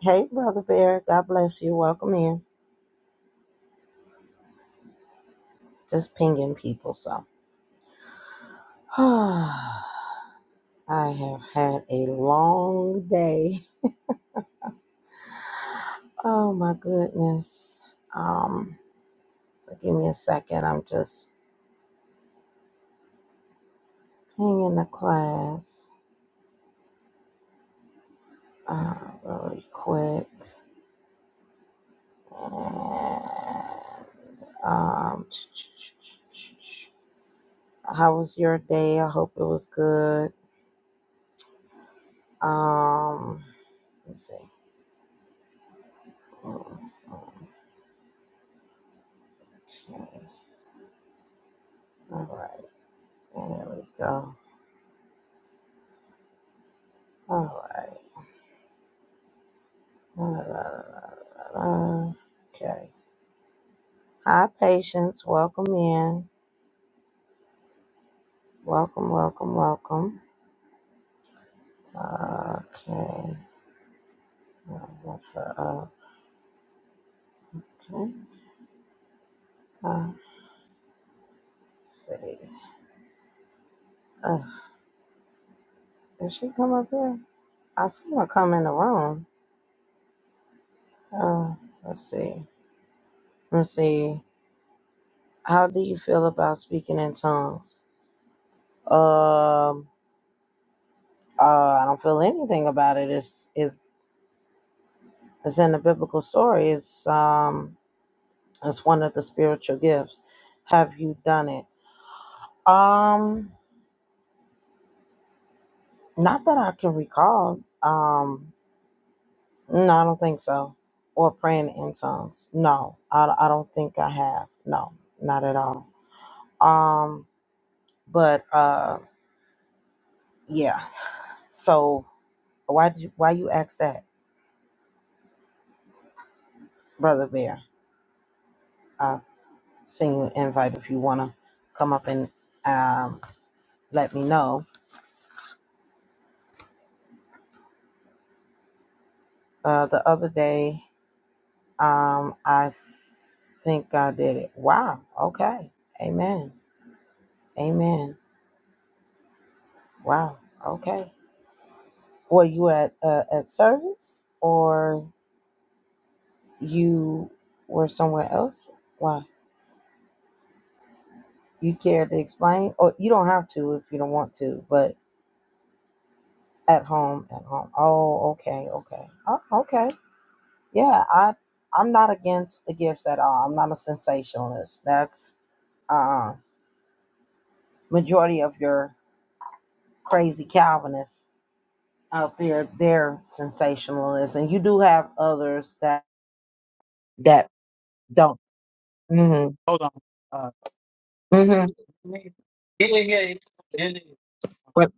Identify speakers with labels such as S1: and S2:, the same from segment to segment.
S1: Hey, Brother Bear. God bless you. Welcome in. Just pinging people. So, I have had a long day. Oh, my goodness. Um, so give me a second. I'm just pinging the class uh, really quick. And, um, how was your day? I hope it was good. Um, let's see. Mm, mm, Okay. All right. And There we go. All right. La, la, la, la, la. Okay. Hi, patients. Welcome in. Welcome, welcome, welcome. Okay. Now, what the- Okay. Uh, let's see. Uh, did she come up here? I seen her come in the room. Uh, let's see. Let's see. How do you feel about speaking in tongues? Um. Uh, I don't feel anything about it. It's it's it's in the biblical story. It's um That's one of the spiritual gifts. Have you done it? Um, not that I can recall. Um, no, I don't think so. Or praying in tongues. No, I, I don't think I have. No, not at all. Um, but uh, yeah. So why did you, why you ask that, brother Bear? I send you an invite if you wanna come up and um let me know. Uh, the other day. Um, I think I did it. Wow. Okay. Amen. Amen. Wow. Okay. Were you at uh, at service or you were somewhere else? Why? You care to explain? Or you don't have to if you don't want to, but at home, at home. Oh, okay, okay. Oh, okay. Yeah, I I'm not against the gifts at all. I'm not a sensationalist. That's uh majority of your crazy Calvinists out there their sensationalism. You do have others that that don't. hmm
S2: Hold on. Uh,
S1: hmm
S2: yeah, yeah, yeah. Did it,
S1: But,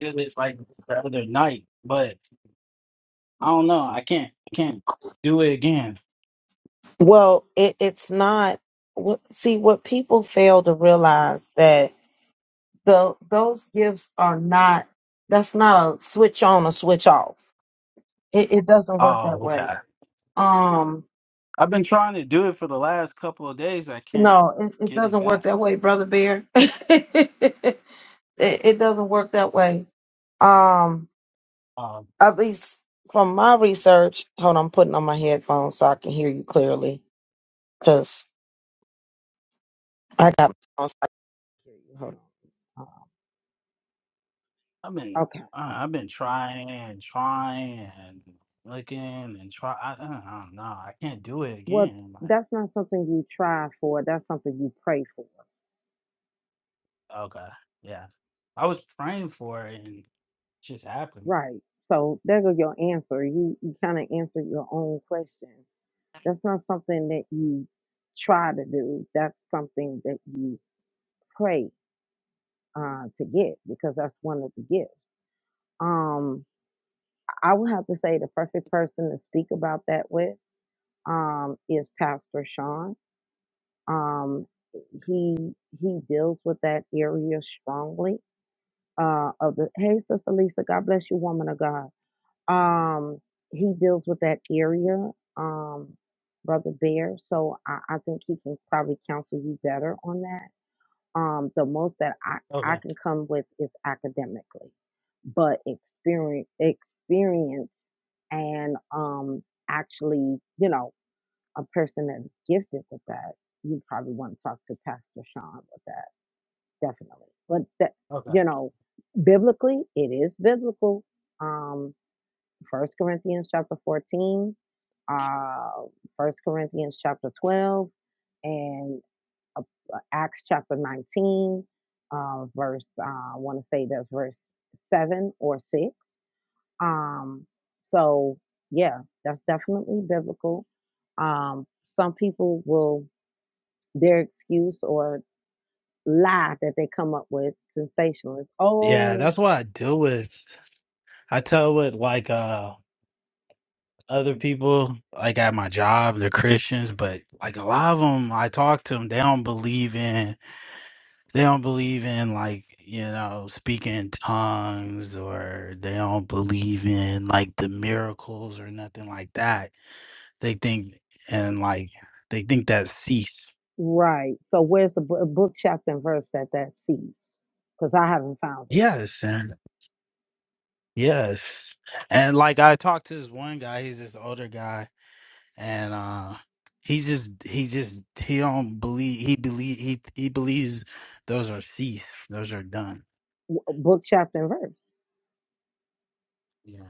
S2: did it like the other night, but I don't know. I can't, I can't do it again.
S1: well, it, it's not. What, see, what people fail to realize that the those gifts are not. That's not a switch on or switch off. It, it doesn't work
S2: Oh,
S1: that way.
S2: okay.
S1: Um,
S2: I've been trying to do it for the last couple of days. I can't
S1: no, it, it
S2: get it
S1: doesn't work
S2: back.
S1: that way, brother Bear. it, it doesn't work that way. Um,
S2: Um,
S1: At least from my research, hold on, I'm putting on my headphones so I can hear you clearly. Cause I got my headphones, I can hear you. Hold on. Uh,
S2: I've been,
S1: Okay.
S2: uh, I've been trying and trying and looking and try. I, I don't know. I can't do it
S1: Well,
S2: again. Like,
S1: that's not something you try for. That's something you pray for.
S2: okay, yeah. I was praying for it and it just happened.
S1: Right. So there goes your answer. You, you kind of answered your own question. That's not something that you try to do. That's something that you pray uh, to get because that's one of the gifts. Um, I would have to say the perfect person to speak about that with. um, is Pastor Sean. Um, he he deals with that area strongly. Uh, of the hey, Sister Lisa, God bless you, woman of God. Um, he deals with that area, um, Brother Bear. So I, I think he can probably counsel you better on that. Um, the most that I I
S2: Okay,
S1: can come with is academically, but experience experience and um actually, you know a person that's gifted with that, you probably want to talk to Pastor Sean with that, definitely. But that,
S2: okay.
S1: you know, biblically, it is biblical. Um, First Corinthians chapter fourteen, uh, First Corinthians chapter twelve, and uh, Acts chapter nineteen, uh, verse. Uh, I want to say that's verse seven or six. Um, so yeah, that's definitely biblical. Um, some people will their excuse or lie that they come up with sensationalist.
S2: Yeah,
S1: Oh,
S2: that's what I deal with. I tell with like uh other people like at my job, they're Christians, but like a lot of them, I talk to them, they don't believe in they don't believe in like you know speaking in tongues or they don't believe in like the miracles or nothing like that. They think and like they think that cease.
S1: right. So where's the bo- book, chapter, and verse that that sees? Because I haven't found it.
S2: Yes, and yes, and like I talked to this one guy, he's this older guy and uh he just he just he don't believe he believe he he believes those are ceased those are done
S1: W- uh, Book, chapter, and verse.
S2: yeah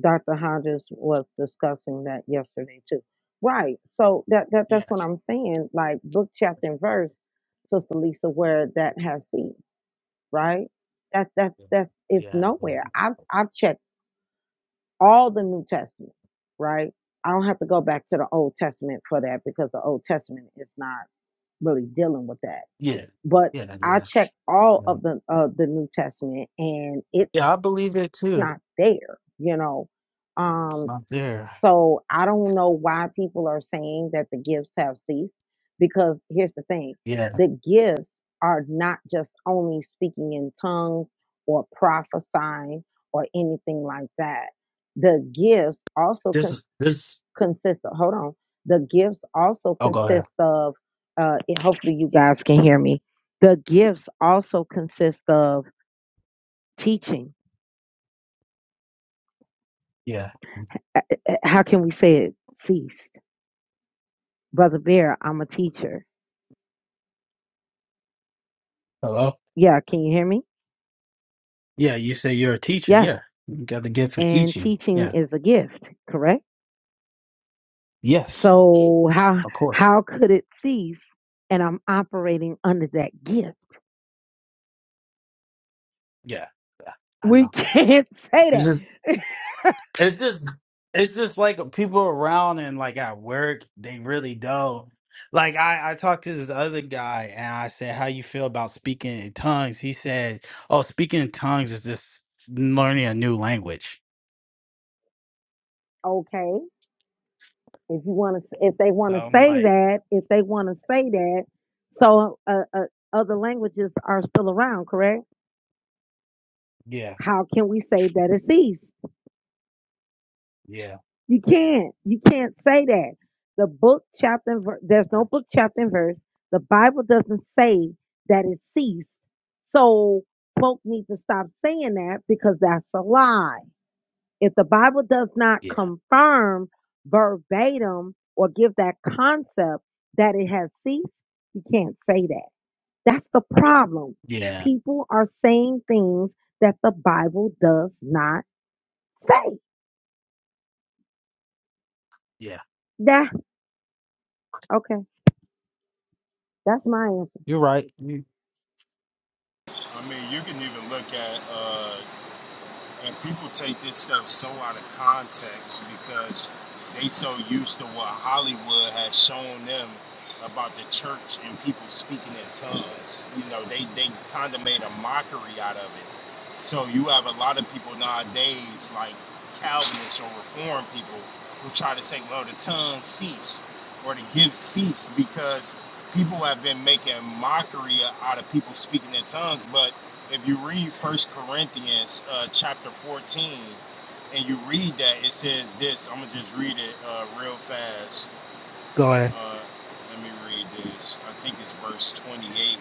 S1: Dr. Hodges was discussing that yesterday too. Right. So that, that
S2: yeah
S1: that's what I'm saying. Like book, chapter, and verse, Sister Lisa, where that has seeds, right? That that that's
S2: yeah
S1: it's
S2: yeah yeah
S1: nowhere. I've I've checked. all the New Testament, right? I don't have to go back to the Old Testament for that because the Old Testament is not really dealing with that.
S2: yeah
S1: But
S2: yeah,
S1: I checked all of the of the New Testament and it's
S2: yeah i believe it too
S1: not there, you know.
S2: it's
S1: Um,
S2: not there
S1: so I don't know why people are saying that the gifts have ceased because here's the thing
S2: yeah
S1: the gifts are not just only speaking in tongues or prophesying or anything like that. The gifts also
S2: this
S1: con-
S2: is this
S1: consist of, hold on, the gifts also
S2: oh go ahead
S1: consist of, uh, and hopefully you guys can hear me. The gifts also consist of teaching.
S2: yeah
S1: Uh, uh, How can we say it? Ceased. Brother Bear, I'm a teacher.
S2: hello
S1: Yeah, can you hear me?
S2: yeah you say you're a teacher
S1: Yeah,
S2: yeah you got the gift for
S1: and
S2: teaching
S1: teaching
S2: yeah
S1: is a gift, correct?
S2: yes
S1: So how
S2: of course
S1: how could it cease? And I'm operating under that gift.
S2: yeah i
S1: We
S2: know
S1: can't say that.
S2: It's just it's just like people around and like at work, they really don't. Like I, I talked to this other guy and I said, How you feel about speaking in tongues? He said, Oh, speaking in tongues is just learning a new language.
S1: okay, if you want to if they
S2: So
S1: want to
S2: I'm
S1: say
S2: like,
S1: that if they want to say that so uh, uh, other languages are still around correct
S2: Yeah,
S1: how can we say that it ceased
S2: yeah,
S1: you can't you can't say that the book chapter and ver- there's
S2: uh,
S1: no book chapter and verse the bible doesn't say that it ceased so folk need to stop saying that because that's a lie If the Bible does not
S2: yeah,
S1: confirm verbatim or give that concept that it has ceased, you can't say that. That's the problem.
S2: yeah,
S1: People are saying things that the Bible does not say.
S2: yeah.
S1: That okay. That's my answer.
S2: You're right. You
S3: I mean, you can even look at, uh, and people take this stuff so out of context because they so used to what Hollywood has shown them about the church and people speaking in tongues. You know, they, they kind of made a mockery out of it. So you have a lot of people nowadays, like Calvinists or Reformed people, who try to say, well, the tongue cease or the gifts cease because people have been making mockery out of people speaking in tongues. But if you read First Corinthians uh, chapter 14 and you read that, it says this. I'm gonna just read it uh, real fast.
S2: go ahead.
S3: Uh, let me read this. I think it's verse 28.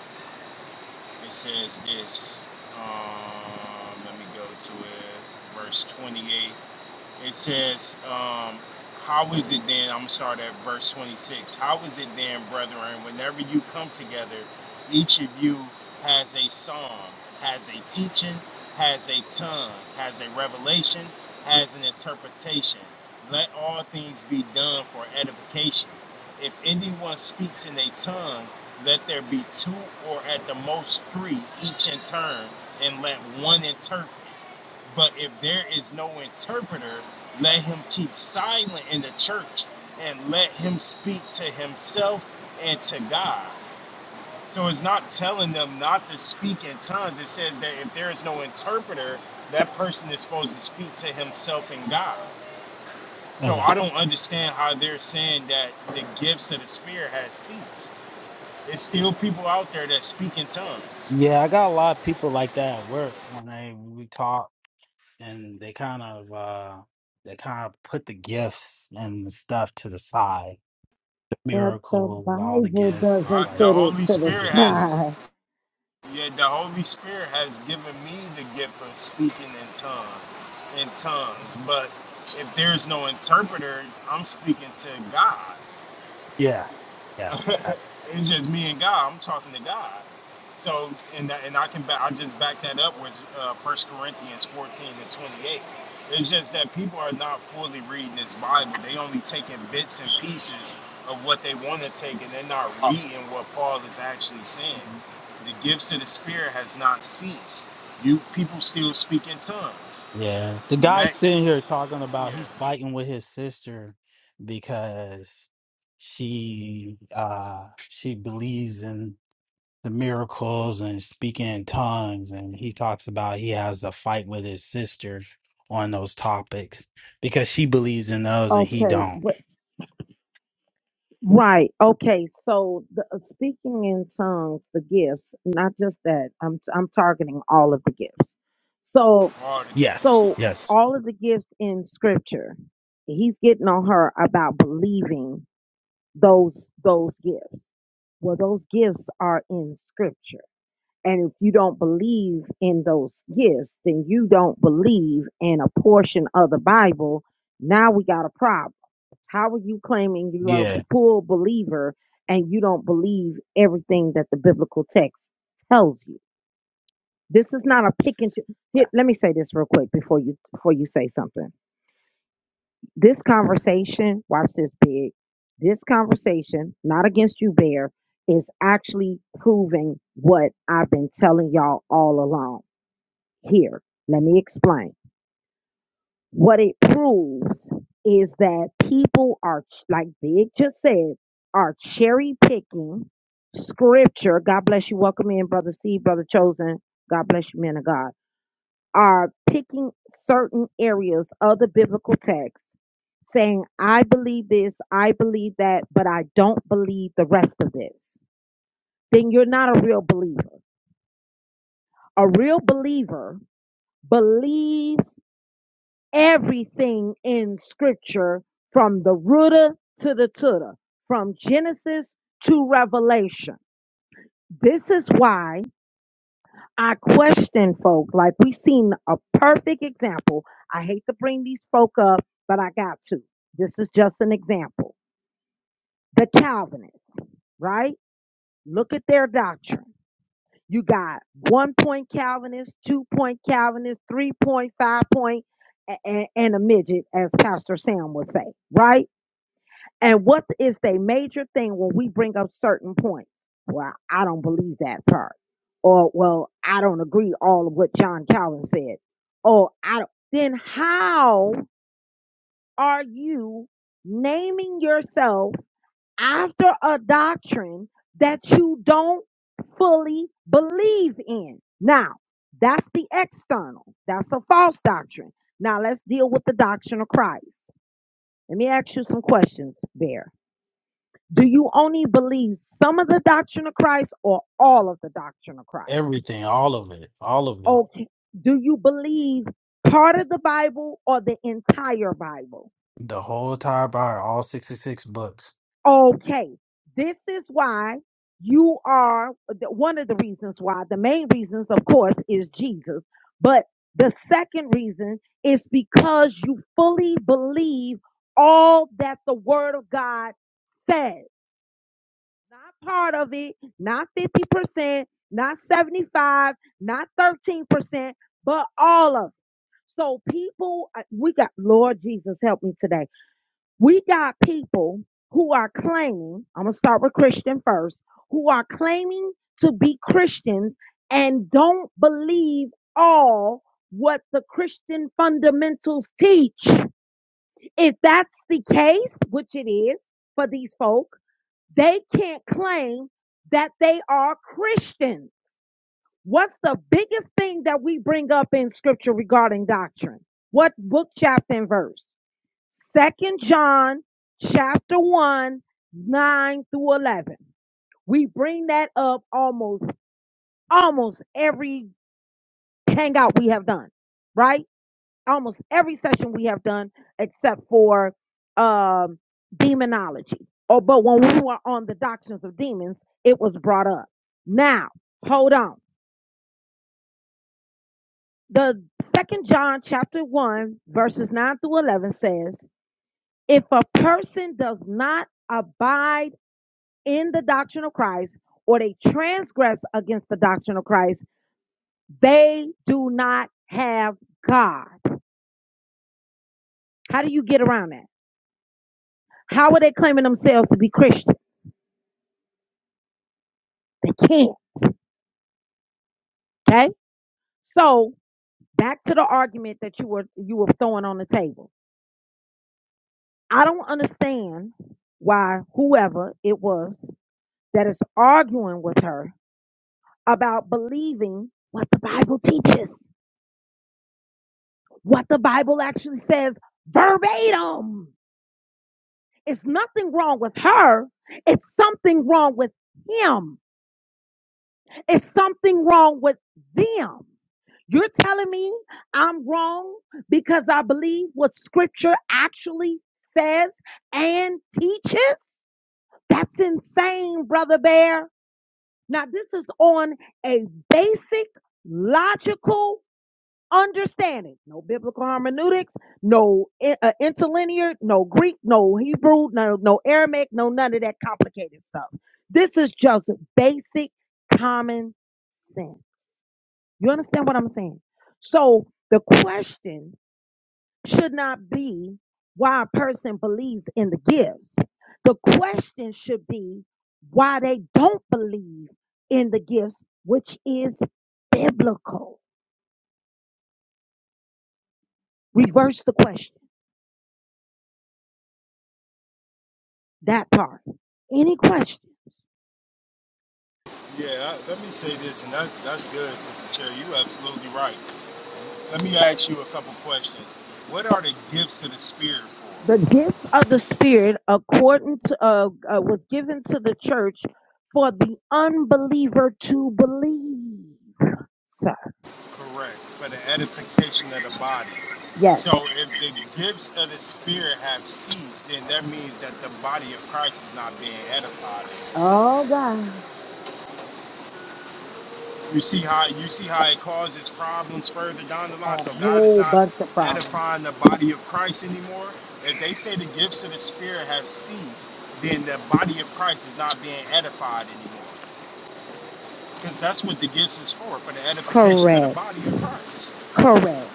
S3: It says this. Um, let me go to it. Verse 28. It says, um, How is it then? I'm going to start at verse 26. How is it then, brethren, whenever you come together, each of you has a psalm, has a teaching, has a tongue, has a revelation, has an interpretation? Let all things be done for edification. If anyone speaks in a tongue, let there be two or at the most three each in turn, and let one interpret. But if there is no interpreter, let him keep silent in the church and let him speak to himself and to God. So it's not telling them not to speak in tongues. It says that if there is no interpreter, that person is supposed to speak to himself and God. So
S2: Okay.
S3: I don't understand how they're saying that the gifts of the Spirit has ceased. There's still people out there that speak in tongues.
S2: Yeah, I got a lot of people like that at work when they we talk and they kind of uh they kind of put the gifts and the stuff to the side. The
S1: But the
S2: miracles, all the
S1: Bible
S2: gifts.
S3: All
S2: It's
S1: doesn't
S3: right? The
S2: like
S1: put it
S3: Holy
S1: to the
S2: they
S3: Spirit
S2: just
S3: has
S2: cease.
S1: side.
S3: Yet the Holy Spirit has given me the gift of speaking in tongues, in tongues. But if there's no interpreter, I'm speaking to God.
S2: Yeah, yeah. Uh,
S3: it's just me and God. I'm talking to God. So and that, and I can back, I just back that up with uh, 1 Corinthians 14 and 28. It's just that people are not fully reading this Bible. They only taking bits and pieces of what they want to take, and they're not
S2: Oh.
S3: reading what Paul is actually saying. The gifts of the Spirit has not ceased. You people still speak in tongues.
S2: Yeah. The guy
S3: Let
S2: sitting here talking about he's
S3: yeah,
S2: fighting with his sister because she uh she believes in the miracles and speaking in tongues and he talks about he has a fight with his sister on those topics because she believes in those and he
S1: Okay.
S2: don't
S1: but. Right. Okay. So the uh, speaking in tongues, the gifts, not just that. I'm I'm targeting all of the gifts. So
S3: all the
S2: yes
S3: gifts.
S1: so
S2: yes
S1: all of the gifts in scripture, he's getting on her about believing those those gifts. Well, those gifts are in scripture. And if you don't believe in those gifts, then you don't believe in a portion of the Bible. Now we got a problem how are you claiming you are
S2: yeah
S1: a full believer and you don't believe everything that the biblical text tells you? This is not a pick and choose. Here, let me say this real quick before you before you say something. This conversation, watch this big. This conversation, not against you, Bear, is actually proving what I've been telling y'all all along. Here, let me explain. What it proves is that people are, like Big just said, are cherry picking scripture. God bless you. Welcome in, Brother C, Brother Chosen. God bless you, men of God. Are picking certain areas of the biblical text saying, I believe this, I believe that, but I don't believe the rest of this, then you're not a real believer. A real believer believes everything in scripture from the rooter to the tutor, from Genesis to Revelation. This is why I question folk. Like we've seen a perfect example. I hate to bring these folk up, but I got to. This is just an example. The Calvinists, right? Look at their doctrine. You got one point Calvinist, two point Calvinist, three point, five point, a- a- and a midget, as Pastor Sam would say, right? And what is their major thing when we bring up certain points? Well, I don't believe that part. Or, well, I don't agree all of what John Calvin said. Oh, I don't. Then how are you naming yourself after a doctrine that you don't fully believe in? Now, that's the external. That's a false doctrine. Now let's deal with the doctrine of Christ. Let me ask you some questions, Bear. Do you only believe some of the doctrine of Christ or all of the doctrine of Christ?
S2: everything all of it all of it
S1: Okay. Do you believe part of the Bible or the entire Bible?
S2: the whole entire bible all 66 books
S1: Okay. This is why you are one of the reasons why the main reasons, of course, is Jesus. But the second reason is because you fully believe all that the Word of God says. not part of it, not 50%, not 75, not 13%, but all of it. So people, uh, we got, Lord Jesus, help me today. We got people who are claiming, I'm going to start with Christian first, who are claiming to be Christians and don't believe all what the Christian fundamentals teach. If that's the case, which it is for these folk, they can't claim that they are Christians. What's the biggest thing that we bring up in scripture regarding doctrine? What book, chapter, and verse? Second John chapter 1, 9 through 11. We bring that up almost, almost every hangout we have done, right? almost every session we have done except for um demonology. Or but when we were on the doctrines of demons, it was brought up. Now, hold on. The second John chapter 1 verses 9 through 11 says, if a person does not abide in the doctrine of Christ or they transgress against the doctrine of Christ, they do not have God. How do you get around that? How are they claiming themselves to be Christian? They can't. Okay? So back to the argument that you were you were throwing on the table. I don't understand why whoever it was that is arguing with her about believing what the Bible teaches, what the Bible actually says verbatim. It's nothing wrong with her. It's something wrong with him. It's something wrong with them. You're telling me I'm wrong because I believe what scripture actually says and teaches? That's insane, Brother Bear. Now, this is on a basic logical understanding. No biblical hermeneutics, no i- uh, interlinear, no Greek, no Hebrew, no, no Aramaic, no none of that complicated stuff. This is just basic common sense. You understand what I'm saying? So, the question should not be why a person believes in the gifts. The question should be why they don't believe in the gifts, which is biblical. Reverse the question, that part. Any question?
S3: Yeah, I, let me say this, and that's that's good, Sister Cherry. You absolutely right Let me ask you a couple questions. What are the gifts of the Spirit
S1: The gifts of the Spirit, according to, uh, uh, was given to the church for the unbeliever to believe. Sir,
S3: for? Correct. For the edification of the body.
S1: yes.
S3: So if the gifts of the Spirit have ceased, then that means that the body of Christ is not being edified.
S1: Oh God,
S3: You see how you see how it causes problems further down the line.
S1: a
S3: So God is
S1: whole
S3: not
S1: bunch of problems.
S3: edifying the body of Christ anymore. If they say the gifts of the Spirit have ceased, then the body of Christ is not being edified anymore. Because that's what the gifts is for, for the edification of the
S1: Correct.
S3: body of Christ.
S1: Correct.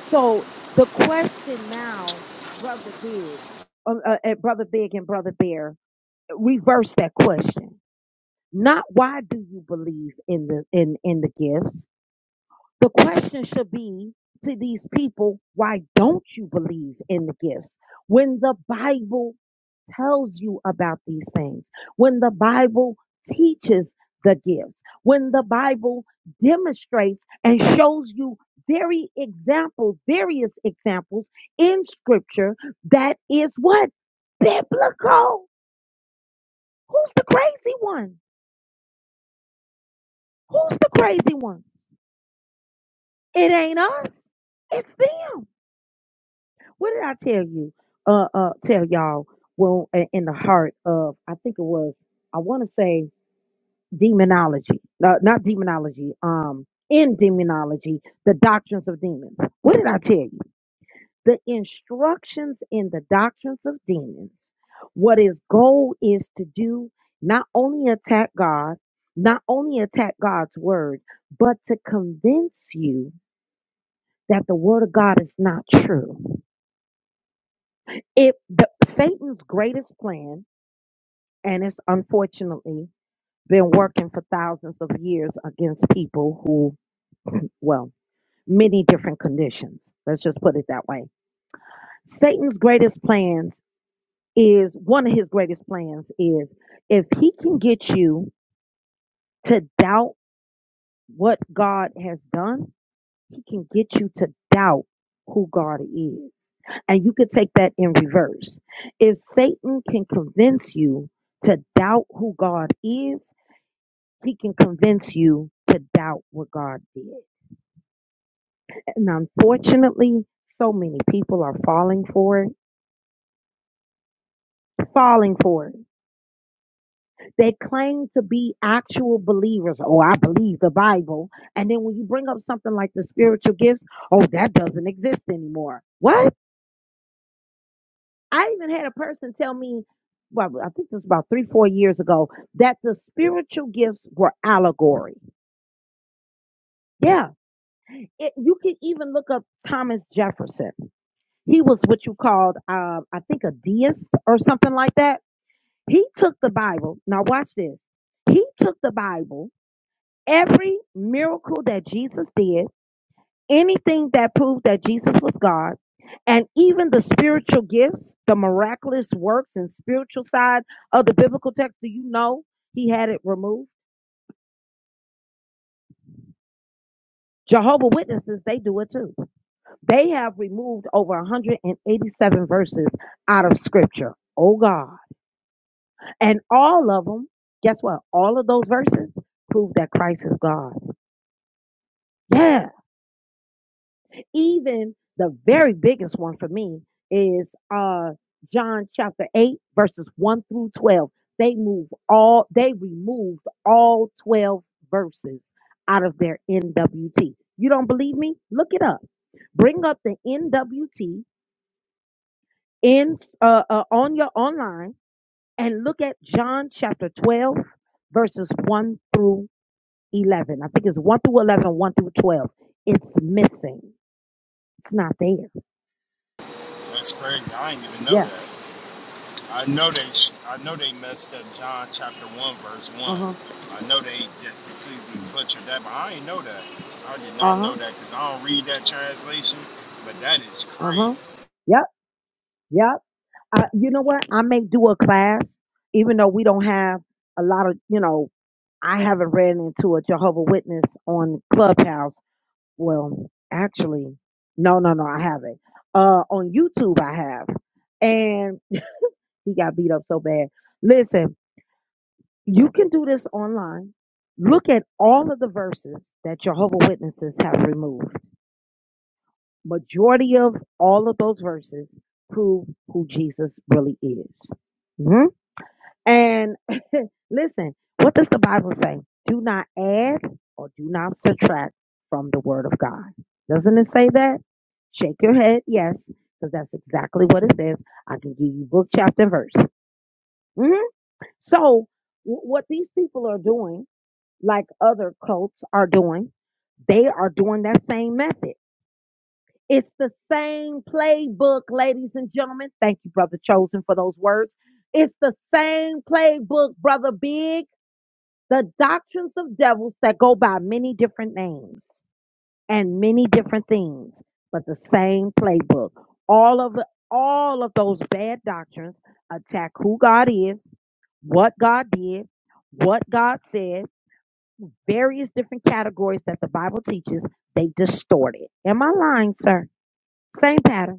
S1: So the question now, brother Big, um, uh, uh, brother Big and brother Bear, reverse that question. Not why do you believe in the in in the gifts? The question should be to these people, why don't you believe in the gifts? When the Bible tells you about these things, when the Bible teaches the gifts, when the Bible demonstrates and shows you very examples, various examples in scripture that is what? Biblical. Who's the crazy one? Who's the crazy one? It ain't us. It's them. What did I tell you? Uh, uh, tell y'all. Well, in the heart of, I think it was, I want to say demonology, uh, not demonology, um, in demonology, the doctrines of demons. What did I tell you? The instructions in the doctrines of demons, what his goal is to do, not only attack God, not only attack God's word, but to convince you that the word of God is not true. If the, Satan's greatest plan, and it's unfortunately been working for thousands of years against people who well. many different conditions. Let's just put it that way. Satan's greatest plans is one of his greatest plans is if he can get you to doubt what God has done, he can get you to doubt who God is. And you could take that in reverse. If Satan can convince you to doubt who God is, he can convince you to doubt what God did. And unfortunately, so many people are falling for it falling for it. They claim to be actual believers. Oh, I believe the Bible. And then when you bring up something like the spiritual gifts, oh, that doesn't exist anymore. What? I even had a person tell me, well, I think it was about three, four years ago, that the spiritual gifts were allegory. Yeah. It, you can even look up Thomas Jefferson. He was what you called, uh, I think, a deist or something like that. He took the Bible. Now, watch this. He took the Bible every miracle that Jesus did, anything that proved that Jesus was God, and even the spiritual gifts, the miraculous works and spiritual side of the biblical text. Do you know he had it removed? Jehovah Witnesses, they do it too. They have removed over 187 verses out of scripture. Oh God. And all of them, guess what? All of those verses prove that Christ is God. Yeah. even the very biggest one for me is uh John chapter 8 verses 1 through 12. They move all they removed all 12 verses out of their NWT. You don't believe me? Look it up. Bring up the NWT in uh, uh on your online and look at John chapter 12 verses 1 through 11. I think it's 1 through 11, 1 through 12. It's missing. It's not there.
S3: That's crazy. I didn't even know
S1: Yeah.
S3: that. I know they sh- I know they messed up John chapter one verse one.
S1: Uh-huh.
S3: I know they just completely butchered that, but I ain't know that. I did not
S1: Uh-huh.
S3: know that because I don't read that translation. But that is
S1: Uh
S3: crazy.
S1: huh. Yep. Yep. I, you know what? I may do a class, even though we don't have a lot of, you know, I haven't ran into a Jehovah Witness on Clubhouse. Well, actually, no, no, no, I haven't. Uh, on YouTube, I have, and he got beat up so bad. Listen, you can do this online. Look at all of the verses that Jehovah Witnesses have removed. majority of all of those verses prove who Jesus really is. Mhm. And listen, what does the Bible say? Do not add or do not subtract from the word of God. Doesn't it say that? Shake your head, yes, because that's exactly what it says. I can give you book, chapter, and verse. Mhm. So, w- what these people are doing, like other cults are doing, they are doing that same method. It's the same playbook, ladies and gentlemen. Thank you, Brother Chosen, for those words. It's the same playbook, Brother Big. The doctrines of devils that go by many different names and many different themes, but the same playbook. All of all of those bad doctrines attack who God is, what God did, what God said, various different categories that the Bible teaches. They distort it. Am I lying, sir? Same pattern.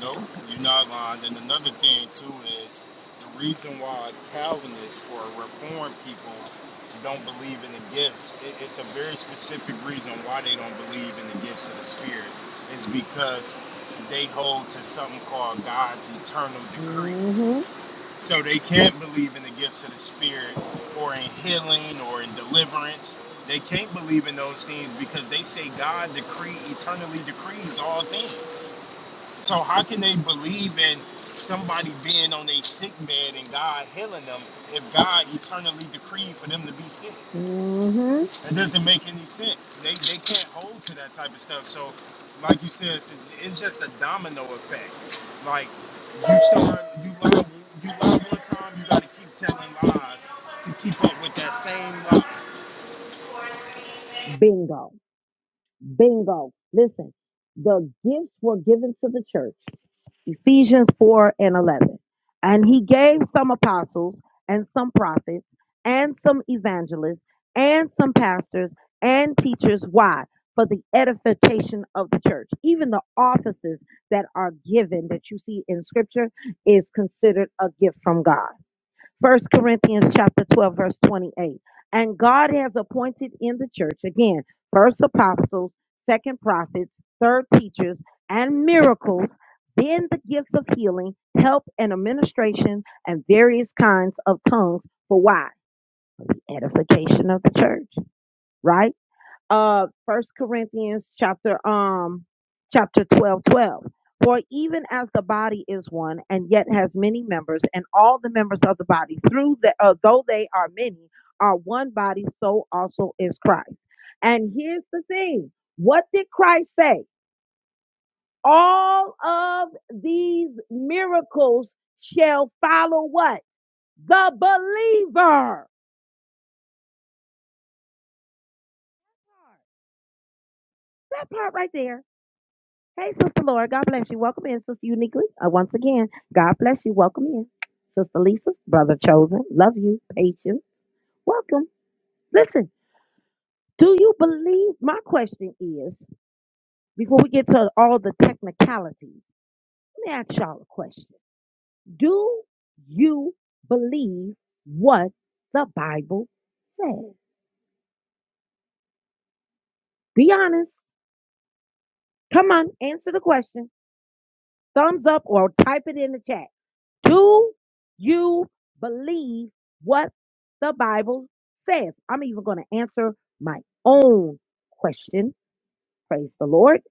S3: Nope, you're not lying. And another thing too is the reason why Calvinists or Reformed people don't believe in the gifts. it's a very specific reason why they don't believe in the gifts of the Spirit. Is because they hold to something called God's eternal decree.
S1: Mm-hmm.
S3: So they can't believe in the gifts of the Spirit or in healing or in deliverance. They can't believe in those things because they say God decree eternally decrees all things. So how can they believe in somebody being on a sick bed and God healing them if God eternally decreed for them to be sick?
S1: Mm-hmm.
S3: That doesn't make any sense. They they can't hold to that type of stuff. So like you said, it's, it's just a domino effect. Like you start you lie you lie one time, you gotta keep telling lies to keep up with that same lie.
S1: Bingo. Bingo. Listen, the gifts were given to the church, Ephesians 4 and 11. And he gave some apostles and some prophets and some evangelists and some pastors and teachers. Why? For the edification of the church. Even the offices that are given that you see in scripture is considered a gift from God. First Corinthians chapter 12, verse 28. And God has appointed in the church, again, first apostles, second prophets, third teachers, and miracles, then the gifts of healing, help, and administration, and various kinds of tongues. For why? The edification of the church, right? uh first corinthians chapter um chapter 12, 12. for even as the body is one and yet has many members and all the members of the body through the uh, though they are many are one body so also is christ and here's the thing what did christ say all of these miracles shall follow what the believer that part right there Hey, Sister Laura, God bless you. Welcome in, Sister Uniquely. Uh, once again, God bless you. Welcome in, Sister Lisa, Brother Chosen. Love you, patience. Welcome. Listen, do you believe? My question is before we get to all the technicalities, let me ask y'all a question. Do you believe what the Bible says? Be honest. Come on, answer the question. Thumbs up or type it in the chat. Do you believe what the Bible says? I'm even going to answer my own question. Praise the Lord.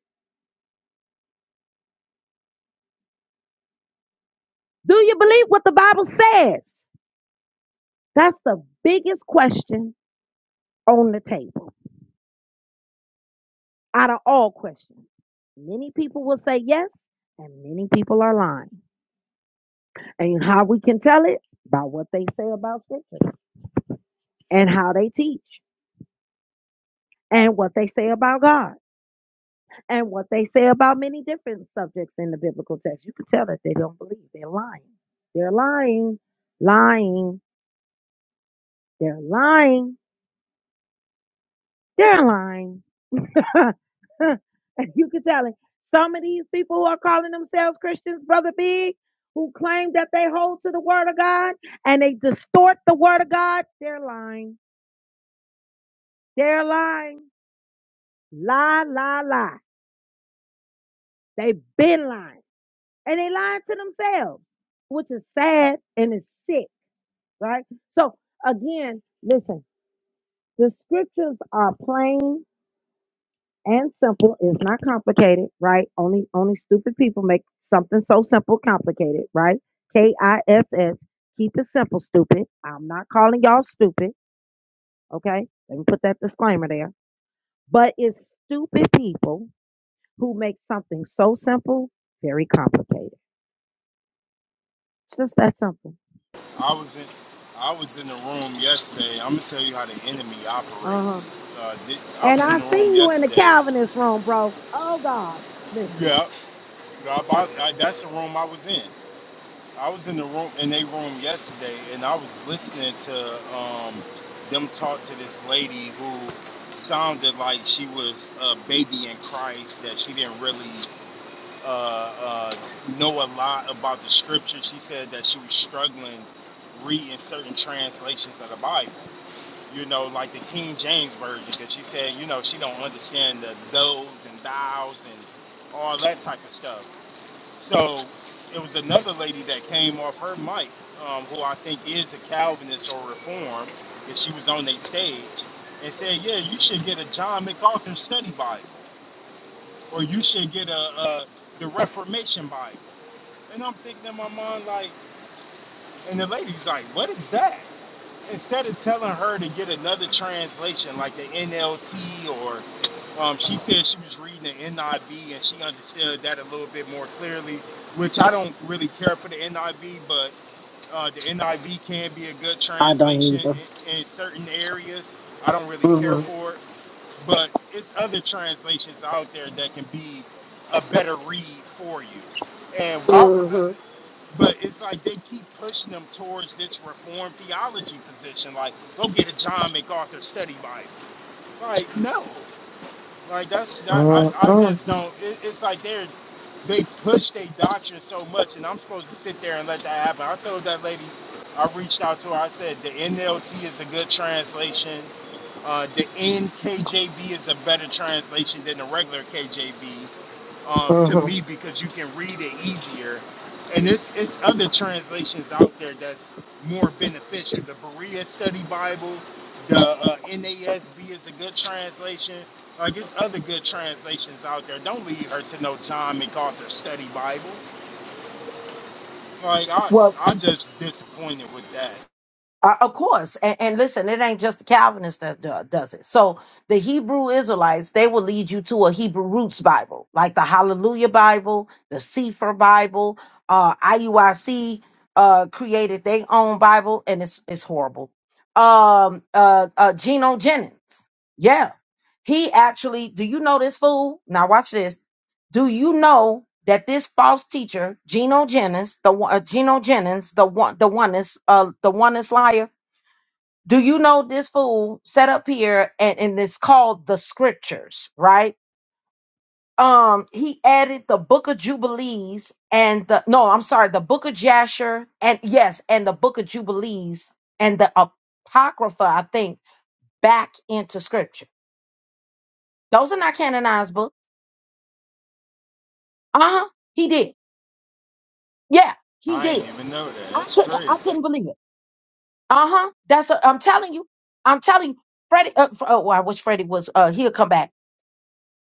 S1: Do you believe what the Bible says? That's the biggest question on the table out of all questions. Many people will say yes, and many people are lying. And how we can tell it? By what they say about Scripture and how they teach and what they say about God. and what they say about many different subjects in the biblical text. You can tell that they don't believe. They're lying. They're lying, lying, they're lying, they're lying. you can tell it. Some of these people who are calling themselves Christians, Brother Big, who claim that they hold to the Word of God and they distort the Word of God, they're lying. They're lying. Lie, lie, lie. They've been lying. And they lying to themselves, which is sad and it's sick right? So again, listen, the scriptures are plain and simple. It's not complicated, right? Only only stupid people make something so simple complicated, right? K I S S. Keep it simple, stupid. I'm not calling y'all stupid, okay? Let me put that disclaimer there. But it's stupid people who make something so simple very complicated. It's just that simple.
S3: I was in I was in the room yesterday. I'm gonna tell you how the enemy
S1: Uh huh.
S3: operates. Uh, thi- I
S1: And
S3: was in
S1: I
S3: the
S1: see
S3: room
S1: you in the
S3: yesterday
S1: Calvinist room, bro. Oh God, listen.
S3: Yeah, I, I, that's the room I was in. I was in the room in a room yesterday, and I was listening to um, them talk to this lady who sounded like she was a baby in Christ. That she didn't really uh, uh, know a lot about the scripture. She said that she was struggling reading certain translations of the Bible. You know, like the King James version, because she said, you know, she don't understand the those and thous and all that type of stuff. So it was another lady that came off her mic, um, who I think is a Calvinist or Reformed, and she was on their stage and said, "Yeah, you should get a John MacArthur Study Bible, or you should get a, a the Reformation Bible." And I'm thinking in my mind like, and the lady's like, "What is that?" instead of telling her to get another translation like the NLT or um, she said she was reading the NIV and she understood that a little bit more clearly, which I don't really care for the NIV, but uh, the NIV can be a good translation in, in certain areas. I don't really care for it, but it's other translations out there that can be a better read for you. And why? But it's like they keep pushing them towards this reform theology position. Like, go get a John MacArthur study Bible. Like, no. Like, that's not, I,
S1: Mm,
S3: I
S1: mm,
S3: just don't. It, it's like they're, they push their doctrine so much, and I'm supposed to sit there and let that happen. I told that lady, I reached out to her, I said, the NLT is a good translation. Uh, the NKJV is a better translation than the regular KJV um, to
S1: mhm.
S3: me because you can read it easier. And it's, it's other translations out there that's more beneficial. The Berea Study Bible, the uh, NASB is a good translation. Like, it's other good translations out there. Don't leave her to no John MacArthur Study Bible. Like, I,
S1: Well,
S3: I'm just disappointed with that.
S1: uh, of course, and, and listen, it ain't just the Calvinist that do, does it. So the Hebrew Israelites, they will lead you to a Hebrew roots Bible, like the Hallelujah Bible, the Sefer Bible. Uh, IUIC uh, created their own Bible, and it's it's horrible. Um, uh, uh, Geno Jennings, yeah, he actually. Do you know this fool? Now watch this. Do you know that this false teacher, Geno Jennings, the one- uh, Geno Jennings, the one, the one is, uh, the one is liar? Do you know this fool set up here and, and it's called the scriptures, right? Um, he added the book of Jubilees and the, no, I'm sorry, the book of Jasher and yes, and the book of Jubilees and the Apocrypha, I think, back into scripture. Those are not canonized books. Uh huh. He did. Yeah, he
S3: I ain't
S1: did.
S3: even know that.
S1: I
S3: That's
S1: couldn't,
S3: crazy.
S1: I couldn't believe it. Uh huh. That's i I'm telling you. I'm telling you. Freddie. Uh, Fre- oh, I wish Freddie was. Uh, he'll come back.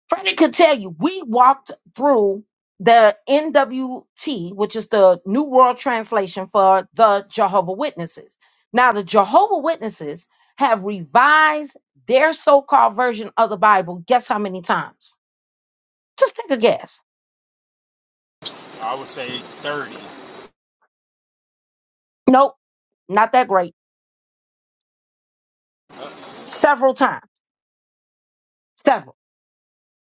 S1: Freddie could tell you. We walked through the NWT, which is the New World Translation for the Jehovah Witnesses. Now, the Jehovah Witnesses have revised their so-called version of the Bible. Guess how many times? Just take a guess.
S3: I would say 30.
S1: Nope, not that great. Several times. Several.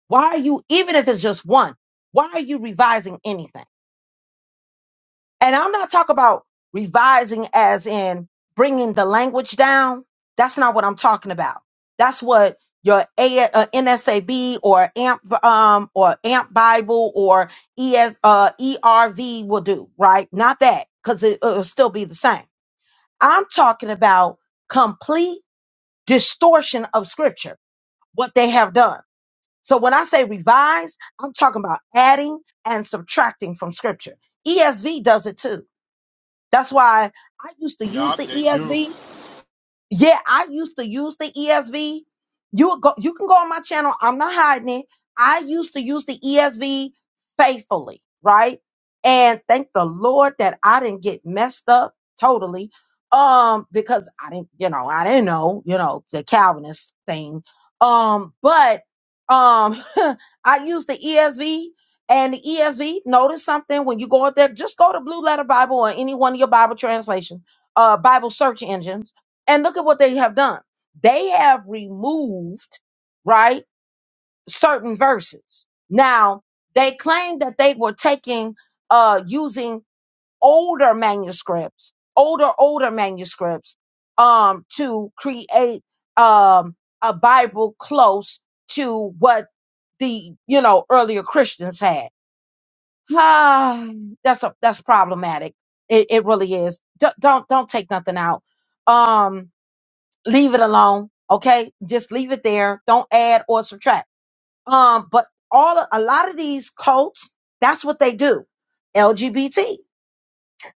S1: Why are you? Even if it's just one, why are you revising anything? And I'm not talking about revising as in bringing the language down. That's not what I'm talking about. That's what your A, uh, NSAB or AMP um, or AMP Bible or ES, uh, ERV will do, right? Not that, because it, it'll still be the same. I'm talking about complete distortion of scripture, what they have done. So when I say revise, I'm talking about adding and subtracting from scripture. ESV does it too. That's why I used to use
S3: Yup,
S1: the
S3: they do.
S1: ESV yeah, I used to use the ESV. You would go, you can go on my channel. I'm not hiding it. I used to use the ESV faithfully, right? And thank the Lord that I didn't get messed up totally. Um, because I didn't, you know, I didn't know, you know, the Calvinist thing. Um, but um I used the ESV and the ESV, notice something when you go out there, just go to Blue Letter Bible or any one of your Bible translation, uh Bible search engines and look at what they have done. They have removed, right, certain verses. Now, they claim that they were taking, uh, using older manuscripts, older, older manuscripts, um, to create, um, a Bible close to what the, you know, earlier Christians had. Ah, that's a, that's problematic. It, it really is. D- don't, don't take nothing out. Um, leave it alone. Okay. Just leave it there. Don't add or subtract. Um, but all a lot of these cults, that's what they do. LGBT.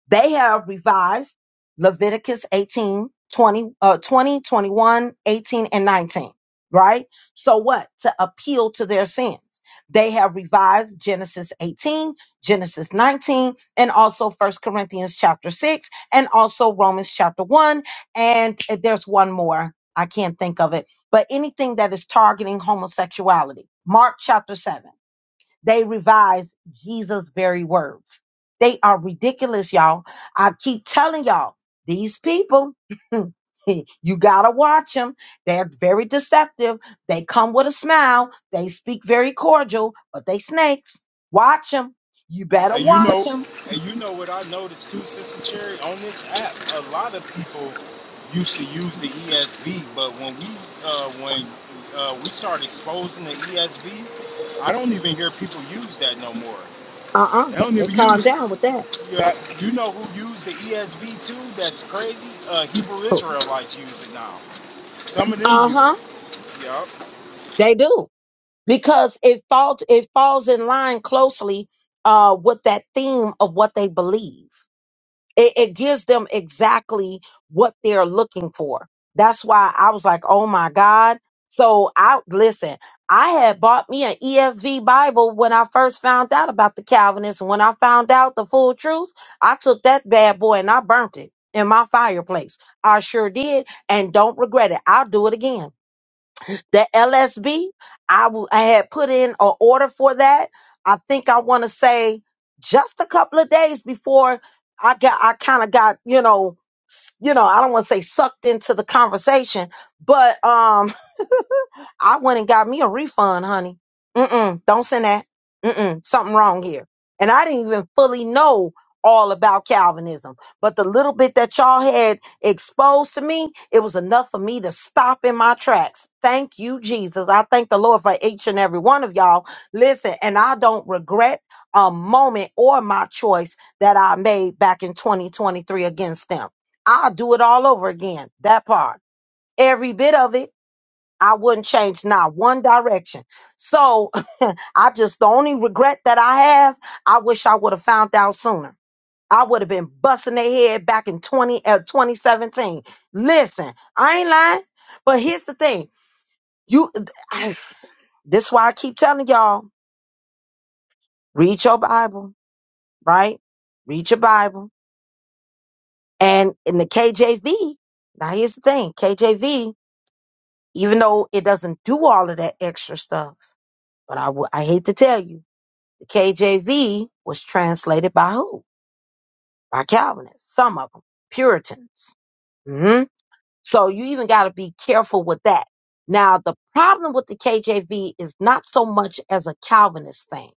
S1: They have revised Leviticus 18, twenty, uh, 20, twenty-one, eighteen, and 19, right? So what? To appeal to their sins. They have revised Genesis 18, Genesis 19, and also First Corinthians chapter 6, and also Romans chapter 1. And there's one more. I can't think of it. But anything that is targeting homosexuality. Mark chapter 7. They revise Jesus' very words. They are ridiculous, y'all. I keep telling y'all, these people, you gotta watch them. They're very deceptive. They come with a smile. They speak very cordial, but they snakes. Watch them. You better
S3: And you
S1: watch
S3: know,
S1: them.
S3: and you know what I noticed too, Sister Cherry, on this app, a lot of people used to use the ESV, but when we uh, when uh, we start exposing the ESV, I don't even hear people use that no more.
S1: Uh-uh.
S3: They don't
S1: They
S3: even
S1: calm
S3: use.
S1: down with that.
S3: Yeah, you know who used the ESV too? That's crazy. Uh, Hebrew Israelites use it now. Some of them use
S1: Uh-huh.
S3: it. Yup.
S1: They do. Because it falls it falls in line closely uh with that theme of what they believe. it, it gives them exactly what they're looking for. That's why I was like, oh my God. So I listen, I had bought me an ESV Bible when I first found out about the Calvinists. And when I found out the full truth, I took that bad boy and I burnt it in my fireplace. I sure did. And don't regret it. I'll do it again. The LSB, I w- I had put in an order for that. I think I want to say just a couple of days before I got, I kind of got, you know, s- you know, I don't want to say sucked into the conversation, but um, I went and got me a refund, honey. Mm-mm, don't send that. Mm-mm, something wrong here. And I didn't even fully know all about Calvinism. But the little bit that y'all had exposed to me, it was enough for me to stop in my tracks. Thank you, Jesus. I thank the Lord for each and every one of y'all. Listen, and I don't regret a moment or my choice that I made back in 2023 against them. I'll do it all over again. That part. Every bit of it. I wouldn't change not one direction. So I just, the only regret that I have, I wish I would have found out sooner. I would have been busting their head back in 20, uh, 2017. Listen, I ain't lying. But here's the thing. You, this is why I keep telling y'all, read your Bible, right? Read your Bible. And in the KJV, now here's the thing. KJV, even though it doesn't do all of that extra stuff, but I would, I hate to tell you, KJV was translated by who? By Calvinists, some of them, Puritans. hmm So you even got to be careful with that. Now, the problem with the KJV is not so much as a Calvinist thing.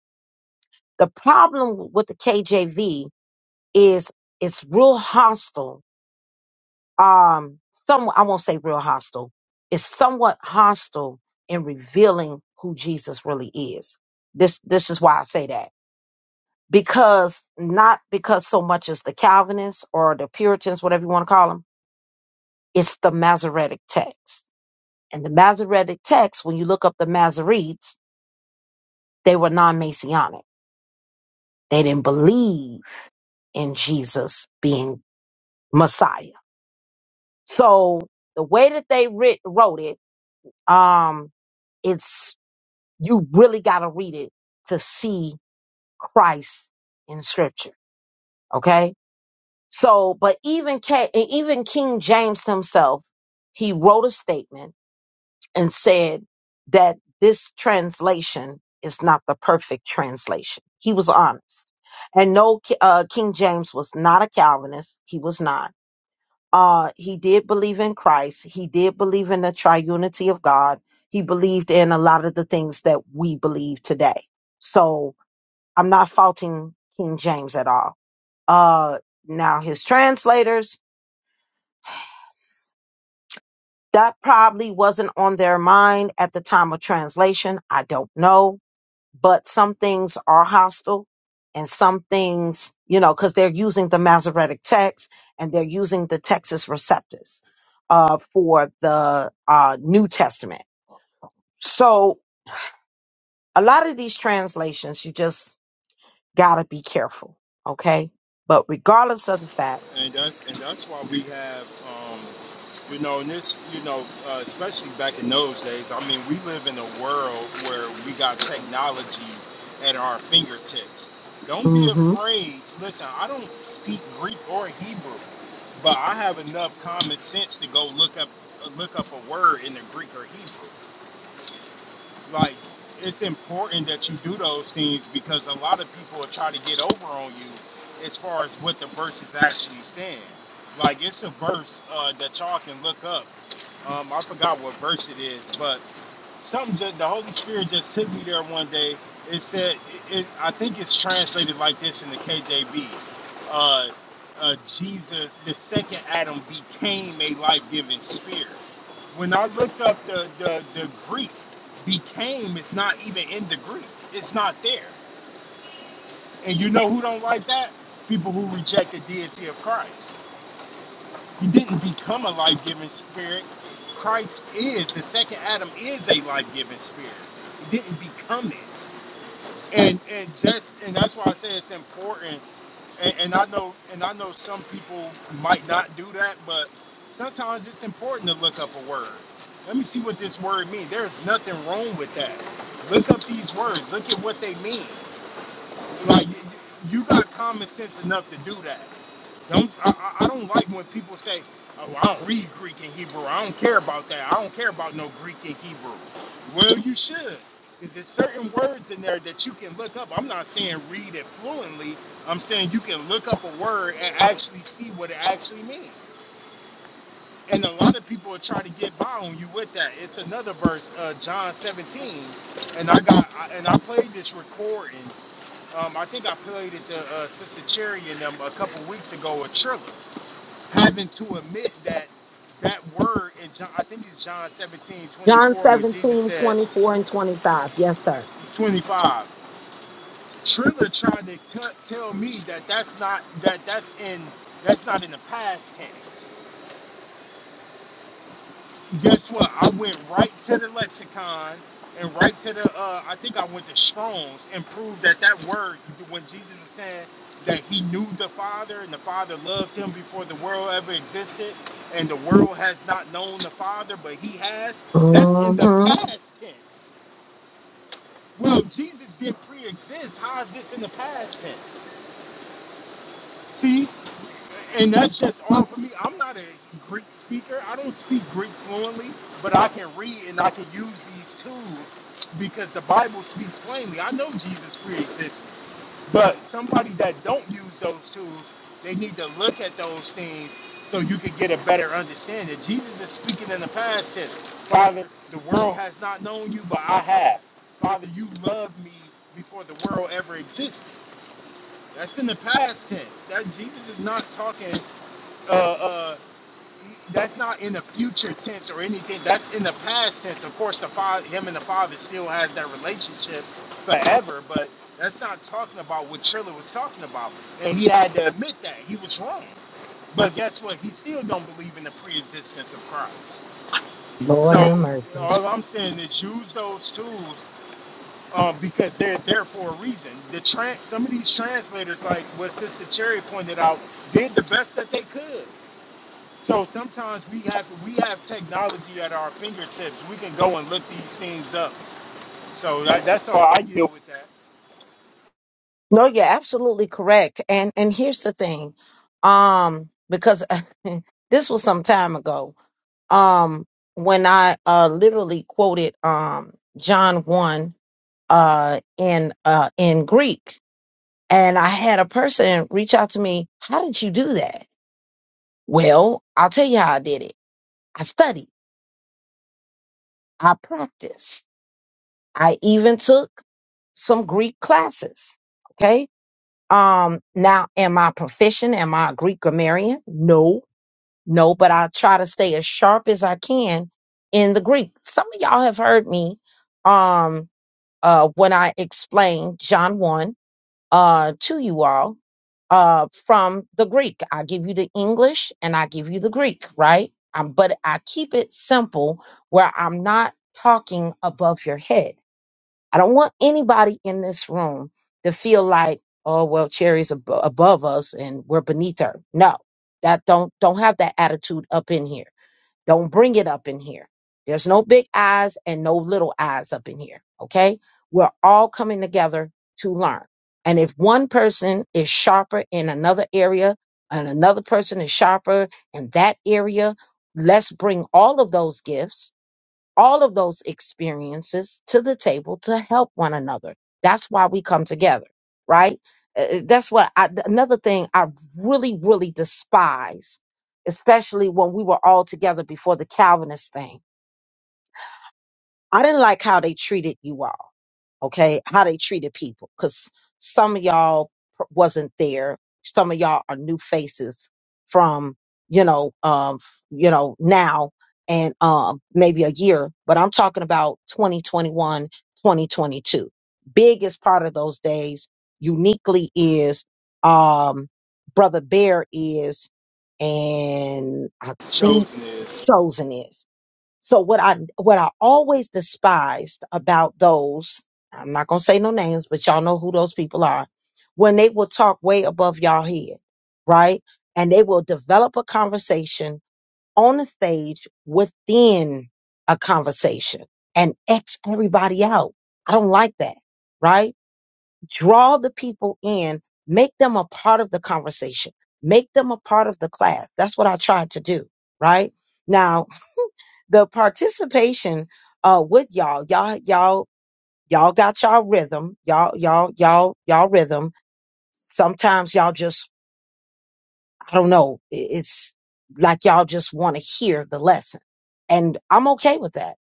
S1: The problem with the KJV is it's real hostile. Um, some I won't say real hostile. It's somewhat hostile in revealing who Jesus really is. This this is why I say that because not because so much as the Calvinists or the Puritans, whatever you want to call them, it's the Masoretic text. And the Masoretic text, when you look up the Masoretes, they were non-Messianic. They didn't believe in Jesus being Messiah. So the way that they writ- wrote it, um, it's you really got to read it to see Christ in Scripture. Okay So, but even K, and even King James himself, he wrote a statement and said that this translation is not the perfect translation. He was honest, and no, K- uh, King James was not a Calvinist. He was not. Uh, he did believe in Christ. He did believe in the triunity of God. He believed in a lot of the things that we believe today. So I'm not faulting King James at all. Uh, now his translators That probably wasn't on their mind at the time of translation. I don't know. But some things are hostile and some things, you know, because they're using the Masoretic text and they're using the Texas Receptus uh, for the uh, New Testament. So a lot of these translations, you just got to be careful. Okay. But regardless of the fact,
S3: and that's and that's why we have, um, you know, and this, you know, uh, especially back in those days. I mean, we live in a world where we got technology at our fingertips. Don't be
S1: Mhm.
S3: afraid. Listen, I don't speak Greek or Hebrew, but I have enough common sense to go look up look up a word in the Greek or Hebrew. Like, it's important that you do those things because a lot of people will try to get over on you as far as what the verse is actually saying. Like, it's a verse uh, that y'all can look up. Um, I forgot what verse it is, but something just the Holy Spirit just took me there one day. It said, it, it, I think it's translated like this in the KJVs. Uh, uh, Jesus, the second Adam, became a life-giving spirit. When I looked up the, the the Greek, became it's not even in the Greek. It's not there. And you know who don't like that? People who reject the deity of Christ you didn't become a life giving spirit. Christ is the second Adam is a life giving spirit. You didn't become it. And and just and that's why I say it's important. And, and I know and I know some people might not do that, but sometimes it's important to look up a word. Let me see what this word means. There's nothing wrong with that. Look up these words. Look at what they mean. Like you you got common sense enough to do that. Don't I, I don't like when people say, "Oh, I don't read Greek and Hebrew. I don't care about that. I don't care about no Greek and Hebrew." Well, you should, because there's certain words in there that you can look up. I'm not saying read it fluently. I'm saying you can look up a word and actually see what it actually means. And a lot of people try to get by on you with that. It's another verse, uh, John 17, and I got I, and I played this recording. Um, I think I played it to uh, Sister Cherry and them a couple weeks ago, a Triller having to admit that that word in John, I think it's John 17:24,
S1: John
S3: when Jesus
S1: 17
S3: said
S1: 24 and 25. Yes, sir.
S3: 25. Triller tried to t- tell me that that's not that that's in that's not in the past tense. guess what? I went right to the lexicon and right to the uh, I think I went to Strong's and proved that that word when Jesus is saying that he knew the Father and the Father loved him before the world ever existed and the world has not known the Father but he has that's in the
S1: hmm
S3: past tense. Well, Jesus didn't pre-exist. How is this in the past tense? See? and that's just all for me. I'm not a Greek speaker. I don't speak Greek fluently, but I can read and I can use these tools because the Bible speaks plainly. I know Jesus pre-exists, but somebody that don't use those tools, they need to look at those things so you can get a better understanding. Jesus is speaking in the past tense. Father, the world has not known you, but I have. Father, you loved me before the world ever existed. That's in the past tense. That Jesus is not talking uh, uh, that's not in the future tense or anything. That's in the past tense. Of course, the father, him and the father still has that relationship forever, but that's not talking about what Triller was talking about. And he had to admit that he was wrong. But guess what? He still don't believe in the pre-existence of Christ.
S1: Lord have
S3: So
S1: mercy.
S3: all I'm saying is use those tools um, because they're there for a reason. The trans, some of these translators, like what Sister Cherry pointed out, did the best that they could. So sometimes we have we have technology at our fingertips. We can go and look these things up. So that, that's how I deal with that.
S1: No, you're absolutely correct. And and here's the thing, um, because this was some time ago, um, when I uh literally quoted um John one uh in uh in Greek, and I had a person reach out to me. How did you do that? Well, I'll tell you how I did it. I studied. I practiced. I even took some Greek classes. Okay Um, now, am I proficient? Am I a Greek grammarian? No, no, but I try to stay as sharp as I can in the Greek. Some of y'all have heard me um uh when I explain John 1 uh to you all uh from the Greek. I give you the English and I give you the Greek, right? Um, but I keep it simple where I'm not talking above your head I don't want anybody in this room to feel like, oh well, Cherry's ab- above us and we're beneath her. No, that don't don't have that attitude up in here. Don't bring it up in here. There's no big eyes and no little eyes up in here. Okay, we're all coming together to learn. And if one person is sharper in another area and another person is sharper in that area, let's bring all of those gifts all of those experiences to the table to help one another. That's why we come together, right? Uh, uh, That's what I, th- another thing I really, really despise, especially when we were all together before the Calvinist thing. I didn't like how they treated you all okay, how they treated people. Because some of y'all pr- wasn't there. Some of y'all are new faces from, you know, um, you know, now and um, maybe a year, but I'm talking about 2021, 2022. Big is part of those days. Uniquely is, um, Brother Bear is, and I think
S3: Chosen is,
S1: Chosen is. So what I what I always despised about those, I'm not gonna say no names, but y'all know who those people are, when they will talk way above y'all head, right? And they will develop a conversation on the stage within a conversation and X everybody out. I don't like that, right? Draw the people in, make them a part of the conversation, make them a part of the class. That's what I tried to do, right? Now the participation uh with y'all y'all y'all y'all got y'all rhythm y'all y'all y'all y'all rhythm sometimes y'all just i don't know i- it's like y'all just want to hear the lesson and i'm okay with that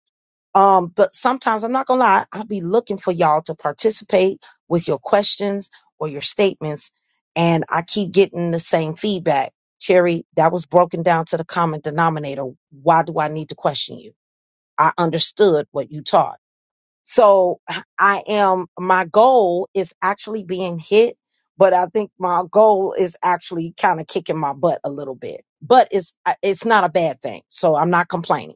S1: um but sometimes i'm not gonna lie i'll be looking for y'all to participate with your questions or your statements and i keep getting the same feedback cherry that was broken down to the common denominator why do i need to question you I understood what you taught. So I am, my goal is actually being hit, but I think my goal is actually kind of kicking my butt a little bit, but it's, it's not a bad thing. So I'm not complaining.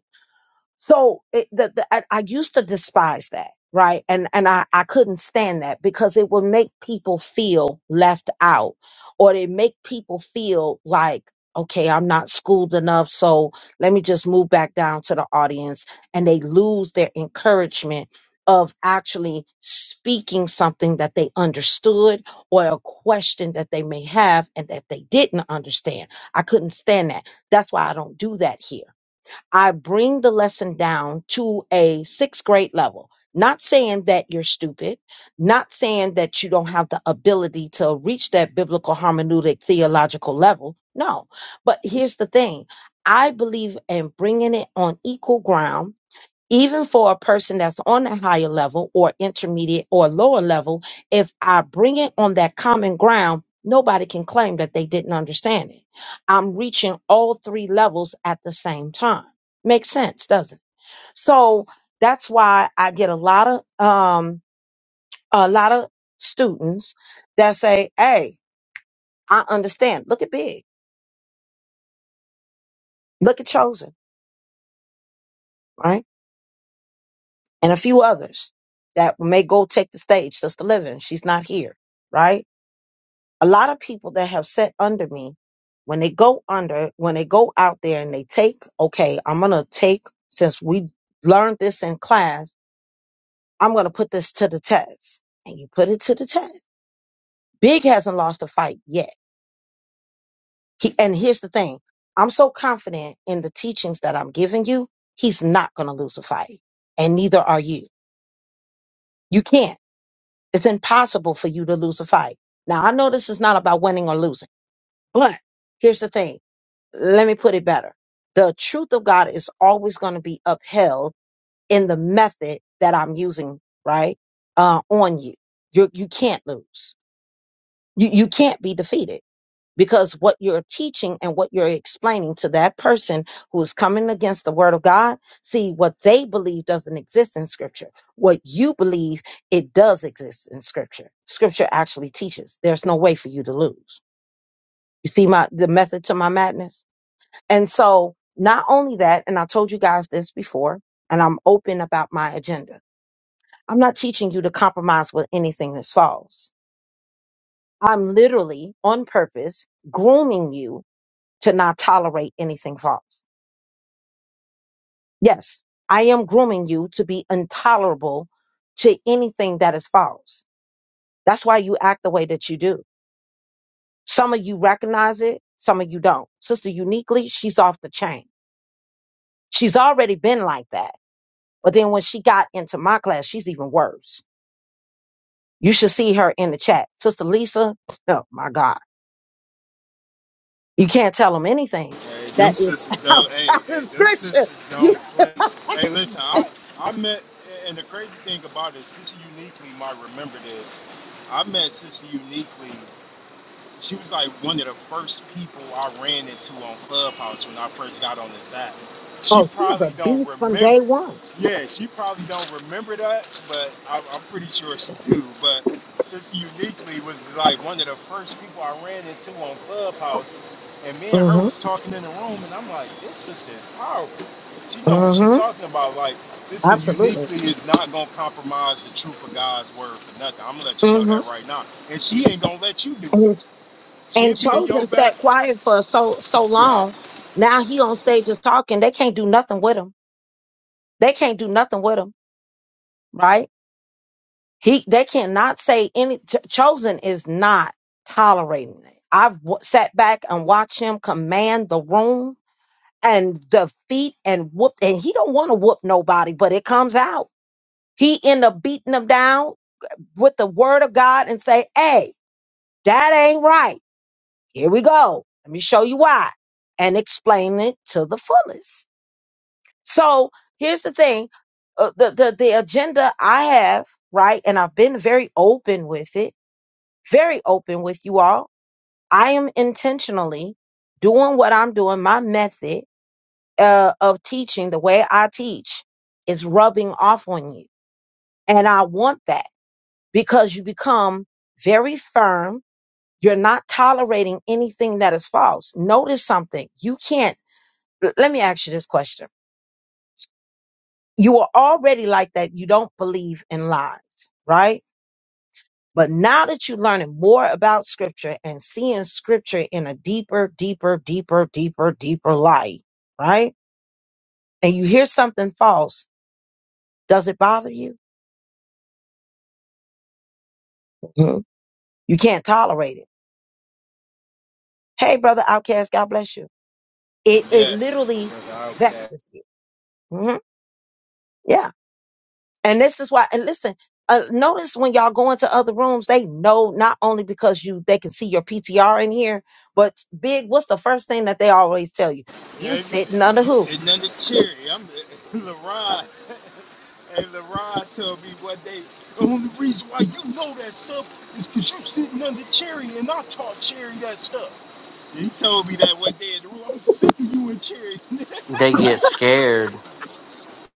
S1: So it, the, the, I, I used to despise that, right? And and I, I couldn't stand that because it would make people feel left out, or it make people feel like, okay, I'm not schooled enough, so let me just move back down to the audience, and they lose their encouragement of actually speaking something that they understood or a question that they may have and that they didn't understand. I couldn't stand that. That's why I don't do that here I bring the lesson down to a sixth grade level. Not saying that you're stupid, not saying that you don't have the ability to reach that biblical hermeneutic theological level. No. But here's the thing I believe in bringing it on equal ground even for a person that's on a higher level or intermediate or lower level, if I bring it on that common ground, nobody can claim that they didn't understand it. I'm reaching all three levels at the same time. Makes sense, doesn't it? So that's why I get a lot of um a lot of students that say, Hey, I understand. Look at Big, look at Chosen, right? And a few others that may go take the stage, Sister Living. She's not here, right? a lot of people that have sat under me when they go under when they go out there and they take okay i'm gonna take since we learned this in class i'm gonna put this to the test and you put it to the test big hasn't lost a fight yet he, and here's the thing i'm so confident in the teachings that i'm giving you he's not gonna lose a fight and neither are you you can't it's impossible for you to lose a fight now i know this is not about winning or losing but here's the thing let me put it better. The truth of God is always going to be upheld in the method that I'm using, right? Uh, on you. You you can't lose. You you can't be defeated because what you're teaching and what you're explaining to that person who is coming against the word of God, see what they believe doesn't exist in scripture. What you believe it does exist in scripture. Scripture actually teaches. There's no way for you to lose. You see my the method to my madness? And so, not only that, and I told you guys this before, and I'm open about my agenda. I'm not teaching you to compromise with anything that's false. I'm literally on purpose grooming you to not tolerate anything false. Yes, I am grooming you to be intolerable to anything that is false. That's why you act the way that you do. Some of you recognize it, some of you don't. Sister Uniquely, she's off the chain. She's already been like that But then when she got into my class, she's even worse. You should see her in the chat. Sister Lisa, oh my God. You can't tell them anything
S3: hey,
S1: that
S3: them
S1: is
S3: sisters don't. Hey,
S1: outside of
S3: hey, them
S1: scripture.
S3: sisters
S1: You
S3: don't play. Hey, listen, I I met, and the crazy thing about it, Sister Uniquely might remember this. I met Sister Uniquely. She was like one of the first people I ran into on Clubhouse when I first got on this app. She
S1: oh, she was
S3: probably
S1: a
S3: don't
S1: beast from
S3: remember.
S1: day one.
S3: Yeah, she probably don't remember that, but I, I'm pretty sure she do. But since uniquely was like one of the first people I ran into on Clubhouse, and me and her
S1: Mm-hmm.
S3: was talking in the room, and I'm like, this sister is powerful. She know what she
S1: Mm-hmm.
S3: talking about. Like, sister
S1: Absolutely.
S3: uniquely is not gonna compromise the truth of God's word for nothing. I'm gonna let you know
S1: Mm-hmm.
S3: that right now, and she ain't gonna let you do it.
S1: And,
S3: She'll
S1: and
S3: be in your
S1: Chosen
S3: back.
S1: sat quiet for so so
S3: Yeah.
S1: long. Now he on stage is talking. They can't do nothing with him. They can't do nothing with him, right? He they cannot say any Ch- chosen is not tolerating it. I've w- sat back and watched him command the room and defeat and whoop, and he don't want to whoop nobody, but it comes out. He end up beating them down with the word of God and say, "Hey, that ain't right. Here we go. Let me show you why," and explain it to the fullest. So here's the thing: uh, the the the agenda I have, right, and I've been very open with it very open with you all. I am intentionally doing what I'm doing. My method uh, of teaching, the way I teach, is rubbing off on you. And I want that because you become very firm. You're not tolerating anything that is false. Notice something. You can't, l- let me ask you this question. You are already like that. You don't believe in lies, right? But now that you're learning more about scripture and seeing scripture in a deeper, deeper, deeper, deeper, deeper light, right? And you hear something false, does it bother you? Mhm. You can't tolerate it. Hey, brother outcast, God bless you. It it
S3: Yes.
S1: literally vexes you. Mhm. Yeah. And this is why, and listen, uh, notice when y'all go into other rooms, they know not only because you they can see your PTR in here, but big, what's the first thing that they always tell you? You
S3: Yeah,
S1: sitting under
S3: You
S1: who?
S3: sitting under cherry. I'm LaRon. hey, LaRon told me one day, the only reason why you know that stuff is because you sitting under Cherry and I taught Cherry that stuff. He told me that one day in the room. I'm sick of you and Cherry.
S4: They get scared.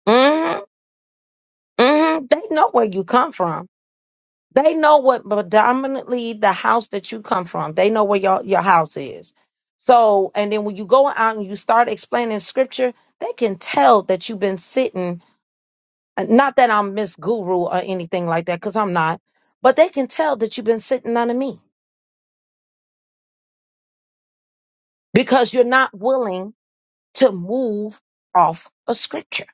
S1: hmm hmm They know where you come from. They know what predominantly the house that you come from. They know where your, your house is. So, and then when you go out and you start explaining scripture, they can tell that you've been sitting. and Not that I'm Miss Guru or anything like that, because I'm not, but they can tell that you've been sitting under me. because you're not willing to move off a scripture.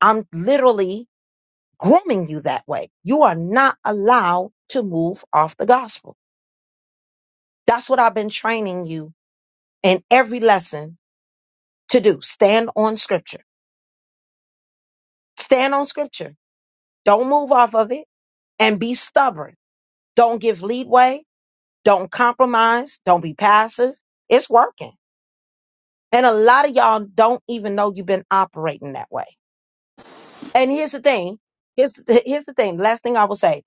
S1: I'm literally grooming you that way. You are not allowed to move off the gospel. That's what I've been training you in every lesson to do. Stand on scripture. Stand on scripture. Don't move off of it and be stubborn. Don't give leadway. Don't compromise. Don't be passive. It's working. And a lot of y'all don't even know you've been operating that way. And here's the thing. Here's the, here's the thing. Last thing I will say.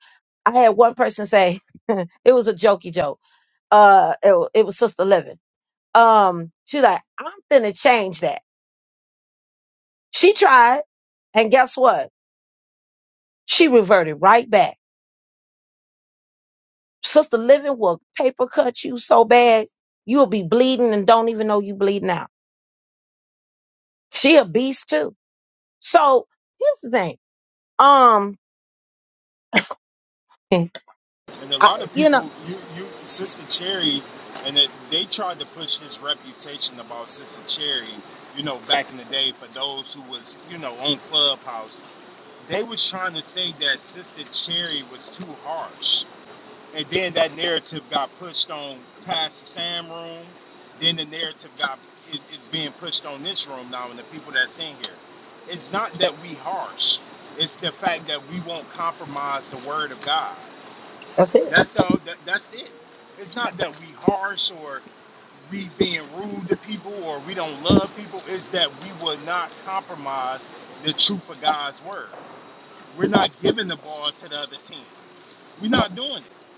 S1: I had one person say it was a jokey joke. Uh, it, wa- it was Sister Living. Um, she's like, I'm finna change that. She tried, and guess what? She reverted right back. Sister Living will paper cut you so bad you'll be bleeding and don't even know you bleeding out. She a beast too. So here's the thing. Um,
S3: and a
S1: I,
S3: lot of
S1: you know.
S3: people you you Sister Cherry and it, they tried to push his reputation about Sister Cherry, you know, back in the day for those who was, you know, on Clubhouse They was trying to say that Sister Cherry was too harsh, and then that narrative got pushed on past the Sam room. Then the narrative got it, it's being pushed on this room now, and the people that's in here. It's not that we harsh. It's the fact that we won't compromise the word of God.
S1: That's it.
S3: That's all. That, that's it. It's not that we harsh or we being rude to people or we don't love people. It's that we will not compromise the truth of God's word. We're not giving the ball to the other team. We're not doing it.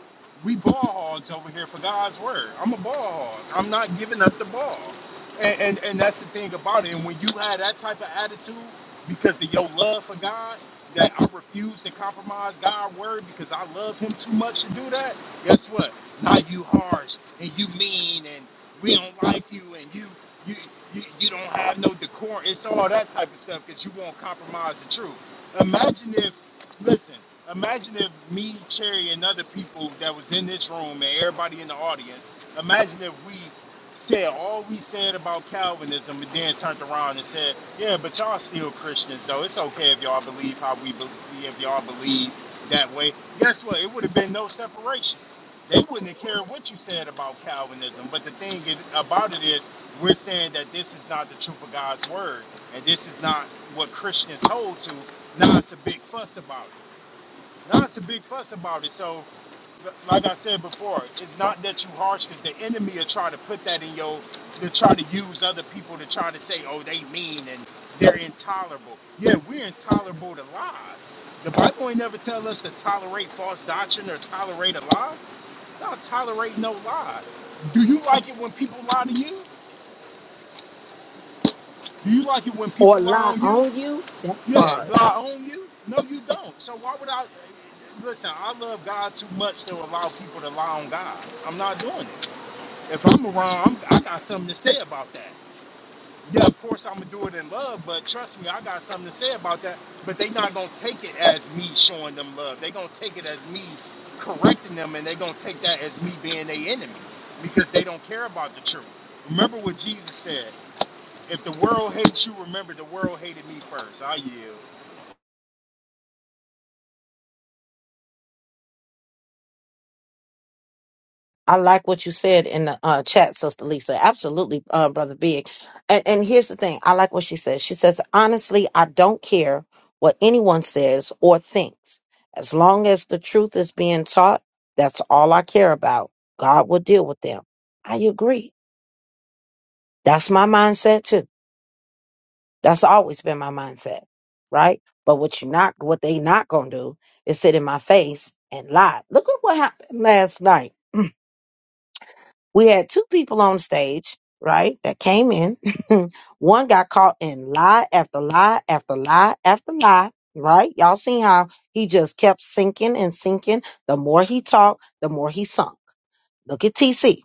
S3: We ball hogs over here for God's word. I'm a ball hog. I'm not giving up the ball. And, and and that's the thing about it. And when you have that type of attitude because of your love for God, that I refuse to compromise God's word because I love him too much to do that, guess what? Now you harsh and you mean and we don't like you and you you you, you don't have no decorum. It's all that type of stuff because you won't compromise the truth. Imagine if Listen, imagine if me, Cherry, and other people that was in this room and everybody in the audience, imagine if we said all we said about Calvinism and then turned around and said, yeah, but y'all still Christians, though. It's okay if y'all believe how we believe, if y'all believe that way. Guess what? It would have been no separation. They wouldn't have cared what you said about Calvinism. But the thing is, about it is, we're saying that this is not the truth of God's word, and this is not what Christians hold to. Now it's a big fuss about it. Not to big fuss about it. So, like I said before, it's not that you harsh because the enemy will try to put that in your. They'll try to use other people to try to say, oh, they mean and they're intolerable. Yeah, we're intolerable to lies. The Bible ain't never tell us to tolerate false doctrine or tolerate a lie. Not tolerate no lie. Do you like it when people lie to you? Do you like it when
S1: Or
S3: people lie
S1: lie
S3: on you?
S1: on you, that
S3: Yeah,
S1: part.
S3: do I own you? No, you don't. So why would I? Listen, I love God too much to allow people to lie on God. I'm not doing it. If I'm around, I'm, I got something to say about that. Yeah, of course I'm gonna do it in love, but trust me, I got something to say about that. But they not gonna take it as me showing them love. They gonna take it as me correcting them, and they gonna take that as me being their enemy because they don't care about the truth. Remember what Jesus said: If the world hates you, remember the world hated me first. I yield.
S1: I like what you said in the uh, chat, Sister Lisa. Absolutely, uh, Brother Big. And, and here's the thing I like what she says. She says, honestly, I don't care what anyone says or thinks. As long as the truth is being taught, that's all I care about. God will deal with them. I agree. That's my mindset too. That's always been my mindset, right? But what you not, what they not gonna do is sit in my face and lie. Look at what happened last night we had two people on stage, right, that came in. One got caught in lie after lie after lie after lie, right? Y'all seen how he just kept sinking and sinking. The more he talked, the more he sunk. Look at TC.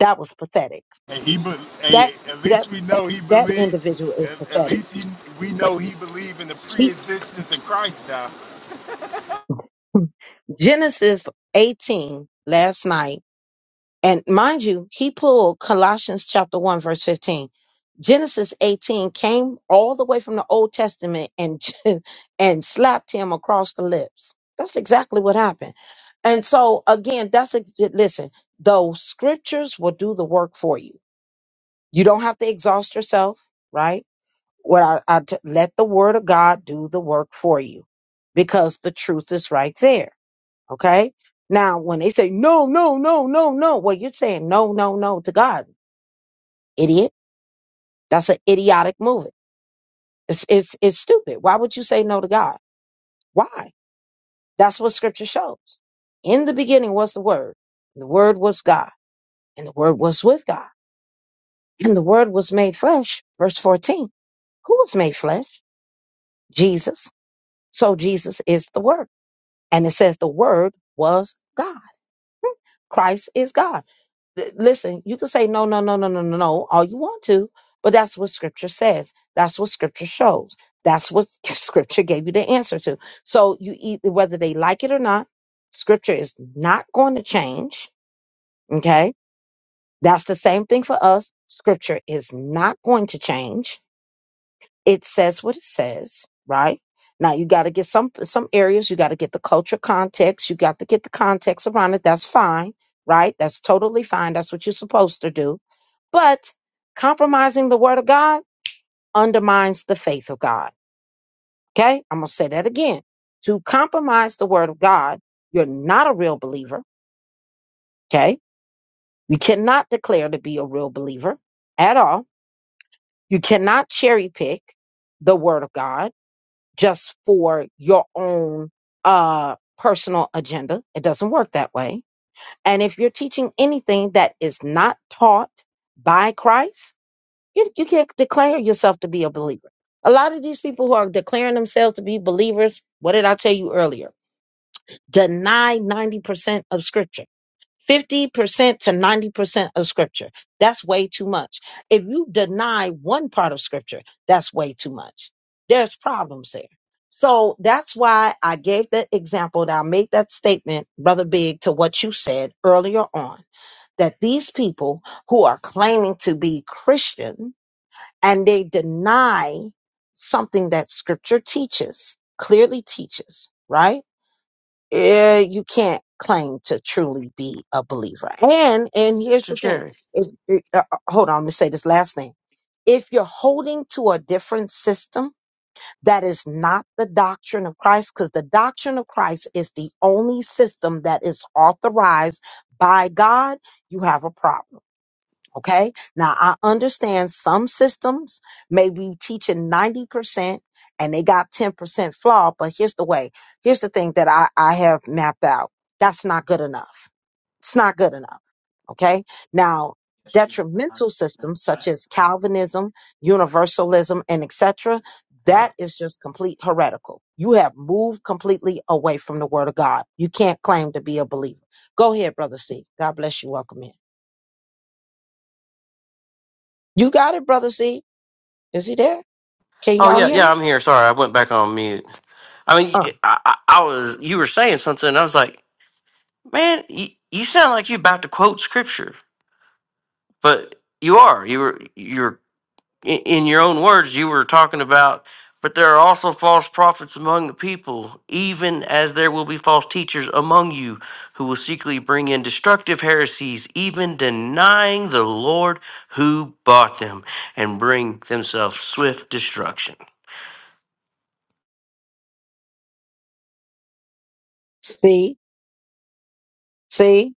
S1: That was pathetic.
S3: Hey, he, be,
S1: That
S3: hey, at
S1: that
S3: least we know he
S1: that
S3: believed.
S1: individual is
S3: At, at
S1: pathetic.
S3: least he, we know he believed in the
S1: She,
S3: pre-existence of Christ. Now,
S1: Genesis 18 last night And mind you, he pulled Colossians chapter 1, verse 15. Genesis 18 came all the way from the Old Testament and, and slapped him across the lips. That's exactly what happened. And so, again, that's ex- listen, those scriptures will do the work for you. You don't have to exhaust yourself, right? What I, I t- let the word of God do the work for you because the truth is right there. Okay. Now, when they say no, no, no, no, no, well, you're saying no, no, no to God, idiot. That's an idiotic move. It's it's it's stupid. Why would you say no to God? Why? That's what Scripture shows. In the beginning was the Word. The Word was God, and the Word was with God, and the Word was made flesh. Verse fourteen. Who was made flesh? Jesus. So Jesus is the Word, and it says the Word was God. Christ is God. Th- Listen, you can say no, no, no, no, no, no, no, all you want to, but that's what scripture says. That's what scripture shows. That's what scripture gave you the answer to. So you either whether they like it or not, scripture is not going to change. Okay. That's the same thing for us. Scripture is not going to change. It says what it says, right? Now you got to get some some areas, you got to get the culture context, you got to get the context around it. That's fine, right? That's totally fine. That's what you're supposed to do but compromising the word of God undermines the faith of God. Okay? I'm going to say that again. To compromise the word of God, you're not a real believer. Okay? You cannot declare to be a real believer at all. You cannot cherry pick the word of God just for your own uh personal agenda. It doesn't work that way. And if you're teaching anything that is not taught by Christ, You, you can't declare yourself to be a believer. A lot of these people who are declaring themselves to be believers, what did I tell you earlier? Deny 90% of scripture. 50% to 90% of scripture. That's way too much. If you deny one part of scripture, that's way too much. There's problems there. So that's why I gave that example that I made that statement, Brother Big, to what you said earlier on, that these people who are claiming to be Christian and they deny something that scripture teaches, clearly teaches, right? Eh, you can't claim to truly be a believer. And and here's
S4: Mr.
S1: the thing.
S4: Jerry,
S1: If, eh, uh, uh, hold on, let me say this last thing. If you're holding to a different system that is not the doctrine of Christ, because the doctrine of Christ is the only system that is authorized by God, you have a problem Okay. Now I understand some systems may be teaching 90% and they got 10% flaw, but here's the way. Here's the thing that I, I have mapped out. That's not good enough. It's not good enough. Okay. Now detrimental systems such as Calvinism, universalism, and etc.
S4: hang on.
S1: That is just complete heretical. You have moved completely away from the word of God. You can't claim to be a believer. Go ahead, brother C. God bless you. Welcome in. You got it, brother C. Is he there? Can
S4: Oh
S1: y'all
S4: yeah,
S1: hear
S4: yeah,
S1: me?
S4: I'm here. Sorry, I went back on mute. I mean,
S1: Oh,
S4: I, I, I was you were saying something, and I was like, man, you, you sound like you're about to quote scripture, but you are. You were you're in, in your own words, you were talking about, but there are also false prophets among the people, even as there will be false teachers among you who will secretly bring in destructive heresies, even denying the Lord who bought them and bring themselves swift destruction.
S1: see, see.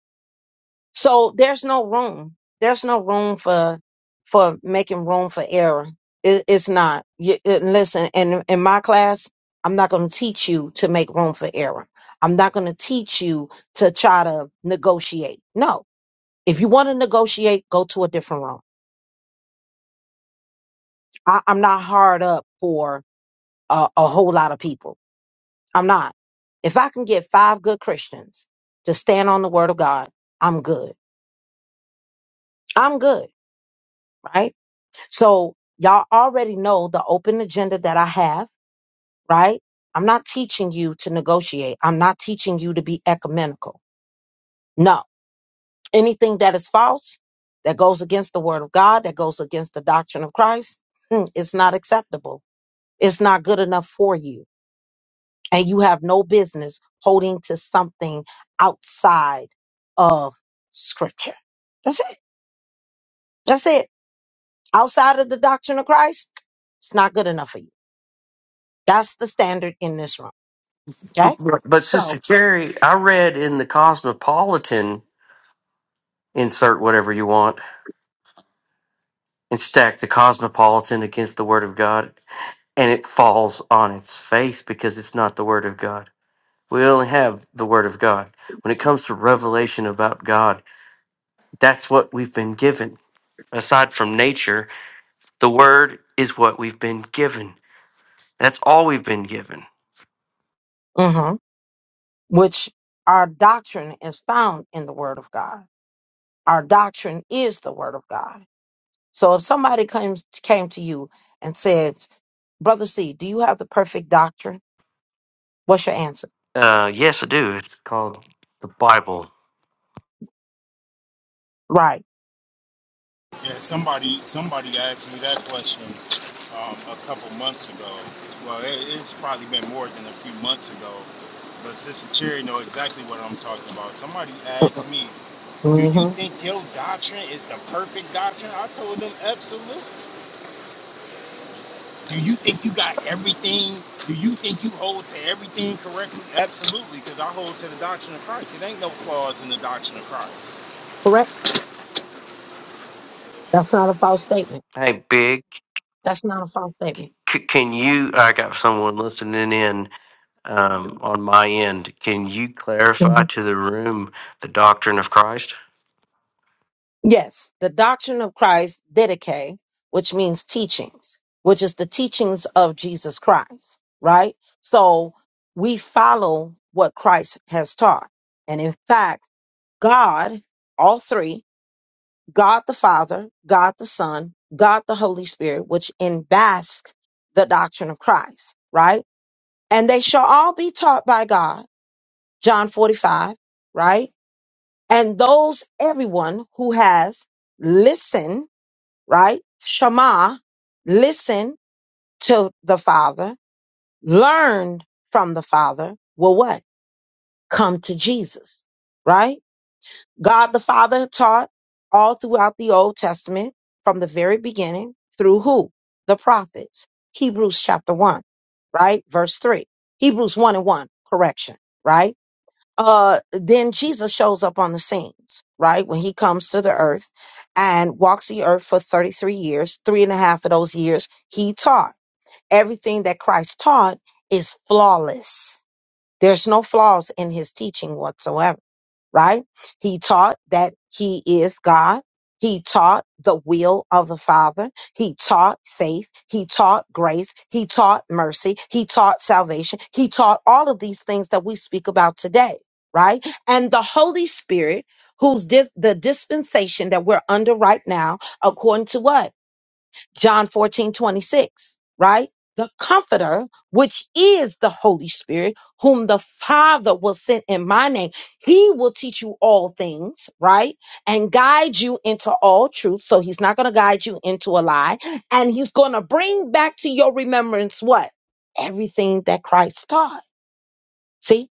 S1: So there's no room. There's no room for for making room for error. It, it's not. You, it- listen, in in my class, I'm not going to teach you to make room for error. I'm not going to teach you to try to negotiate. No. If you want to negotiate, go to a different room. I, I'm not hard up for a, a whole lot of people I'm not. If I can get five good Christians to stand on the word of God, I'm good. I'm good, right? So y'all already know the open agenda that I have, right? I'm not teaching you to negotiate. I'm not teaching you to be ecumenical. No. Anything that is false, that goes against the word of God, that goes against the doctrine of Christ, mm, it's not acceptable. It's not good enough for you and you have no business holding to something outside of scripture. That's it. That's it. Outside of the doctrine of Christ, it's not good enough for you. That's the standard in this room.
S4: But,
S1: Okay.
S4: but but
S1: So
S4: Sister Cherry, I read in the Cosmopolitan, insert whatever you want, and stack the Cosmopolitan against the Word of God, and it falls on its face because it's not the Word of God We only have the Word of God. When it comes to revelation about God, that's what we've been given. Aside from nature, the Word is what we've been given. That's all we've been given.
S1: hmm Which our doctrine is found in the Word of God. Our doctrine is the Word of God. So if somebody comes came to you and says, "Brother C, do you have the perfect doctrine?" What's your answer?
S4: Uh, yes, I do. It's called the Bible.
S1: Right.
S3: yeah, somebody, somebody asked me that question um, a couple months ago. Well, it, it's probably been more than a few months ago. But Sister Cherry know exactly what I'm talking about. Somebody asked me, "Do you
S1: Mm-hmm.
S3: think your doctrine is the perfect doctrine?" I told them, "Absolutely." Do you think you got everything? Do you think you hold to everything correctly? Absolutely, because I hold to the doctrine of Christ. It ain't no flaws in the doctrine of Christ.
S1: Correct. That's not a false statement.
S4: Hey, Big,
S1: That's not a false statement.
S4: c- c- can you? I got someone listening in um, on my end. Can you clarify
S1: Mhm.
S4: to the room the doctrine of Christ?
S1: Yes, the doctrine of Christ, didache, which means teachings, which is the teachings of Jesus Christ. Right. So we follow what Christ has taught, and in fact, God, all three. God the Father, God the Son, God the Holy Spirit, which embask the doctrine of Christ, right? And they shall all be taught by God, John 45, right? And those, everyone who has listened, right? Shema, listen to the Father, learned from the Father, will what? Come to Jesus, right? God the Father taught all throughout the Old Testament from the very beginning through who? The prophets. Hebrews chapter 1, right? Verse 3. Hebrews 1 and 1, correction, right? Uh, then Jesus shows up on the scenes, right? When he comes to the earth and walks the earth for 33 years, three and a half of those years, he taught. Everything that Christ taught is flawless. There's no flaws in his teaching whatsoever right? He taught that he is God. He taught the will of the Father. He taught faith. He taught grace. He taught mercy. He taught salvation. He taught all of these things that we speak about today, right? And the Holy Spirit, who's dis- the dispensation that we're under right now, according to what? John 14 26 right? The comforter, which is the Holy Spirit, whom the Father will send in my name. He will teach you all things, right? And guide you into all truth. So he's not going to guide you into a lie. And he's going to bring back to your remembrance what? Everything that Christ taught. See,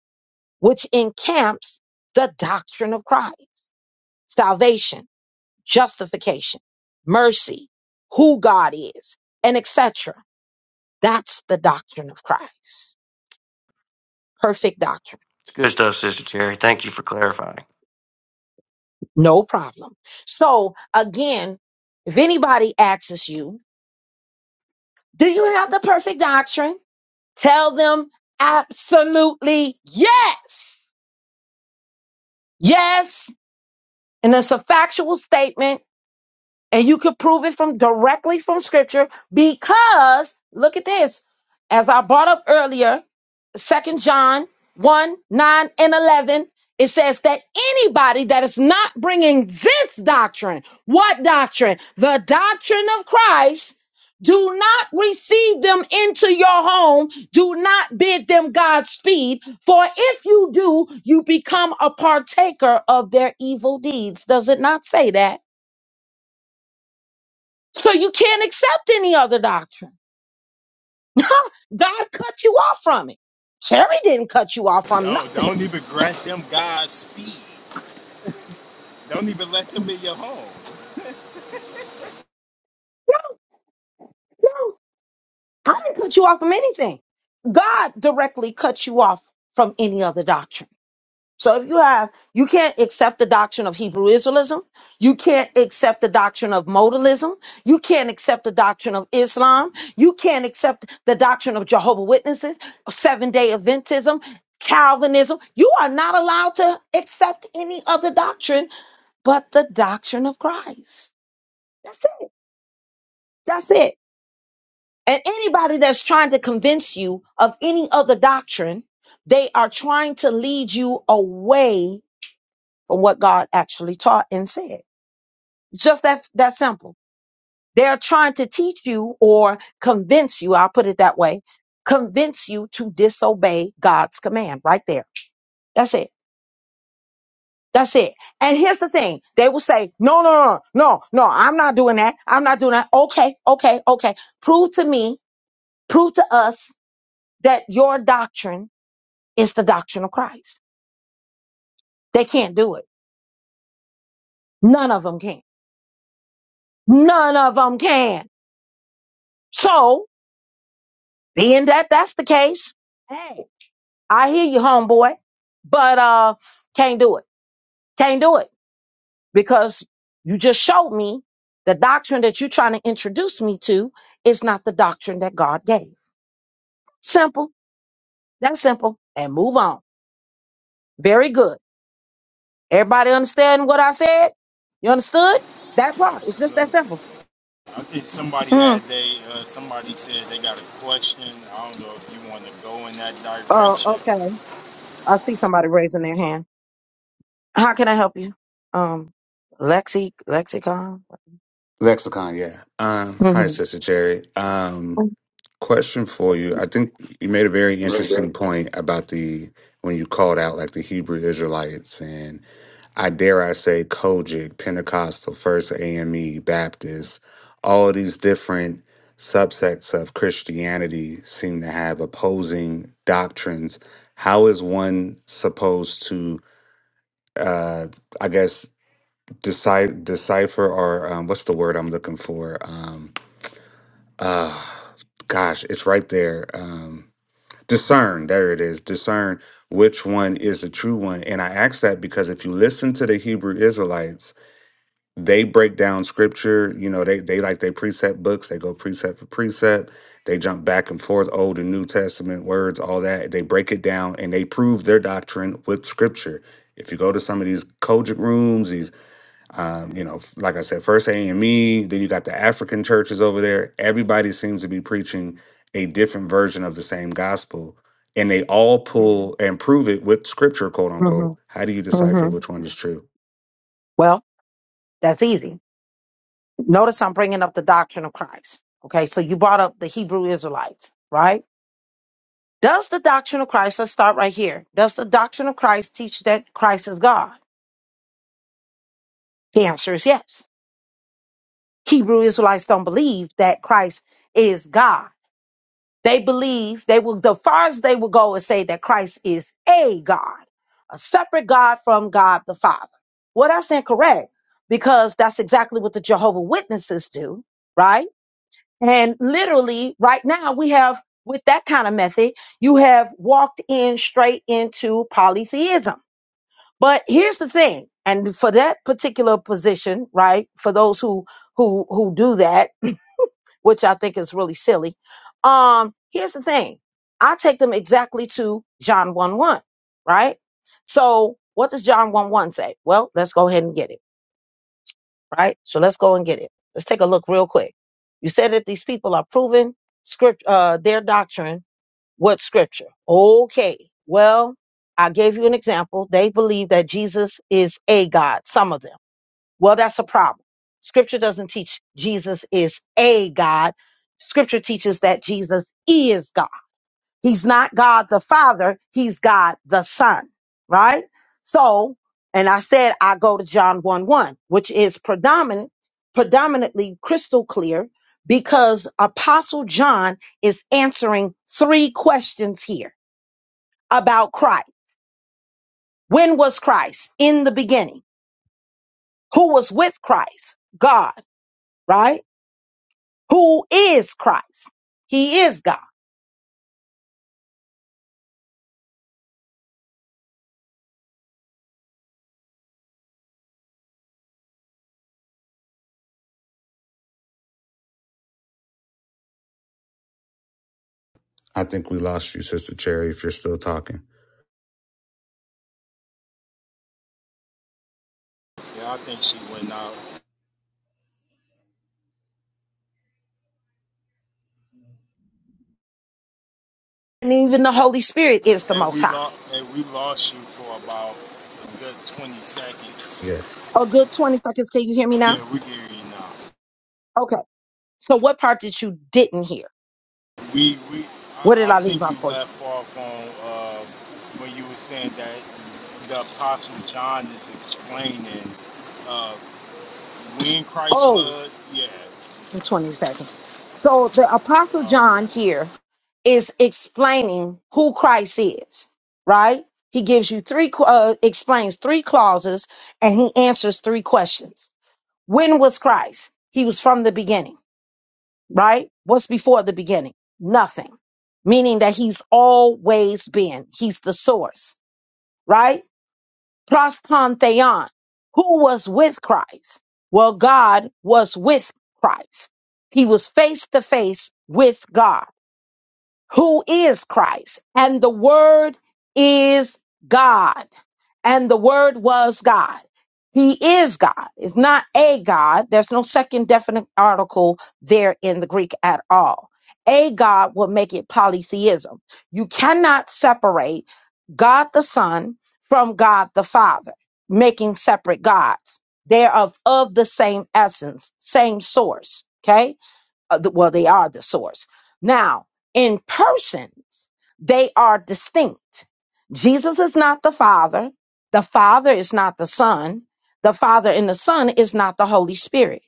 S1: which encamps the doctrine of Christ, salvation, justification, mercy, who God is, and etc that's the doctrine of Christ. Perfect doctrine.
S4: It's good stuff, Sister Cherry. Thank you for clarifying.
S1: No problem. So again, if anybody asks you, do you have the perfect doctrine? Tell them absolutely yes. Yes. And it's a factual statement. and you could prove it from directly from scripture because look at this as i brought up earlier second john 1 9 and 11 it says that anybody that is not bringing this doctrine what doctrine the doctrine of christ do not receive them into your home. Do not bid them Godspeed. For if you do, you become a partaker of their evil deeds. Does it not say that? So you can't accept any other doctrine. God cut you off from it. Cherry didn't cut you off from
S3: Don't
S1: nothing.
S3: don't even grant them God's speed. Don't even let them in your home.
S1: No, I didn't cut you off from anything. God directly cut you off from any other doctrine. So if you have, you can't accept the doctrine of Hebrew Israelism. You can't accept the doctrine of modalism. You can't accept the doctrine of Islam. You can't accept the doctrine of Jehovah Witnesses, seven day Adventism, Calvinism. You are not allowed to accept any other doctrine but the doctrine of Christ. That's it. That's it. And anybody that's trying to convince you of any other doctrine, they are trying to lead you away from what God actually taught and said. Just that that simple. They're trying to teach you or convince you, I'll put it that way, convince you to disobey God's command right there. That's it. That's it. And here's the thing. They will say, no, no, no, no, no, I'm not doing that. I'm not doing that. Okay, okay, okay. Prove to me, prove to us that your doctrine is the doctrine of Christ. They can't do it. None of them can. None of them can. So Being that that's the case, hey, I hear you, homeboy, but uh, can't do it. Can't do it because you just showed me the doctrine that you're trying to introduce me to is not the doctrine that God gave. Simple. That's simple. And move on. Very good. Everybody understand what I said? You understood that part? It's just that
S3: Absolutely.
S1: simple.
S3: I think somebody
S1: Mm.
S3: had they uh, somebody said they got a question. I don't know if you want to go in that
S1: Oh,
S3: direction.
S1: okay. I see somebody raising their hand. How can I help you? Um, Lexi, lexicon.
S5: Lexicon, yeah. Um, hi, Sister Cherry. Um, question for you. I think you made a very interesting point about the when you called out like the Hebrew Israelites and I dare I say Kojic, Pentecostal, First AME, Baptist, all these different subsects of Christianity seem to have opposing doctrines. How is one supposed to uh I guess decide decipher or um, what's the word I'm looking for? Um, uh gosh it's right there um discern there it is discern which one is the true one and i ask that because if you listen to the hebrew israelites they break down scripture you know they they like their precept books they go precept for precept they jump back and forth old and new testament words all that they break it down and they prove their doctrine with scripture if you go to some of these kojic rooms these um, you know, like I said, first AME, then you got the African churches over there. Everybody seems to be preaching a different version of the same gospel, and they all pull and prove it with scripture, quote
S1: hmm
S5: unquote. How do you decipher
S1: hmm
S5: which one is true?
S1: Well, that's easy. Notice I'm bringing up the doctrine of Christ. Okay, so you brought up the Hebrew Israelites, right? Does the doctrine of Christ, let's start right here. Does the doctrine of Christ teach that Christ is God? The answer is yes. Hebrew Israelites don't believe that Christ is God. They believe they will the farthest they will go is say that Christ is a God, a separate God from God the Father. Well, that's incorrect because that's exactly what the Jehovah Witnesses do, right? And literally, right now we have with that kind of method, you have walked in straight into polytheism. But here's the thing, and for that particular position, right? For those who who who do that, which I think is really silly. Um, here's the thing. I take them exactly to John 1 1, right? So what does John 1 1 say? Well, let's go ahead and get it, right? So let's go and get it. Let's take a look real quick. You said that these people are proving script uh their doctrine with scripture. Okay. Well, I gave you an example. They believe that Jesus is a God, some of them. Well, that's a problem. Scripture doesn't teach Jesus is a God. Scripture teaches that Jesus is God. He's not God the Father, he's God the Son, right? So, and I said I go to John 1 1, which is predominant, predominantly crystal clear because Apostle John is answering three questions here about Christ. When was Christ? In the beginning. Who was with Christ? God, right? who is Christ. He is God.
S5: I think we lost you, Sister Cherry, if you're still talking.
S3: Yeah, I think she went out.
S1: And even the Holy Spirit is the
S3: And
S1: Most
S3: we
S1: High.
S3: lost. And we lost you for about a good twenty seconds.
S5: Yes.
S1: A good 20 seconds. Can you hear me now?
S3: Yeah, we hear you now.
S1: Okay. So, what part did you didn't hear?
S3: We we
S1: What did
S3: I, I
S1: I leave
S3: think
S1: out
S3: you
S1: for you?
S3: left off on uh, when you were saying that the Apostle John is explaining uh, when Christ
S1: Oh,
S3: was. Yeah.
S1: in 20 seconds. So, the Apostle
S3: Oh,
S1: John
S3: okay.
S1: here is explaining who Christ is, right? He gives you three, qu- uh, explains three clauses, and he answers three questions. When was Christ? He was from the beginning. right? What's before the beginning? Nothing. Meaning that he's always been. He's the source, right? Plus Pantheon. Who was with Christ? Well, God was with Christ. He was face to face with God who is Christ, and the Word is God, and the Word was God. He is God. It's not a God. There's no second definite article there in the Greek at all. A God will make it polytheism. You cannot separate God the Son from God the Father, making separate gods. They are of, of the same essence, same source. Okay uh, the, well, they are the source. Now, in persons, they are distinct. Jesus is not the Father. The Father is not the Son. The Father and the Son is not the Holy Spirit.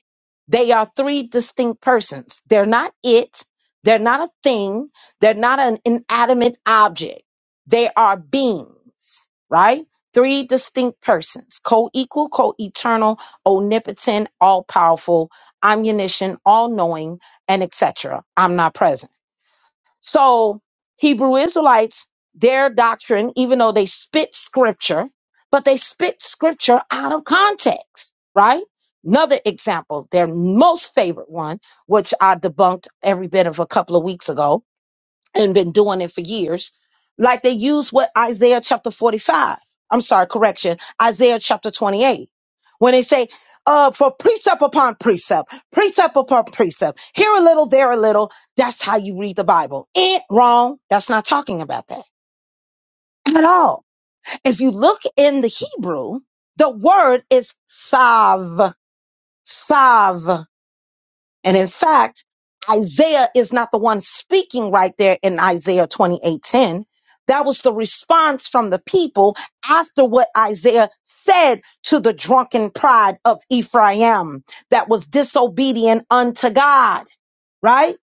S1: They are three distinct persons. They're not it. They're not a thing. They're not an inanimate object. They are beings, right? Three distinct persons, co equal, co eternal, omnipotent, all powerful, omniscient, all knowing, and etc. I'm not present. So Hebrew Israelites, their doctrine, even though they spit scripture, but they spit scripture out of context, right? Another example, their most favorite one, which I debunked every bit of a couple of weeks ago, and been doing it for years, like they use what Isaiah chapter 45, I'm sorry, correction, Isaiah chapter 28, when they say, uh, for precept upon precept, precept upon precept, here a little, there a little, that's how you read the Bible. Ain't wrong. That's not talking about that at all. If you look in the Hebrew, the word is sav, sav. And in fact, Isaiah is not the one speaking right there in Isaiah 28:10. That was the response from the people after what Isaiah said to the drunken pride of Ephraim that was disobedient unto God, right?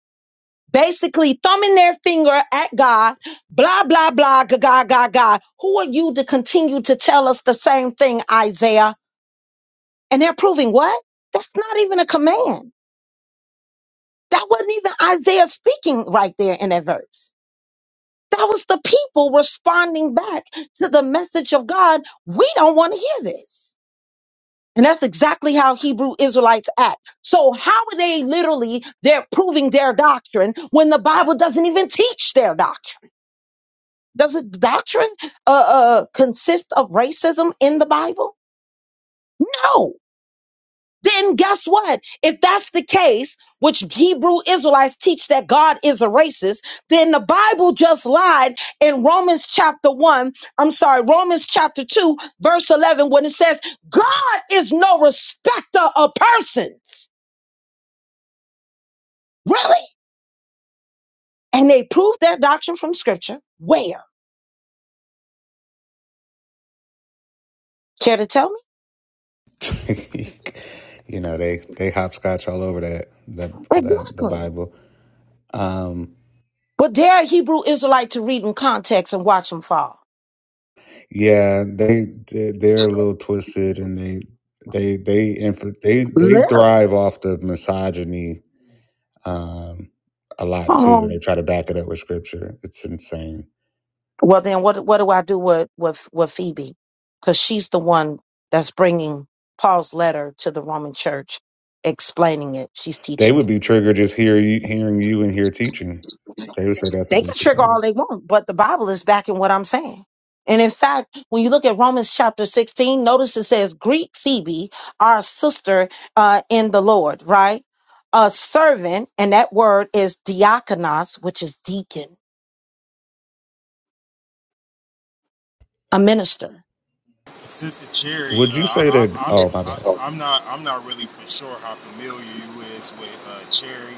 S1: Basically, thumbing their finger at God, blah, blah, blah, ga, ga, ga, ga. Who are you to continue to tell us the same thing, Isaiah? And they're proving what? That's not even a command. That wasn't even Isaiah speaking right there in that verse. That was the people responding back to the message of God. We don't want to hear this. And that's exactly how Hebrew Israelites act. So how are they literally, they're proving their doctrine when the Bible doesn't even teach their doctrine? Does the doctrine uh, uh, consist of racism in the Bible? No. then guess what? If that's the case, which Hebrew Israelites teach that God is a racist, then the Bible just lied in Romans chapter 1, I'm sorry, Romans chapter 2, verse 11, when it says, God is no respecter of persons. Really? And they proved their doctrine from scripture. Where? Care to tell me?
S5: you know, they they hopscotch all over that that that the
S1: Exactly.
S5: Bible. Um
S1: But dare a Hebrew Israelite to read in context and watch them fall.
S5: Yeah, they they- they're a little twisted, and they they they inf- they they
S1: Little.
S5: thrive off the misogyny um, a lot too.
S1: Oh.
S5: They try to back it up with scripture. It's insane.
S1: Well, then what what do I do with with with Phoebe? Because she's the one that's bringing Paul's letter to the Roman Church, explaining it. She's
S5: They
S1: teaching
S5: would
S1: it.
S5: be triggered just hear you, hearing you and hear teaching. They would say that's
S1: They can
S5: against the
S1: trigger all
S5: Bible.
S1: they want, but the Bible is backing what I'm saying. And in fact, when you look at Romans chapter 16, notice it says, "Greet Phoebe, our sister uh, in the Lord." Right, a servant, and that word is diakonos, which is deacon, a minister.
S3: Sister Cherry,
S5: Would
S3: uh,
S5: you say
S3: I,
S5: that?
S3: I, I'm
S5: Oh, my bad.
S3: I, I'm not I'm not really for sure how familiar you is with uh, Cherry,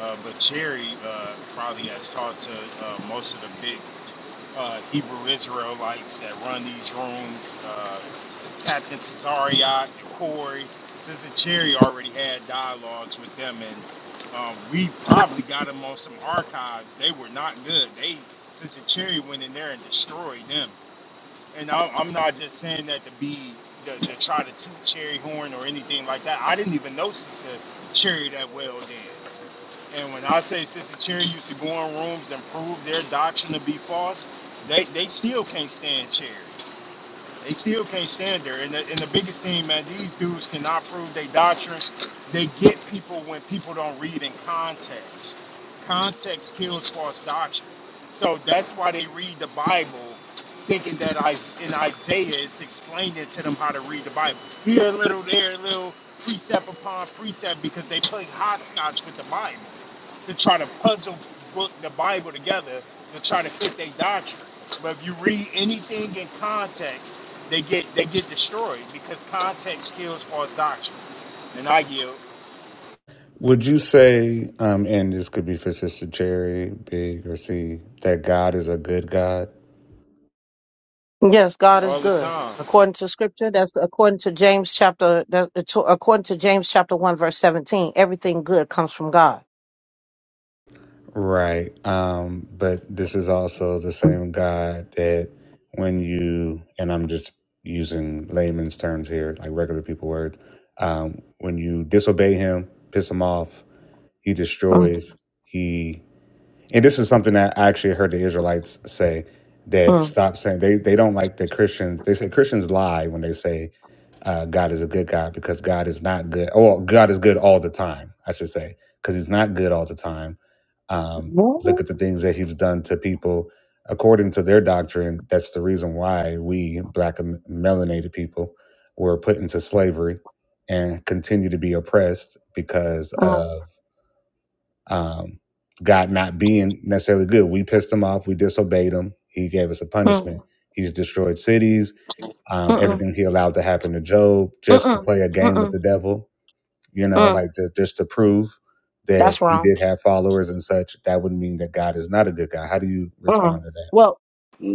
S3: uh, but Cherry uh, probably has talked to uh, most of the big uh, Hebrew Israelites that run these rooms. Uh, Captain Tazariot and Corey, since Cherry already had dialogues with them, and um, we probably got them on some archives. They were not good. They since Cherry went in there and destroyed them. And I, I'm not just saying that to be to, to try to toot Cherry horn or anything like that. I didn't even know Sister Cherry that well then. And when I say Sister Cherry used to go in rooms and prove their doctrine to be false, they, they still can't stand Cherry. They still can't stand there. And the, and the biggest thing, man, these dudes cannot prove their doctrine. They get people when people don't read in context. Context kills false doctrine. So that's why they read the Bible thinking that I, in Isaiah it's explaining to them how to read the Bible. Here a little, there a little, precept upon precept because they play hopscotch with the Bible to try to puzzle book the Bible together to try to fit their doctrine. But if you read anything in context, they get they get destroyed because context kills false doctrine. And I yield
S5: Would you say, um, and this could be for Sister Cherry, Big or C, that God is a good God?
S1: Yes, God is
S3: all the
S1: good.
S3: time.
S1: According to scripture, that's according to James chapter, that, to- according to James chapter 1, verse 17, everything good comes from God.
S5: Right. Um, but this is also the
S1: Mm,
S5: same God that when you, and I'm just using layman's terms here, like regular people words, um, when you disobey him, piss him off, he
S1: mm,
S5: destroys, He and this is something that I actually heard the Israelites say that
S1: mm.
S5: stop saying they they don't like the Christians. They say Christians lie when they say uh, God is a good God because God is not good. Oh, God is good all the time. I should say because He's not good all the time. Um, look
S1: What?
S5: at the things that He's done to people. According to their doctrine, that's the reason why we black and melanated people were put into slavery and continue to be oppressed because
S1: Mm,
S5: of um, God not being necessarily good. We pissed him off. We disobeyed him. He gave us a
S1: mm,
S5: punishment. He's destroyed cities. Um,
S1: mm-mm, mm-mm,
S5: everything he allowed to happen to Job just to
S1: mm-mm, mm.
S5: play a
S1: mm,
S5: game with
S1: mm,
S5: the devil. You know,
S1: mm.
S5: like to, just to prove that
S1: That's
S5: he
S1: wrong.
S5: did have followers and such. That would mean that God is not a good guy. How do you
S1: Mm.
S5: respond to that?
S1: Well,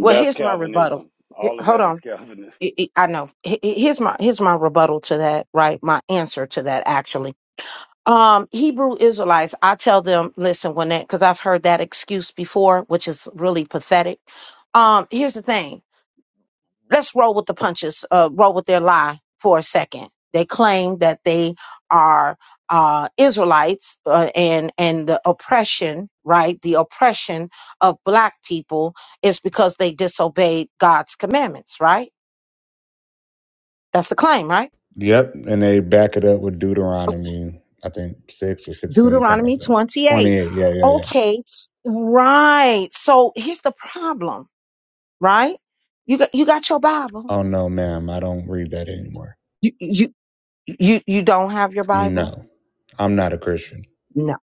S1: well, here's my rebuttal.
S6: Calvinism.
S1: H-
S6: All of
S1: Hold
S6: that is
S1: on.
S6: Calvinism.
S1: I I- I know. H- h- Here's my here's my rebuttal to that, right? My answer to that actually. Um, Hebrew Israelites, I tell them, listen, when that, because I've heard that excuse before, which is really pathetic. Um, here's the thing. Let's roll with the punches, uh, roll with their lie for a second. They claim that they are uh, Israelites uh, and and the oppression, right? The oppression of black people is because they disobeyed God's commandments, right? That's the claim, right?
S5: Yep, and they back it up with Deuteronomy, I think six or sixteen, something like
S1: Deuteronomy
S5: that.
S1: 28.
S5: Twenty-eight. Yeah, yeah, yeah.
S1: Okay, right. So here's the problem, right? You got you got your Bible.
S5: Oh no, ma'am, I don't read that anymore.
S1: You you you you don't have your Bible?
S5: No, I'm not a Christian.
S1: No.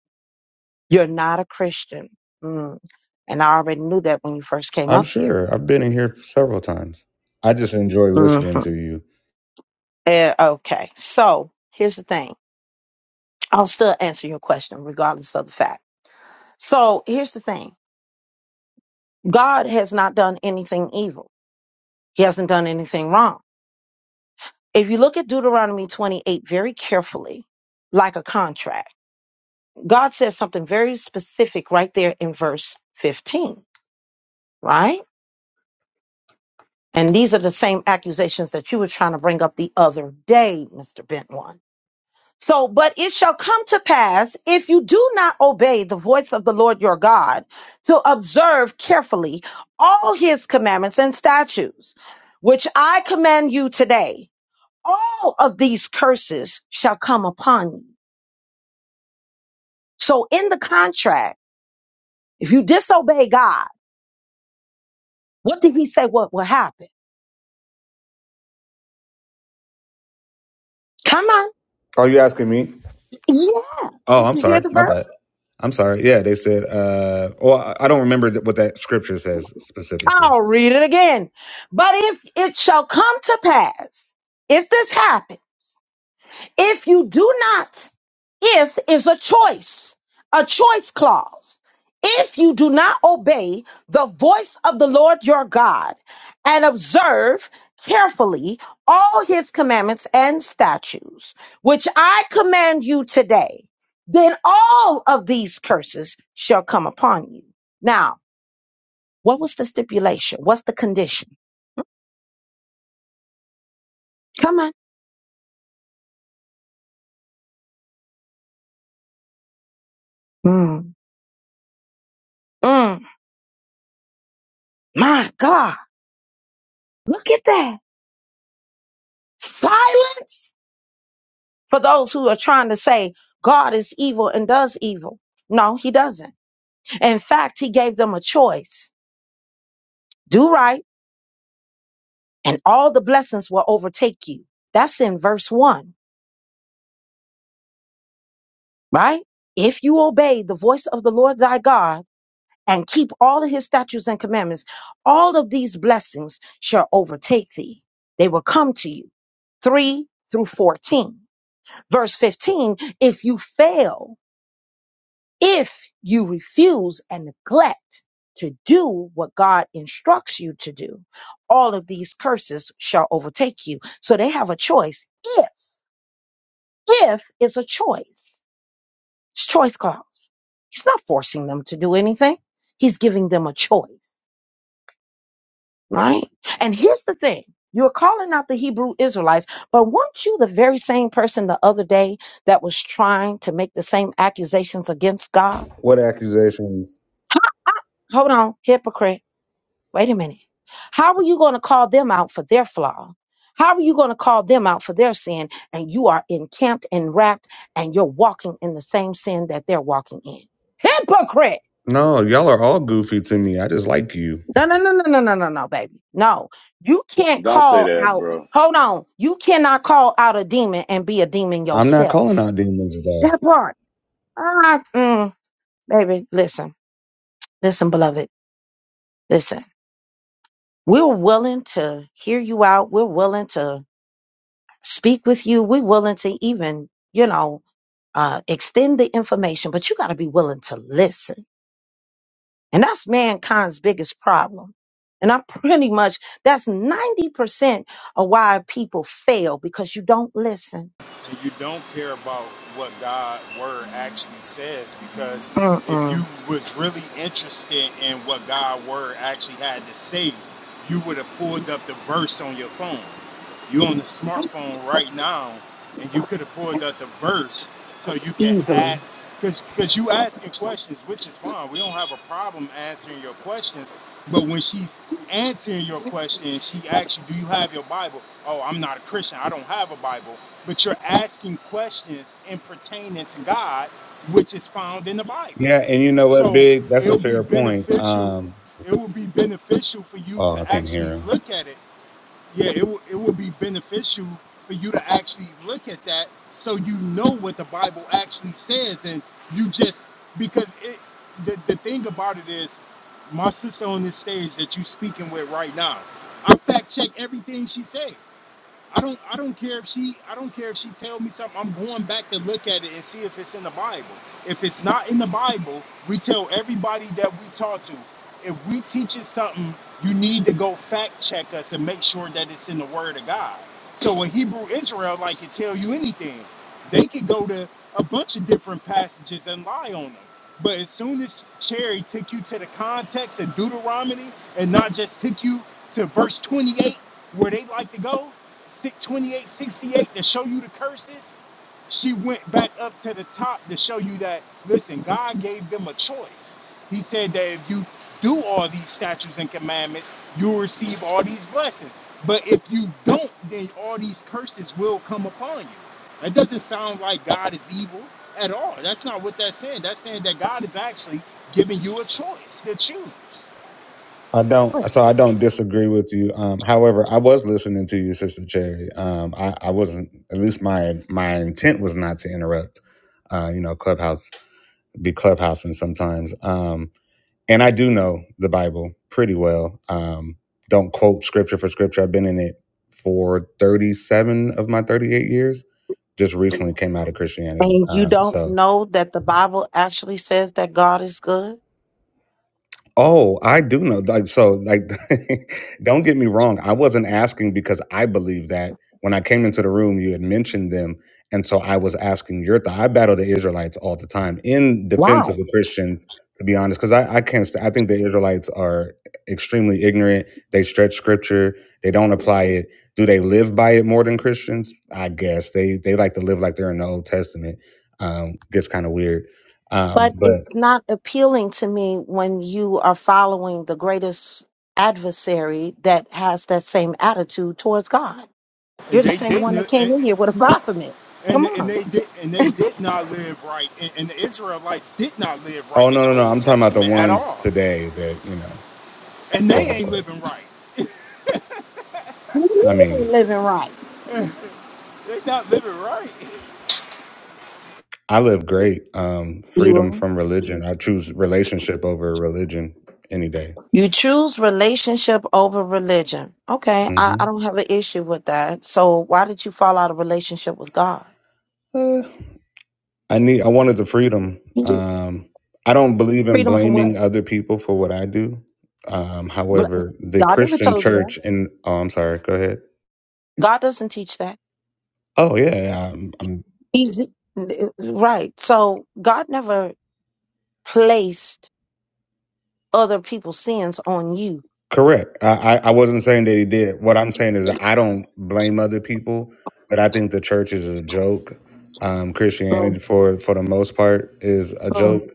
S1: You're not a Christian. Mm. And I already knew that when you first came
S5: I'm
S1: up here.
S5: sure. I've been in here several times. I just enjoy
S1: hmm
S5: listening to you.
S1: okay. So here's the thing. I'll still answer your question regardless of the fact. So here's the thing. God has not done anything evil. He hasn't done anything wrong. If you look at Deuteronomy 28 very carefully, like a contract, God says something very specific right there in verse 15, right? And these are the same accusations that you were trying to bring up the other day, Mr. Bent One. So, but it shall come to pass if you do not obey the voice of the Lord your God to observe carefully all his commandments and statutes, which I command you today, all of these curses shall come upon you So in the contract, if you disobey God, what did he say what will happen? Come on.
S5: Are you asking me?
S1: Yeah.
S5: Oh,
S1: Did
S5: I'm
S1: you hear
S5: sorry.
S1: the
S5: My bad.
S1: verse?
S5: I'm sorry. Yeah, they said. Uh, well, I I don't remember th- what that scripture says specifically.
S1: I'll read it again. But if it shall come to pass, if this happens, If you do not, if is a choice, a choice clause. If you do not obey the voice of the Lord your God and observe carefully all his commandments and statutes, which I command you today, then all of these curses shall come upon you. Now, what was the stipulation? What's the condition? Come on. Mm. Mm. My God, look at that. Silence for those who are trying to say God is evil and does evil. No, he doesn't. In fact, he gave them a choice do right, and all the blessings will overtake you. That's in verse one, right? If you obey the voice of the Lord thy God and keep all of his statutes and commandments, all of these blessings shall overtake thee. They will come to you. Three through 14. Verse 15, if you fail If you refuse and neglect to do what God instructs you to do, all of these curses shall overtake you. So they have a choice. If, if is a choice, it's choice clause. He's not forcing them to do anything. He's giving them a choice, right? And here's the thing. You're calling out the Hebrew Israelites, but weren't you the very same person the other day that was trying to make the same accusations against God?
S5: What accusations?
S1: Hold on, hypocrite Wait a minute. How are you going to call them out for their flaw? How are you going to call them out for their sin? And you are encamped and wrapped and you're walking in the same sin that they're walking in. Hypocrite.
S5: No, y'all are all goofy to me. I just like you.
S1: No, no, no, no, no, no, no, no, baby. No, you can't
S6: Don't say
S1: call
S6: that,
S1: out.
S6: bro.
S1: Hold on. You cannot call out a demon and be a demon
S5: I'm not calling
S1: yourself.
S5: out demons though.
S1: That part. Ah, mm, baby, listen, listen, beloved, listen. We're willing to hear you out. We're willing to speak with you. We're willing to even, you know, uh, extend the information, but you got to be willing to listen. And that's mankind's biggest problem. And I'm pretty much, that's 90% of why people fail because you don't listen
S3: and you don't care about what God word actually says because if you
S1: Mm-mm.
S3: was really interested in what God word actually had to say, you would have pulled up the verse on your phone. You on the smartphone right now and you could have pulled up the verse so you can add
S1: easily.
S3: because because you asking questions, which is fine. We don't have a problem answering your questions. But when she's answering your question, she asks you, "Do you have your Bible?" Oh, I'm not a Christian. I don't have a Bible. But you're asking questions in pertaining to God, which is found in the Bible.
S5: Yeah, and you know what,
S3: So
S5: Big? That's a
S3: it'll be
S5: fair point.
S3: beneficial.
S5: Um,
S3: It will be beneficial for you
S5: oh,
S3: to
S5: I can't
S3: actually
S5: hear him.
S3: look at it yeah, it, w- it would be beneficial for you to actually look at that so you know what the Bible actually says. And you just, because it, the, the thing about it is, my sister on this stage that you speaking with right now, I fact check everything she said. I don't I don't care if she I don't care if she tell me something. I'm going back to look at it and see if it's in the Bible. If it's not in the Bible, we tell everybody that we talk to. If we teach you something, you need to go fact check us and make sure that it's in the Word of God. So a Hebrew Israelite can tell you anything. They could go to a bunch of different passages and lie on them. But as soon as Cherry took you to the context of Deuteronomy and not just took you to verse 28 where they like to go, six- 2868 to show you the curses, she went back up to the top to show you that, listen, God gave them a choice. He said that if you do all these statutes and commandments, you'll receive all these blessings. But if you don't, then all these curses will come upon you. That doesn't sound like God is evil at all. That's not what that's saying. That's saying that God is actually giving you a choice to choose.
S5: I don't. So I don't disagree with you. Um, however, I was listening to you, Sister Cherry. Um, I, I wasn't. At least my my intent was not to interrupt. Uh, you know, Clubhouse be clubhousing sometimes. Um, and I do know the Bible pretty well. Um, don't quote scripture for scripture. I've been in it for thirty seven of my thirty eight years. Just recently came out of Christianity.
S1: And you
S5: Um,
S1: don't
S5: so
S1: know that the Bible actually says that God is good.
S5: Oh, I do know. Like, so, like, don't get me wrong. I wasn't asking because I believe that when I came into the room, you had mentioned them. And so I was asking your thought. I battle the Israelites all the time in
S1: Why?
S5: defense of the Christians, to be honest, because I, I can't, st- I think the Israelites are extremely ignorant. They stretch scripture, they don't apply it. Do they live by it more than Christians? I guess they, they like to live like they're in the Old Testament. Um, gets kind of weird. Um,
S1: But it's not appealing to me when you are following the greatest adversary that has that same attitude towards God.
S3: and
S1: You're the
S3: they
S1: same one
S3: didn't
S1: that
S3: and,
S1: came in here with a
S3: oh,
S1: Baphomet.
S3: and
S1: Come
S3: and
S1: on.
S3: they did and they did not live right and, and the israelites did not live
S5: Oh
S3: right in
S5: no,
S3: the
S5: no, no.
S3: old
S5: I'm talking about the
S3: testament at
S5: ones
S3: all
S5: today that, you know,
S3: and
S5: quote
S3: they ain't
S5: unquote.
S3: living right
S1: You
S5: I
S1: ain't
S5: mean,
S1: living right.
S3: they not living right
S5: I live great. Um,
S1: You
S5: freedom
S1: are.
S5: from religion. I choose relationship over religion any day.
S1: You choose relationship over religion. Okay, I,
S5: hmm
S1: I don't have an issue with that. So why did you fall out of relationship with God?
S5: Uh, I need I wanted the freedom. Um, I don't believe in
S1: Freedom from what?
S5: blaming other people for what I do. Um,
S1: Bl-
S5: however, the
S1: God never
S5: Christian
S1: told you that.
S5: church in oh, I'm sorry, go ahead.
S1: God doesn't teach that.
S5: Oh yeah, yeah. I'm,
S1: Easy. Right. So God never placed other people's sins on you.
S5: Correct. I, I I wasn't saying that he did. What I'm saying is that I don't blame other people, but I think the church is a joke. Um, Christianity,
S1: Mm,
S5: for for the most part, is a
S1: mm,
S5: joke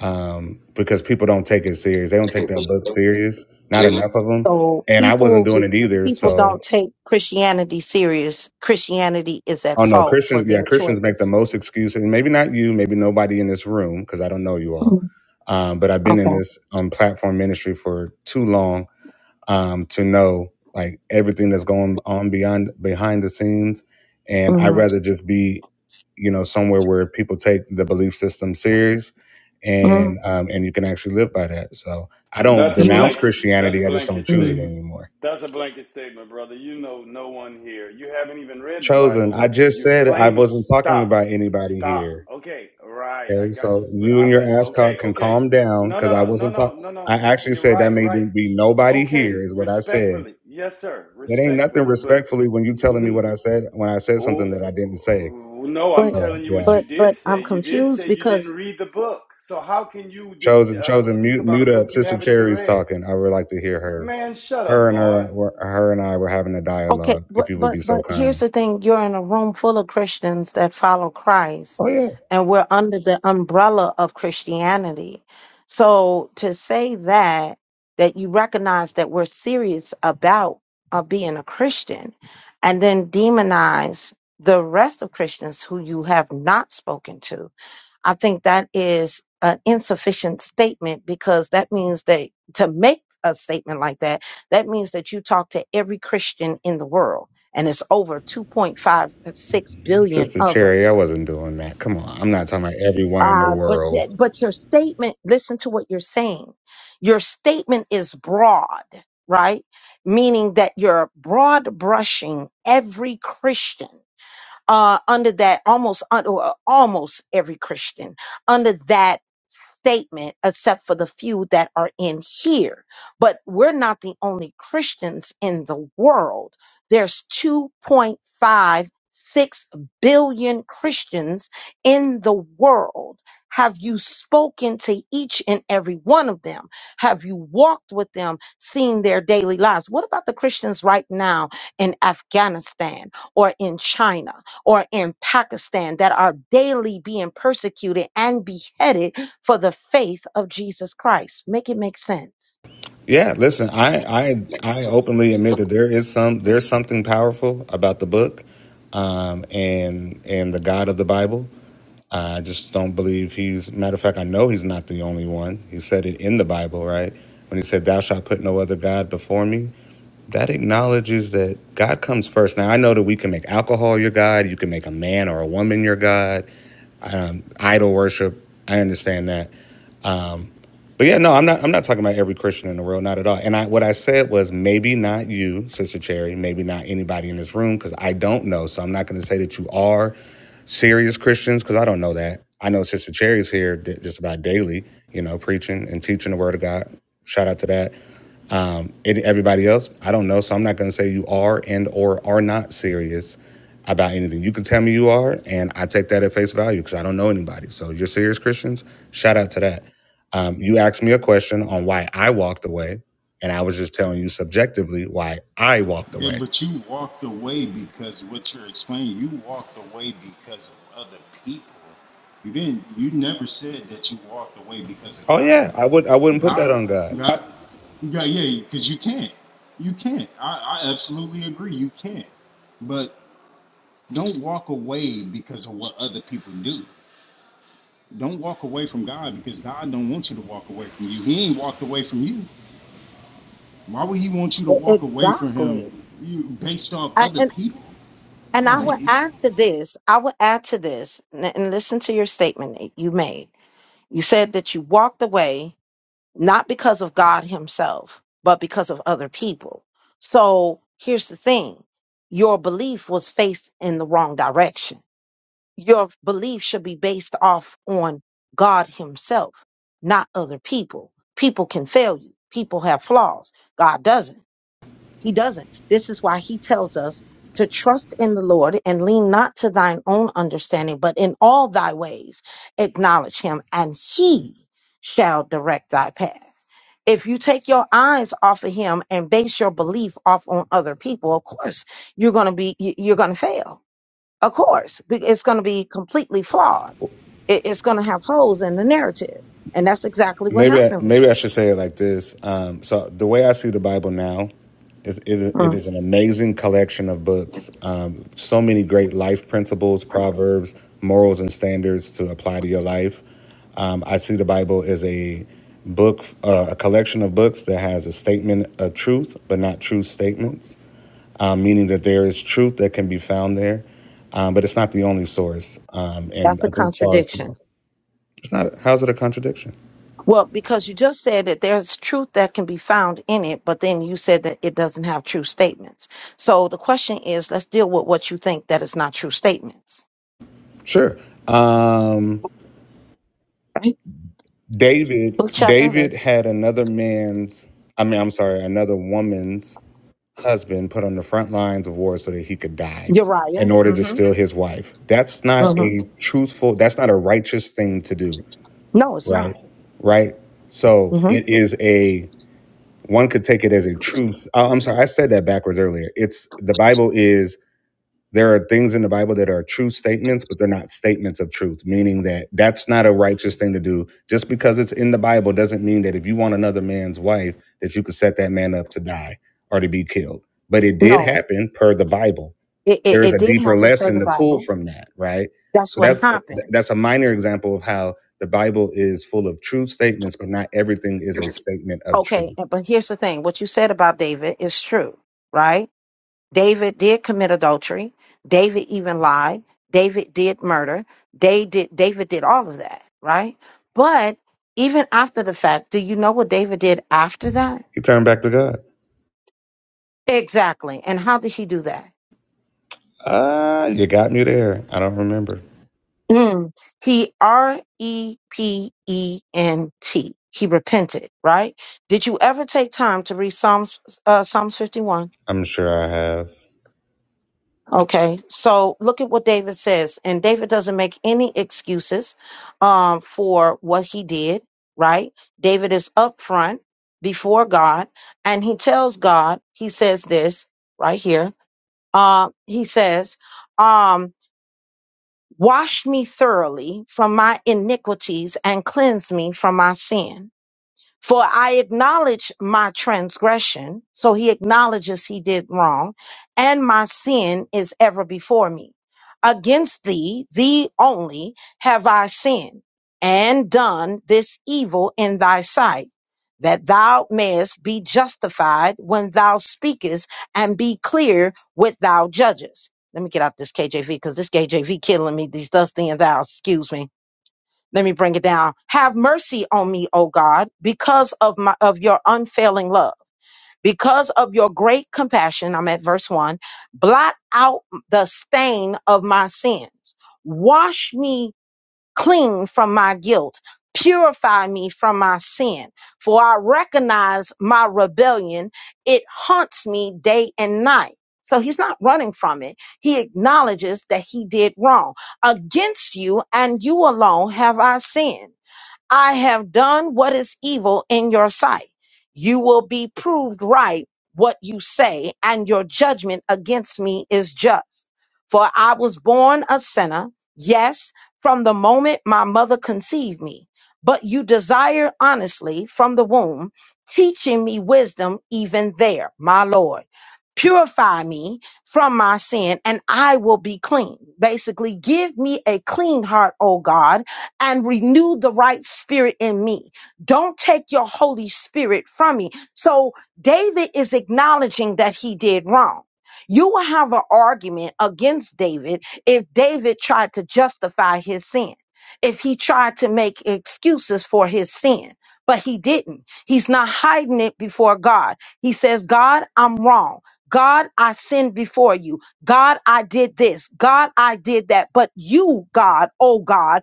S5: um, because people don't take it serious. They don't take that book serious. Not enough of them.
S1: So
S5: And I wasn't
S1: people,
S5: doing it
S1: because
S5: either.
S1: people
S5: So,
S1: don't take Christianity serious, Christianity is at
S5: oh no,
S1: fault for
S5: Christians. Yeah,
S1: their
S5: Christians make the
S1: choices.
S5: most excuses. And maybe not you. Maybe nobody in this room because I don't know you all.
S1: mm.
S5: Um, but I've been in
S1: Okay.
S5: this um, platform ministry for too long um, to know like everything that's going on beyond behind the scenes. And I'd
S1: hmm
S5: rather just be, you know, somewhere where people take the belief system serious
S1: Mm,
S5: and um, and you can actually live by that. So I don't
S6: That's a
S1: you
S5: denounce
S1: want,
S6: blanket. That's
S5: Christianity. I just don't
S6: blanket
S5: choose it
S1: mm.
S6: statement.
S5: anymore.
S6: That's a blanket statement, brother. You know no one here. You haven't even read the
S5: Chosen.
S6: Bible,
S5: I
S6: but
S5: just
S6: you're
S5: said I
S6: claiming.
S5: wasn't talking
S6: Stop.
S5: about anybody
S6: Stop.
S5: here.
S6: Okay. Right. I
S5: Okay,
S6: got
S5: so
S6: you. But
S5: you and
S6: I.
S5: your
S6: But okay.
S5: ascot can
S6: Okay.
S5: calm down
S6: No.
S5: because
S6: No.
S5: I
S6: No. No.
S5: wasn't
S6: No.
S5: talking.
S6: No.
S5: I
S6: No.
S5: actually
S6: You're
S5: said that
S6: right.
S5: may
S6: Right.
S5: be nobody
S6: Okay.
S5: here, is what I said.
S6: Respectfully. Yes, sir.
S5: It ain't nothing
S6: Respectfully. But.
S5: respectfully when you telling me
S6: n-
S5: what I said when I said something
S6: Oh,
S5: that I didn't say.
S6: oh, no, I'm
S1: but,
S5: So
S6: telling you what
S5: yeah,
S6: you
S1: but,
S6: did
S1: but
S6: say.
S1: I'm
S6: You did
S1: confused
S6: say you
S1: because
S6: didn't read the book. So how can you dis-
S5: chosen
S6: uh,
S5: chosen
S6: speak
S5: mute
S6: about a
S5: mute up.
S6: book you
S5: Sister
S6: haven't even
S5: Cherry's
S6: read?
S5: talking. I would like to hear her.
S6: Man, shut
S5: Her
S6: up,
S5: and her
S6: boy.
S5: were- her and I were having a
S1: Okay,
S5: dialogue. If
S1: but
S5: you would
S1: but
S5: be so
S1: but here's
S5: kind.
S1: the thing: you're in a room full of Christians that follow Christ,
S5: Oh yeah,
S1: and we're under the umbrella of Christianity. So to say that that you recognize that we're serious about uh, being a Christian, and then demonize the rest of Christians who you have not spoken to. I think that is an insufficient statement because that means that to make a statement like that, that means that you talk to every Christian in the world, and it's over 2.56 billion
S5: Sister
S1: of
S5: Cherry, I
S1: us.
S5: wasn't doing that. Come on, I'm not talking about everyone in the
S1: Uh, but
S5: world.
S1: th- but your statement, listen to what you're saying. Your statement is broad, right? Meaning that you're broad brushing every Christian uh, under that almost un- or uh, almost every Christian under that statement, except for the few that are in here. But we're not the only Christians in the world. There's 2.56 billion Christians in the world. Have you spoken to each and every one of them? Have you walked with them, seen their daily lives? What about the Christians right now in Afghanistan or in China? or in Pakistan that are daily being persecuted and beheaded for the faith of Jesus Christ. Make it make sense.
S5: Yeah, listen, I I I openly admit that there is some there's something powerful about the book, um, and and the God of the Bible. I just don't believe he's. Matter of fact, I know he's not the only one. He said it in the Bible, right? When he said, "Thou shalt put no other god before me," that acknowledges that God comes first. Now I know that we can make alcohol your god. You can make a man or a woman your god. Idol worship. I understand that. But yeah, no, I'm not. I'm not talking about every Christian in the world, not at all. And I, what I said was maybe not you, Sister Cherry, maybe not anybody in this room, because I don't know. So I'm not going to say that you are serious Christians, because I don't know that. I know Sister Cherry's here d- just about daily, you know, preaching and teaching the Word of God. Shout out to that. Um, and everybody else, I don't know, so I'm not going to say you are and or are not serious about anything. You can tell me you are, and I take that at face value because I don't know anybody. So you're serious Christians. Shout out to that. Um, you asked me a question on why I walked away, and I was just telling you subjectively why I walked
S3: Yeah,
S5: away.
S3: but you walked away because what you're explaining, you walked away because of other people. You didn't you never said that you walked away because of
S5: Oh
S3: God.
S5: yeah, I would I wouldn't put that
S3: God
S5: on God.
S3: God God yeah, because you can't. You can't. I, I absolutely agree, you can't. But Don't walk away because of what other people do. Don't walk away from God because God don't want you to walk away from you. He ain't walked away from you. Why would he want you to
S1: E-
S3: walk away from him
S1: Exactly.
S3: you based off
S1: I,
S3: other
S1: and
S3: people?
S1: and I
S3: Like
S1: will add to this. I will add to this, and, and listen to your statement that you made. You said that you walked away not because of God Himself, but because of other people. So here's the thing your belief was faced in the wrong direction. Your belief should be based off on God Himself, not other people. People can fail you, people have flaws. God doesn't. He doesn't. This is why he tells us to trust in the Lord and lean not to thine own understanding, but in all thy ways acknowledge him, and he shall direct thy path. If you take your eyes off of him and base your belief off on other people, of course you're going to be you- you're going to fail. Of course, Be- it's going to be completely flawed. It- It's going to have holes in the narrative, and that's exactly what
S5: Maybe I,
S1: happened with
S5: maybe I
S1: you.
S5: should say it like this. Um, so the way I see the Bible now, it, it, it
S1: Mm.
S5: is an amazing collection of books. Um, so many great life principles, proverbs, morals, and standards to apply to your life. Um, I see the Bible as a book, uh, a collection of books that has a statement of truth, but not true statements, um, meaning that there is truth that can be found there, um, but it's not the only source. Um,
S1: That's
S5: and
S1: the
S5: I think far
S1: contradiction.
S5: too. It's not. How's it a contradiction?
S1: Well, because you just said that there's truth that can be found in it, but then you said that it doesn't have true statements. So the question is, let's deal with what you think that is not true statements.
S5: Sure. Um,
S1: Right? Book
S5: David
S1: chapter and
S5: David
S1: verse.
S5: had another man's I mean I'm sorry, another woman's husband put on the front lines of war so that he could die
S1: Uriah.
S5: in order
S1: hmm
S5: to steal his wife. That's not
S1: hmm
S5: a truthful that's not a righteous thing to do,
S1: No, it's
S5: right?
S1: not.
S5: Right? So
S1: hmm
S5: it is a one could take it as a truth. Oh, I'm sorry, I said that backwards earlier. It's the Bible is there are things in the Bible that are true statements, but they're not statements of truth, meaning that that's not a righteous thing to do. Just because it's in the Bible doesn't mean that if you want another man's wife, that you could set that man up to die or to be killed. But it did
S1: No,
S5: happen per the Bible.
S1: it,
S5: There
S1: it,
S5: is
S1: it
S5: a
S1: did
S5: deeper
S1: happen per
S5: lesson
S1: the
S5: to pull
S1: Bible.
S5: from that, right?
S1: That's
S5: So
S1: what
S5: that's
S1: happened.
S5: that's a minor example of how the Bible is full of true statements, but not everything is a statement of
S1: Okay,
S5: truth.
S1: and- but here's the thing: what you said about David is true, right? David did commit adultery. David even lied. David did murder. They did, David did all of that, right? But even after the fact, do you know what David did after that?
S5: He turned back to God.
S1: Exactly. And how did he do that?
S5: Ah, uh, you got me there. I don't remember.
S1: Mm. He R E P E N T. He repented, right? Did you ever take time to read Psalms, uh, Psalms 51?
S5: I'm sure I have.
S1: Okay, so look at what David says, and David doesn't make any excuses um, for what he did. Right? David is upfront before God, and he tells God, he says this right here. Uh, he says, um, "Wash me thoroughly from my iniquities and cleanse me from my sin." For I acknowledge my transgression. So he acknowledges he did wrong, and my sin is ever before me. Against thee, thee only, have I sinned and done this evil in thy sight, that thou mayest be justified when thou speakest and be clear when thou judgest. Let me get out this KJV because this KJV killing me. These thus thee and thou, excuse me. Let me bring it down. Have mercy on me, O God, because of my of your unfailing love. Because of your great compassion, I'm at verse 1. Blot out the stain of my sins. Wash me clean from my guilt. Purify me from my sin. For I recognize my rebellion. It haunts me day and night. So he's not running from it. He acknowledges that he did wrong. Against you and you alone have I sinned I have done what is evil in your sight. You will be proved right what you say, and your judgment against me is just. For I was born a sinner, yes, from the moment my mother conceived me. But you desire honestly from the womb, teaching me wisdom even there, my Lord. Purify me from my sin, and I will be clean. Basically, give me a clean heart, O God and renew the right spirit in me. Don't take your Holy Spirit from me. So David is acknowledging that he did wrong. You will have an argument against David if David tried to justify his sin, if he tried to make excuses for his sin, but he didn't. He's not hiding it before God. He says, God, I'm wrong. God, I sinned before you. God, I did this. God, I did that. But you, God, oh God,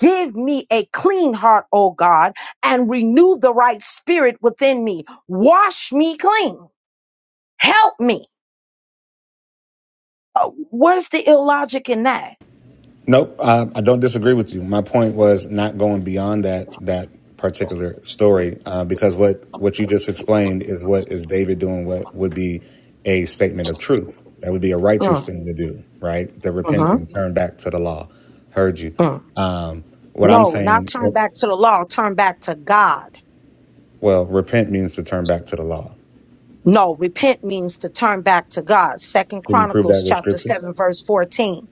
S1: Give me a clean heart, O God, and renew the right spirit within me. Wash me clean. Help me. Uh, where's the illogic in that?
S5: Nope, I, I don't disagree with you. My point was not going beyond that that particular story uh, because what what you just explained is what is David doing what would be a statement of truth. That would be a righteous
S1: Mm,
S5: thing to do, right? The
S1: mhm,
S5: repenting, turn back to the law. Heard you.
S1: mm.
S5: Um, what I'm
S1: No, not
S5: saying,
S1: turn back to the law, turn back to God.
S5: well, repent means to turn back to the law.
S1: No, repent means to turn back to God. Second
S5: Can you prove
S1: Chronicles
S5: that with
S1: chapter
S5: scripture?
S1: 7 verse 14.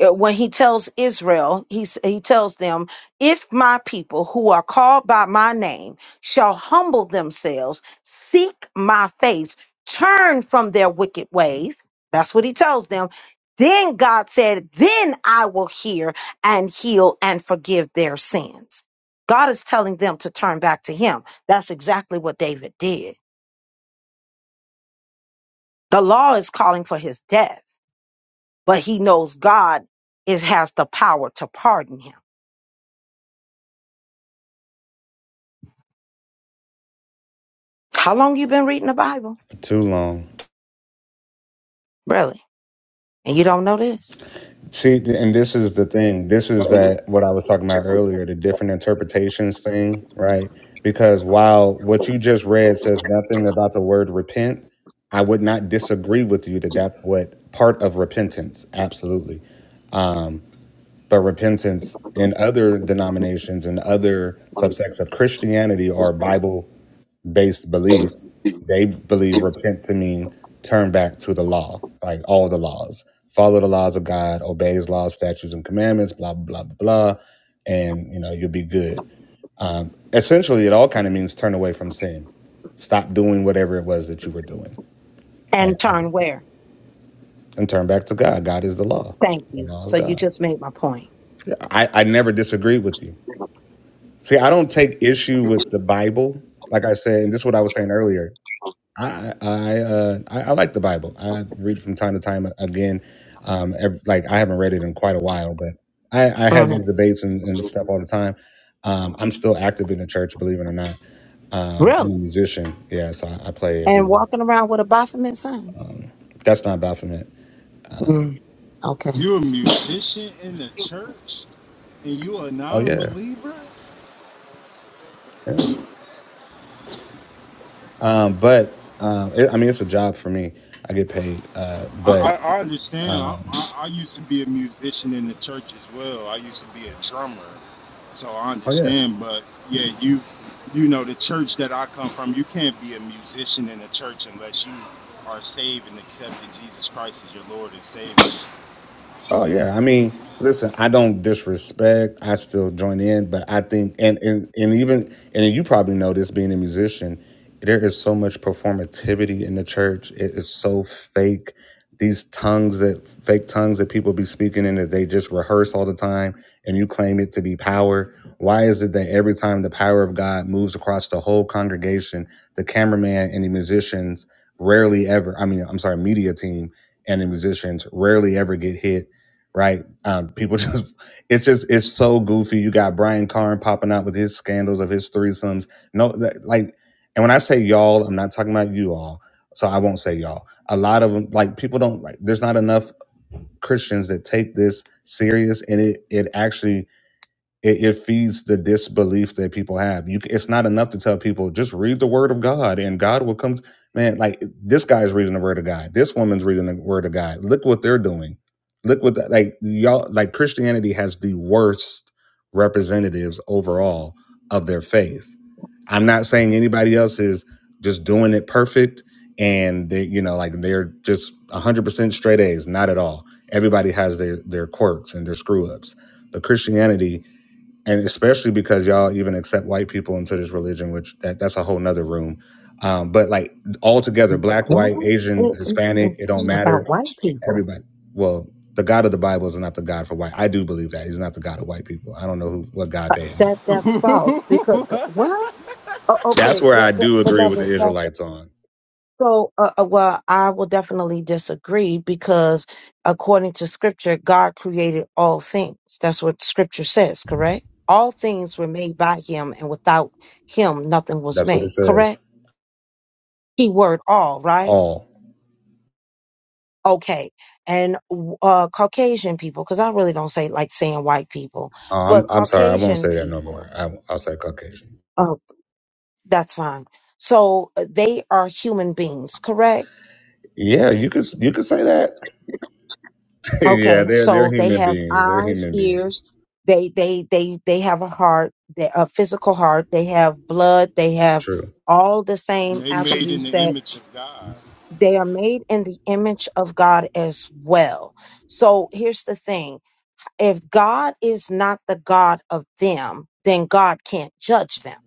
S1: uh, when he tells Israel, he, s- he tells them, If my people who are called by my name shall humble themselves, seek my face, turn from their wicked ways, that's what he tells them. Then God said, Then I will hear and heal and forgive their sins. God is telling them to turn back to him. That's exactly what David did. The law is calling for his death, but he knows God is, has the power to pardon him. How long you been reading the Bible?
S5: For too long.
S1: Really? And you don't know this?
S5: See, th- and this is the thing. This is that what I was talking about earlier, the different interpretations thing, right? Because while what you just read says nothing about the word repent, I would not disagree with you that that's what part of repentance, absolutely. But repentance in other denominations and other subsects of Christianity or Bible based beliefs, they believe repent to mean turn back to the law, like all the laws. Follow the laws of God, obey his laws, statutes, and commandments, blah, blah, blah, blah, and you know, you'll be good. Essentially, it all kind of means turn away from sin. Stop doing whatever it was that you were doing, right?
S1: And turn where?
S5: And turn back to God. God is the law.
S1: Thank
S5: The
S1: you.
S5: law is
S1: So you
S5: God.
S1: just made my point.
S5: I, I never disagree with you. See, I don't take issue with the Bible. Like I said, and this is what I was saying earlier. I I uh, I, I like the Bible. I read from time to time again. Um, ev like I haven't read it in quite a while, but I, I have
S1: hmm
S5: these debates and, and stuff all the time. Um, I'm still active in the church, believe it or not. Um, I'm a
S1: Really?
S5: musician, yeah, so I, I play
S1: And
S5: everywhere.
S1: walking around with a Baphomet sign?
S5: That's not Baphomet.
S1: Mm, okay.
S3: you're a musician in the church and you're a
S5: Oh yeah,
S3: non-believer?
S5: yeah. Um, but um, it, I mean, it's a job for me. I get paid, uh,
S3: I, I,
S5: but
S3: I understand. I, I, I used to be a musician in the church as well. I used to be a drummer, so I
S5: oh yeah.
S3: understand. But yeah, you you know the church that I come from, you can't be a musician in the church unless you are saved and accepted Jesus Christ as your Lord and Savior.
S5: Oh yeah, I mean, listen, I don't disrespect. I still join in, but I think, and and and even, and you probably know this being a musician, there is so much performativity in the church. It is so fake. These tongues that fake tongues that people be speaking in that they just rehearse all the time, and you claim it to be power. Why is it that every time the power of God moves across the whole congregation, the cameraman and the musicians rarely ever, I mean, I'm sorry, media team and the musicians rarely ever get hit? right? Um, people just, it's just, it's so goofy. You got Brian Carn popping out with his scandals of his threesomes. No, that, like, and when I say y'all, I'm not talking about you all. So I won't say y'all. A lot of them, like, people don't like. There's not enough Christians that take this serious, and it it actually it, it feeds the disbelief that people have. You, c- it's not enough to tell people just read the word of God and God will come. Man, like this guy's reading the word of God. This woman's reading the word of God. Look what they're doing. Look what the, like y'all like Christianity has the worst representatives overall of their faith. I'm not saying anybody else is just doing it perfect and they you know like they're just 100% straight A's not at all everybody has their their quirks and their screw ups but Christianity and especially because y'all even accept white people into this religion, which that, that's a whole nother room. Um, but like all together, black,
S1: Why
S5: white, Asian,
S1: is is
S5: Hispanic,
S1: the
S5: it don't
S1: thing
S5: matter.
S1: about white people?
S5: Everybody. Well, the God of the Bible is not the God for white. I do believe that he's not the God of white people. I don't know who what God
S1: Uh,
S5: they have.
S1: that
S3: and
S1: that's false because uh, what? Oh,
S5: That's
S1: okay,
S5: where
S1: that,
S5: I
S1: that
S5: do agree with the
S1: beloved,
S5: Israelites on.
S1: So, uh, uh, well, I will definitely disagree because according to scripture, God created all things. That's what scripture says, correct? All things were made by him, and without him, nothing was
S5: That's what it
S1: made,
S5: says.
S1: correct? He word all, right?
S5: All.
S1: Okay. And uh, Caucasian people, because I really don't say like saying white people,
S5: Oh, I'm
S1: but
S5: I'm sorry. I won't
S1: Caucasian
S5: say that no more.
S1: people,
S5: I, I'll say Caucasian.
S1: oh, that's fine. So uh, they are human beings, correct?
S5: Yeah, you could you could say that. yeah,
S1: Okay,
S5: they're they're
S1: so they
S5: human
S1: have
S5: beings. They're
S1: eyes,
S5: human beings.
S1: ears, they they they they have a heart, they, a physical heart, they have blood, they have
S5: True.
S1: all the same
S3: they made in
S1: attributes
S3: the
S1: that
S3: image of God.
S1: they are made in the image of God as well. So here's the thing. If God is not the God of them, then God can't judge them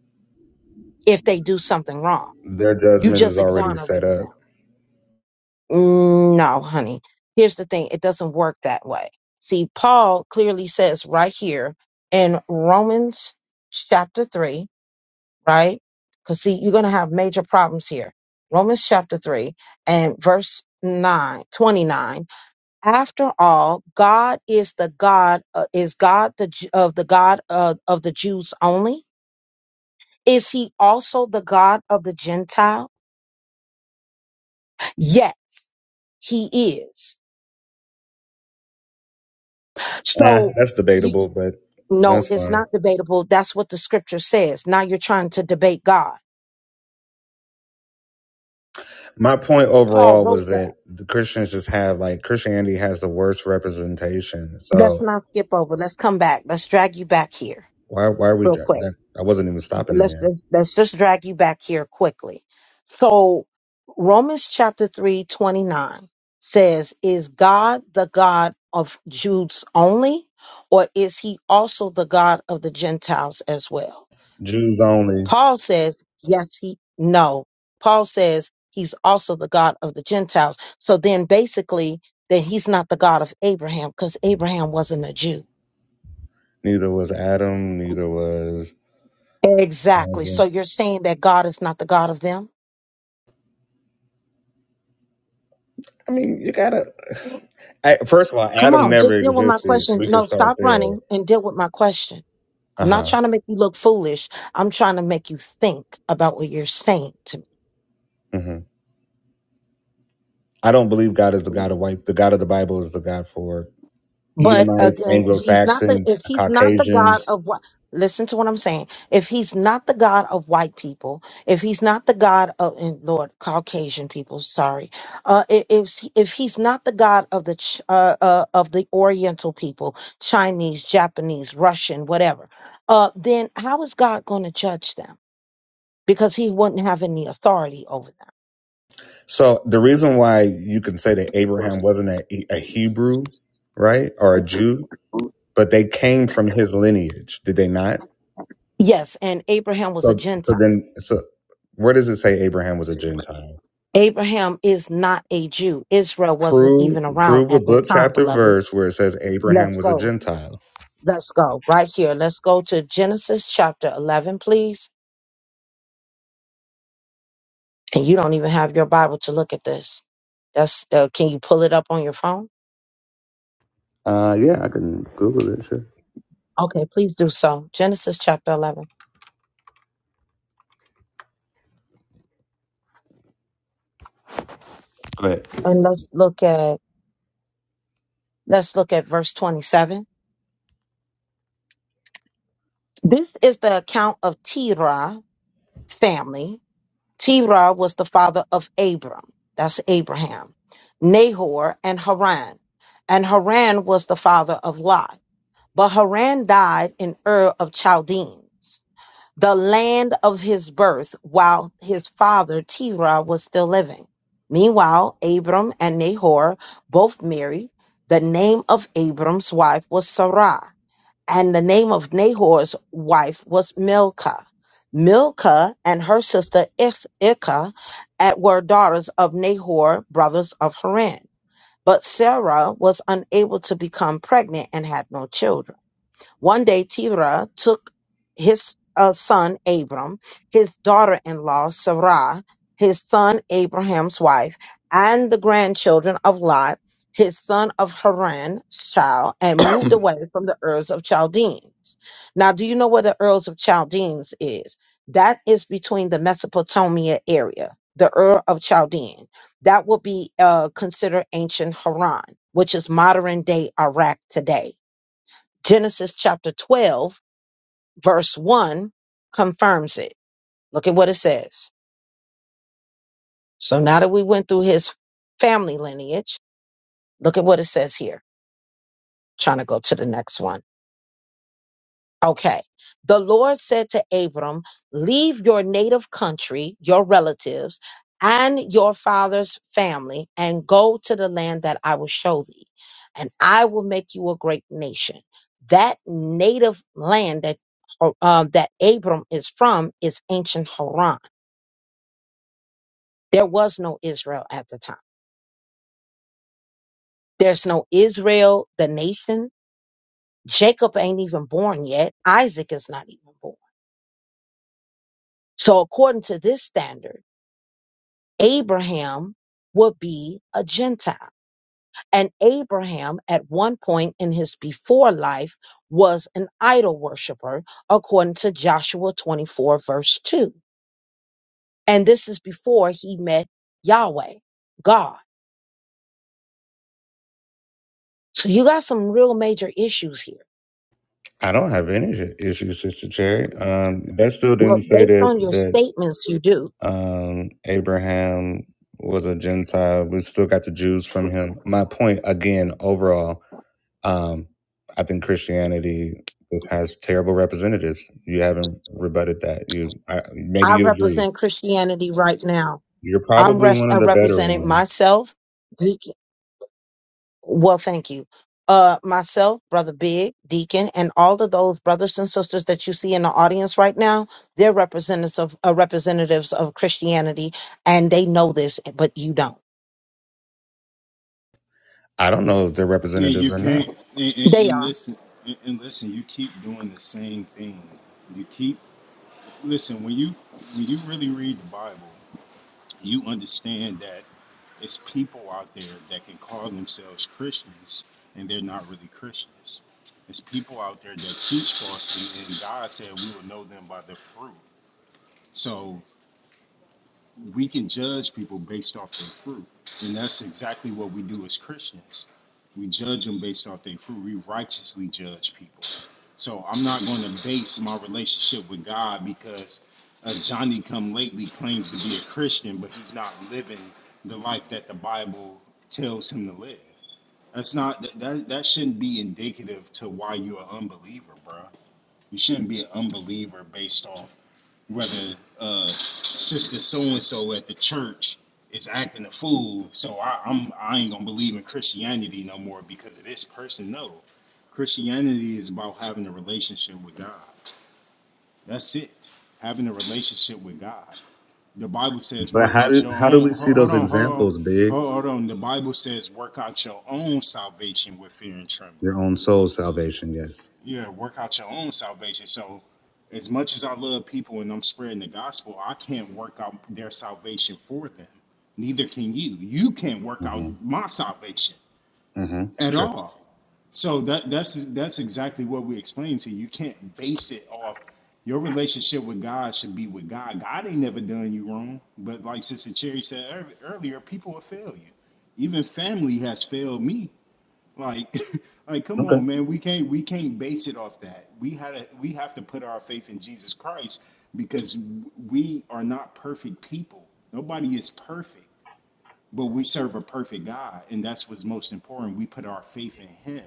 S1: if they do something wrong.
S5: Their
S1: You
S5: judgment is
S1: just
S5: already set
S1: exonerated them.
S5: up.
S1: Mm, No, honey. Here's the thing it doesn't work that way. See, Paul clearly says right here in Romans chapter 3, right? Because, see, you're going to have major problems here. Romans chapter 3 and verse 9, 29. after all god is the god uh, is god the Ju- of the god of, of the jews only is he also the god of the gentile yet he is
S5: Eh,
S1: so
S5: that's debatable, but
S1: No,
S5: that's
S1: it's
S5: fine.
S1: not debatable. That's what the scripture says. Now you're trying to debate God.
S5: My point
S1: Paul
S5: overall was
S1: wrote that.
S5: that the Christians just have like Christianity has the worst representation.
S1: Let's
S5: So
S1: not skip over. Let's come back. Let's drag you back here
S5: why why are we
S1: real quick.
S5: that I wasn't even stopping
S1: Let's
S5: there.
S1: let's, let's just drag you back here quickly. So Romans chapter 3 29 says, Is God the God of Jews only, or is he also the God of the Gentiles as well?
S5: Jews only.
S1: Paul says, yes, he, no. Paul says he's also the God of the Gentiles. So then basically, that he's not the God of Abraham because Abraham wasn't a Jew.
S5: Neither was Adam, neither was
S1: Exactly. So
S5: Isaac.
S1: you're saying that God is not the God of them?
S5: I mean, you gotta I, first of all,
S1: Come
S5: Adam
S1: on,
S5: never
S1: just deal with my
S5: existed.
S1: question.
S5: We can
S1: No,
S5: start
S1: stop
S5: there.
S1: running and deal with my question.
S5: Uh
S1: I'm not
S5: huh.
S1: trying to make you look foolish. I'm trying to make you think about what you're saying to me.
S5: hmm I don't believe God is the God of white. The God of the Bible is the God for
S1: But
S5: Edomites,
S1: again,
S5: Anglo
S1: he's not the
S5: Saxons,
S1: if he's not the God
S5: Caucasians.
S1: of what listen to what I'm saying. If he's not the God of white people, if he's not the God of and Lord Caucasian people, sorry. Uh i- if he- if he's not the God of the Ch- uh, uh of the oriental people, Chinese, Japanese, Russian, whatever. Uh then how is God going to judge them? Because he wouldn't have any authority over them.
S5: So the reason why you can say that Abraham wasn't a, a Hebrew, right, or a Jew, but they came from his lineage, did they not?
S1: Yes, and Abraham was a
S5: So,
S1: Gentile.
S5: so then, so where does it say Abraham was a Gentile?
S1: Abraham is not a Jew. Israel wasn't
S5: Prove
S1: even around
S5: prove a
S1: at that
S5: book,
S1: time,
S5: chapter,
S1: beloved.
S5: verse where it says Abraham
S1: Let's
S5: was a
S1: go.
S5: Gentile.
S1: Let's go right here. Let's go to Genesis chapter 11, please. And you don't even have your Bible to look at this. That's uh, can you pull it up on your phone?
S5: Uh, yeah, I can Google it, sure.
S1: Okay, please do so. Genesis chapter 11.
S5: But
S1: And let's look at let's look at verse 27. This is the account of Terah family Terah was the father of Abram. That's Abraham. Nahor and Haran. And Haran was the father of Lot. But Haran died in Ur of Chaldeans, the land of his birth, while his father Terah was still living. Meanwhile, Abram and Nahor both married. The name of Abram's wife was Sarah and the name of Nahor's wife was Milcah. Milcah and her sister Ich- Ikah at- were daughters of Nahor, brothers of Haran. But Sarah was unable to become pregnant and had no children. One day, Terah took his uh, son Abram, his daughter in law Sarah, his son Abraham's wife, and the grandchildren of Lot, his son of Haran, child, and moved away from the Urs of Chaldeans. Now, do you know where the Urs of Chaldeans is? That is between the Mesopotamia area, the Ur of Chaldean. That would be uh, considered ancient Haran, which is modern day Iraq today Genesis chapter 12, verse 1 confirms it. Look at what it says. So now that we went through his family lineage, look at what it says here. Trying to go to the next one. Okay. The Lord said to Abram, Leave your native country, your relatives, and your father's family, and go to the land that I will show thee, and I will make you a great nation. That native land that or, um, that Abram is from is ancient Haran. There was no Israel at the time. There's no Israel, the nation. Jacob ain't even born yet. Isaac is not even born. So according to this standard, Abraham would be a Gentile. And Abraham, at one point in his before life, was an idol worshiper, according to Joshua 24, verse 2. And this is before he met Yahweh, God. So you got some real major issues here.
S5: I don't have any issues, Sister Cherry. Um, that still
S1: Well,
S5: didn't say
S1: based
S5: that
S1: on your
S5: that
S1: statements, you do.
S5: Um, Abraham was a Gentile. We still got the Jews from him. My point again, overall, um, I think Christianity just has terrible representatives. You haven't rebutted that. You I, maybe
S1: I
S5: you agree.
S1: represent Christianity right now.
S5: You're
S1: I'm
S5: probably
S1: res-
S5: one of
S1: uh,
S5: the better
S1: representing
S5: ones.
S1: myself, Well, thank you. Uh, myself, Brother Big, Deacon, and all of those brothers and sisters that you see in the audience right now, they're representatives of uh, representatives of Christianity, and they know this, but you don't.
S5: I don't know if they're
S3: And
S5: representatives
S3: you
S5: or not.
S3: can't. And, and,
S1: They
S3: and
S1: are.
S3: listen, and, and listen. You keep doing the same thing. You keep listen when you when you really read the Bible. you understand that it's people out there that can call themselves Christians and they're not really Christians. It's people out there that teach falsely, and God said we will know them by their fruit. So we can judge people based off their fruit. And that's exactly what we do as Christians. We judge them based off their fruit. We righteously judge people. So I'm not going to base my relationship with God because uh, Johnny come lately claims to be a Christian, but he's not living the life that the Bible tells him to live. That's not that that, that shouldn't be indicative to why you're an unbeliever, bro. You shouldn't be an unbeliever based off whether uh, sister so and so at the church is acting a fool, so I, I'm I ain't gonna believe in Christianity no more because of this person. No, Christianity is about having a relationship with God. That's it. Having a relationship with God. The Bible says,
S5: But
S3: "Work
S5: how
S3: out
S5: do
S3: your
S5: how do
S3: own."
S5: we
S3: ho-
S5: see
S3: Hold
S5: those
S3: on, hold on,
S5: examples, Big?
S3: hold hold on. The Bible says, "Work out your own salvation with fear and trembling."
S5: Your own soul's salvation, yes.
S3: yeah, work out your own salvation. So, as much as I love people and I'm spreading the gospel, I can't work out their salvation for them. Neither can you. You can't work out
S5: Mm-hmm.
S3: my salvation
S5: Mm-hmm.
S3: at
S5: True.
S3: all. So that that's that's exactly what we explained to you. You can't base it off your relationship with God should be with God. God ain't never done you wrong. But like Sister Cherry said ear- earlier, people will fail you. Even family has failed me like, like, come
S5: Okay.
S3: on, man. We can't we can't base it off that. We had to we have to put our faith in Jesus Christ because we are not perfect people. Nobody is perfect, but we serve a perfect God, and that's what's most important. We put our faith in Him.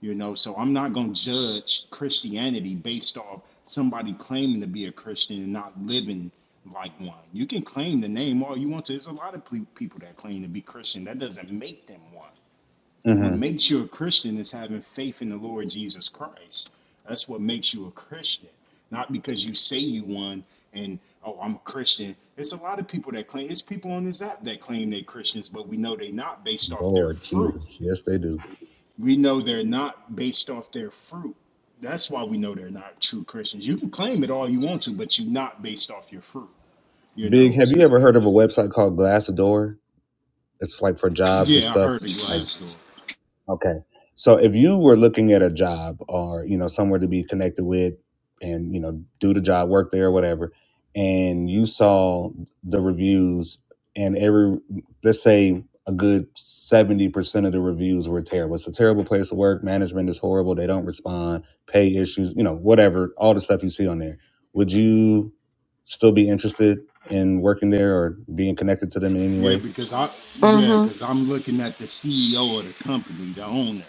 S3: You know, so I'm not gonna judge Christianity based off somebody claiming to be a Christian and not living like one. You can claim the name all you want to. There's a lot of ple- people that claim to be Christian. That doesn't make them one. What
S5: Mm-hmm.
S3: makes you a Christian is having faith in the Lord Jesus Christ. That's what makes you a Christian, not because you say you one and oh I'm a Christian. It's a lot of people that claim it's people on this app that claim they're Christians, but we know they're not based off their
S5: Lord
S3: fruit.
S5: Jesus. Yes, they do.
S3: We know they're not based off their fruit. That's why we know they're not true Christians. You can claim it all you want to, but you're not based off your fruit. You
S5: Big,
S3: know,
S5: have you
S3: so
S5: ever heard of a website called Glassdoor? It's like for jobs and
S3: yeah, I heard
S5: stuff.
S3: the
S5: Like
S3: glass door.
S5: Okay. So if you were looking at a job or, you know, somewhere to be connected with and, you know, do the job, work there or whatever, and you saw the reviews and every let's say a good 70% of the reviews were terrible. It's a terrible place to work, management is horrible, they don't respond, pay issues, you know, whatever, all the stuff you see on there. Would you still be interested in working there or being connected to them in any
S3: Yeah,
S5: way?
S3: because I yeah,
S1: hmm
S3: because I'm looking at the CEO of the company, the owner.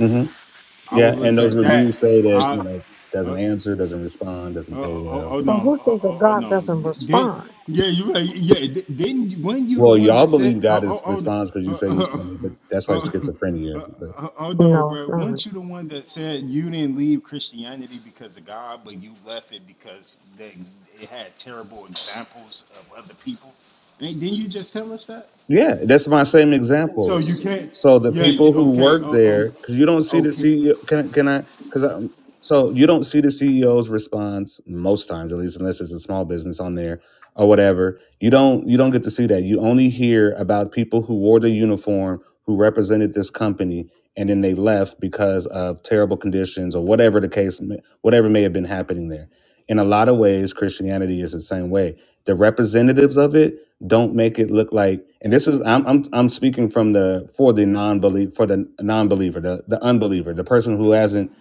S5: Mm-hmm.
S3: I would
S5: Yeah, and
S3: look
S5: those
S3: at that.
S5: reviews say that
S3: I,
S5: you
S3: uh,
S5: know
S3: uh,
S5: doesn't answer, doesn't respond, doesn't pay
S3: oh,
S5: well.
S3: oh
S1: Well,
S3: no,
S1: who
S3: oh,
S1: says that
S3: oh, oh
S1: God
S3: no.
S1: doesn't
S3: Then
S1: respond?
S3: yeah, you right. Yeah, Then you- weren't you the
S5: Well,
S3: one
S5: y'all
S3: that said?
S5: believe
S3: Oh,
S5: God is
S3: oh, oh, no.
S5: responds because you
S3: uh,
S5: say,
S3: uh,
S5: I
S3: uh,
S5: mean, but that's like
S3: uh,
S5: schizophrenia.
S3: uh,
S5: but.
S3: uh, oh no,
S1: No, it's
S3: bro.
S1: not.
S3: Weren't you the one that said you didn't leave Christianity because of God, but you left it because they, it had terrible examples of other people? Ain't- Didn't you just tell us that?
S5: Yeah, that's my same
S3: So you
S5: examples.
S3: can't.
S5: So the
S3: Yeah.
S5: people who
S3: Okay.
S5: work
S3: Oh. oh
S5: there, because you don't see the
S3: okay.
S5: CEO. Can can I? Because I'm so you don't see the CEO's response most times, at least unless it's a small business on there or whatever. You don't you don't get to see that. You only hear about people who wore the uniform who represented this company and then they left because of terrible conditions or whatever the case, may- whatever may have been happening there. In a lot of ways, Christianity is the same way. The representatives of it don't make it look like and this is I'm I'm I'm speaking from the for the non-believe for the non-believer the the unbeliever the person who hasn't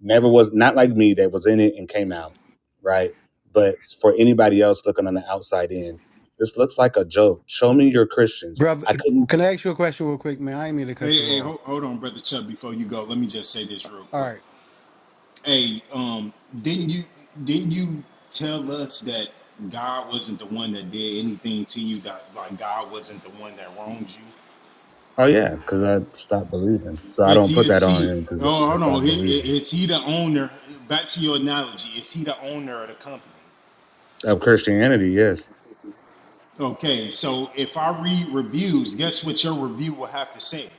S5: never was not like me that was in it and came out right but for anybody else looking on the outside in this looks like a joke show me your Christians
S7: Brother,
S5: I couldn't
S7: can I ask you a question real quick, man? I didn't mean to
S3: Hey,
S7: cut you
S3: hey,
S7: off.
S3: hold, hold on, brother Chubb. Before you go, let me just say this real
S7: All
S3: quick.
S7: right,
S3: Hey, um, didn't you didn't you tell us that God wasn't the one that did anything to you? That like God wasn't the one that wronged you.
S5: oh yeah because I stopped believing so I
S3: Is
S5: don't
S3: He
S5: put
S3: the
S5: that on
S3: see?
S5: him because
S3: Oh,
S5: I
S3: hold on.
S5: stopped
S3: Is,
S5: believing
S3: is He the owner? Back to your analogy. Is He the owner of the company?
S5: of Christianity yes
S3: Okay, so if I read reviews, guess what your review will have to say?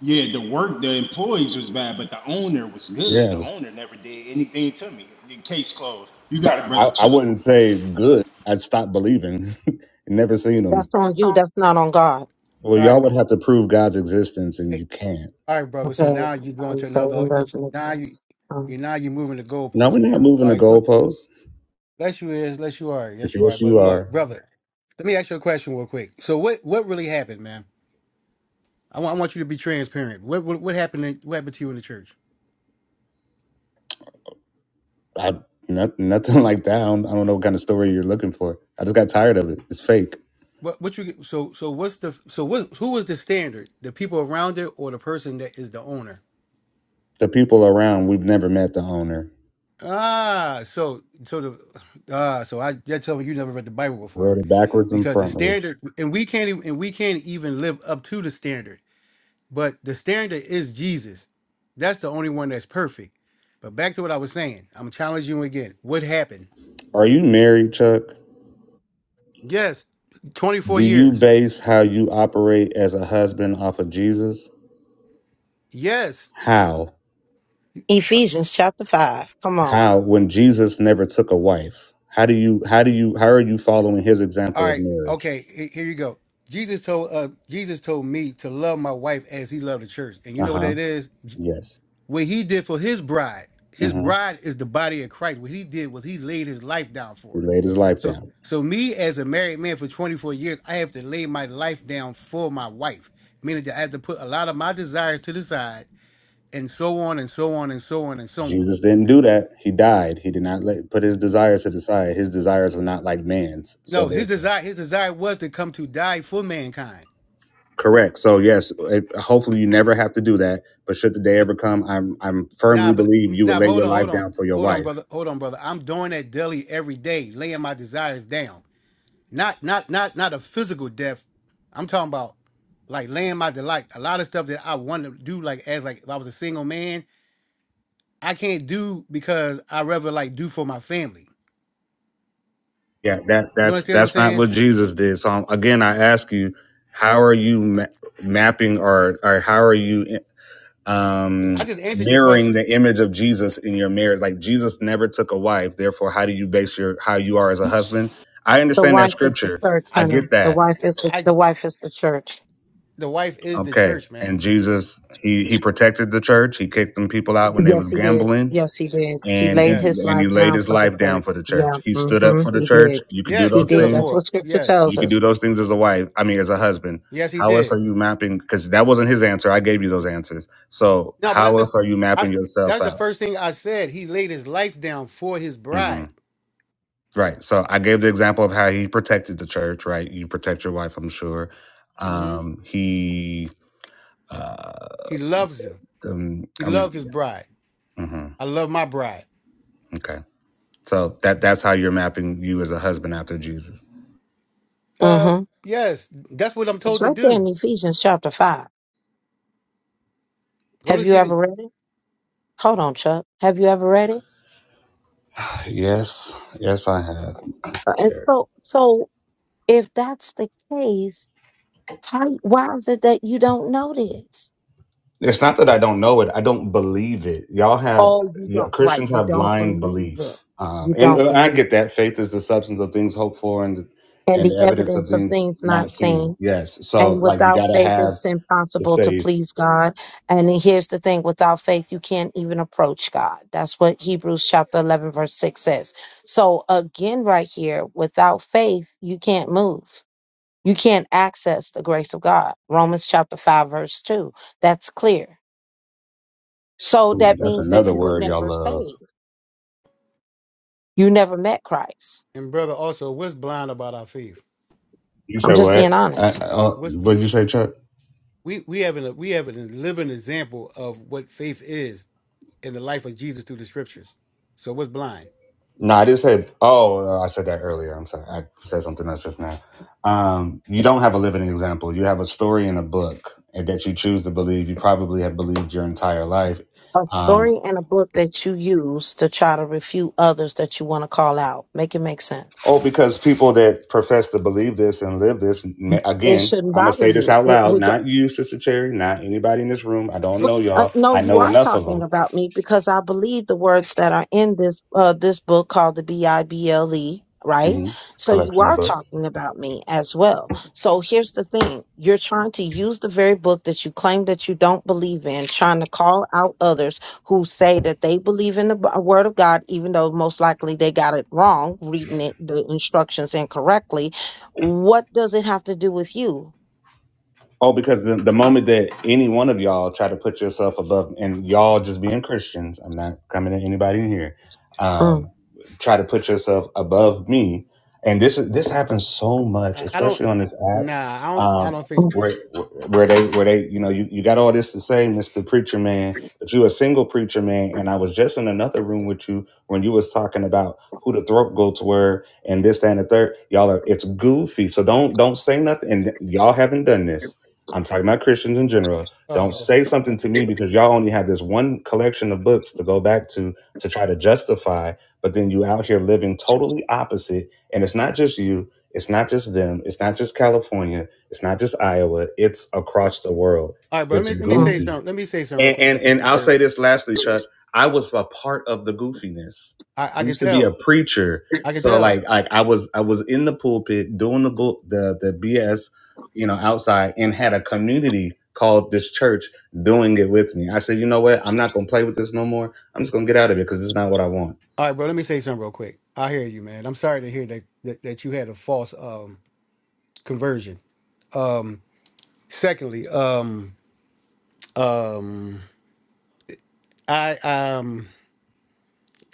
S3: Yeah, the work, the employees was bad, but the owner was good.
S5: yeah it
S3: The
S5: was
S3: owner never did anything to me. The case closed. You got it,
S5: I
S3: brother
S5: I
S3: Chuck.
S5: wouldn't say good I stopped believing never seen
S1: That's
S5: them
S1: on you. That's not on God.
S5: Well,
S7: all
S5: y'all
S7: right,
S5: would have to prove God's existence, and
S7: Eh,
S5: you can't.
S7: all right, brother. So
S1: Okay,
S7: now you're
S1: now
S7: going
S1: you
S7: to
S1: say it
S7: another. You,
S1: doesn't
S7: now you,
S1: exist.
S7: you
S1: Um,
S7: now you're moving the
S5: No,
S7: goalposts
S5: we're not
S7: now.
S5: moving
S7: All
S5: the
S7: right, quick.
S5: goalposts.
S7: Yes, you is. Yes, you are. Yes,
S5: It's
S7: you are.
S5: yes,
S7: But
S5: you
S7: look,
S5: are.
S7: brother, let me ask you a question real quick. So what what really happened, man? I want I want you to be transparent. What what, what happened? In, what happened to you in the church?
S5: I, not, nothing like that. I don't, I don't know what kind of story you're looking for. I just got tired of it. It's fake.
S7: What what you get- so so what's the so what who was the standard? The people around it or the person that is the owner?
S5: The people around, we've never met the owner.
S7: Ah, so so the ah, so I that tells me you never read the Bible
S5: Read
S7: before,
S5: it backwards and
S7: because the
S5: frontwards.
S7: standard and we can't even and we can't even live up to the standard. But the standard is Jesus. That's the only one that's perfect. But back to what I was saying, I'm challenging you again. What happened?
S5: Are you married, Chuck?
S7: Yes,
S5: Do
S7: 24
S5: you
S7: years.
S5: base how you operate as a husband off of Jesus?
S7: Yes.
S5: How?
S1: Ephesians chapter five. Come on,
S5: How? When Jesus never took a wife, how do you? How do you? How are you following his
S7: All
S5: example of
S7: right.
S5: marriage?
S7: Okay. he- Here you go. Jesus told uh Jesus told me to love my wife as he loved the church, and you
S5: Uh
S7: know what
S5: huh.
S7: that is?
S5: Yes.
S7: What he did for his bride, his
S5: Mm-hmm.
S7: bride is the body of Christ. What he did was he laid his life down for
S5: He
S7: it.
S5: laid his life
S7: So
S5: down.
S7: so me as a married man for 24 years, I have to lay my life down for my wife, meaning that I have to put a lot of my desires to the side and so on and so on and so on and so on.
S5: Jesus didn't do that. He died. He did not let, put his desires to the side. His desires were not like man's. So
S7: No, his
S5: they're
S7: desire his desire was to come to die for mankind.
S5: correct. So yes, it, hopefully you never have to do that. But should the day
S7: But
S5: ever come, I'm I'm firmly
S7: Nah, but
S5: believe you would
S7: nah, but
S5: lay
S7: hold
S5: your
S7: on,
S5: life
S7: hold on,
S5: down for your
S7: hold on,
S5: wife.
S7: brother, hold on, brother. I'm doing that daily every day, laying my desires down. Not not not not a physical death. I'm talking about like laying my delight. A lot of stuff that I want to do, like as like if I was a single man, I can't do because I rather like do for my family.
S5: Yeah, that
S7: You
S5: that's
S7: understand what I'm
S5: that's not
S7: saying?
S5: what Jesus did. So um, again, I ask you, how are you ma- mapping or or how are you?
S7: I just,
S5: um,
S7: I just answered your
S5: mirroring
S7: question.
S5: the image of Jesus in your marriage. Like Jesus never took a wife. Therefore, how do you base your how you are as a husband? I
S1: the
S5: understand that
S1: wife is the
S5: scripture.
S1: church,
S5: I
S7: I
S1: honey.
S5: get
S1: The
S5: that.
S1: wife is the,
S7: I
S1: the wife is the church.
S7: the wife is the
S5: Okay.
S7: church,
S5: And
S7: man.
S5: Jesus, he he protected the church. He kicked them people out when they
S1: Yes,
S5: was
S1: he did.
S5: gambling.
S1: Yes, he did. He
S5: And
S1: laid
S7: Yeah.
S5: he
S1: his
S5: and he
S1: life
S5: laid
S1: down
S5: his
S1: for the
S5: life down
S1: church.
S5: for the
S1: Yeah,
S5: church. He stood up
S1: hmm
S5: for the
S1: he
S5: church.
S1: did.
S5: You can do
S7: Yes, he
S1: He
S5: those
S7: stood
S1: did.
S7: up
S1: That's
S7: for
S5: things.
S7: it.
S1: what scripture
S7: Yes.
S5: You
S1: tells
S5: can do
S1: us.
S5: those things as a wife. I mean, as a husband.
S7: Yes, he
S5: How else
S7: did.
S5: are you mapping? Because that wasn't his answer. I gave you those answers. So
S7: No, but that's
S5: how
S7: just
S5: else are you
S7: I
S5: mapping yourself
S7: that's the
S5: out?
S7: first thing I said. He laid his life down for his
S5: Mm-hmm.
S7: bride.
S5: Right. So I gave the example of how he protected the church, right? You protect your wife, I'm sure.
S7: hmm
S5: Um, he, uh,
S7: He loves him.
S5: um,
S7: He
S5: I mean,
S7: loved his bride.
S5: yeah. hmm
S7: I love my bride.
S5: okay. So that that's how you're mapping you as a husband after Jesus.
S7: Uh,
S1: hmm
S7: yes, that's what I'm
S1: It's
S7: told to
S1: right there
S7: do.
S1: in Ephesians chapter 5.
S7: Go to
S1: Have
S7: his
S1: you
S7: feet
S1: ever
S7: and
S1: read it? Hold on, Chuck. Have you ever read it?
S5: Yes, yes, I have, Sister
S1: Uh, And
S5: Cherry.
S1: so, so if that's the case, How, why is it that you don't know this?
S5: It's not that I don't know it; I don't believe it. Y'all have
S1: Oh, you
S5: yeah,
S1: don't, right.
S5: Christians
S1: You
S5: have
S1: don't
S5: blind
S1: believe it.
S5: belief, um,
S1: You
S5: and
S1: don't
S5: uh, I
S1: believe
S5: get
S1: it.
S5: that faith is the substance of things hoped for and
S1: And
S5: and
S1: the
S5: the evidence of
S1: evidence of
S5: things
S1: things
S5: not
S1: not
S5: seen.
S1: seen.
S5: Yes, so
S1: And
S5: like you
S1: without
S5: got to
S1: faith,
S5: have
S1: it's
S5: the
S1: impossible to
S5: faith
S1: please God. And then here's the thing without faith, you can't even approach God. That's what Hebrews chapter 11, verse 6 says. So, again, right here, without faith, you can't move. You can't access the grace of God. Romans chapter 5, verse 2. That's clear. So,
S5: Ooh,
S1: that
S5: that's
S1: means that
S5: another
S1: you were
S5: word y'all
S1: never
S5: love.
S1: saved You never met Christ.
S7: and brother. Also, what's blind about our faith?
S5: You
S1: I'm
S5: said
S1: just
S5: what?
S1: being
S5: Uh,
S1: honest.
S5: uh,
S7: What's
S5: what did you say, Chuck?
S7: we we have an we have a living example of what faith is in the life of Jesus through the scriptures. So what's blind?
S5: No, I didn't say. Oh, uh, I said that earlier. I'm sorry. I said something else just now. Um, you don't have a living example. You have a story in a book and that you choose to believe. You probably have believed your entire life.
S1: A story
S5: Um,
S1: and a book that you use to try to refute others that you want to call out. Make it make sense.
S5: oh, because people that profess to believe this and live this, ma-
S1: It
S5: again,
S1: shouldn't
S5: I'm going to
S1: bother
S5: say this
S1: you.
S5: out
S1: It
S5: loud. Not you, Sister Cherry, not anybody in this room. I don't
S7: But
S1: But
S5: know
S1: uh,
S5: y'all.
S1: no,
S5: I
S1: you
S5: know
S1: are
S5: enough of
S1: talking
S5: them.
S1: about me because I believe the words that are in this uh, this book called the B I B L E, right?
S5: hmm
S1: So you
S5: Collection of
S1: are
S5: books.
S1: talking about me as well. So here's the thing: you're trying to use the very book that you claim that you don't believe in, trying to call out others who say that they believe in the B- uh, Word of God, even though most likely they got it wrong, reading it the instructions incorrectly. What does it have to do with you?
S5: Oh, because the, the moment that any one of y'all try to put yourself above, and y'all just being Christians, I'm not coming at anybody in here. Um, try to put yourself above me, and this is this happens so much,
S7: I, I don't.
S5: especially on this app,
S7: Nah, I don't. I
S5: um,
S7: don't think.
S5: where where they where they you know you, you got all this to say, Mister Preacher Man, but you a single preacher man, and I was just in another room with you when you was talking about who the throat goats were and this that, and the third. Y'all are it's goofy, so don't don't say nothing, and y'all haven't done this I'm talking about Christians in general. Don't
S7: Oh,
S5: say something to
S7: okay.
S5: me because y'all only have this one collection of books to go back to to try to justify, but then you out here living totally opposite. And it's not just you, it's not just them, it's not just California, it's not just Iowa, it's across the world.
S7: All right, bro. Let
S5: It's
S7: me let me
S1: Mm,
S7: say
S5: goofy.
S7: something. Let me say something real
S5: And
S7: quick.
S5: and and
S7: Especially,
S5: I'll
S7: sir.
S5: say this lastly, Chuck. I was a part of the goofiness.
S7: I
S5: I
S7: I can
S5: used to be a
S7: tell.
S5: preacher,
S7: I can
S5: so
S7: tell.
S5: like like I was I was in the pulpit doing the book the the BS, you know, outside, and had a community called this church doing it with me. I said, you know what? I'm not gonna play with this no more. I'm just gonna get out of it because it's not what I want.
S7: All right, bro. Let me say something real quick. I hear you, man. I'm sorry to hear that that, that you had a false um conversion. Um, Secondly, um, um, I um,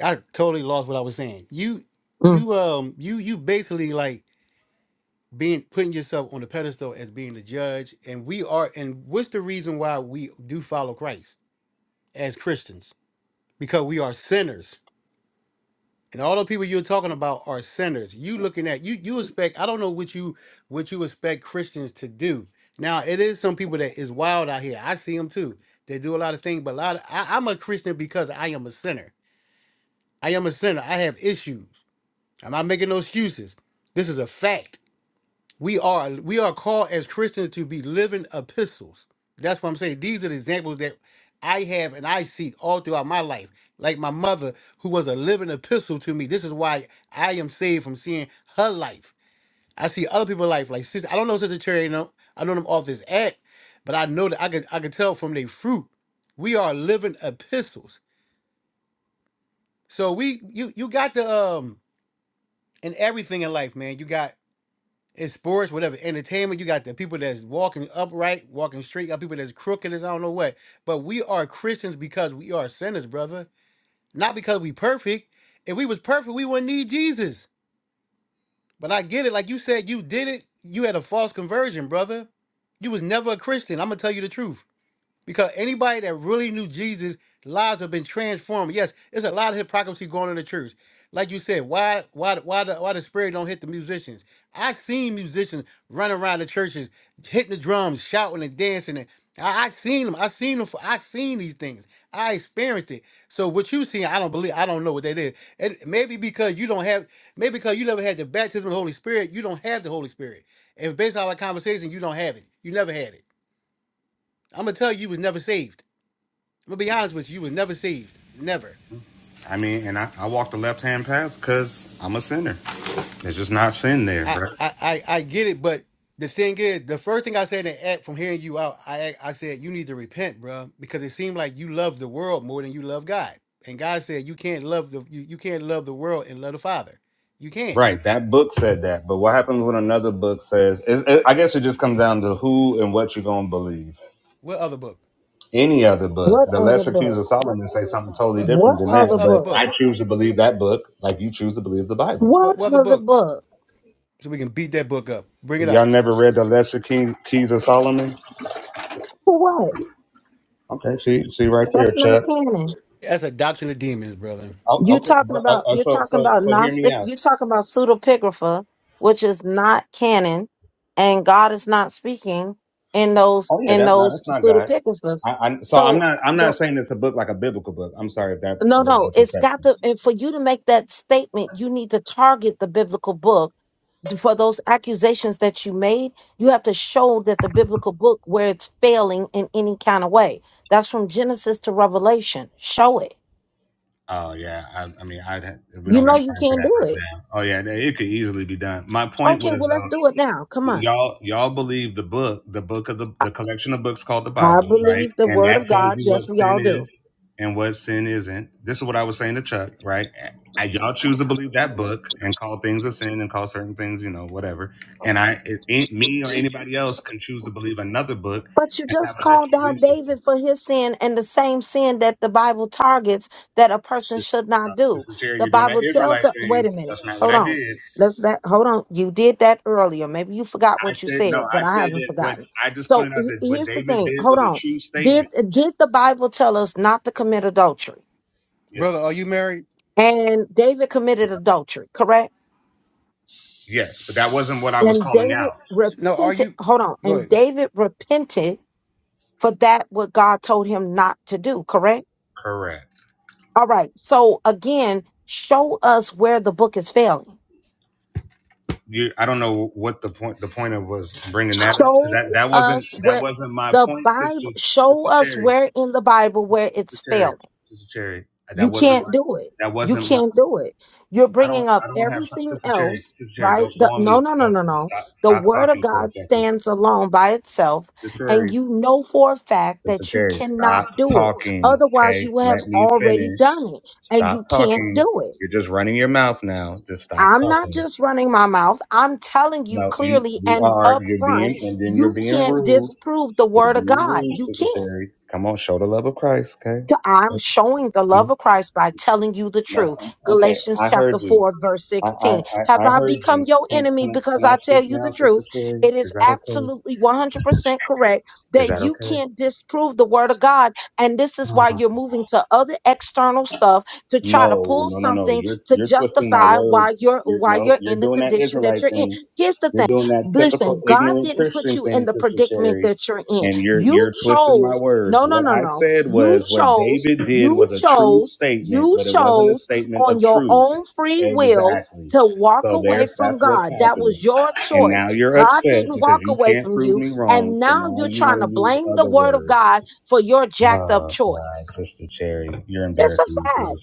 S7: I totally lost what I was saying. You,
S1: Mhm.
S7: you, um, you, you basically like being putting yourself on the pedestal as being the judge, and we are. And what's the reason why we do follow Christ as Christians? Because we are sinners And all the people you're talking about are sinners. You looking at you you expect I don't know what you what you expect Christians to do. Now it is some people that is wild out here. I see them too. They do a lot of things, but a lot of, I, I'm a Christian because I am a sinner. I am a sinner. I have issues. I'm not making no excuses. This is a fact. We are we are called as Christians to be living epistles. That's what I'm saying. These are the examples that I have and I see all throughout my life. Like my mother, who was a living epistle to me. This is why I am saved from seeing her life. I see other people's life. Like sister, I don't know Sister Cherry. No, I know them off this act, but I know that I could I could tell from their fruit. We are living epistles. So we you you got the um in everything in life, man. You got in sports, whatever, entertainment, you got the people that's walking upright, walking straight, got people that's crooked as I don't know what. But we are Christians because we are sinners, brother. Not because we perfect. If we was perfect, we wouldn't need Jesus. But I get it, like you said, you did it. You had a false conversion, brother. You was never a Christian. I'm gonna tell you the truth. Because anybody that really knew Jesus, lives have been transformed. Yes, it's a lot of hypocrisy going on in the church. Like you said, why why why the why the spirit don't hit the musicians? I seen musicians running around the churches, hitting the drums, shouting and dancing. And I, I seen them. I seen them. For, I seen these things. I experienced it. So what you seen, I don't believe. I don't know what that is. And maybe because you don't have, maybe because you never had the baptism of the Holy Spirit, you don't have the Holy Spirit. And based on our conversation, you don't have it. You never had it. I'm gonna tell you, you was never saved. I'm gonna be honest with you, you was never saved. Never.
S5: I mean, and I, I walk the left hand path because I'm a sinner. There's just not sin there,
S7: I,
S5: right?
S7: I, I, I get it, but the thing is, the first thing I said in act from hearing you out, I I said you need to repent, bro, because it seemed like you love the world more than you love God. And God said you can't love the you, you can't love the world and love the Father. You can't.
S5: Right, that book said that, but what happens when another book says? Is, it, I guess it just comes down to who and what you're gonna believe.
S7: What other book?
S5: Any other book,
S1: What
S5: the
S1: other
S5: Lesser Keys
S1: book?
S5: of Solomon say something totally
S7: What
S1: What
S5: different than
S7: what what
S1: other
S5: that.
S7: other
S5: But
S1: book?
S5: I
S7: book?
S5: choose to believe that book, like you choose to believe the Bible.
S7: What
S1: What
S7: what other
S1: other
S7: books?
S1: book?
S7: So we can beat that book up. Bring it
S5: Y'all
S7: out.
S5: never read the Lesser Key, Keys of Solomon?
S1: For what?
S5: Okay, see, see right
S1: That's
S5: there,
S1: not
S5: Chuck.
S1: canon.
S7: That's a doctrine of demons, brother.
S5: Oh,
S1: You
S5: okay,
S1: talking
S5: well, uh,
S1: about
S5: uh,
S1: you're
S5: so
S1: talking
S5: so
S1: about
S5: so hear me
S1: Gnostic,
S5: out.
S1: you're talking about pseudepigrapha, which is not canon, and God is not speaking in those
S5: Oh yeah,
S1: in
S5: that, no,
S1: those
S5: that's not God.
S1: pseudepigraphas.
S5: I, I, so I'm
S1: So
S5: not I'm not
S1: the.
S5: saying it's a book like a biblical book. I'm sorry if that
S1: No,
S5: was the
S1: no, it's
S5: perspective.
S1: got to, and for you to make that statement, you need to target the biblical book. For those accusations that you made, you have to show that the biblical book where it's failing in any kind of way. That's from Genesis to Revelation. Show it.
S5: Oh yeah, I, I mean, I'd ha- we
S1: You
S5: don't got
S1: know you
S5: time for that
S1: can't do it.
S5: right now. Oh yeah, that- it could easily be done. My point
S1: Okay,
S5: was
S1: well, let's
S5: though,
S1: do it now. Come on.
S5: y'all y'all believe the book, the book of the
S1: I
S5: the collection of books called the
S1: I
S5: Bible, right?
S1: believe the
S5: And
S1: word of
S5: that tells
S1: God.
S5: you what
S1: Yes, we
S5: sin
S1: all do.
S5: is and what sin isn't. This is what I was saying to Chuck, right? I, y'all choose to believe that book and call things a sin and call certain things, you know, whatever. And I, it, ain't me or anybody else can choose to believe another book
S1: But you
S5: and have
S1: just
S5: a
S1: called
S5: different belief
S1: out
S5: system.
S1: David for his sin and the same sin that the Bible targets that a person
S5: just-
S1: should
S5: uh,
S1: not do.
S5: Sister Cherry,
S1: The
S5: you're doing that
S1: Bible tells
S5: Israelite
S1: us, wait
S5: thing.
S1: a minute,
S5: That's not what
S1: hold
S5: I
S1: on.
S5: did.
S1: Let's back, hold on. You did that earlier. Maybe you forgot
S5: I
S1: what you
S5: said
S1: said,
S5: no.
S1: but
S5: I
S1: I
S5: said
S1: haven't
S5: that what
S1: forgotten.
S5: I just
S1: So
S5: pointed out
S1: he-
S5: that what
S1: here's the
S5: David
S1: thing.
S5: did
S1: Hold
S5: was a
S1: on.
S5: true
S1: Did
S5: statement.
S1: did the Bible tell us not to commit adultery?
S7: Brother,
S5: Yes,
S7: are you married?
S1: And David committed adultery, correct?
S5: yes, but that wasn't what I was
S1: And
S5: calling
S1: David
S5: out.
S7: No, are
S1: repented.
S7: you?
S1: Hold on.
S7: Go
S1: And
S7: ahead.
S1: David repented for that what God told him not to do, correct?
S5: Correct.
S1: All right. So again, show us where the book is failing.
S5: You, I don't know what the point. The point of was bringing that. up.
S1: Show
S5: That that wasn't
S1: us
S5: that
S1: where
S5: wasn't my
S1: the
S5: point, sister,
S1: Bible, show
S5: sister
S1: us
S5: Terry,
S1: where in the Bible where
S5: sister
S1: it's
S5: Terry,
S1: failing.
S5: sister Terry.
S1: You
S5: That wasn't my.
S1: can't do it.
S5: That
S1: You
S5: wasn't my.
S1: can't do it. You're
S5: I don't.
S1: bringing
S5: I
S1: up
S5: don't have
S1: everything
S5: sister Terry.
S1: else,
S5: Sister Terry, go
S1: right?
S5: go
S1: The,
S5: on
S1: no,
S5: mute.
S1: no, no,
S5: Go
S1: no, no.
S5: stop
S1: The
S5: stop
S1: word of
S5: talking for a
S1: God
S5: second.
S1: stands alone by itself.
S5: Sister Terry.
S1: And you know for a fact
S5: Sister
S1: that you
S5: Terry,
S1: cannot
S5: stop
S1: do it.
S5: talking.
S1: Otherwise, you
S5: Okay,
S1: would have
S5: let me
S1: already
S5: finish.
S1: done it and
S5: Stop
S1: you can't
S5: talking.
S1: do it.
S5: You're just running your mouth now. Just stop
S1: I'm not
S5: talking.
S1: just running my mouth. I'm telling you
S5: No, you
S1: clearly
S5: you
S1: and
S5: are.
S1: up
S5: You're being
S1: front,
S5: and then you're
S1: you
S5: being
S1: can't
S5: rude.
S1: disprove the
S5: You're
S1: word of
S5: being
S1: God.
S5: rude,
S1: You
S5: Sister
S1: can't
S5: Terry. Come on, show the love of Christ. Okay.
S1: to- I'm showing the love
S5: No,
S1: of Christ by telling you the
S5: no.
S1: truth.
S5: Okay,
S1: Galatians
S5: I heard
S1: chapter
S5: you.
S1: 4, verse
S5: I I
S1: 16. Have
S5: I, I
S1: I
S5: heard
S1: become
S5: you.
S1: your
S5: Can,
S1: enemy
S5: can can
S1: because
S5: I
S1: I
S5: speak
S1: tell you
S5: now,
S1: the
S5: Sister
S1: truth?
S5: Terry?
S1: It
S5: Is
S1: is
S5: that okay?
S1: absolutely
S5: Sister
S1: 100%
S5: Terry,
S1: correct
S5: is
S1: that
S5: that
S1: you
S5: okay?
S1: can't disprove the word of God. And this is why you're moving to other external stuff to try to
S5: No,
S1: pull
S5: no, no, no.
S1: something
S5: You're
S1: to
S5: you're twisting my
S1: justify why
S5: words.
S1: you're
S5: You're
S1: why
S5: no,
S1: you're
S5: you're
S1: in the
S5: doing that
S1: condition that
S5: Israelite
S1: you're in.
S5: thing.
S1: Here's the
S5: You're
S1: thing.
S5: doing that typical
S1: Listen, God
S5: ignorant
S1: didn't put
S5: Christian
S1: you in
S5: thing,
S1: the
S5: Sister
S1: predicament
S5: Cherry.
S1: that you're in.
S5: And you're
S1: You
S5: you're twisting
S1: chose
S5: my words.
S1: no, no,
S5: What
S1: no,
S5: I
S1: no.
S5: said
S1: You
S5: was what
S1: chose,
S5: David did
S1: you
S5: was a true
S1: chose,
S5: statement,
S1: you
S5: but it wasn't a
S1: chose
S5: statement
S1: on
S5: of
S1: your
S5: truth.
S1: own free will
S5: Exactly.
S1: to walk
S5: So
S1: away
S5: there's
S1: from
S5: that's what's
S1: God. That was
S5: happening.
S1: your
S5: And
S1: choice.
S5: now you're
S1: God
S5: upset
S1: didn't walk
S5: because you
S1: away
S5: can't
S1: from
S5: prove
S1: you.
S5: me wrong.
S1: And
S5: So
S1: now
S5: now
S1: you're
S5: you
S1: trying
S5: want
S1: to
S5: to use
S1: blame the
S5: other
S1: word of
S5: words.
S1: God for your jacked up
S5: Oh God,
S1: choice.
S5: Sister Cherry, you're
S1: It's a
S5: embarrassing
S1: fact.
S5: yourself.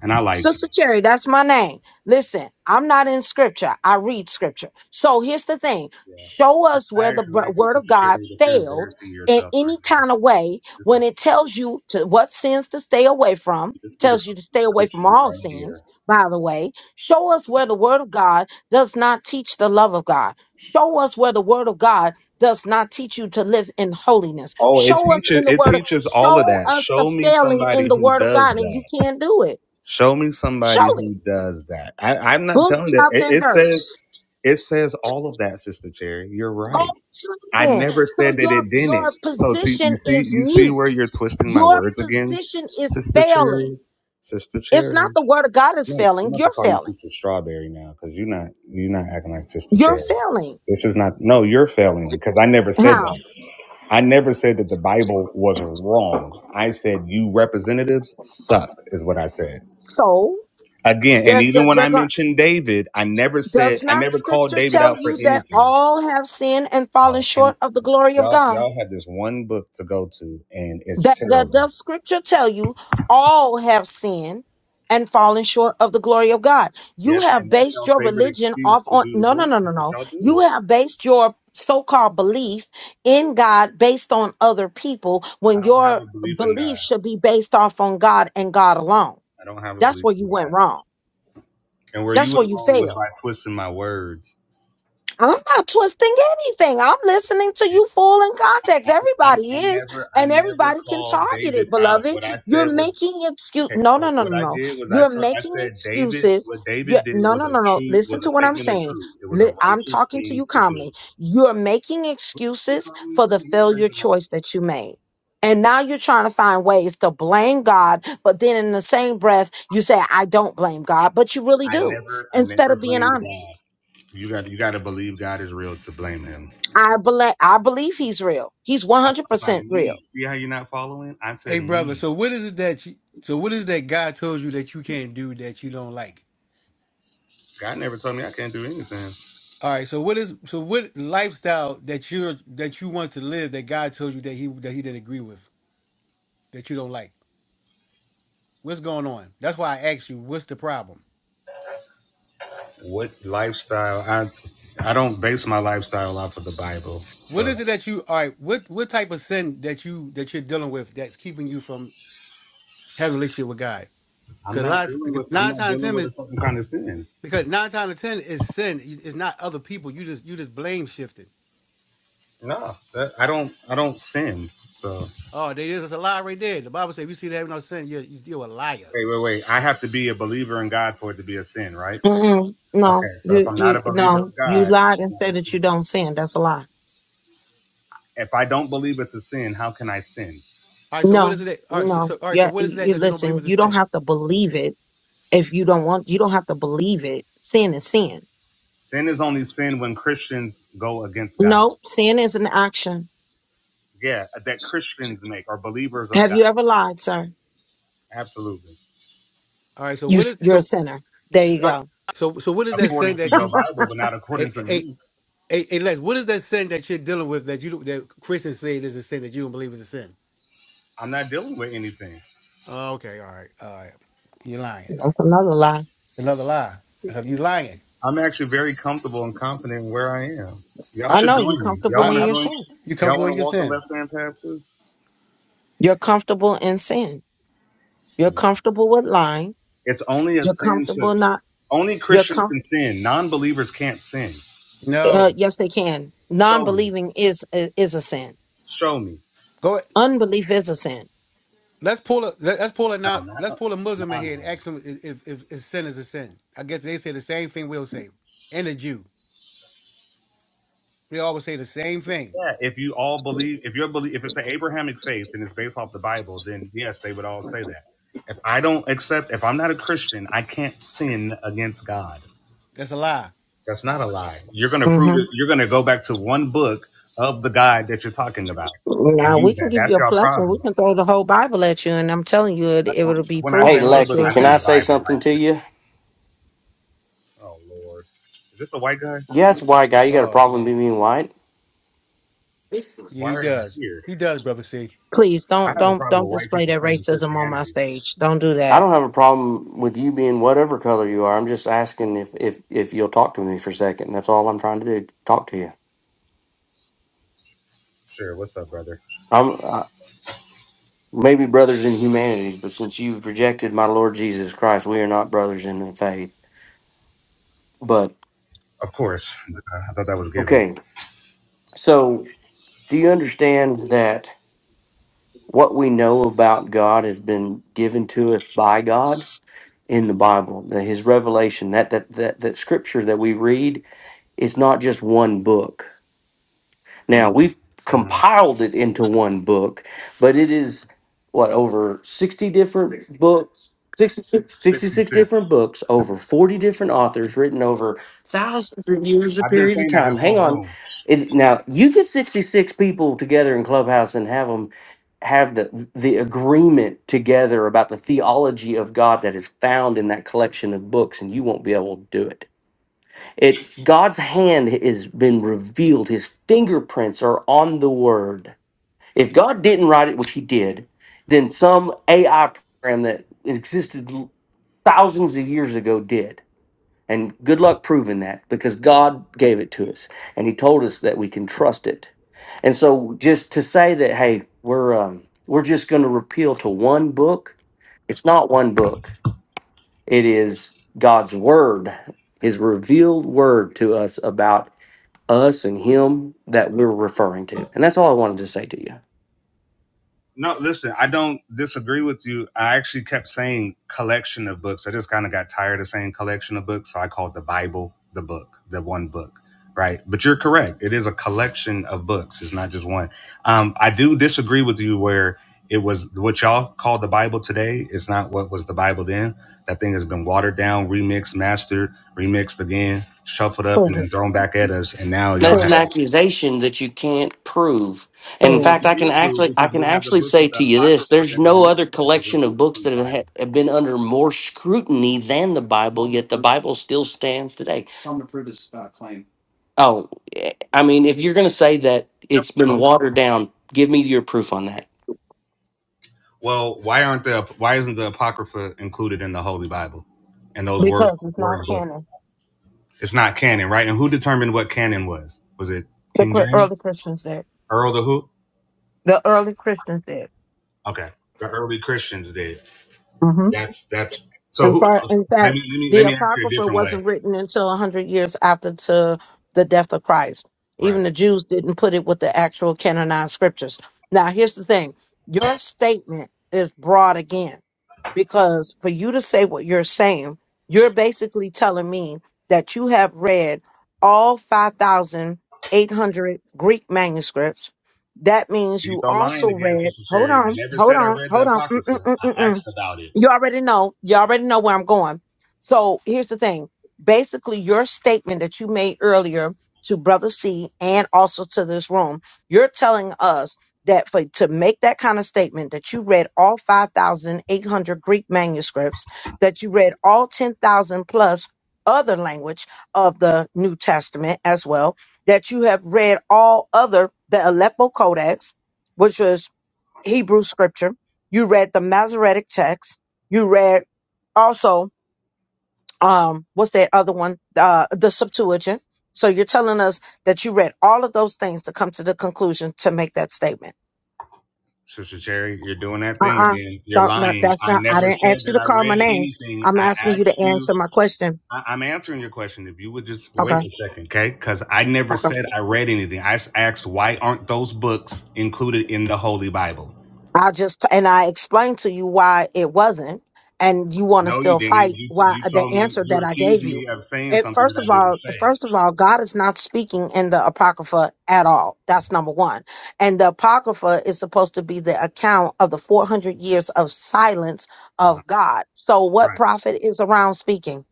S5: And I like
S1: Sister Cherry, that's my name. Listen, I'm not in scripture. I read scripture. So here's the thing
S5: you. Yeah.
S1: show us
S5: I
S1: where
S5: I
S1: the
S5: actually
S1: br-
S5: like you,
S1: word of
S5: Sister
S1: God
S5: Cherry, but you're
S1: failed
S5: embarrassing
S1: in
S5: yourself right
S1: any
S5: now.
S1: kind of way
S5: This
S1: when
S5: is
S1: it tells you to what sins to stay away from.
S5: this be the
S1: Tells you to stay away from
S5: preachings
S1: all
S5: right here.
S1: sins, by the way. Show us where the word of God does not teach the love of God. Show us where the word of God does not teach you to live in holiness.
S5: Oh, it
S1: Show us in
S5: teaches
S1: the
S5: it
S1: word of
S5: teaches all of
S1: show
S5: that.
S1: us the
S5: Show me
S1: failing in
S5: somebody
S1: the
S5: who
S1: word of
S5: does
S1: God, and you
S5: that.
S1: can't do it.
S5: Show me
S1: Show
S5: somebody
S1: it.
S5: who does that. I, I'm not
S1: Book,
S5: telling that.
S1: chapter, and
S5: It, it says
S1: verse.
S5: it says all of that, Sister Cherry. You're
S1: Go
S5: right.
S1: to it
S5: I
S1: then.
S5: never said
S1: So
S5: that
S1: your
S5: it didn't.
S1: your
S5: So see, you
S1: position
S5: see,
S1: is
S5: you see where
S1: mute.
S5: you're twisting my
S1: Your
S5: words again,
S1: position is
S5: Sister
S1: failing.
S5: Cherry, Sister
S1: It's not
S5: Cherry.
S1: the word of God is
S5: Look, I'm
S1: failing.
S5: about to
S1: You're
S5: call you
S1: failing.
S5: Sister Strawberry now because you're not you're not acting like Sister
S1: You're
S5: Cherry.
S1: failing.
S5: This is not. No, you're failing because I never said
S1: How?
S5: that. I never said that the Bible was wrong. I said you representatives suck is what I said.
S1: So
S5: Again, and
S1: they're, they're,
S5: even when
S1: they're
S5: I
S1: going.
S5: mentioned David, I never
S1: Does
S5: said I
S1: not
S5: never called
S1: scripture
S5: David
S1: tell
S5: out for
S1: you that
S5: anything.
S1: all have sinned and
S5: Uh,
S1: fallen
S5: Can
S1: short of the glory of
S5: Y'all,
S1: God?
S5: y'all had this one book to go to, and it's
S1: That that
S5: terrible.
S1: does scripture tell you all have sinned and fallen short of the glory of God. You
S5: Yes, and
S1: have
S5: that's
S1: based
S5: y'all'
S1: your
S5: favorite
S1: religion
S5: excuse
S1: off
S5: to
S1: on
S5: do the
S1: no no no no
S5: bullshit that
S1: no.
S5: y'all do.
S1: You have based your so-called belief in God based on other people
S5: I
S1: when
S5: don't have
S1: your
S5: a belief in
S1: belief
S5: God.
S1: should be based off on God and God alone.
S5: I don't have a
S1: That's
S5: belief
S1: where
S5: in
S1: you went
S5: God.
S1: wrong.
S5: And where you
S1: That's
S5: went
S1: where you
S5: wrong was
S1: failed
S5: by twisting my words.
S1: I'm not twisting anything. I'm listening to
S5: It-
S1: you full in context.
S5: I, I,
S1: Everybody
S5: I
S1: is,
S5: never, I
S1: and
S5: never
S1: everybody can
S5: called
S1: target
S5: David
S1: it,
S5: out.
S1: beloved.
S5: What I
S1: You're
S5: said was
S1: making excuse.
S5: okay.
S1: No, no,
S5: So
S1: no,
S5: what
S1: no,
S5: I
S1: no.
S5: did was I
S1: You're
S5: told, I
S1: making
S5: said David.
S1: excuses.
S5: What
S1: You
S5: David did
S1: no,
S5: was
S1: no,
S5: a
S1: no, no.
S5: true, was
S1: Listen
S5: a
S1: to what I'm
S5: statement of
S1: saying.
S5: truth. It was a
S1: Li- I'm
S5: righteous
S1: talking to
S5: thing
S1: you
S5: to do.
S1: calmly. You're making excuses for the failure choice that you made. And now you're trying to find ways to blame God, but then in the same breath, you say, I don't blame God, but you really
S5: I
S1: do,
S5: never, I
S1: instead
S5: never
S1: of being
S5: blamed God.
S1: honest.
S5: You got you got to believe God is real to blame Him.
S1: I believe I believe he's real. He's
S5: I'm talking about
S1: 100% real.
S5: me. See how you're not following? I
S7: Hey,
S5: said
S7: brother.
S5: me.
S7: So what is it that you, so what is that God told you that you can't do that you don't like?
S5: God never told me I can't do anything.
S7: All right. So what is so what lifestyle that you're that you want to live that God told you that he that he didn't agree with that you don't like? What's going on? That's why I asked you. What's the problem?
S5: What lifestyle? I I don't base my lifestyle off of the Bible,
S7: What
S5: so
S7: is it that you all right? What what type of sin that you that you're dealing with that's keeping you from having a relationship with God?
S5: I'm
S7: Because a
S5: not
S7: lot
S5: dealing with I'm
S7: nine times
S5: not dealing
S7: ten
S5: with a
S7: is
S5: certain kind of sin.
S7: because nine times out of ten is sin. It's not other people. You just you just blame shifting.
S5: No, that, I don't I don't sin. So
S7: Oh, there is. It's a lie right there. The Bible says, if you see that having no sin, you're, you're a liar.
S5: wait wait wait. I have to be a believer in God for it to be a sin, right?
S1: Mm-mm.
S5: Okay,
S1: No,
S5: so if
S1: you
S5: I'm not
S1: you
S5: a believer
S1: no,
S5: of
S1: you
S5: God,
S1: lied
S5: it's
S1: and
S5: not a
S1: said that you
S5: sin.
S1: don't sin. That's a lie.
S5: if I don't believe it's a sin, how can I sin?
S7: All right. So what is
S1: No,
S7: it? That, all right. So, so
S1: no.
S7: all right. So
S1: Yeah,
S7: what is
S1: you,
S7: that
S1: you-
S7: that you don't believe
S1: listen.
S7: is a
S1: You don't
S7: sin?
S1: have to believe it. If you don't want, you don't have to believe it. Sin is sin.
S5: Sin is only sin when Christians go against God.
S1: No, sin is an action.
S5: Yeah, that Christians make or believers of
S1: Have
S5: God.
S1: you ever lied, sir?
S5: Absolutely.
S7: All right. So
S1: You,
S7: what is
S1: you're
S7: so?
S1: a sinner. There you
S7: All right.
S1: go.
S7: So so what is that sin
S5: According to
S7: that
S5: your
S7: you?
S5: Bible, but not
S7: Hey,
S5: according to
S7: hey,
S5: me.
S7: hey, hey Les, what is that sin that you're dealing with that you don't- that Christians say is a sin that you don't believe is a sin?
S5: I'm not dealing with anything.
S7: Oh, okay. All right. All right. You're lying.
S1: That's another lie.
S7: Another lie. So you lying.
S5: I'm actually very comfortable and confident in where I am. Y'all
S7: I
S1: I
S5: should
S1: know you're
S5: join me. Y'all
S1: comfortable
S7: I,
S5: want
S1: in
S5: to
S7: I
S1: your
S5: join?
S1: sin.
S7: you
S5: Y'all
S7: comfortable
S5: want to
S7: in your
S5: walk the
S7: sin?
S5: left hand path too?
S1: You're comfortable in sin. You're
S5: No.
S1: comfortable with lying.
S5: It's only a
S1: You're
S5: sin to
S1: comfortable not.
S5: only
S1: You're
S5: Christians
S1: com.
S5: can sin. Non believers can't sin.
S1: Uh,
S7: No.
S1: yes, they can.
S5: Show me.
S1: Non-believing is uh, is a sin.
S5: Show me.
S7: Go.
S1: Unbelief is a sin.
S7: Let's pull a let- let's pull a
S5: No,
S7: not
S5: not
S7: let's pull a Muslim in
S5: non
S7: here and
S5: believers.
S7: ask him if, if, if if sin is a sin. I guess they say the same thing we'll say, and a Jew. They always say the same thing.
S5: Yeah, if you all believe, if you're believe, if it's an Abrahamic faith and it's based off the Bible, then yes, they would all say that. If I don't accept, if I'm not a Christian, I can't sin against God.
S7: That's a lie.
S5: That's not a lie. You're going to prove
S1: hmm
S5: it. You're going to go back to one book of the God that you're talking about and
S1: Now we
S5: use
S1: can
S5: that.
S1: give
S5: That's
S1: you a
S5: your
S1: plus, and we
S5: problem.
S1: can throw the whole Bible at you, and I'm telling you, it, it will be
S5: When I
S4: Hey,
S5: say
S1: proven
S5: one
S1: that
S5: book,
S1: you're
S4: Lexi,
S1: a
S5: I
S4: can
S5: mean
S4: I
S5: the
S1: sinner.
S4: say
S5: Bible.
S4: something to
S5: Like,
S4: you?
S5: oh Lord, is this a white guy?
S4: Yeah, that's a white guy. You got a
S7: Oh
S4: problem
S7: man,
S4: with me being white?
S7: yeah,
S5: Why
S7: he
S5: are you
S7: does.
S5: here?
S7: He does, brother. C.
S1: Please
S5: I
S1: don't
S5: have a
S1: don't
S5: problem
S1: don't
S5: with white
S1: display
S5: people
S1: that
S5: claiming
S1: racism on my
S5: Christianity.
S1: stage. Don't do
S4: I
S1: that.
S4: don't have a problem with you being whatever color you are. I'm just asking if if if you'll talk to me for a second. That's all I'm trying to do. Talk to you.
S5: Sure, what's up, brother?
S4: I'm uh, maybe brothers in humanity, but since you've rejected my Lord Jesus Christ, we are not brothers in the faith. But
S5: Of course, I thought that was given.
S4: okay, so do you understand that what we know about God has been given to us by God? in the Bible. That his revelation, that that that that scripture that we read is not just one book. Now we've
S5: Mm-hmm.
S4: compiled it into one book, but it is what over 60 different 60. books, 66, sixty-six
S5: 66.
S4: different books, over 40 different authors written over thousands of years of
S5: I've been
S4: period of
S5: saying that
S4: time.
S5: this
S4: Hang
S5: whole
S4: on.
S5: room.
S4: It, now you get 66 people together in Clubhouse and have them have the the agreement together about the theology of God that is found in that collection of books and you won't be able to do it it's God's hand has been revealed. His fingerprints are on the word. If God didn't write it, which he did, then some AI program that existed thousands of years ago did. And good luck proving that because God gave it to us and he told us that we can trust it. And so just to say that hey, we're um, we're just going to repeal to one book, it's not one book. It is God's word, his revealed word to us about us and him that we're referring to. And that's all I wanted to say to you.
S5: No, listen, I don't disagree with you. I actually kept saying collection of books. I just kind of got tired of saying collection of books. So I called the Bible the book, the one book, right? But you're correct. It is a collection of books, it's not just one. Um, I do disagree with you where it was what y'all call the Bible today is not what was the Bible then. That thing has been watered down, remixed, mastered, remixed again, shuffled up, and
S1: Prove
S5: then
S1: it,
S5: thrown back at us. And now y'all
S4: That's
S1: prove
S4: an
S5: have.
S1: it,
S4: accusation that you can't prove. And in
S5: Well,
S1: prove.
S4: fact,
S5: we
S4: I can
S5: can't prove
S4: actually I
S5: because
S4: can
S5: we have the
S4: actually
S5: books of
S4: say
S5: the
S4: to you this,
S5: Apocrypha
S4: there's
S5: that were
S4: no
S5: missed,
S4: other
S5: that were
S4: collection of
S5: removed
S4: books
S5: from the
S4: that have,
S5: Bible.
S4: had- have been under more scrutiny than the Bible, yet the Bible still stands today. Oh, eh, I mean, if you're going to say that it's been
S5: Coach.
S4: watered down, give me your proof on that.
S5: Well, why aren't the why isn't the Apocrypha included in the Holy Bible and those word
S1: Because it's not
S5: word book?
S1: canon.
S5: It's not canon, right? And who determined what canon was? Was it
S1: The
S5: King
S1: cr-
S5: James,
S1: early Christians did.
S5: Earl the who?
S1: The early Christians did.
S5: Okay, the early Christians did.
S1: Mm-hmm.
S5: That's that's so.
S1: In
S5: Who? uh,
S1: fact, in
S5: Let
S1: fact,
S5: me let me
S1: the
S5: let me ask you a
S1: Apocrypha
S5: different way.
S1: wasn't written until a hundred years after to the death of Christ.
S5: Right.
S1: Even the Jews didn't put it with the actual canonized scriptures. Now, here's the thing: your statement is broad again because for you to say what you're saying, you're basically telling me that you have read all 5,800 Greek manuscripts. That means
S5: You
S1: you
S5: go lying
S1: also
S5: again,
S1: read,
S5: Sister
S1: hold
S5: Sherry. I
S1: on,
S5: never
S1: hold
S5: said I
S1: on,
S5: read the
S1: hold on.
S5: Apocrypha. I
S1: Mm-mm-mm-mm-mm.
S5: asked about it.
S1: You already know. You already know where I'm going. So here's the thing. Basically, your statement that you made earlier to Brother C and also to this room, you're telling us that for to make that kind of statement that you read all 5,800 Greek manuscripts, that you read all 10,000 plus other language of the New Testament as well, that you have read all other the Aleppo Codex, which was Hebrew scripture. You read the Masoretic text. You read also um what's that other one? Uh, the Septuagint. So you're telling us that you read all of those things to come to the conclusion to make that statement.
S5: Sister Cherry, you're doing that thing
S1: Uh-uh.
S5: again. You're
S1: Don't no,
S5: lying.
S1: that's
S5: I
S1: not I
S5: never
S1: didn't
S5: said
S1: ask you
S5: that
S1: to
S5: I
S1: call my
S5: read
S1: name.
S5: anything.
S1: I'm
S5: I
S1: asking
S5: asked
S1: you to
S5: you.
S1: answer my question.
S5: I, I'm answering your question. If you would just wait
S1: Okay.
S5: a second, okay? Because I never
S1: Okay.
S5: said I read anything. I s- asked why aren't those books included in the Holy Bible?
S1: I just and I explained to you why it wasn't, and you want to
S5: No, you
S1: still
S5: didn't.
S1: fight.
S5: You
S1: Why
S5: you
S1: the
S5: told me
S1: answer that
S5: you
S1: I
S5: accused
S1: gave you?
S5: me of saying
S1: It,
S5: something that
S1: first
S5: I
S1: of
S5: didn't
S1: all,
S5: say.
S1: first of all, God is not speaking in the apocrypha at all. That's number one. And the apocrypha is supposed to be the account of the four hundred years of silence
S5: Uh-huh.
S1: of God. So what
S5: Right.
S1: prophet is around speaking?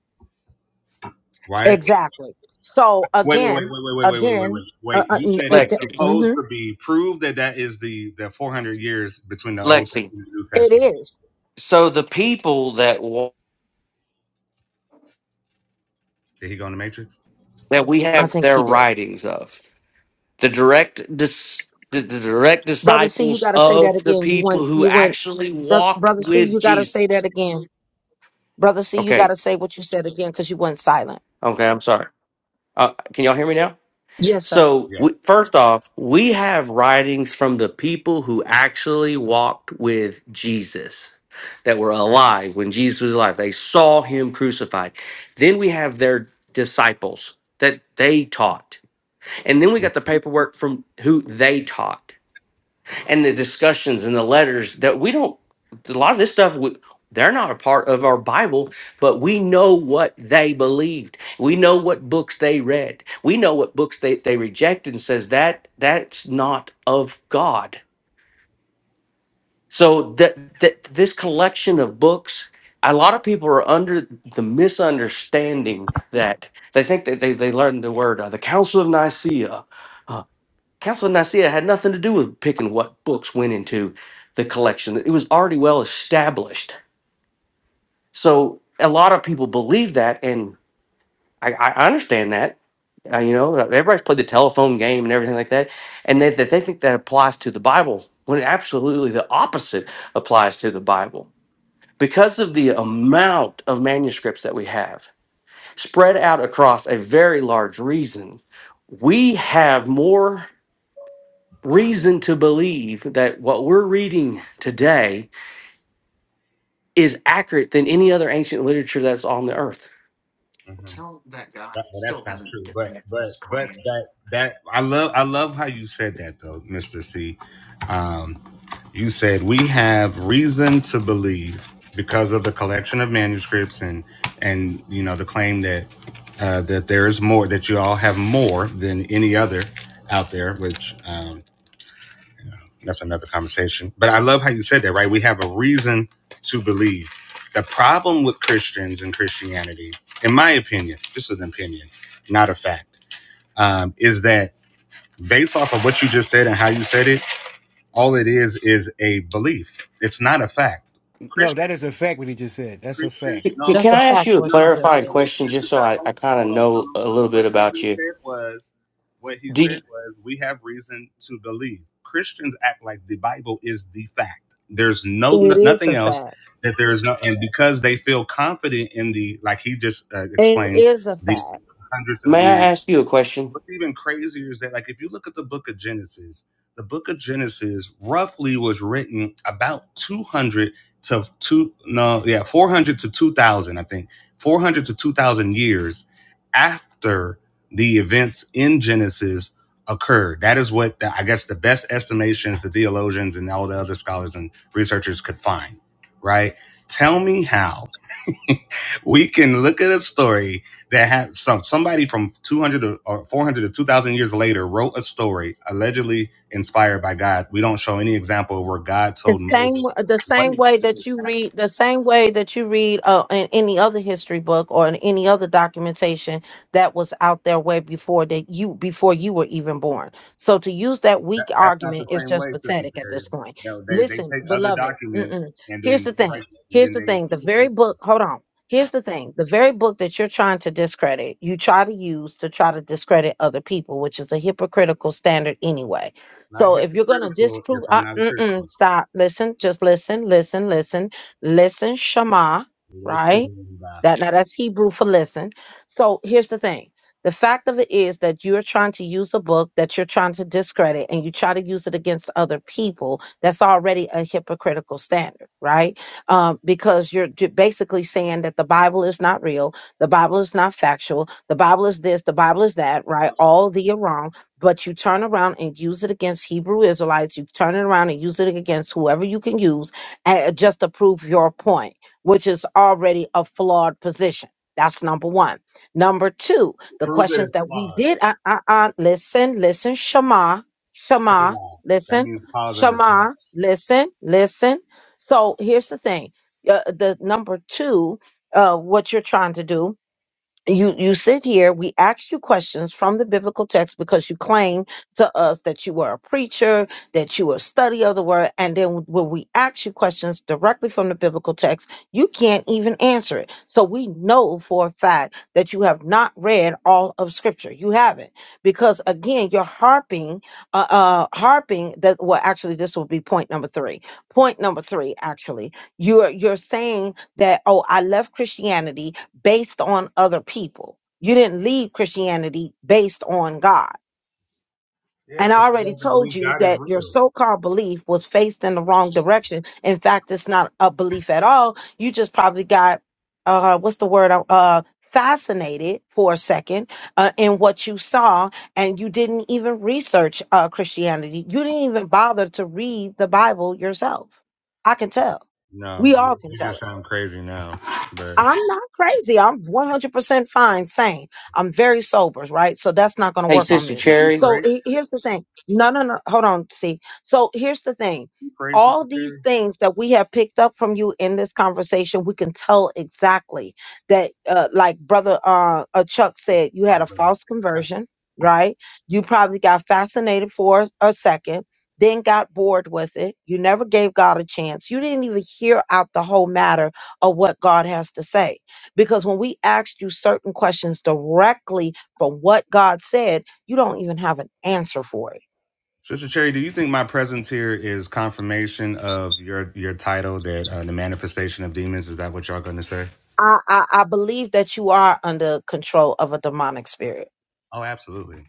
S5: Why?
S1: Exactly. So
S5: Wait, wait, wait, wait,
S1: again,
S5: wait, wait, wait, wait, wait, wait.
S1: again, uh,
S5: Wait.
S1: uh,
S5: You
S1: n-
S5: said
S1: it,
S5: it's
S4: Lexi.
S5: supposed
S1: mhm,
S5: to be proved that that is the the 400 years between the Old Testament
S4: Lexi.
S5: and the New
S1: it
S5: Testament.
S1: is.
S4: So the people that wa-
S5: Did he go in the Matrix?
S4: that we
S1: I
S4: have
S1: think
S4: their
S1: he did.
S4: writings of the direct dis, the, the direct
S1: Brother C, you
S4: disciples
S1: gotta say that
S4: of the
S1: again. You
S4: people
S1: want
S4: who
S1: you went
S4: actually
S1: bro,
S4: walked
S1: brother C,
S4: with
S1: you gotta
S4: Jesus.
S1: say that again. Brother C, you
S4: Okay,
S1: gotta say what you said again because you went silent.
S4: okay, I'm sorry. Uh, can y'all hear me now?
S1: Yes, sir.
S4: So,
S5: Yeah.
S4: we, first off, we have writings from the people who actually walked with Jesus that were alive when Jesus was alive. They saw him crucified. Then we have their disciples that they taught. And then we got the paperwork from who they taught. and the discussions and the letters that we don't a lot of this stuff we, they're not a part of our bible but we know what they believed we know what books they read we know what books they, they rejected and says that that's not of god so that, that this collection of books a lot of people are under the misunderstanding that they think that they, they learned the word uh, the council of nicaea uh, Council of Nicaea had nothing to do with picking what books went into the collection. It was already well established. So a lot of people believe that, and I, I understand that. Uh, you know, everybody's played the telephone game and everything like that, and they, that they think that applies to the Bible when absolutely the opposite applies to the Bible. Because of the amount of manuscripts that we have spread out across a very large region, we have more. reason to believe that what we're reading today is accurate than any other ancient literature that's on the earth.
S5: Mm-hmm. That, well, that's not true, but but but that that I love I love how you said that though, Mister C. Um, you said we have reason to believe because of the collection of manuscripts and and you know the claim that uh, that there is more that you all have more than any other out there, which um, That's another conversation. But I love how you said that, right? We have a reason to believe. The problem with Christians and Christianity, in my opinion, just an opinion, not a fact, um, is that based off of what you just said and how you said it, all it is is a belief. It's not a fact.
S7: no, that is a fact. What he just said. That's a
S5: Christians,
S7: fact,
S4: C-
S5: no,
S1: That's
S4: Can
S1: a
S4: I
S5: no, no,
S4: ask
S1: fact
S4: you
S1: what
S4: a
S5: no, no,
S1: you
S5: wait,
S4: clarifying
S1: said.
S5: wait,
S4: question just
S5: Mr.
S4: so
S5: Tuck,
S4: I,
S5: hold
S4: I
S5: on,
S4: kind of
S5: hold on, no,
S4: know
S5: no.
S4: a little bit
S5: What, what
S4: about
S5: he
S4: you?
S5: said was, what he
S4: Do you,
S5: said was, we have reason to believe. Christians act like the Bible is the fact. There's no,
S1: It
S5: no
S1: is
S5: nothing
S1: a
S5: else
S1: fact.
S5: that there is no, and because they feel confident in the, like he just uh,
S1: It
S5: explained,
S1: is a fact.
S5: the hundreds of
S4: may I
S5: years.
S4: ask you a question?
S5: What's even crazier is that, like, if you look at the book of Genesis, the book of Genesis roughly was written about 200 to two, no, yeah, 400 to 2000, I think, 400 to 2000 years after the events in Genesis occurred. That is what the, I guess the best estimations the theologians and all the other scholars and researchers could find, right? Tell me how. we can look at a story that had some somebody from 200 to- or 400 to 2000 years later wrote a story allegedly inspired by god we don't show any example where god
S1: The
S5: told moses
S1: same, the
S5: what
S1: same way that you read, the same way that you read uh, in any other history book or in any other documentation that was out there way before that you before you were even born. So to use that
S5: that,
S1: weak
S5: that's not the
S1: argument is
S5: same way
S1: just
S5: sister
S1: pathetic at
S5: Terry.
S1: this point.
S5: You know, they they
S1: Listen,
S5: take other
S1: beloved,
S5: documents
S1: mm-mm.
S5: and
S1: here's
S5: then
S1: the
S5: they write
S1: thing.
S5: it, and
S1: Here's
S5: then
S1: the
S5: they
S1: thing. The
S5: prove
S1: very
S5: them.
S1: book. Hold on. Here's the thing. The very book that you're trying to discredit, you try to use to try to discredit other people, which is a hypocritical standard anyway
S5: It's not
S1: so if you're gonna
S5: hypocritical if
S1: disprove,
S5: i'm
S1: uh,
S5: not a christian
S1: mm-mm, stop. Listen, just listen, listen, listen, listen. Shema,
S5: listen to
S1: right?
S5: me,
S1: That now that's Hebrew for listen. So here's the thing. The fact of it is that you're trying to use a book that you're trying to discredit and you try to use it against other people. That's already a hypocritical standard, right? Um, because you're j- basically saying that the Bible is not real, the Bible is not factual, the Bible is this, the Bible is that, right? All the are wrong but you turn around and use it against Hebrew Israelites. You turn it around and use it against whoever you can use and just to prove your point, which is already a flawed position. That's number one. Number two, the
S5: prove that
S1: questions
S5: it's
S1: that we
S5: flawed
S1: did. Uh, uh, uh, listen, listen, Shema,
S5: say
S1: Shema,
S5: lie that
S1: listen,
S5: means pause and reflect
S1: Shema, listen, listen. So here's the thing. Uh, the number two, uh, what you're trying to do you you sit here we ask you questions from the biblical text because you claim to us that you were a preacher that you were a study of the word and then when we ask you questions directly from the biblical text you can't even answer it so we know for a fact that you have not read all of scripture you haven't because again you're harping uh, uh harping that well actually this will be point number three point number three actually you're you're saying that oh i left christianity based on other people. You didn't leave Christianity based on God.
S5: yeah
S1: And
S5: because
S1: I
S5: you
S1: already
S5: have to believe
S1: told you
S5: god is
S1: that your
S5: real
S1: so called belief was faced in the wrong direction. In fact, it's not a belief at all. You just probably got, uh, what's the word? Uh, uh, fascinated for a second uh, in what you saw and you didn't even research uh, christianity you didn't even bother to read the bible yourself i can tell
S5: No,
S1: we all
S5: you,
S1: can tell
S5: you
S1: it
S5: just sound crazy now. But
S1: I'm not crazy. I'm 100% fine, sane. I'm very sober, right? So that's not going to
S4: Hey,
S1: work
S5: do,
S1: on
S4: Sister
S1: me.
S5: do you
S4: Cherry.
S1: So
S5: pray? Do
S1: he- here's the thing. No, no, no. Hold on, see. So here's the thing.
S5: You pray, Sister
S1: All these
S5: Terry?
S1: things that we have picked up from you in this conversation, we can tell exactly that, uh, like brother uh, uh, Chuck said, you had a
S5: Like, brother.
S1: false
S5: Yeah.
S1: conversion, right? You probably got fascinated for a second, then got bored with it. You never gave God a chance. You didn't even hear out the whole matter of what God has to say. Because when we ask you certain questions directly from what God said, you don't even have an answer for it.
S5: Sister Cherry, do you think my presence here is confirmation of your your title that uh, the manifestation of demons? Is that what y'all going to say?
S1: I, I, I believe that you are under control of a demonic spirit.
S5: Oh, absolutely.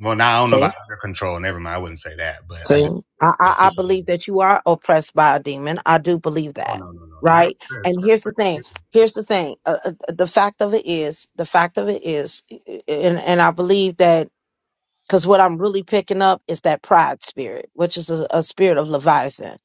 S5: Well, now I don't know
S1: See?
S5: about under control. Never mind. I wouldn't say that, but I
S1: See?
S5: do
S1: I, I, I believe
S5: particularly.
S1: that you are oppressed by a demon. I do believe
S5: Oh
S1: that.
S5: no, no, no, not a
S1: Right?
S5: prayer.
S1: And here's the thing. Here's the thing. Uh, uh, the fact of it is, the fact of it is, and, and I believe that Because what I'm really picking up is that pride spirit, which is a, a spirit of Leviathan.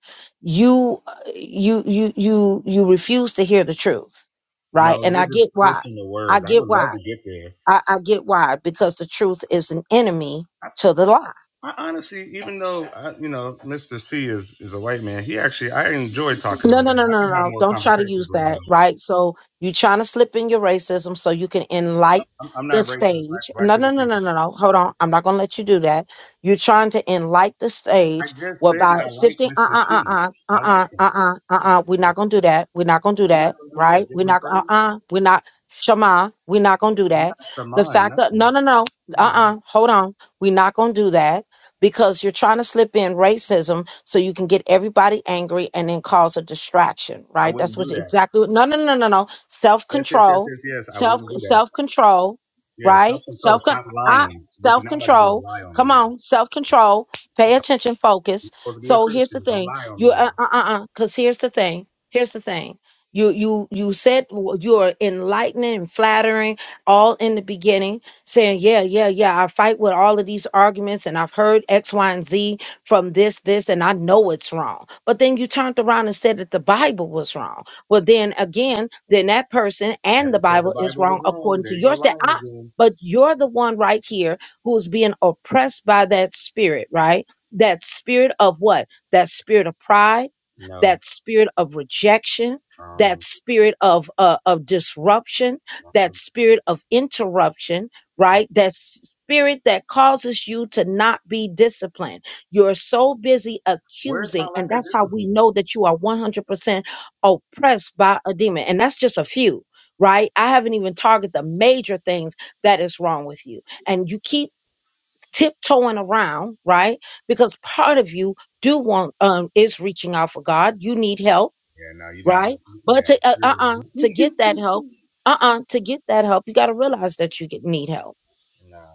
S1: You, you, you, you, you refuse to hear the truth, right?
S5: No,
S1: And
S5: you're
S1: I
S5: just
S1: get why.
S5: twisting the
S1: I
S5: words. I
S1: get
S5: would love
S1: why.
S5: to get there.
S1: I, I get why. Because the truth is an enemy to the lie
S5: I honestly, even though I, you know Mr. C is is a white man, he actually I enjoy talking to
S1: No,
S5: him.
S1: no, no,
S5: I
S1: no, no.
S5: can have
S1: no.
S5: more
S1: Don't try to
S5: conversations
S1: use
S5: with him.
S1: that, right? So you trying to slip in your racism so you can enlighten
S5: I'm, I'm
S1: the
S5: not racist. Black,
S1: stage.
S5: black
S1: No,
S5: people
S1: no, no,
S5: can't
S1: no,
S5: get
S1: no,
S5: this.
S1: no. Hold on. I'm not going to let you do that. You're trying to enlighten the
S5: I
S1: stage
S5: just
S1: well,
S5: said
S1: by
S5: that I like
S1: sifting, uh,
S5: Mr.
S1: uh, uh,
S5: C.
S1: uh, uh,
S5: I like
S1: uh,
S5: him.
S1: uh, uh, uh. uh, We're not going to do that. We're not going to do
S5: We're not
S1: that,
S5: gonna do
S1: right?
S5: what? Give
S1: We're
S5: him
S1: not, uh,
S5: praise?
S1: uh. We're not, Shema, we're not going to do
S5: I'm
S1: that.
S5: not
S1: The
S5: shaman
S1: fact that, no,
S5: nothing.
S1: no, no, uh, uh. Hold on. We're not going to do that because you're trying to slip in racism so you can get everybody angry and then cause a distraction,
S5: I
S1: right?
S5: wouldn't
S1: That's
S5: do
S1: what
S5: that.
S1: exactly what no no no no no.
S5: Yes, yes, yes,
S1: Self-control,
S5: yes, yes. I
S1: self
S5: wouldn't do that.
S1: self-control,
S5: Yeah, self
S1: right?
S5: control.
S1: Self
S5: Stop
S1: I
S5: lying. What you're not about to do is
S1: self-control.
S5: lie on me
S1: Come
S5: now.
S1: on, self-control. Pay attention, focus.
S5: You're supposed to be a
S1: So here's the
S5: Christian. Don't
S1: thing.
S5: lie on me
S1: You
S5: now.
S1: uh uh uh cuz here's the thing. Here's the thing. You you you said w- you are enlightening and flattering all in the beginning saying, Yeah, yeah, yeah, I fight with all of these arguments and I've heard X, Y, and Z from this, this, and I know it's wrong. But then you turned around and said that the Bible was wrong. Well, then again, then that person and
S5: Never
S1: the
S5: said the
S1: Bible is
S5: Bible was
S1: wrong
S5: wrong.
S1: according
S5: There
S1: to
S5: you go
S1: your stand.
S5: lying
S1: I,
S5: again.
S1: but you're the one right here who's being oppressed by that spirit, right? That spirit of what? That spirit of pride,
S5: No.
S1: that spirit of rejection, that
S5: Um,
S1: spirit of uh, of disruption,
S5: my
S1: that
S5: flip-
S1: spirit of interruption,
S5: mm.
S1: right? That spirit that causes you to not be disciplined. You're so busy
S5: where's my
S1: accusing, and
S5: lack of
S1: that's how we
S5: discipline?
S1: know that you are 100% oppressed by a demon. And that's just a few, right? I haven't even targeted the major things that is wrong with you. And you keep tiptoeing around, right? Because part of you do want um is reaching out for God. You need help,
S5: Yeah, no, you got me.
S1: right? But
S5: Yeah,
S1: to uh
S5: you're
S1: uh
S5: wrong.
S1: to get that help, uh uh to get that help, you got to realize that you get, need help
S5: No,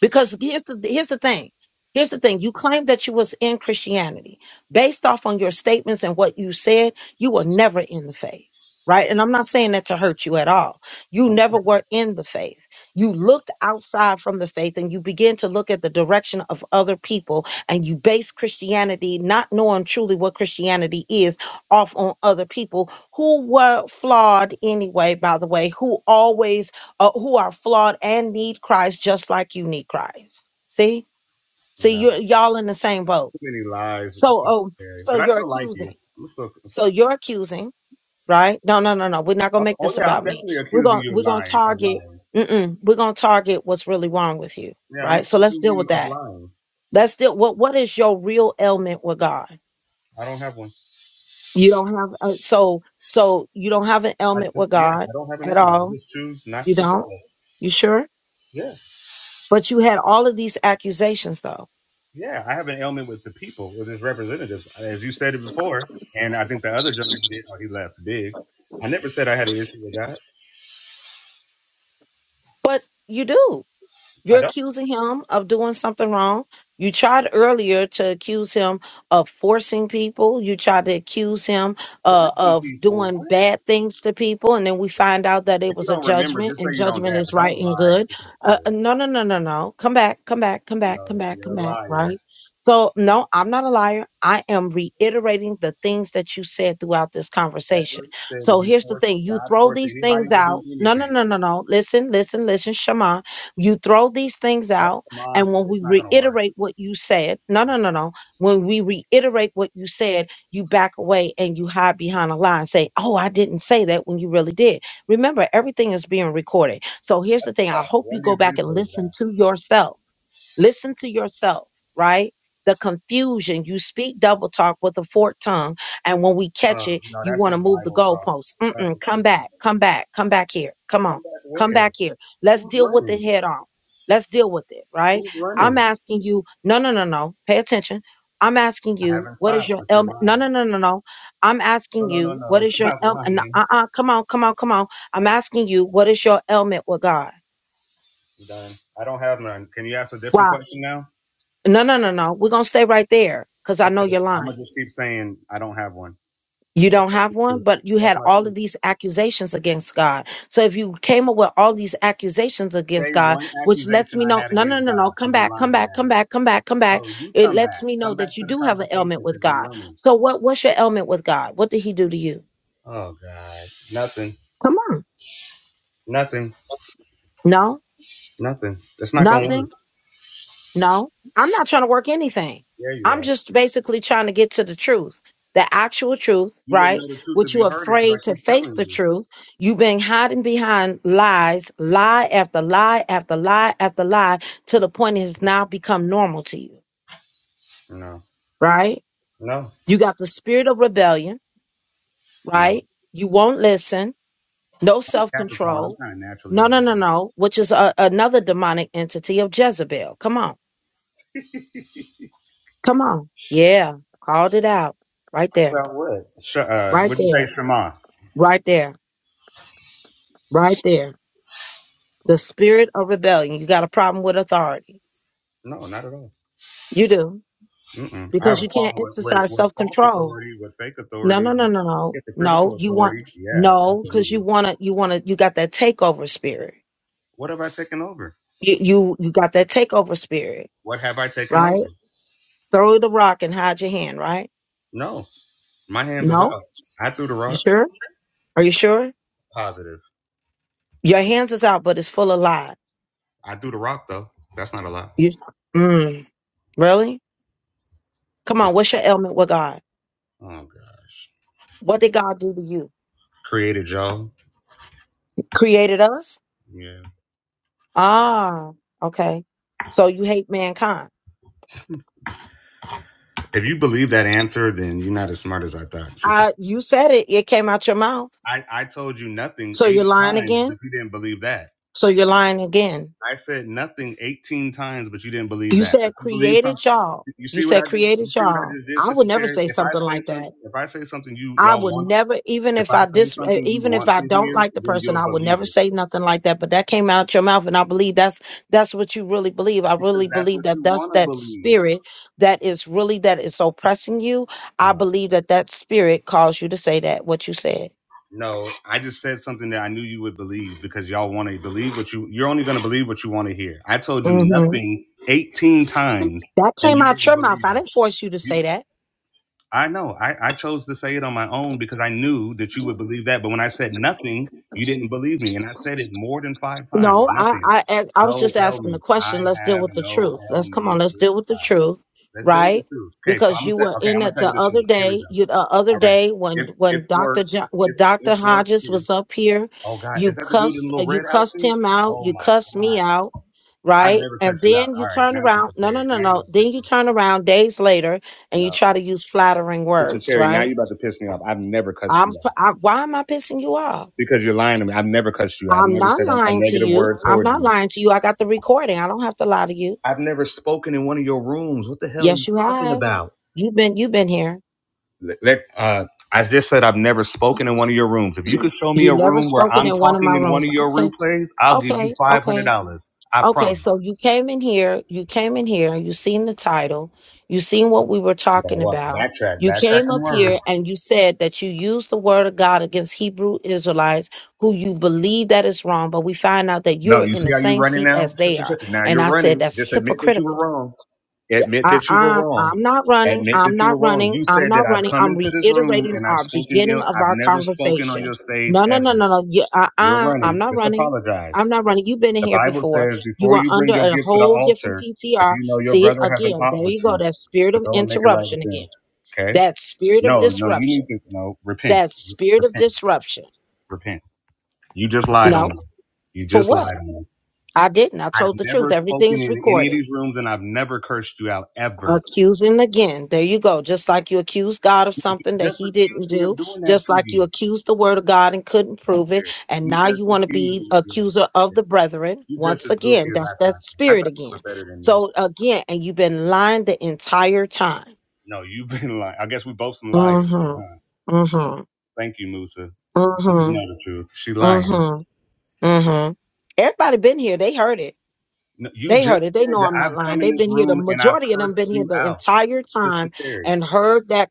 S1: because here's the here's the thing. Here's the thing. You claim that you was in Christianity. Based off on your statements and what you said, you were never in the faith. Right. And I'm not saying that to hurt you at all. You
S5: I'm not.
S1: never were in the faith. You looked outside from the faith and you begin to look at the direction of other people and you base Christianity, not knowing truly what Christianity is, off on other people who were flawed anyway, by the way, who always uh, who are flawed and need Christ just like you need Christ. See, see,
S5: No,
S1: you y'all in the same boat.
S5: too many lies.
S1: So, oh,
S5: Yeah,
S1: so
S5: But I
S1: you're
S5: still like you.
S1: accusing.
S5: I'm still.
S1: So you're accusing, right? No, no, no, no. We're not
S5: Oh,
S1: gonna make
S5: oh
S1: this
S5: yeah, I'm
S1: about me.
S5: definitely
S1: We're
S5: accusing
S1: gonna
S5: you of
S1: we're gonna
S5: lying. Of
S1: target.
S5: lying.
S1: Mm-mm, we're gonna target what's really wrong with you,
S5: Yeah, I'm
S1: right? So
S5: accusing
S1: let's deal with
S5: you of
S1: that.
S5: lying.
S1: Let's deal. What what is your real ailment with God?
S5: I don't have one.
S1: You don't have uh, so so you don't have an
S5: I
S1: ailment
S5: just
S1: with
S5: yeah,
S1: God
S5: I don't have an
S1: at
S5: ailment. I
S1: all.
S5: just choose not
S1: You
S5: to
S1: don't.
S5: follow.
S1: You sure?
S5: Yes,
S1: But you had all of these accusations though
S5: yeah, I have an ailment with the people, with his representatives, as you stated before, and I think the other gentleman did. Oh, he laughs big. I never said I had an issue with God.
S1: But you do.
S5: I
S1: You're
S5: don't.
S1: accusing him of doing something wrong. You tried earlier to accuse him of forcing people. You tried to accuse him uh,
S5: Forcing
S1: of
S5: people,
S1: doing
S5: what?
S1: bad things to people, and then we find out that it
S5: If you
S1: was a
S5: don't remember,
S1: judgment,
S5: just
S1: and
S5: say you don't
S1: judgment
S5: dab,
S1: is
S5: but don't
S1: right and
S5: lie
S1: good.
S5: to
S1: Uh, uh,
S5: people.
S1: no, no, no, no, no. Come back, come back, come back, come
S5: No,
S1: back,
S5: you're
S1: come
S5: a
S1: back.
S5: liar.
S1: Right. So no, I'm not a liar. I am reiterating the things that you said throughout this conversation.
S5: Ever said that
S1: So
S5: he
S1: here's the
S5: forced
S1: thing: you
S5: God
S1: throw
S5: forced
S1: these
S5: anybody
S1: things
S5: to do
S1: out. No, no,
S5: anything.
S1: no, no, no. Listen, listen, listen, Shema you throw these things
S5: That's
S1: out,
S5: the mod.
S1: and when
S5: It's
S1: we
S5: not gonna work.
S1: reiterate what you said, no, no, no, no. When we reiterate what you said, you back away and you hide behind a lie and say, Oh, I didn't say that when you really did. Remember, everything is being recorded. So here's
S5: That's
S1: the
S5: the
S1: thing I
S5: fact.
S1: hope you
S5: Run
S1: go
S5: these
S1: back and
S5: repos
S1: listen
S5: back.
S1: to yourself Listen to yourself, right? The confusion, you speak double talk with a forked tongue, and when we catch
S5: Uh,
S1: it,
S5: no,
S1: you
S5: that's
S1: want to
S5: just
S1: move the
S5: Bible talk.
S1: goalposts. Mm-mm,
S5: Classic
S1: come
S5: Christian.
S1: back, come back, come back here. Come on,
S5: Come back
S1: come
S5: where?
S1: back here. Let's
S5: Who's
S1: deal with
S5: running?
S1: it head on. Let's deal with it, right?
S5: Who's
S1: I'm
S5: running?
S1: asking you, no, no, no, no, pay attention. I'm asking
S5: I
S1: you,
S5: haven't
S1: what is
S5: stopped,
S1: your
S5: but you're
S1: ailment? No,
S5: lying.
S1: no, no, no, no. I'm
S5: No,
S1: asking
S5: no, no,
S1: you,
S5: no.
S1: what is your
S5: Stop
S1: ailment?
S5: lying.
S1: Uh uh, come on, come on, come on. I'm asking you, what is your ailment with God?
S5: I'm done. I don't have none. Can you ask a different question now?
S1: No, no, no, no. We're going to stay right there because I know
S5: Okay.
S1: you're
S5: I'm gonna
S1: lying.
S5: just keep saying I don't have one.
S1: You
S5: That's
S1: don't have one,
S5: true.
S1: but you
S5: That's
S1: had
S5: my
S1: all of
S5: truth.
S1: these accusations against God. So if you came up with all these accusations against
S5: Say
S1: God,
S5: one
S1: which lets
S5: accusation
S1: me
S5: I
S1: know,
S5: had
S1: no,
S5: against
S1: no, no,
S5: God
S1: no, come
S5: because you
S1: back, come
S5: lying
S1: back, come
S5: now.
S1: back, come back, come back.
S5: No, you
S1: It
S5: come
S1: lets
S5: back.
S1: me know
S5: Come
S1: that
S5: back
S1: you
S5: to the
S1: do have an
S5: conversation
S1: ailment
S5: because
S1: with
S5: you
S1: God.
S5: running.
S1: So what, what's your ailment with God? What did he do to you?
S5: Oh, God. Nothing.
S1: Come on.
S5: Nothing.
S1: No,
S5: Nothing. That's not going to
S1: nothing.
S5: work.
S1: No, I'm not trying to work anything.
S5: There you
S1: I'm
S5: are.
S1: just basically trying to get to the truth, the actual truth,
S5: You wouldn't
S1: right?
S5: know the truth
S1: Which
S5: if you
S1: you're
S5: heard it because I
S1: afraid to
S5: keep
S1: face
S5: telling
S1: the
S5: you.
S1: truth. You've been hiding behind lies, lie after lie after lie after lie, to the point it has now become normal to you,
S5: No.
S1: right?
S5: No.
S1: You got the spirit of rebellion,
S5: No.
S1: right? You won't listen, no
S5: I'm a
S1: self
S5: Capricorn. I'm
S1: control.
S5: kind of naturally
S1: No, no, no,
S5: rebellious.
S1: no, which is a, another demonic entity of Jezebel. Come on, come on. Yeah, called it out right there
S5: Well, what? Sh- uh,
S1: Right
S5: would you say
S1: there.
S5: Shema?
S1: Right there. Right there. The spirit of rebellion. You got a problem with authority.
S5: No, not at all.
S1: You do.
S5: Mm-mm. I have
S1: Because
S5: a
S1: you can't
S5: problem with, with
S1: exercise
S5: with
S1: self
S5: false
S1: control.
S5: authority, with fake
S1: No,
S5: authority,
S1: no, no,
S5: with
S1: no, no. No.
S5: hypocritical
S1: You want
S5: authority. Yeah,
S1: no, because
S5: absolutely.
S1: you wanna you wanna you got that takeover spirit.
S5: What have I taken over?
S1: You you you got that takeover spirit,
S5: What have I taken over?
S1: right? Throw the rock and hide your hand, right?
S5: No, my hands is
S1: No?
S5: out. I threw the
S1: You
S5: rock.
S1: sure? Are you sure?
S5: Positive.
S1: Your hands is out, but it's full of lies.
S5: I threw the rock though. That's not a lie.
S1: You mm, really? Come
S5: Yeah.
S1: on, what's your ailment with God?
S5: Oh gosh.
S1: What did God do to you?
S5: Created y'all.
S1: Created us?
S5: Yeah.
S1: Ah, okay. So you hate mankind.
S5: If you believe that answer, then you're not as smart as I thought. sister.
S1: I, you said it. It came out your mouth.
S5: I, I told you nothing
S1: So you're
S5: 80
S1: lying
S5: times, but
S1: again.
S5: you didn't believe that.
S1: So you're lying again.
S5: I said nothing 18 times, but you didn't believe
S1: You
S5: that. But
S1: said
S5: you believe something.
S1: created y'all.
S5: You
S1: You
S5: see what I
S1: said
S5: just you
S1: created
S5: see what I
S1: y'all.
S5: just did,
S1: I
S5: Sister
S1: would never
S5: Cherry?
S1: say
S5: If I
S1: something
S5: say
S1: like that.
S5: something, if I say something you
S1: I
S5: y'all
S1: would
S5: want,
S1: never, even
S5: if
S1: if
S5: I
S1: I
S5: say
S1: dis, uh,
S5: something you
S1: even if
S5: want
S1: I
S5: to
S1: don't
S5: hear,
S1: like the
S5: then
S1: person,
S5: you'll
S1: I would
S5: believe
S1: never
S5: it
S1: say nothing like that. But that came out your mouth, and I believe that's that's what you really believe. I really
S5: because that's
S1: believe
S5: what
S1: that
S5: you
S1: that's
S5: want to
S1: that
S5: believe.
S1: spirit that is really that is oppressing you. I
S5: Uh,
S1: believe that that spirit caused you to say that what you said.
S5: no, I just said something that I knew you would believe because y'all want to believe what you. You're only going to believe what you want to hear. I told you
S1: hmm
S5: nothing 18 times,
S1: That
S5: and
S1: came
S5: you
S1: out
S5: didn't
S1: your mouth.
S5: believe
S1: I didn't force you to
S5: it.
S1: say that.
S5: I know. I, I chose to say it on my own because I knew that you would believe that. But when I said nothing, you didn't believe me. And I said it more than five times.
S1: No, I,
S5: Nothing.
S1: I ac- I was
S5: No
S1: just asking the
S5: ailment. I
S1: question. Let's deal
S5: have
S1: with the
S5: no
S1: truth. Let's
S5: ailment
S1: come on. Let's
S5: with
S1: deal with the
S5: God.
S1: truth,
S5: Let's deal with the
S1: right?
S5: truth. Okay, so
S1: Because
S5: I'm
S1: you
S5: gonna
S1: were
S5: tell, okay,
S1: in
S5: I'm gonna
S1: it
S5: tell
S1: the
S5: you the
S1: other
S5: truth. Here we
S1: day.
S5: go.
S1: You the other
S5: All right.
S1: day when
S5: It
S1: when
S5: it's
S1: Doctor
S5: work.
S1: jo- when
S5: It's
S1: Doctor
S5: it's work
S1: Hodges
S5: here.
S1: was up here,
S5: Oh God,
S1: you
S5: is that the dude in the
S1: cussed uh,
S5: little
S1: you
S5: red
S1: cussed
S5: outfit?
S1: him out.
S5: Oh
S1: You
S5: my
S1: cussed me
S5: God.
S1: out,
S5: I've
S1: right?
S5: never
S1: And
S5: cussed you out.
S1: then
S5: All
S1: you
S5: right,
S1: turn
S5: now
S1: around.
S5: Sister
S1: No, no,
S5: Cherry.
S1: no,
S5: Now you're
S1: no.
S5: about to
S1: Then
S5: piss
S1: you
S5: me off.
S1: turn around days later and you
S5: No.
S1: try to use flattering
S5: Sister
S1: words,
S5: Cherry, now you're
S1: right?
S5: about to piss me off. I've never cussed you
S1: I'm
S5: out.
S1: p- I, why am I pissing you off?
S5: because you're lying to me. I've never cussed you. I've
S1: I'm
S5: never
S1: not
S5: said a, a
S1: lying to
S5: negative
S1: you.
S5: word
S1: I'm
S5: towards
S1: not
S5: you.
S1: lying to you. I got the recording. I don't have to lie to you.
S5: I've never spoken in one of your rooms. What the hell are you
S1: Yes, you
S5: talking
S1: have.
S5: about?
S1: You've been you've been here.
S5: Let, let- uh, I just said I've never spoken in one of your rooms. If you could show me
S1: You
S5: a
S1: never
S5: room where
S1: spoken
S5: I'm
S1: in one of
S5: talking
S1: my
S5: in one
S1: rooms.
S5: of your
S1: Okay.
S5: replays, I'll give you
S1: Okay.
S5: five hundred
S1: Okay.
S5: dollars. I
S1: Okay.
S5: promise.
S1: So you came in here. You came in here. You seen the title. You seen what we were
S5: Yeah,
S1: talking
S5: what?
S1: about.
S5: Backtrack,
S1: You
S5: backtrack
S1: came
S5: and
S1: up
S5: word.
S1: here and you said that you used the word of God against Hebrew Israelites who you believe that is wrong, but we find out that
S5: No,
S1: you're
S5: you
S1: in
S5: see
S1: the
S5: how you
S1: same
S5: running
S1: seat
S5: now,
S1: as they
S5: sister.
S1: are.
S5: Chip? Now
S1: And
S5: you're
S1: I said
S5: running.
S1: that's
S5: Just admit that you
S1: hypocritical.
S5: were wrong. Admit
S1: Uh,
S5: that you were
S1: uh,
S5: wrong.
S1: I'm not running.
S5: Admit that
S1: I'm
S5: you were
S1: not
S5: wrong.
S1: running.
S5: You
S1: I'm
S5: said that
S1: not
S5: I've
S1: running.
S5: come
S1: I'm
S5: into this room
S1: reiterating
S5: and I've
S1: our
S5: spoken
S1: beginning
S5: ill.
S1: of
S5: I've
S1: our
S5: never spoken on
S1: conversation.
S5: your stage
S1: No, no, no,
S5: ever.
S1: no, no. You, uh,
S5: You're
S1: uh, I'm
S5: running.
S1: not
S5: Just
S1: running. I'm
S5: apologize.
S1: not running. You've been in
S5: The
S1: here
S5: Bible
S1: before.
S5: says
S1: You
S5: before
S1: were
S5: you bring
S1: under
S5: your
S1: a
S5: gift to the
S1: whole different
S5: altar, if
S1: PTR.
S5: you know your
S1: See,
S5: brother has an
S1: again,
S5: ought
S1: there
S5: with
S1: you go.
S5: you,
S1: That spirit
S5: to
S1: of
S5: go and make it right with
S1: interruption again.
S5: them. Okay?
S1: That spirit of
S5: No, no, you need
S1: disruption.
S5: to no repent,
S1: That spirit of
S5: repent,
S1: disruption.
S5: repent. You just lied on
S1: No,
S5: them. You
S1: for
S5: just
S1: what?
S5: lied on them.
S1: I didn't. I
S5: I've
S1: told the truth.
S5: never spoken
S1: Everything's
S5: in any of
S1: recorded.
S5: these rooms and I've never cursed you out ever.
S1: Accusing again. There you go. Just like you accused God of
S5: You
S1: something that
S5: just
S1: he
S5: accused
S1: didn't
S5: me
S1: do,
S5: of doing that
S1: just
S5: to
S1: like you
S5: you.
S1: accused the word of God and couldn't prove it.
S5: Terry,
S1: And
S5: you
S1: now you
S5: just
S1: want to
S5: accused
S1: be
S5: me. You
S1: accuser
S5: know,
S1: of the brethren.
S5: you just
S1: Once
S5: as goofy
S1: again,
S5: as
S1: that's
S5: I
S1: that
S5: thought. I
S1: spirit
S5: thought you were
S1: again.
S5: better than this.
S1: So again, and you've been lying the entire time.
S5: No, you've been lying. I guess we both some liars, man.
S1: Mm-hmm.
S5: Huh?
S1: Mm-hmm.
S5: Thank you, Musa. You
S1: Mm-hmm.
S5: know the truth. She lying.
S1: Mm-hmm. Mm-hmm. Everybody been here. They heard it.
S5: No, you
S1: They
S5: just
S1: heard it. They
S5: said
S1: know
S5: that
S1: I'm not
S5: I've
S1: lying.
S5: come in
S1: They've
S5: this
S1: been here. The
S5: room and I've
S1: majority of
S5: cursed
S1: them been here
S5: you
S1: the
S5: out,
S1: entire time
S5: Sister Terry.
S1: and heard that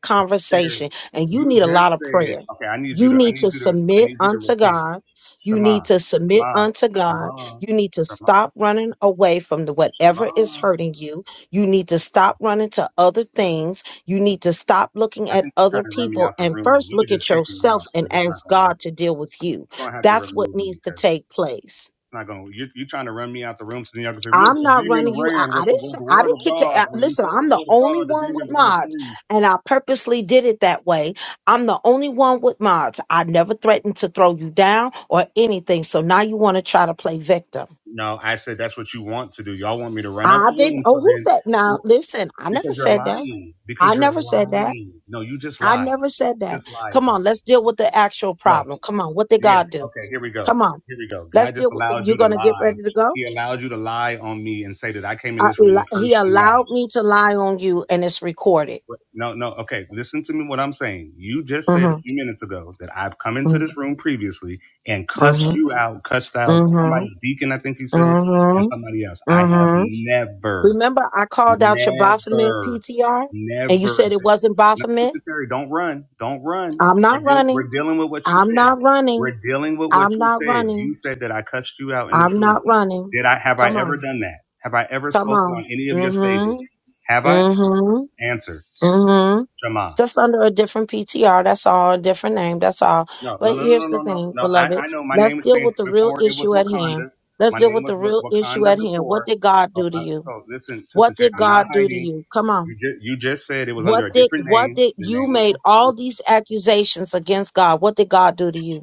S5: Terry,
S1: conversation. And you
S5: you
S1: need a
S5: just
S1: lot of prayer.
S5: said. Okay, I need you
S1: You
S5: to. I
S1: need
S5: need
S1: to
S5: you to. I
S1: submit
S5: need you to
S1: unto
S5: repent.
S1: God. You
S5: Shema,
S1: need to submit
S5: Shema,
S1: unto God.
S5: Shema,
S1: You need to
S5: Shema,
S1: stop running away from the whatever is
S5: Shema.
S1: hurting you. You need to stop running to other things. You need to stop looking
S5: I
S1: at
S5: think you're
S1: other
S5: trying to run me
S1: people
S5: out the
S1: and
S5: room.
S1: first
S5: You could
S1: look at
S5: just kick me
S1: yourself
S5: out
S1: and
S5: because it's not
S1: ask
S5: gonna work.
S1: God to deal with you.
S5: You're gonna have to
S1: That's what
S5: remove me
S1: needs to
S5: because it's
S1: take place.
S5: not gonna. You you trying to run me out the room, so then y'all can say, "Look,
S1: I'm
S5: the
S1: not
S5: demon
S1: running you. I,
S5: ran
S1: I
S5: with the,
S1: didn't say
S5: with the
S1: I
S5: word of
S1: didn't kick it. out.
S5: God." When you
S1: Listen,
S5: say the
S1: I'm the
S5: word of
S1: only
S5: God, the
S1: one with
S5: demons are gonna
S1: mods,
S5: flee.
S1: and I purposely did it that way. I'm the only one with mods. I never threatened to throw you down or anything. So now you want to try to play victim.
S5: No, I said that's what you want to do. Y'all want me to run out the
S1: I didn't.
S5: room, so
S1: Oh, who's
S5: then
S1: that? Now
S5: well,
S1: listen, I never
S5: because you're
S1: said that.
S5: lying, because
S1: I
S5: you're
S1: never said that.
S5: lying. No, you just
S1: I
S5: lied.
S1: never said that.
S5: Just lied
S1: Come on,
S5: though.
S1: let's deal with the actual
S5: No,
S1: problem. Come on, what did
S5: yes,
S1: God do?
S5: okay. Here we go.
S1: Come on,
S5: Here we go.
S1: let's
S5: God just
S1: deal. With,
S5: allows
S1: you're
S5: you to
S1: gonna get
S5: lie.
S1: ready to go.
S5: He allows you to lie on me and say that I came in
S1: I,
S5: this room
S1: li-
S5: and
S1: he
S5: cursed you out.
S1: allowed me to lie on you, and it's recorded.
S5: No, no. Okay, listen to me. What I'm saying. You just said a
S1: Mm-hmm.
S5: few minutes ago that I've come into
S1: Mm-hmm.
S5: this room previously and cussed
S1: Mm-hmm.
S5: you out, cussed out
S1: Mm-hmm.
S5: somebody, Deacon, I think you said, and somebody else. I have
S1: Mm-hmm.
S5: never,
S1: Remember, I called out your Baphomet
S5: never,
S1: PTR and you said
S5: never.
S1: it wasn't
S5: No,
S1: Baphomet.
S5: Sister Terry, don't run, don't run.
S1: I'm
S5: We're
S1: not
S5: dealing.
S1: running.
S5: We're dealing with what you
S1: I'm
S5: said.
S1: not
S5: We're
S1: running.
S5: dealing with what
S1: I'm
S5: you
S1: not
S5: said. You
S1: running.
S5: said that I cussed you out in this
S1: I'm
S5: room.
S1: not running.
S5: Did I? Have I
S1: Come
S5: ever
S1: on.
S5: done that? Have I ever
S1: Come
S5: spoken on
S1: on.
S5: any of your stages?
S1: Mm-hmm.
S5: Have I?
S1: Mm-hmm.
S5: Answer,
S1: Mm-hmm.
S5: Jamal.
S1: Just under a different PTR. That's all. A different name. That's all.
S5: No, no,
S1: But
S5: no, no,
S1: here's the
S5: no, no,
S1: thing,
S5: no. I,
S1: beloved.
S5: I know my
S1: Let's
S5: name was
S1: deal
S5: changed
S1: with the real
S5: before. It was
S1: issue at hand.
S5: Wakanda.
S1: Let's
S5: My
S1: deal
S5: name
S1: with
S5: was
S1: the real
S5: Wa-
S1: issue
S5: Wakanda
S1: at hand. What
S5: before.
S1: did God
S5: So,
S1: do to
S5: I,
S1: you?
S5: so listen, Sister
S1: What
S5: J,
S1: did
S5: I'm not
S1: God do to
S5: hiding.
S1: you? Come
S5: You
S1: on.
S5: just you just said it was under
S1: What
S5: a
S1: did
S5: different
S1: what
S5: name.
S1: did
S5: The
S1: you
S5: name was
S1: made
S5: Wakanda.
S1: all these accusations against God? What did God do to you?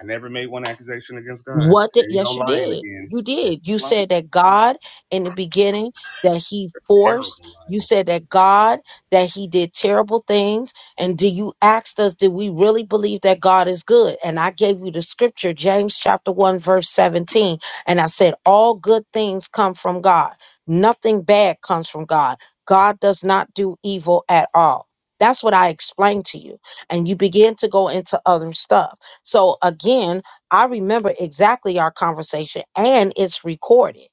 S5: I never made one accusation against God.
S1: What did
S5: There you go,
S1: yes you
S5: lying
S1: did.
S5: again.
S1: You
S5: There you
S1: did. You
S5: go, lying.
S1: said that God in the beginning that he
S5: Terrible
S1: forced, you
S5: liar.
S1: said that God that he did terrible things and do you asked us did we really believe that God is good? And I gave you the scripture James chapter 1 verse 17 and I said all good things come from God. Nothing bad comes from God. God does not do evil at all. That's what I explained to you. And you begin to go into other stuff. So again, I remember exactly our conversation and it's recorded.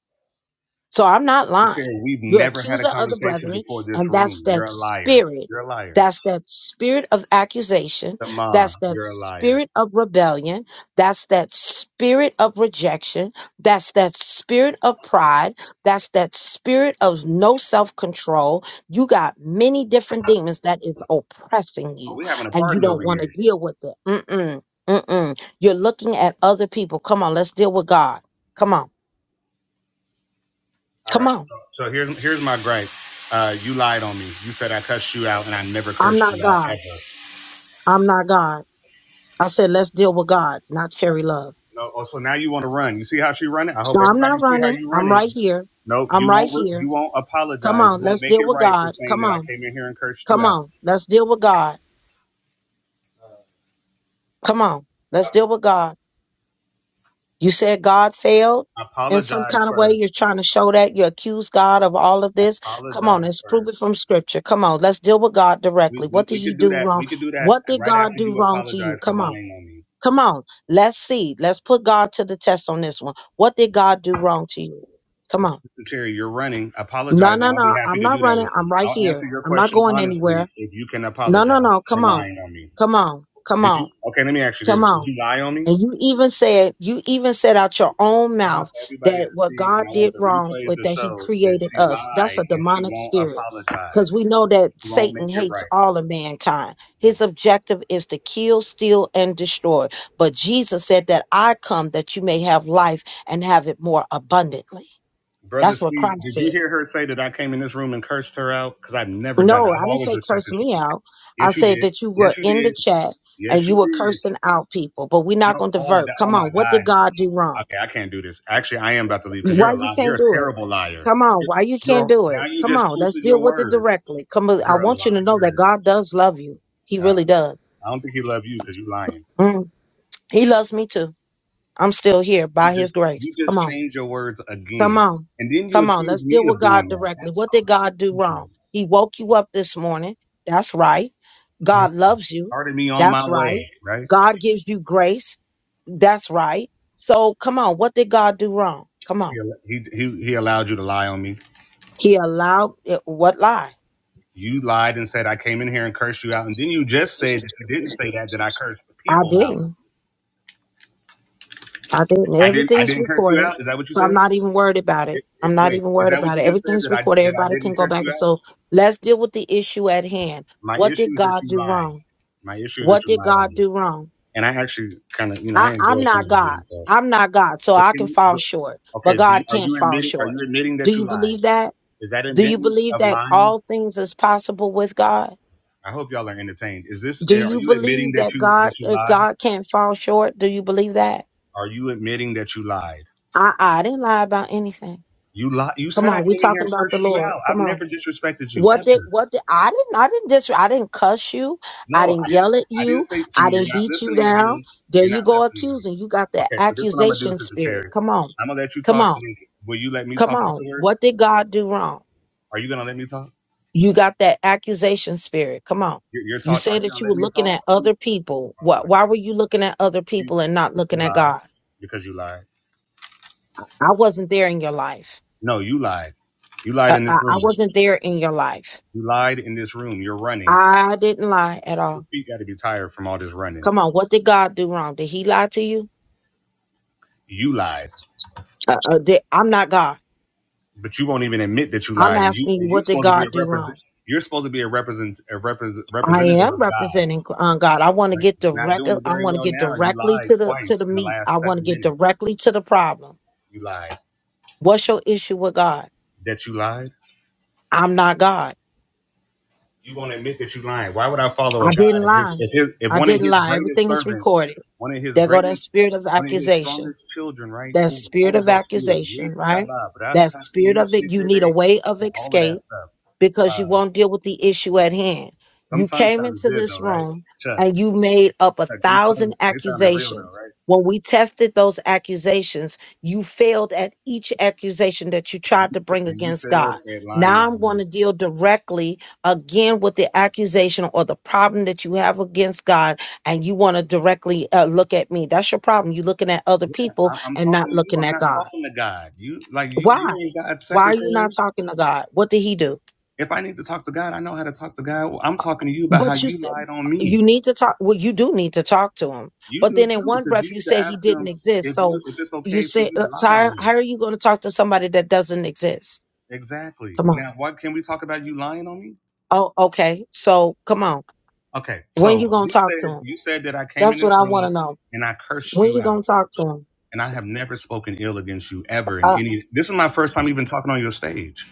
S1: So I'm not
S5: You said
S1: lying.
S5: We've
S1: You're
S5: never had a
S1: accuser of the
S5: conversation
S1: brethren,
S5: before this
S1: and that's
S5: room. You're
S1: that
S5: a liar.
S1: spirit.
S5: You're a liar.
S1: That's that spirit of accusation.
S5: The ma,
S1: That's that
S5: you're a liar.
S1: spirit of rebellion. That's that spirit of rejection. That's that spirit of pride. That's that spirit of no self control. You got many different demons that is oppressing
S5: Oh,
S1: you,
S5: we having a
S1: and you
S5: party over
S1: don't want
S5: here.
S1: to deal with it. Mm-mm, mm-mm. You're looking at other people. Come on, let's deal with God. Come on,
S5: All
S1: come
S5: right.
S1: on.
S5: So here's here's my gripe. Uh, you lied on me. You said I cussed you out, and I never
S1: I'm
S5: cursed
S1: not
S5: you out
S1: God.
S5: ever.
S1: I'm not God. I said, let's deal with God, not Cherry Love.
S5: No. Oh, so now you want to run? You see how she running? I hope
S1: So I'm
S5: everybody
S1: not
S5: see how
S1: running.
S5: you
S1: I'm
S5: running.
S1: right here.
S5: Nope.
S1: I'm
S5: You
S1: right
S5: won't. re- You
S1: here.
S5: won't
S1: Come
S5: apologize. You
S1: on,
S5: won't
S1: let's
S5: make it
S1: deal with
S5: right for
S1: God.
S5: saying
S1: Come
S5: that I
S1: on.
S5: came in here and cursed you
S1: Come
S5: out.
S1: on. Let's deal with God. Come on. Let's deal with God. You said God failed in some
S5: Apologize
S1: kind of way.
S5: first.
S1: You're trying to show that. You accuse God of all of this. Come on,
S5: Apologize
S1: let's prove
S5: first.
S1: it from scripture. Come on, let's deal with God
S5: We,
S1: directly.
S5: we,
S1: What did
S5: we
S1: he
S5: could do
S1: do
S5: that.
S1: wrong?
S5: We could do that
S1: What did
S5: right
S1: God
S5: after
S1: do
S5: you
S1: wrong to you?
S5: apologize for
S1: Come on.
S5: lying on me.
S1: Come on, let's see. Let's put God to the test on this one. What did God do wrong to you? Come on.
S5: Mr. Cherry, you're running.
S1: No,
S5: Apologize, and
S1: no,
S5: I'll be
S1: no.
S5: happy
S1: I'm
S5: to
S1: not
S5: do that
S1: running.
S5: with you.
S1: I'm right
S5: I'll
S1: here.
S5: answer your
S1: I'm not
S5: question
S1: going anywhere.
S5: honestly if you can
S1: No, no,
S5: apologize
S1: no.
S5: for
S1: Come on.
S5: lying on me.
S1: Come on. Come
S5: Did you?
S1: on.
S5: Okay, let me ask you
S1: Come
S5: this: Did
S1: on.
S5: you lie on me?
S1: And you even said, you even said out your
S5: So,
S1: own
S5: I want
S1: mouth
S5: everybody to
S1: that what
S5: see,
S1: God
S5: and I want
S1: did
S5: the
S1: wrong
S5: replays
S1: was
S5: to
S1: that he
S5: show that
S1: created
S5: she
S1: us. That's
S5: lied
S1: a
S5: and she
S1: demonic
S5: won't
S1: spirit. Because
S5: apologize.
S1: we know that
S5: She won't
S1: Satan
S5: make it
S1: hates
S5: right.
S1: all of mankind. His objective is to kill, steal, and destroy. But Jesus said that I come that you may have life and have it more abundantly.
S5: Brother
S1: That's
S5: C,
S1: what Christ
S5: did you
S1: said.
S5: hear her say that I came in this room and cursed her out? Because I've never done it.
S1: No,
S5: I've
S1: I didn't
S5: always
S1: say curse
S5: respected you.
S1: me out. I
S5: Yes, you
S1: said
S5: did.
S1: that you
S5: Yes,
S1: were
S5: you
S1: in the
S5: did.
S1: chat and
S5: Yes, you
S1: you were
S5: did.
S1: cursing out people, but we're
S5: No,
S1: not going to
S5: oh,
S1: divert.
S5: that, oh
S1: Come
S5: my
S1: on, what did
S5: God.
S1: God do wrong?
S5: Okay, I can't do this. Actually, I am about to leave because you're
S1: Why
S5: a
S1: you
S5: liar. You're
S1: can't
S5: a
S1: do it?
S5: terrible liar.
S1: Come on, why you can't
S5: You're
S1: do it?
S5: now you
S1: Come
S5: just
S1: on, let's
S5: twisted your
S1: deal with it
S5: word.
S1: directly. Come on, I
S5: You're a
S1: want you to know that
S5: liar.
S1: God does love you. He
S5: Uh,
S1: really does.
S5: I don't think he loved you because you're lying.
S1: Mm, He loves me too. I'm still here
S5: You
S1: by His
S5: just you
S1: grace. Come
S5: just
S1: on,
S5: changed your words
S1: come
S5: again,
S1: on,
S5: and then you
S1: come on.
S5: accused
S1: Let's
S5: me
S1: deal with
S5: of
S1: God
S5: doing that.
S1: directly.
S5: That's
S1: What did God do wrong?
S5: crazy.
S1: He woke you up this morning. That's right. God loves you.
S5: Started me on my
S1: That's right.
S5: way, right?
S1: God gives you grace. That's right. So come on, what did God do wrong? Come
S5: He
S1: on.
S5: he he, he allowed you to lie on me.
S1: He allowed it, what lie?
S5: You lied and said I came in here and cursed you out, and then you just said that you didn't say that that I cursed the
S1: I
S5: people out.
S1: didn't. I didn't.
S5: I didn't I
S1: Everything's
S5: didn't curse you
S1: recorded.
S5: out. Is that what you
S1: So
S5: said?
S1: I'm not even worried about it.
S5: It, it,
S1: I'm not
S5: wait,
S1: even
S5: is
S1: worried
S5: that what
S1: about it.
S5: you just said
S1: Everything's
S5: that I
S1: recorded.
S5: that I
S1: Everybody
S5: didn't
S1: can go
S5: curse
S1: back. and
S5: you out?
S1: So let's deal with the issue at hand.
S5: My
S1: What
S5: issue
S1: did
S5: is that
S1: God
S5: you
S1: do
S5: lied.
S1: wrong?
S5: My issue is that
S1: What
S5: you
S1: did
S5: lied on
S1: God
S5: me,
S1: do wrong?
S5: and I actually kind of you know I
S1: I, I'm
S5: enjoy
S1: not
S5: coming to
S1: God.
S5: you, but.
S1: I'm not God. So
S5: but
S1: I
S5: can
S1: can
S5: you but
S1: fall short,
S5: Okay,
S1: but
S5: do you,
S1: God
S5: are
S1: can't
S5: you
S1: fall
S5: admitting? Are you
S1: short.
S5: admitting
S1: Do
S5: that you
S1: you
S5: lied?
S1: believe that?
S5: Is that
S1: Do you
S5: admitting
S1: believe
S5: of
S1: that
S5: lying?
S1: all things is possible with God?
S5: I hope y'all are entertained. Is this?
S1: Do
S5: eh, Are
S1: you
S5: you admitting
S1: believe
S5: that
S1: that
S5: you
S1: God
S5: that you
S1: uh,
S5: lied?
S1: God can't fall short? Do you believe that?
S5: Are you admitting that you lied?
S1: I I didn't lie about anything.
S5: You lied. You
S1: Come
S5: said I
S1: on, we
S5: came in here
S1: talking
S5: and
S1: about the
S5: cursed you
S1: Lord.
S5: out. I've
S1: Come on.
S5: never disrespected you
S1: What did
S5: ever.
S1: what did I didn't I didn't dis I didn't cuss you. I
S5: No, I
S1: didn't
S5: didn't.
S1: yell at
S5: I didn't
S1: you.
S5: say to you.
S1: I didn't
S5: You're not
S1: beat you
S5: listening
S1: down.
S5: again.
S1: There
S5: You're
S1: you
S5: not
S1: go
S5: listening again.
S1: accusing. You got that
S5: Okay, so this one I'm gonna do,
S1: accusation
S5: Sister
S1: spirit.
S5: Cherry.
S1: Come on.
S5: I'm gonna let you
S1: Come
S5: talk.
S1: on.
S5: and then Will you let me
S1: Come
S5: talk
S1: on. What
S5: afterwards?
S1: did God do wrong?
S5: Are you gonna let me talk?
S1: You got that accusation spirit. Come on.
S5: Your, your
S1: You
S5: talk. Are
S1: said
S5: you
S1: that
S5: gonna
S1: you
S5: let
S1: were
S5: me
S1: looking
S5: talk?
S1: at other
S5: Oh
S1: people.
S5: my!
S1: What why were you looking at other
S5: You,
S1: people and not
S5: you
S1: looking at
S5: lied
S1: God?
S5: because you lied.
S1: I wasn't there in your life.
S5: No, you lied. You lied
S1: Uh,
S5: in this
S1: I, I
S5: room.
S1: wasn't there in your life.
S5: You lied in this room. You're running.
S1: I didn't lie at
S5: Your
S1: all.
S5: feet got to be tired from all this running.
S1: Come on, what did God do wrong? Did he lie to you?
S5: You lied,
S1: Uh, uh, they, I'm not God.
S5: but you won't even admit that you
S1: I'm
S5: lied. And you
S1: asking you,
S5: and you're
S1: what did
S5: supposed to be a
S1: God do
S5: represent.
S1: wrong?
S5: You're supposed to be a represent a repres
S1: I
S5: representative
S1: am
S5: of God.
S1: representing uh, God. I want to
S5: Like
S1: get
S5: not
S1: direct.
S5: doing it
S1: I
S5: very
S1: want to
S5: well
S1: get
S5: now. You
S1: directly
S5: lied
S1: to the to
S5: twice
S1: the
S5: in the
S1: meat. I
S5: last
S1: want to
S5: seven
S1: get
S5: minutes.
S1: directly to the problem.
S5: You lied.
S1: What's your issue with God?
S5: That you lied.
S1: I'm not God.
S5: You won't admit that you lying. Why would I follow a
S1: I
S5: God
S1: didn't
S5: if his
S1: lie.
S5: if his if
S1: I
S5: one of
S1: didn't
S5: his
S1: lie.
S5: greatest
S1: Everything is
S5: servants,
S1: recorded.
S5: one of his
S1: There go that
S5: greatest,
S1: spirit of
S5: one of his
S1: accusation.
S5: strongest children, right?
S1: That
S5: Oh,
S1: spirit
S5: Holy
S1: of
S5: Ghost fear, yes,
S1: accusation, right?
S5: Shabbat, but that's
S1: That
S5: kind of
S1: spirit
S5: yes,
S1: of it.
S5: yes, they,
S1: You need
S5: they.
S1: a way of
S5: And all of that
S1: escape
S5: stuff.
S1: because you
S5: Uh,
S1: won't deal with the issue at hand.
S5: them
S1: You
S5: tongues
S1: came
S5: sounded
S1: into
S5: good though,
S1: this
S5: right?
S1: room
S5: Chuck,
S1: and you made up a
S5: Chuck, them
S1: thousand
S5: tongues they sounded real though,
S1: accusations.
S5: right?
S1: When we tested those accusations, you failed at each accusation that you
S5: You,
S1: tried to bring
S5: and you
S1: against
S5: failed
S1: God.
S5: at lying
S1: Now I'm
S5: on
S1: going
S5: me.
S1: to deal directly again with the accusation or the problem that you have against God, and you want to directly uh, look at me. That's your problem. You're looking at other
S5: Yeah,
S1: people
S5: I'm, I'm
S1: and
S5: talking
S1: not
S5: to you.
S1: looking
S5: I'm
S1: at
S5: not
S1: God.
S5: talking to God. You like you
S1: Why?
S5: you ain't God's
S1: Why are you not
S5: secretary.
S1: talking to God? What did He do?
S5: If I need to talk to God, I know how to talk to God. Well, I'm talking to you about how
S1: But you
S5: you
S1: said
S5: lied on me.
S1: you need to talk. Well, you do need to talk to him.
S5: You
S1: But
S5: do
S1: then in
S5: too,
S1: one
S5: because
S1: breath,
S5: you
S1: you
S5: need to
S1: said
S5: ask
S1: he didn't
S5: him
S1: exist.
S5: if you
S1: So
S5: if it's
S1: you
S5: okay for
S1: say,
S5: you to
S1: uh, so
S5: lie on
S1: how,
S5: him.
S1: how are you going to talk to somebody that doesn't exist?
S5: Exactly.
S1: Come on.
S5: Now, why can we talk about you lying on me?
S1: Oh, okay. So come on.
S5: Okay,
S1: When you
S5: so
S1: going to
S5: you
S1: talk
S5: said
S1: to him?
S5: you said that I came in
S1: That's
S5: this
S1: what I want
S5: room
S1: to know.
S5: and I cursed
S1: When
S5: you
S1: you going
S5: out,
S1: to talk to him?
S5: and I have never spoken ill against you ever in
S1: Uh,
S5: any. This is my first time even talking on your stage.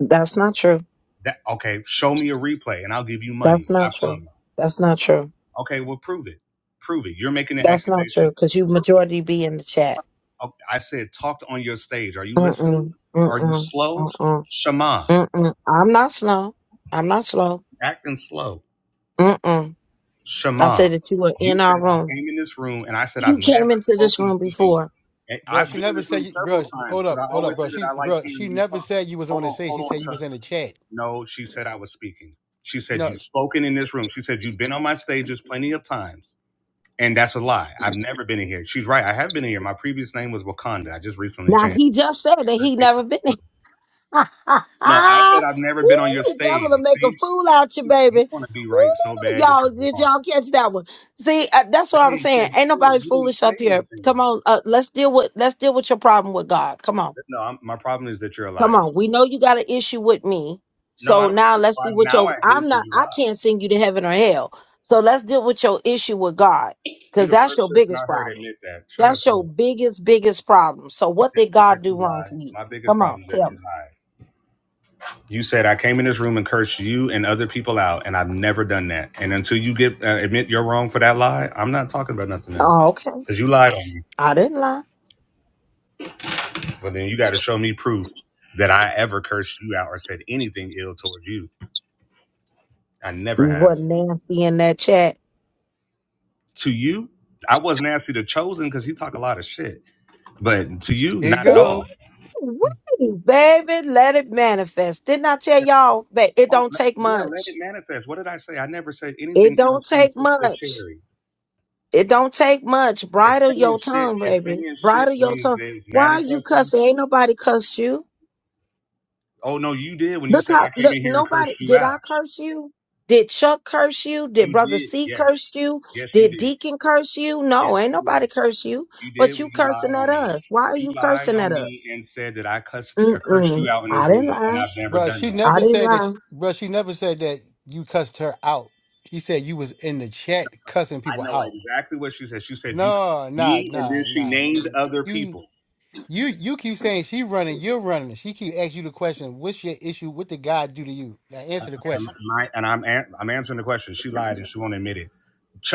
S1: that's not true.
S5: That okay? Show me a replay, and I'll give you money.
S1: That's
S5: I
S1: not true.
S5: promise.
S1: That's not true.
S5: Okay, well, prove it. Prove it. You're making an
S1: That's not true.
S5: accusation.
S1: Because you
S5: Prove it.
S1: majority be in the chat.
S5: Okay, I said talked on your stage. Are you listening?
S1: Mm-mm.
S5: Are you
S1: Mm-mm.
S5: slow?
S1: Mm-mm.
S5: Shema.
S1: Mm-mm. I'm not slow. I'm not slow.
S5: acting slow.
S1: Mm-mm. I
S5: Shema,
S1: said that you were
S5: you
S1: in
S5: said
S1: our
S5: I
S1: room.
S5: came in this room and I said I've
S1: You
S5: never
S1: came into this
S5: spoken
S1: room
S5: to you.
S1: before.
S5: And
S7: bro.
S5: I've
S7: She
S5: been in
S7: never
S5: this
S7: said,
S5: room
S7: you, bro.
S5: several times
S7: Hold
S5: because
S7: up,
S5: I
S7: hold
S5: always
S7: up, bro.
S5: say that
S7: She,
S5: I like
S7: bro. She
S5: hearing you
S7: never
S5: talk.
S7: said you was on
S5: Hold
S7: the
S5: on,
S7: stage.
S5: hold
S7: She
S5: on,
S7: said you was
S5: Chuck.
S7: in the chat.
S5: No, she said I was speaking. She said
S7: No,
S5: you've spoken in this room. She said you've been on my stages plenty of times. And that's a lie. I've never been in here. She's right. I have been in here. My previous name was Wakanda. I just recently
S1: Now
S5: changed.
S1: he just said that he never been in. Woo,
S5: No, I said I've never been on your
S1: the devil
S5: stage.
S1: to make a
S5: See,
S1: fool out you,
S5: you
S1: baby.
S5: want to be right so
S1: Woo,
S5: bad that
S1: y'all,
S5: you're
S1: did
S5: wrong.
S1: y'all catch that one? See, uh, that's
S5: They
S1: what I'm
S5: ain't
S1: saying.
S5: catch
S1: Ain't
S5: shit.
S1: nobody
S5: You didn't
S1: foolish
S5: say
S1: up here. Come
S5: anything.
S1: on, uh, let's deal with let's deal with your problem with God. Come on.
S5: No, I'm, my problem is that you're a
S1: Come
S5: liar.
S1: on, we know you got an issue with me.
S5: No, I
S1: So
S5: don't have
S1: now
S5: it.
S1: let's
S5: Well,
S1: see what
S5: now I
S1: your
S5: do
S1: I'm
S5: because
S1: not
S5: you
S1: I
S5: lied.
S1: can't send you to heaven or hell. So let's deal with your issue with God.
S5: You
S1: Because
S5: the
S1: that's
S5: first
S1: your
S5: person
S1: biggest
S5: I heard
S1: problem.
S5: admit that. Shut up.
S1: That's
S5: Terrell.
S1: your
S5: That-
S1: biggest, biggest problem. So what did
S5: That- Is that
S1: God do
S5: you
S1: wrong
S5: lied?
S1: to you?
S5: My biggest
S1: Come on,
S5: problem is that
S1: tell
S5: you
S1: me.
S5: lied. You said I came in this room and cursed you and other people out, and I've never done that. And until you get uh, admit you're wrong for that lie, I'm not talking about nothing else
S1: Oh, okay.
S5: because you lied on me.
S1: I didn't lie.
S5: But then you got to show me proof that I ever cursed you out or said anything ill towards you. I never
S1: You
S5: have.
S1: wasn't nasty in that chat.
S5: to you, I was not Nancy the chosen because he talk a lot of shit. But to you,
S7: here you
S5: not at
S1: Ooh,
S5: all.
S7: go,
S1: wait, baby, let it manifest. Didn't I tell
S5: Yeah,
S1: y'all that it
S5: Oh,
S1: don't
S5: let,
S1: take
S5: yeah, let it
S1: much?
S5: manifest. What did I say? I never said
S1: It
S5: anything ill
S1: don't
S5: to
S1: take
S5: Sister
S1: much.
S5: Cherry.
S1: It don't take much.
S5: If
S1: Bridle
S5: saying
S1: your
S5: shit,
S1: tongue,
S5: if
S1: baby.
S5: saying shit
S1: Bridle your
S5: means
S1: tongue.
S5: that it's
S1: Why are you
S5: manifesting.
S1: cussing? Ain't nobody cussed you.
S5: Oh no, you did when you
S1: Look
S5: said
S1: how
S5: I came
S1: look
S5: in here and
S1: nobody
S5: cursed you
S1: did
S5: out.
S1: I curse you? Did Chuck curse you? Did
S5: You
S1: Brother
S5: did,
S1: C
S5: yes,
S1: curse you?
S5: yes, you
S1: Did
S5: did,
S1: Deacon curse you?
S5: yes,
S1: No, ain't
S5: you
S1: nobody
S5: did.
S1: curse you.
S5: You did
S1: But
S5: when
S1: you
S5: you
S1: cursing
S5: lied
S1: at
S5: on me.
S1: us. Why are
S5: You
S1: you
S5: lied
S1: cursing at
S5: on me
S1: us?
S5: and said that I cussed, I cursed you
S1: Mm-mm.
S5: out in
S1: I
S5: this room,
S1: didn't
S5: and
S1: lie.
S5: I've never
S7: bro.
S5: done that.
S7: She
S1: I
S7: never
S1: didn't
S7: said that,
S1: lie.
S7: bro. She never said that you cussed her out. She said you was in the chat cussing
S5: I
S7: people
S5: know
S7: out.
S5: exactly what she said. She said you,
S7: No, nah,
S5: me, and then
S7: nah,
S5: she
S7: nah,
S5: named
S7: dude.
S5: other
S7: You
S5: people.
S7: you you keep saying she running, you're running. She keep asking you the question, what's your issue? What did God do to you? Now
S5: Uh, uh,
S7: answer the
S5: And,
S7: question.
S5: my, and I'm an, I'm answering the question. She lied and she won't admit it.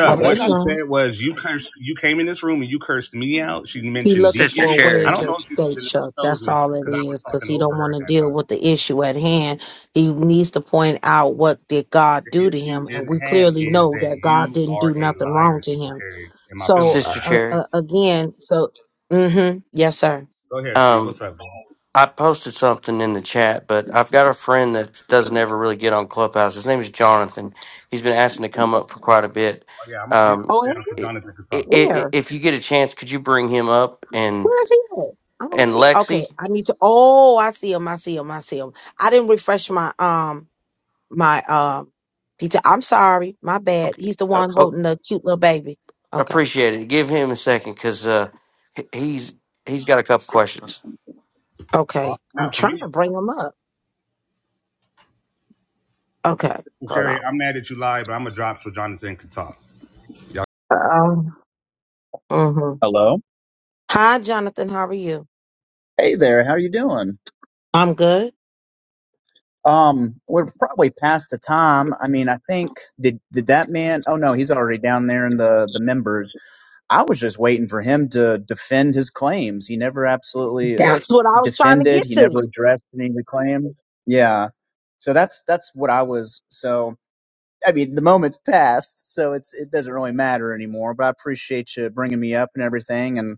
S7: No,
S1: I
S7: but
S5: what
S7: that's
S1: didn't
S5: she
S7: not
S1: lie.
S5: said was you cursed. You came in this room and you cursed me out. She
S1: He
S5: mentioned
S1: looking
S4: Sister
S1: for a
S5: Deacon.
S1: way
S5: I
S4: Cherry.
S1: of
S5: don't know if she said the
S1: escape,
S5: name
S1: Chuck. That's
S5: chosen
S1: all it
S5: because I was
S1: is, because
S5: talking
S1: he
S5: over
S1: don't
S5: her
S1: want
S5: at
S1: to
S5: that
S1: deal
S5: time.
S1: with the issue at hand. He needs to point out what did God
S5: The
S1: do to him,
S5: issue
S1: and
S5: in
S1: we
S5: hand
S1: clearly
S5: is
S1: know
S5: that
S1: that God
S5: you
S1: didn't
S5: are
S1: do
S5: a
S1: nothing wrong
S5: liar,
S1: to
S5: Sister
S1: him.
S5: Terry, and my feeling
S1: So
S5: on
S1: uh,
S4: Sister
S5: her.
S1: uh,
S4: Cherry.
S1: uh, again, so mm-hmm, yes, sir.
S5: Go ahead, see
S4: Um,
S5: what's up. Bro? Oh
S4: I posted something in the chat, but I've got a friend that doesn't ever really get on Clubhouse. His name is Jonathan. He's been asking to come up for quite a bit.
S5: yeah, I'm gonna I'm talk
S4: Um,
S1: Oh, and
S5: down because
S4: i
S5: Jonathan can
S4: i
S5: talk.
S4: i
S1: where?
S4: if you get a chance, could you bring him up and
S1: Where is he at? I don't
S4: and
S1: see. Okay,
S4: Lexi?
S1: I need to. Oh, I see him. I see him. I see him. I didn't refresh my um my um. Peter, I'm sorry, my bad.
S4: Okay,
S1: He's the
S4: uh,
S1: one
S4: oh,
S1: holding the cute little baby. Okay.
S4: appreciate it. Give him a second because uh, he- he's he's got a couple questions.
S1: Okay, I'm
S5: Not for
S1: trying
S5: me,
S1: to bring him up. Okay,
S5: Sister
S1: hold
S5: Terry.
S1: on.
S5: I'm mad that you lied, but I'm gonna drop so Jonathan can talk.
S1: Um, mhm.
S8: Hello.
S1: Hi, Jonathan. How are you?
S8: Hey there. How are you doing?
S1: I'm good.
S8: Um, we're probably past the time. I mean, I think did did that man? Oh no, he's already down there in the the members. I was just waiting for him to defend his claims. He never absolutely uh,
S1: That's what I was trying to
S8: defended.
S1: get
S8: He never
S1: to.
S8: addressed any of the claims. Yeah. So that's that's what I was. So I mean, the moment's passed, so it's it doesn't really matter anymore. But I appreciate you bringing me up and everything, and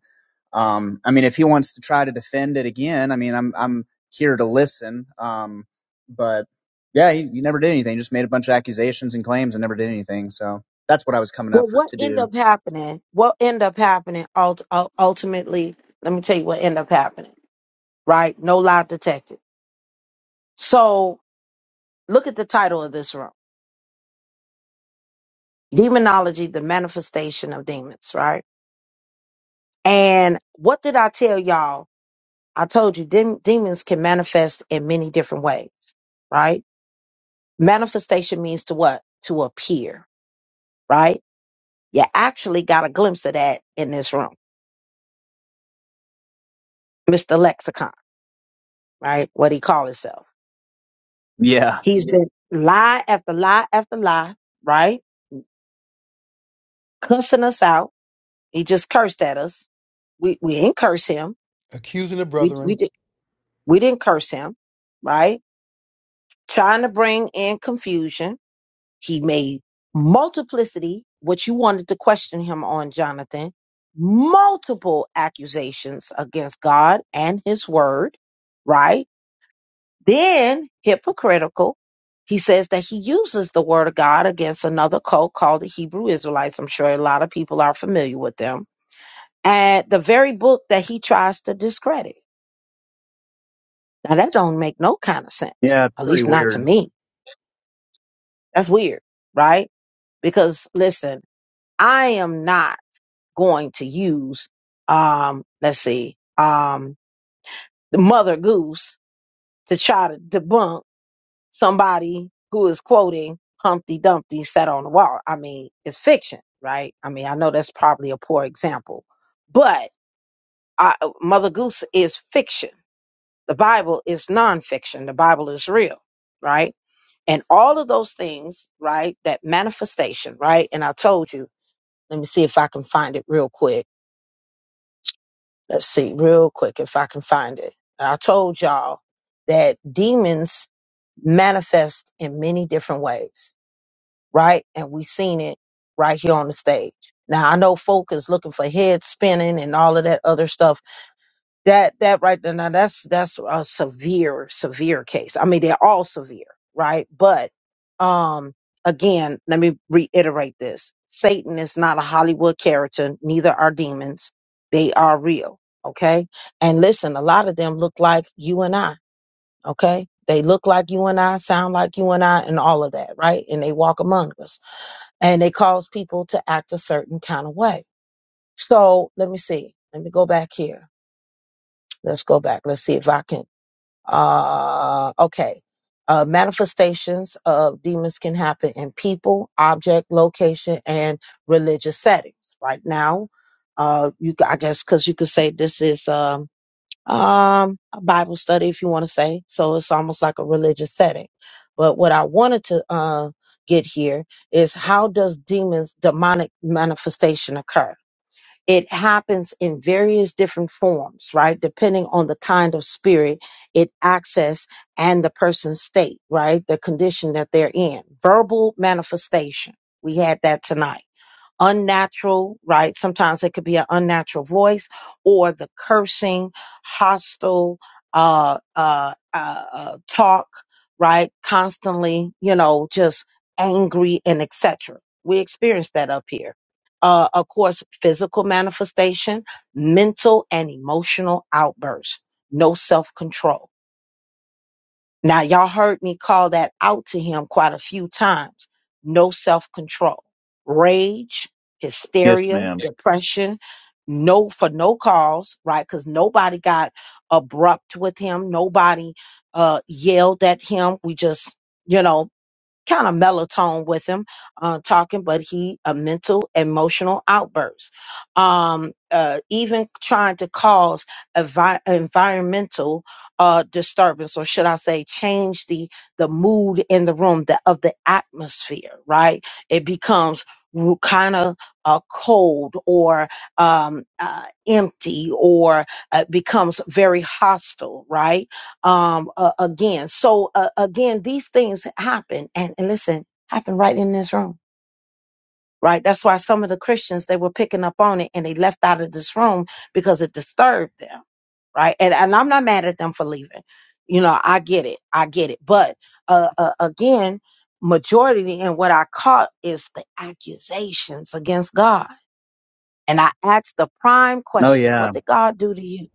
S8: Um, I mean, if he wants to try to defend it again, I mean, I'm I'm here to listen. Um, but yeah, he, he never did anything. Just made a bunch of accusations and claims and never did anything. So that's what I was coming up
S1: Well,
S8: for
S1: what
S8: to
S1: end
S8: do.
S1: up happening? What end up happening? Ult- ul- ultimately, let me tell you what end up happening. Right? No lie detected. So, look at the title of this room: Demonology: The Manifestation of Demons. Right? And what did I tell y'all? I told you dem- demons can manifest in many different ways. Right? Manifestation means to what? To appear, right? You actually got a glimpse of that in this room. Mr. Lexicon, right? What he call himself.
S8: Yeah,
S1: He's been lie after lie after lie, right? Cussing us out. He just cursed at us. We we didn't curse him.
S7: accusing the
S1: We we
S7: brethren.
S1: did we didn't curse him, right? Trying to bring in confusion He made multiplicity, which you wanted to question him on, Jonathan, multiple accusations against God and his word, right? Then hypocritical. He says that he uses the word of God against another cult called the Hebrew Israelites. I'm sure a lot of people are familiar with them. And the very book that he tries to discredit. Now that don't make no kind of sense.
S8: yeah, it's
S1: At
S8: pretty
S1: least not to
S8: weird.
S1: me. That's weird, right? Because listen, I am not going to use um let's see um the mother goose to try to debunk somebody who is quoting humpty dumpty sat on the wall i mean it's fiction right i mean i know that's probably a poor example but uh, mother goose is fiction the bible is nonfiction the bible is real right and all of those things right that manifestation right and i told you let me see if i can find it real quick Let's see real quick if I can find it. I told y'all that demons manifest in many different ways, right? And we've seen it right here on the stage. Now I know folk is looking for head spinning and all of that other stuff that that right there now that's that's a severe severe case i mean they're all severe right but um again let me reiterate this satan is not a hollywood character neither are demons they are real okay and listen a lot of them look like you and i okay they look like you and i sound like you and i and all of that right and they walk among us and they cause people to act a certain kind of way so let me see let me go back here let's go back let's see if i can uh, okay. Uh, manifestations of demons can happen in people, object, location, and religious settings. Right now, uh, you I guess because you could say this is um, um, a Bible study if you want to say. So it's almost like a religious setting. But what I wanted to uh, get here is how does demons demonic manifestation occur? it happens in various different forms, right? Depending on the kind of spirit it access and the person's state, right? The condition that they're in. Verbal manifestation. We had that tonight unnatural, right? Sometimes it could be an unnatural voice or the cursing, hostile, uh, uh, uh, uh talk, right? Constantly, you know, just angry and etc. We experience that up here. Uh, of course, physical manifestation, mental and emotional outbursts, no self control now, y'all heard me call that out to him quite a few times. No self control, rage,
S8: Yes,
S1: hysteria,
S8: ma'am.
S1: depression, no for no cause, right? Because nobody got abrupt with him. Nobody uh, yelled at him. We just, you know, kind of mellow tone with him uh, talking, but he a mental emotional outburst. Um, uh, even trying to cause envi- environmental uh, disturbance, or should I say, change the the mood in the room, the of the atmosphere. Right, it becomes kind of uh, cold or um, uh, empty, or uh, becomes very hostile. Right um uh, again so uh, again these things happen and, and listen happen right in this room right that's why some of the christians they were picking up on it and they left out of this room because it disturbed them right and, and i'm not mad at them for leaving you know i get it i get it but uh, uh again majority and what i caught is the accusations against god and i asked the prime
S8: Oh
S1: question
S8: yeah,
S1: what did god do to you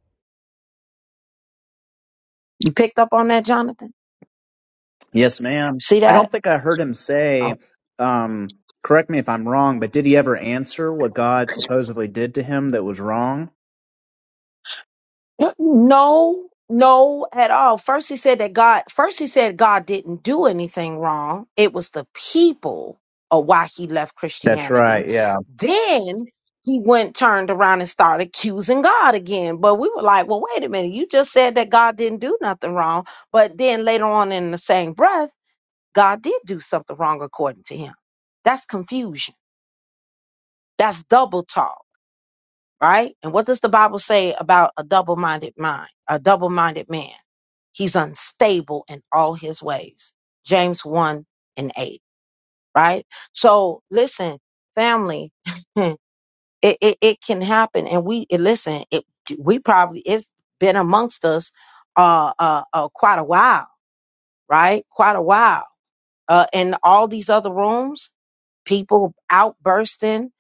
S1: you picked up on that jonathan
S8: yes, ma'am.
S1: see
S8: I
S1: that
S8: don't think I heard him say. Um, correct me if I'm wrong, but did he ever answer what God supposedly did to him that was wrong?
S1: No, no, at all. First, he said that God, first, he said God didn't do anything wrong. It was the people of why he left
S8: That's
S1: Christianity.
S8: right. Yeah.
S1: Then he went, turned around, and started accusing God again. But we were like, well, wait a minute. You just said that God didn't do nothing wrong. But then later on in the same breath, God did do something wrong according to him. That's confusion. That's double talk right? And what does the Bible say about a double minded mind, a double minded man? He's unstable in all his ways. James 1 and 8, right? So listen, family, it, it, it can happen. And we, it, listen, it, we probably, it's been amongst us uh, uh, uh, quite a while, right? Quite a while. Uh, in all these other rooms, people outbursting,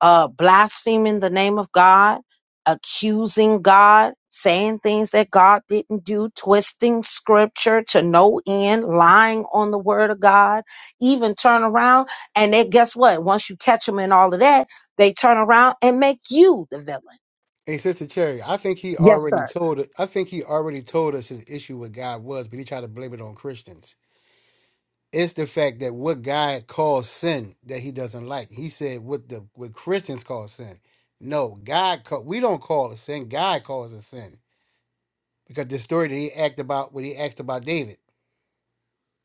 S1: uh, blaspheming the name of God, accusing God, saying things that God didn't do, twisting scripture to no end, lying on the word of God, even turn around and they guess what? Once you catch them in all of that, they turn around and make you the villain.
S7: Hey, Sister Cherry, I think he
S1: Yes,
S7: already
S1: sir.
S7: told us I think he already told us his issue with God was, but he tried to blame it on Christians. It's the fact that what God calls sin that he doesn't like. He said what the what Christians call sin. No, God call, we don't call it sin. God calls it sin. because the story that he asked about when he asked about David.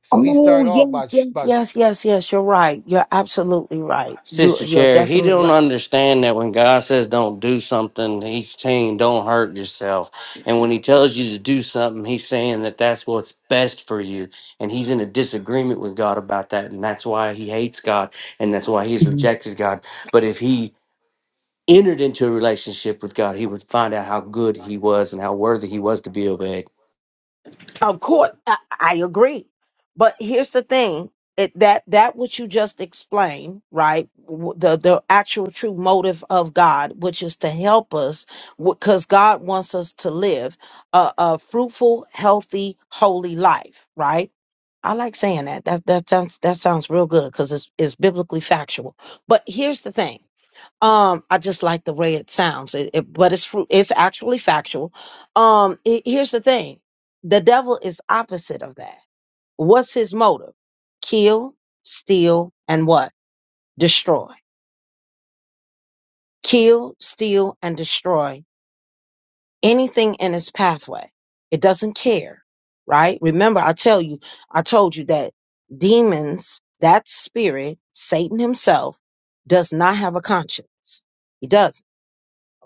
S7: So he
S1: Oh
S7: started
S1: yes,
S7: off by sh-
S1: yes,
S7: by
S1: yes, yes, yes. You're right. You're absolutely right. You
S4: Sister
S1: you're
S4: Cherry, he
S1: definitely
S4: don't
S1: right.
S4: understand that when God says don't do something, he's saying don't hurt yourself. And when he tells you to do something, he's saying that that's what's best for you. And he's in a disagreement with God about that. And that's why he hates God. And that's why he's rejected God. But if he entered into a relationship with God, he would find out how good he was and how worthy he was to be obeyed.
S1: Of course, I, I agree. But here's the thing: it, that that which you just explained, right? w- The the actual true motive of God, which is to help us, because God wants us to live a, a fruitful, healthy, holy life, right? I like saying that. That that sounds that sounds real good because it's it's biblically factual. But here's the thing. Um, I just like the way it sounds, it, it, but it's fru- it's actually factual. Um, he- here's the thing: the devil is opposite of that. What's his motive? Kill, steal, and what? Destroy. Kill, steal, and destroy anything in his pathway. It doesn't care, right? Remember, I tell you, I told you that demons, that spirit, Satan himself, does not have a conscience. He doesn't.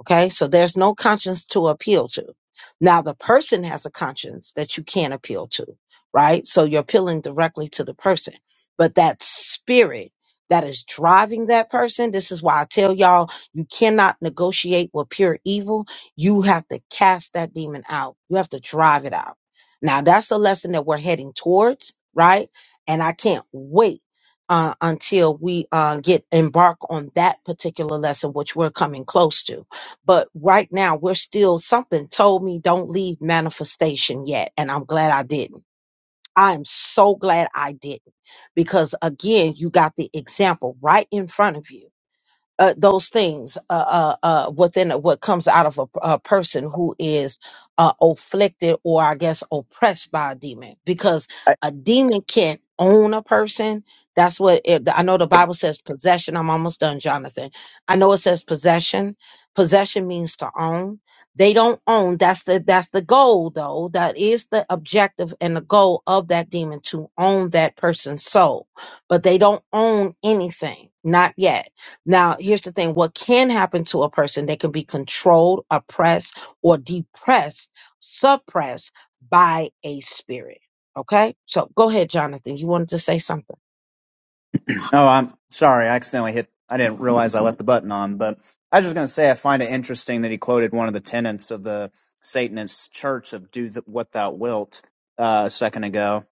S1: Okay, so there's no conscience to appeal to. Now, the person has a conscience that you can't appeal to, right? So you're appealing directly to the person. But that spirit that is driving that person, this is why I tell y'all you cannot negotiate with pure evil. You have to cast that demon out, you have to drive it out. Now, that's the lesson that we're heading towards, right? And I can't wait. Uh, until we uh, get embark on that particular lesson, which we're coming close to but right now, we're still, something told me don't leave manifestation yet. And I'm glad I didn't. I am so glad I didn't. Because again, you got the example right in front of you uh, those things uh, uh, uh, within what comes out of a, a person who is uh, afflicted or I guess oppressed by a demon because a demon can't own a person. That's what it, I know the Bible says possession. I'm almost done, Jonathan. I know it says possession. Possession means to own. They don't own. That's the that's the goal though. That is the objective and the goal of that demon to own that person's soul. But they don't own anything. Not yet now, here's the thing what can happen to a person, they can be controlled, oppressed, or depressed, suppressed by a spirit. Okay? So go ahead, Jonathan. You wanted to say something.
S8: Oh, I'm sorry. I accidentally hit. I didn't realize I left the button on. But I was just going to say, I find it interesting that he quoted one of the tenets of the Satanist church of "Do th- what thou wilt" uh, a second ago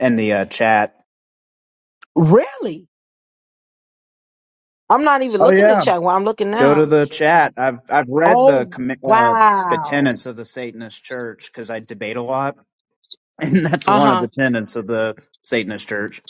S8: in the uh, chat.
S1: Really? I'm not even
S8: Oh
S1: looking at the
S8: yeah,
S1: chat. Well, I'm looking
S8: go to
S1: now.
S8: the chat. I've I've read the
S1: Oh,
S8: commi- uh, the
S1: wow.
S8: tenets of the Satanist church because I debate a lot, and that's
S1: Uh
S8: one of
S1: huh.
S8: the tenets of the Satanist church.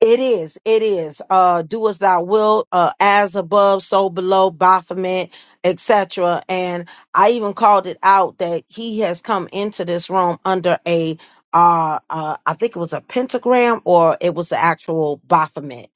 S1: It is. It is. Uh, do as thou wilt, uh, as above, so below, Baphomet, etc. And I even called it out that he has come into this room under a, uh, uh, I think it was a pentagram or it was the actual Baphomet.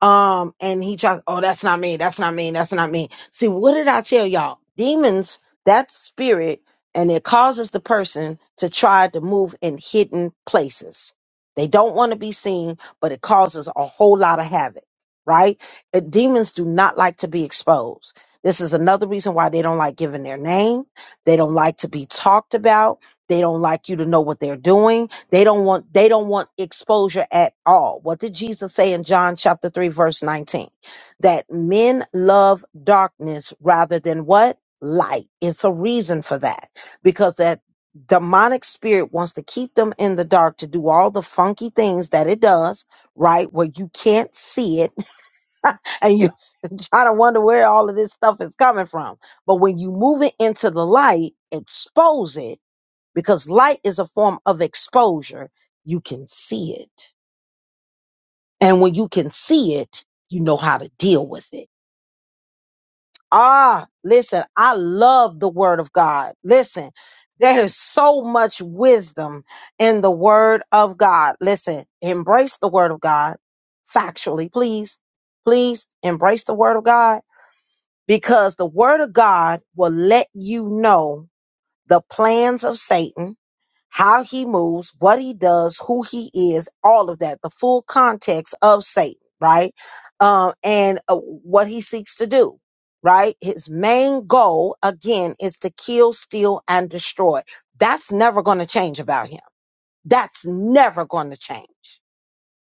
S1: Um, and he tried, oh, that's not me. That's not me. That's not me. See, what did I tell y'all? Demons, that spirit, and it causes the person to try to move in hidden places. They don't want to be seen, but it causes a whole lot of havoc, right? Uh, Demons do not like to be exposed. This is another reason why they don't like giving their name. They don't like to be talked about. They don't like you to know what they're doing they don't want they don't want exposure at all. What did Jesus say in John chapter 3 verse 19? That men love darkness rather than what? Light. It's a reason for that because that demonic spirit wants to keep them in the dark to do all the funky things that it does, right? Where you can't see it and you try to wonder where all of this stuff is coming from. But when you move it into the light, expose it because light is a form of exposure. You can see it. And when you can see it, you know how to deal with it. Ah, listen, I love the word of God. Listen, there is so much wisdom in the word of God. Listen, embrace the word of God factually, please. Please embrace the word of God because the word of God will let you know the plans of Satan how he moves, what he does, who he is, all of that, the full context of Satan, right? Um, and uh, what he seeks to do, right? His main goal, again, is to kill, steal, and destroy. That's never going to change about him. That's never going to change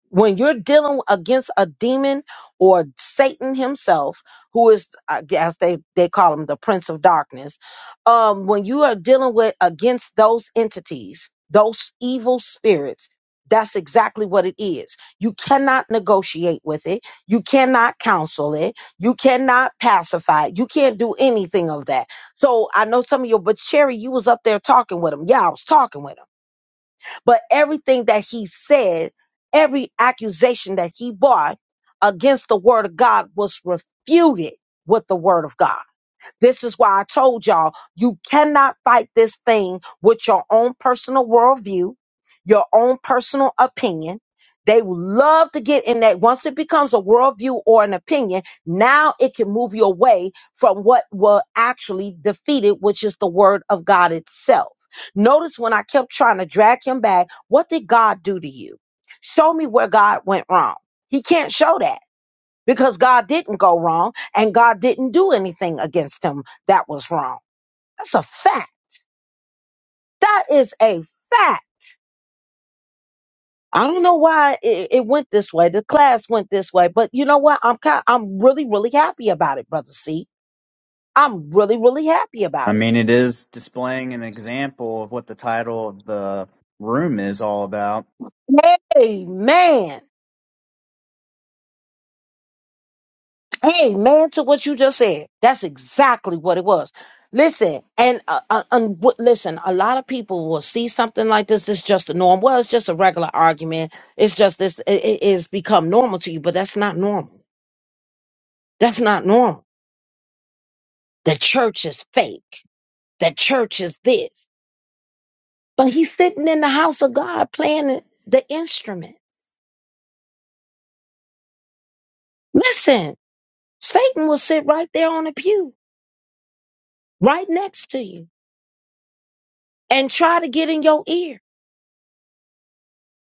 S1: when you're dealing against a demon or Satan himself, who is, I guess they, they call him the prince of darkness, um, when you are dealing with against those entities, those evil spirits, that's exactly what it is. You cannot negotiate with it. You cannot counsel it. You cannot pacify it. You can't do anything of that. So I know some of you, but Sherry, you was up there talking with him. Yeah, I was talking with him but everything that he said, every accusation that he brought against the word of God was refuted with the word of God. This is why I told y'all you cannot fight this thing with your own personal worldview, your own personal opinion. They will love to get in that. Once it becomes a worldview or an opinion, now it can move you away from what will actually defeat it, which is the word of God itself. Notice when I kept trying to drag him back, what did God do to you? Show me where God went wrong. He can't show that because God didn't go wrong and God didn't do anything against him that was wrong. That's a fact. That is a fact. I don't know why it, it went this way. The class went this way, but you know what? I'm kind, I'm really, really happy about it, brother. See, I'm really, really happy
S8: I
S1: about
S8: mean, it is displaying an example of what the title of the room is all about.
S1: it. Amen. Amen to what you just said. That's exactly what it was. Listen, and uh, uh, and w- listen, a lot of people will see something like this. It's just a norm. Well, it's just a regular argument. It's just this. It, it is become normal to you, but that's not normal. That's not normal. The church is fake. The church is this. But he's sitting in the house of God playing the the instrument. Listen, Satan will sit right there on the pew, right next to you, and try to get in your ear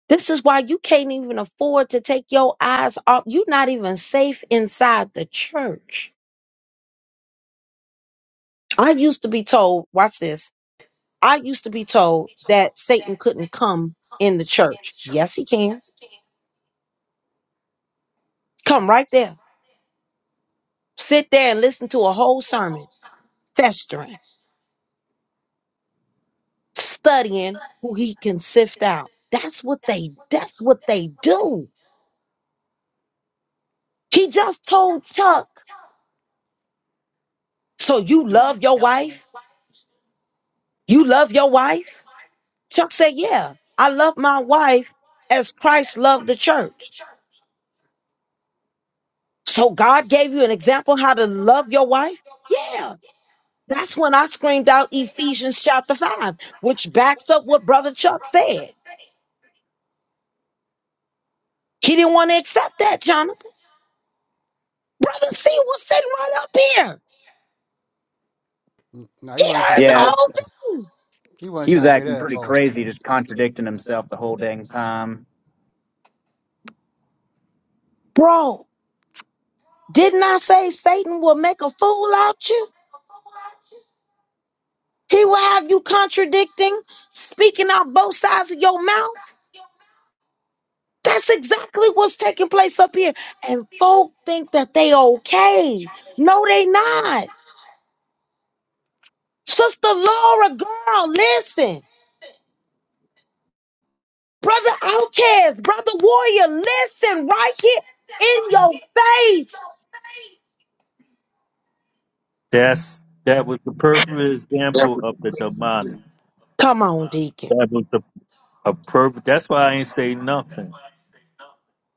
S1: This is why you can't even afford to take your eyes off. You're not even safe inside the church. I used to be told, watch this. I used to be told that Satan couldn't come in the church. Yes, he can. Come right there. Sit there and listen to a whole sermon, festering, studying who he can sift out. That's what they, that's what they do. He just told Chuck. So you love your wife? You love your wife? Chuck said, Yeah, I love my wife as Christ loved the church. So God gave you an example how to love your wife? Yeah. That's when I screamed out Ephesians chapter 5, which backs up what Brother Chuck said. He didn't want to accept that, Jonathan. Brother C was sitting right up here.
S7: no, he
S1: He
S7: wasn't
S1: heard
S7: trying to
S1: the
S7: hear
S8: Yeah.
S7: that.
S1: whole thing.
S7: He
S8: He
S7: wasn't
S8: was
S7: trying to hear
S8: acting
S7: that at
S8: pretty
S7: all.
S8: crazy, just contradicting himself the whole dang time.
S1: Bro, didn't I say Satan will make a fool out you? He will have you contradicting, speaking out both sides of your mouth. That's exactly what's taking place up here. And folk think that they okay. No, they not. Sister Laura, girl, listen. Brother Outcast, Brother Warrior, listen right here in your face.
S9: That's that was the perfect example of the demonic.
S1: Come on, Deacon.
S9: That was the a perfect. That's why I ain't say nothing.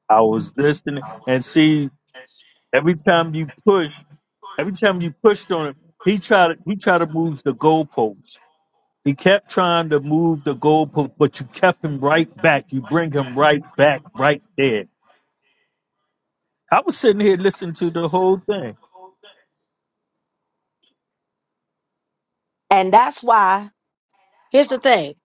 S9: I was listening and see every time you push, every time you pushed on him, he tried to he tried to move the goalposts. He kept trying to move the goalpost, but you kept him right back. You bring him right back, right there. I was sitting here listening to the whole thing.
S1: And that's why, here's the thing.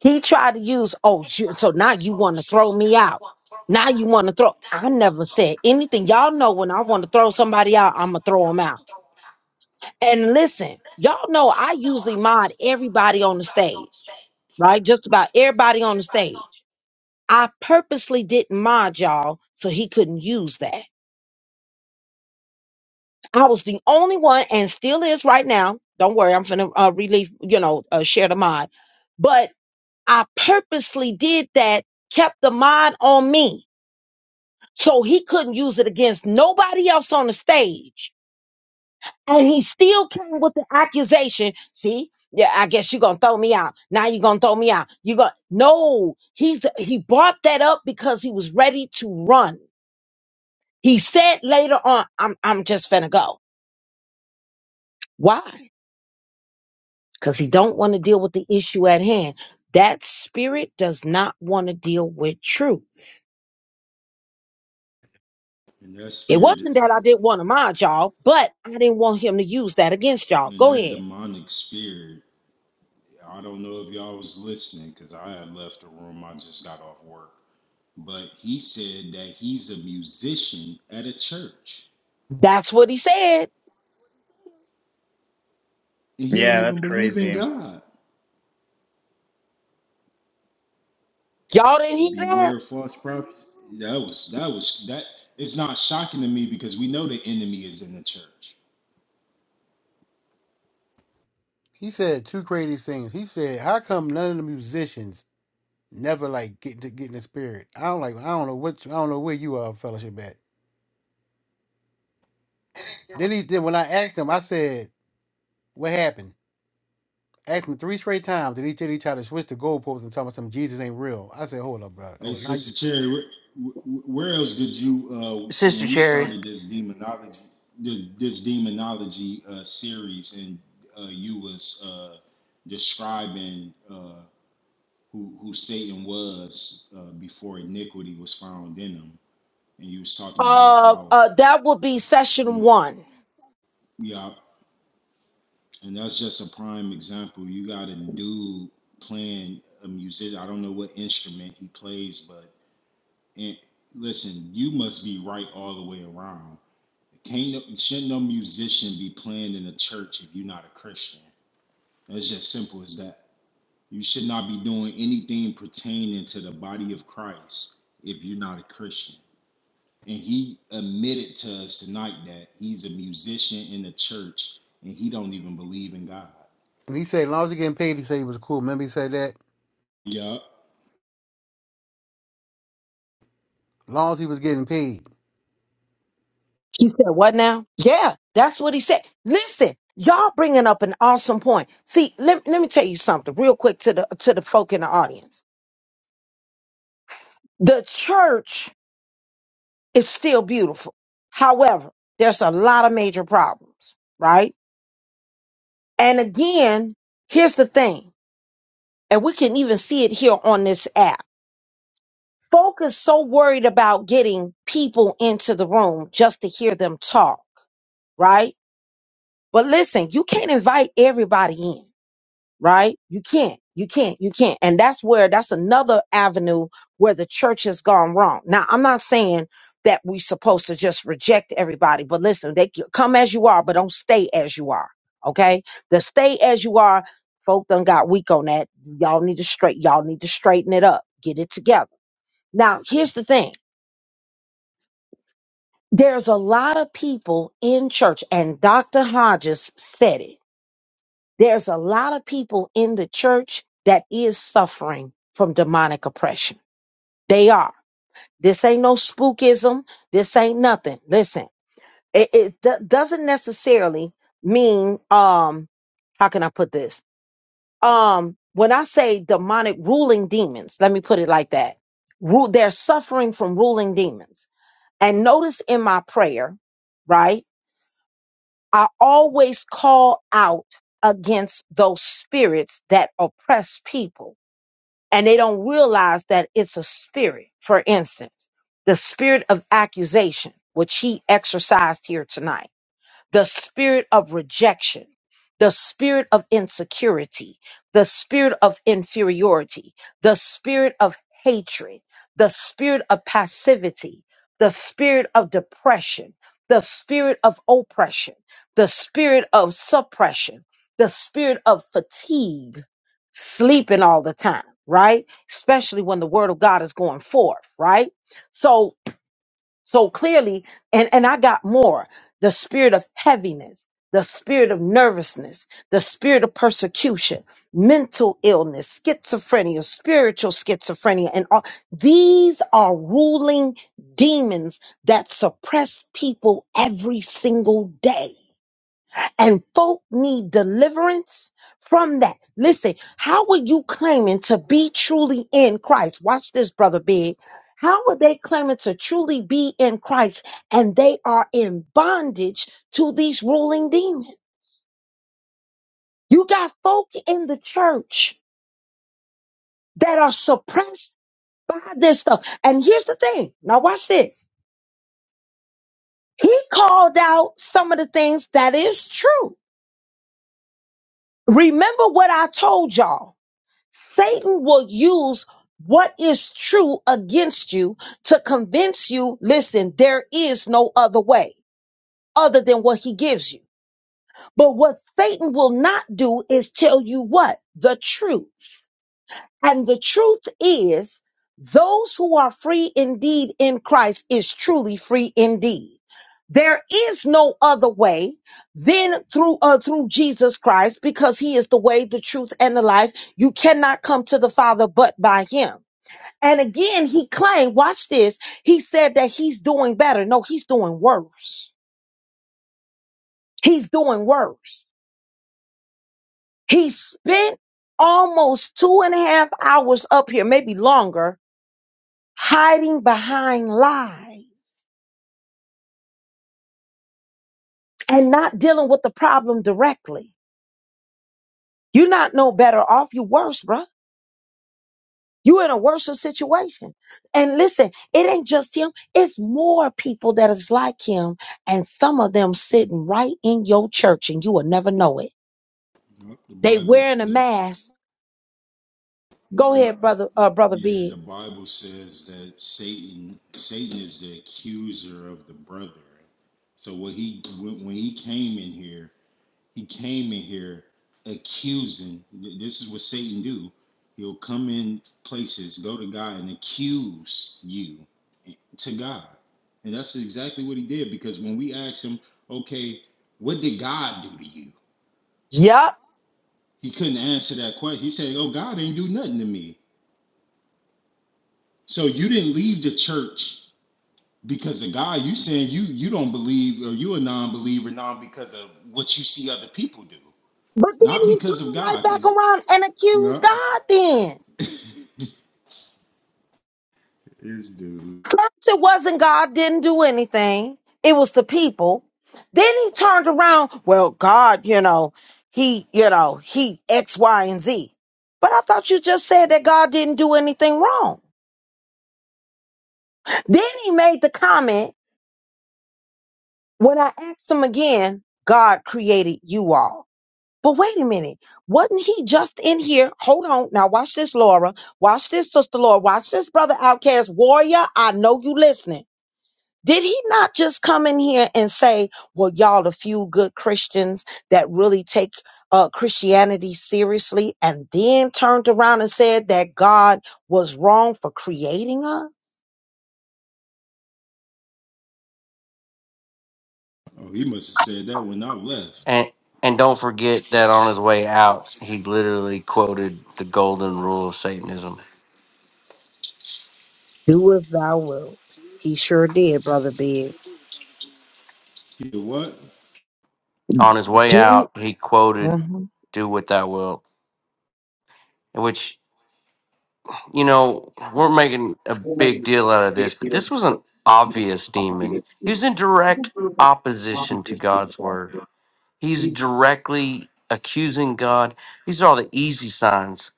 S1: He tried to use, oh, you- so now you want to throw me out. Now you want to throw. I never said anything. Y'all know when I want to throw somebody out, I'm going to throw them out. And listen, y'all know I usually mod everybody on the stage, right? Just about everybody on the stage. I purposely didn't mod y'all so he couldn't use that. I was the only one and still is right now. Don't worry, I'm finna uh, relief, you know, uh, share the mod. But I purposely did that, kept the mod on me so he couldn't use it against nobody else on the stage and he still came with the accusation. See, yeah, I guess you're gonna throw me out. Now you're gonna throw me out. You going no. He's he brought that up because he was ready to run. He said later on, "I'm I'm just finna go." Why? Because he don't want to deal with the issue at hand. That spirit does not want to deal with truth.
S3: And that
S1: It
S3: spirit
S1: wasn't that I
S3: is,
S1: didn't want to mind y'all, but I didn't want him to use that against y'all.
S3: and
S1: Go
S3: that
S1: ahead.
S3: demonic spirit. I don't know if y'all was listening because I had left the room. I just got off work. But he said that he's a musician at a church,
S1: That's what he said.
S3: and he don't
S8: Yeah, that's
S3: even believe in
S8: crazy.
S3: God.
S1: Y'all didn't hear that?
S3: Beware of false prophets. That was that was that. It's not shocking to me because we know the enemy is in the church.
S7: He said two crazy things. He said, "How come none of the musicians never like get to get in the spirit?" I don't like. I don't know what. you- I don't know where you are fellowship at. Then he then when I asked him, I said, "What happened?" Asked him three straight times, and he said he tried to switch the goalposts and tell me something. Jesus ain't real. I said, "Hold up, bro.
S3: Hey,
S7: Hold up."
S3: Sister Cherry, wh- wh- where else did you, uh,
S4: Sister
S3: when we
S4: Cherry.
S3: started this demonology, th- this demonology uh, series, and uh, you was uh, describing uh, who who Satan was uh, before iniquity was found in him, and you was talking about
S1: Uh,
S3: how,
S1: uh, that will be session
S3: mm,
S1: one.
S3: yeah, and that's just a prime example. You got a dude playing a music. I don't know what instrument he plays, but and, listen, you must be right all the way around Can't no, shouldn't no musician be playing in a church if you're not a Christian? It's just simple as that. You should not be doing anything pertaining to the body of Christ if you're not a Christian. And he admitted to us tonight that he's a musician in the church and he don't even believe in God.
S7: And he said, "As long as he getting paid," he said he was cool. Remember he said that.
S3: Yup.
S7: As long as he was getting paid.
S1: He said, What now? Yeah, that's what he said. Listen, y'all bringing up an awesome point. See, let, let me tell you something real quick to the to the folk in the audience. The church It's still beautiful. However, there's a lot of major problems, right? And again, here's the thing, and we can even see it here on this app. Folk is so worried about getting people into the room just to hear them talk, right? But listen, you can't invite everybody in. right? You can't, you can't, you can't. And that's where that's another avenue where the church has gone wrong. Now, I'm not saying that we're supposed to just reject everybody, but listen, they c- come as you are, but don't stay as you are. Okay. The stay as you are, folk done got weak on that. Y'all need to straight, y'all need to straighten it up, get it together. Now, here's the thing. There's a lot of people in church, and Dr. Hodges said it. There's a lot of people in the church that is suffering from demonic oppression. They are. This ain't no spookism. This ain't nothing. Listen, it, it do- doesn't necessarily mean um how can I put this? Um when I say demonic ruling demons, let me put it like that. Ru- they're suffering from ruling demons. And notice in my prayer, right? I always call out against those spirits that oppress people and they don't realize that it's a spirit. For instance, the spirit of accusation, which he exercised here tonight the spirit of rejection, the spirit of insecurity, the spirit of inferiority, the spirit of hatred, the spirit of passivity, the spirit of depression, the spirit of oppression, the spirit of suppression, the spirit of fatigue, sleeping all the time, right? Especially when the word of God is going forth, right? So so clearly, and, and I got more the spirit of heaviness, the spirit of nervousness, the spirit of persecution, mental illness, schizophrenia, spiritual schizophrenia, and all these are ruling demons that suppress people every single day and folk need deliverance from that. Listen, how are you claiming to be truly in Christ? Watch this, brother Big. How are they claiming to truly be in Christ and they are in bondage to these ruling demons? You got folk in the church that are suppressed by this stuff. And here's the thing. Now watch this. He called out some of the things that is true. Remember what I told y'all. Satan will use what is true against you to convince you, listen, there is no other way other than what he gives you. But what Satan will not do is tell you what? The truth. And the truth is, those who are free indeed in Christ is truly free indeed. There is no other way than through uh, through Jesus Christ because he is the way, the truth and the life. You cannot come to the Father but by him. And again, he claimed, watch this. He said that he's doing better. No, he's doing worse. He's doing worse. He spent almost two and a half hours up here, maybe longer, hiding behind lies and not dealing with the problem directly. You're not no better off. You're worse, bruh. you in a worse situation. And listen, it ain't just him. It's more people that is like him. And some of them sitting right in your church and you will never know it.
S3: Yup. The
S1: They
S3: Bible
S1: wearing a
S3: says.
S1: mask. Go
S3: Yeah,
S1: ahead, brother,
S3: the,
S1: uh, brother
S3: yeah.
S1: Big.
S3: The Bible says that Satan, Satan is the accuser of the brethren. So what he when, when he came in here, he came in here accusing. Th- This is what Satan do. He'll come in places, go to God, and accuse you to God, and that's exactly what he did. Because when we asked him, okay, what did God do to you?
S1: Yup.
S3: He couldn't answer that question. He said, "Oh, God ain't do nothing to me." So you didn't leave the church because of God. You saying you you don't believe or you a non-believer now because of what you see other people do,
S1: But then
S3: not
S1: he
S3: because of
S1: turned right
S3: God.
S1: back
S3: Because
S1: around and accused
S3: yeah,
S1: God then.
S3: this dude.
S1: First, it wasn't God didn't do anything. It was the people. Then he turned around. Well, God, you know, he, you know, he X, Y, and Z. But I thought you just said that God didn't do anything wrong. Then he made the comment when I asked him again, God created you all. But wait a minute. Wasn't he just in here? Hold on. Now watch this, Laura. Watch this, Sister Laura. Watch this, Brother Outcast Warrior. I know you listening. Did he not just come in here and say, well, y'all, a few good Christians that really take uh, Christianity seriously, and then turned around and said that God was wrong for creating us?
S3: Oh, he must have said that when I left.
S4: And, and don't forget that on his way out, he literally quoted the golden rule of Satanism.
S1: Do as thou wilt. He sure did, Brother Big.
S3: He did what?
S4: on his way
S1: Do.
S4: out, he quoted
S1: hmm
S4: "Do with thy will," which you know we're making a big deal out of this, but this was an obvious demon. He was in direct
S8: It
S4: opposition to God's word. He's directly accusing God. These are all the easy signs.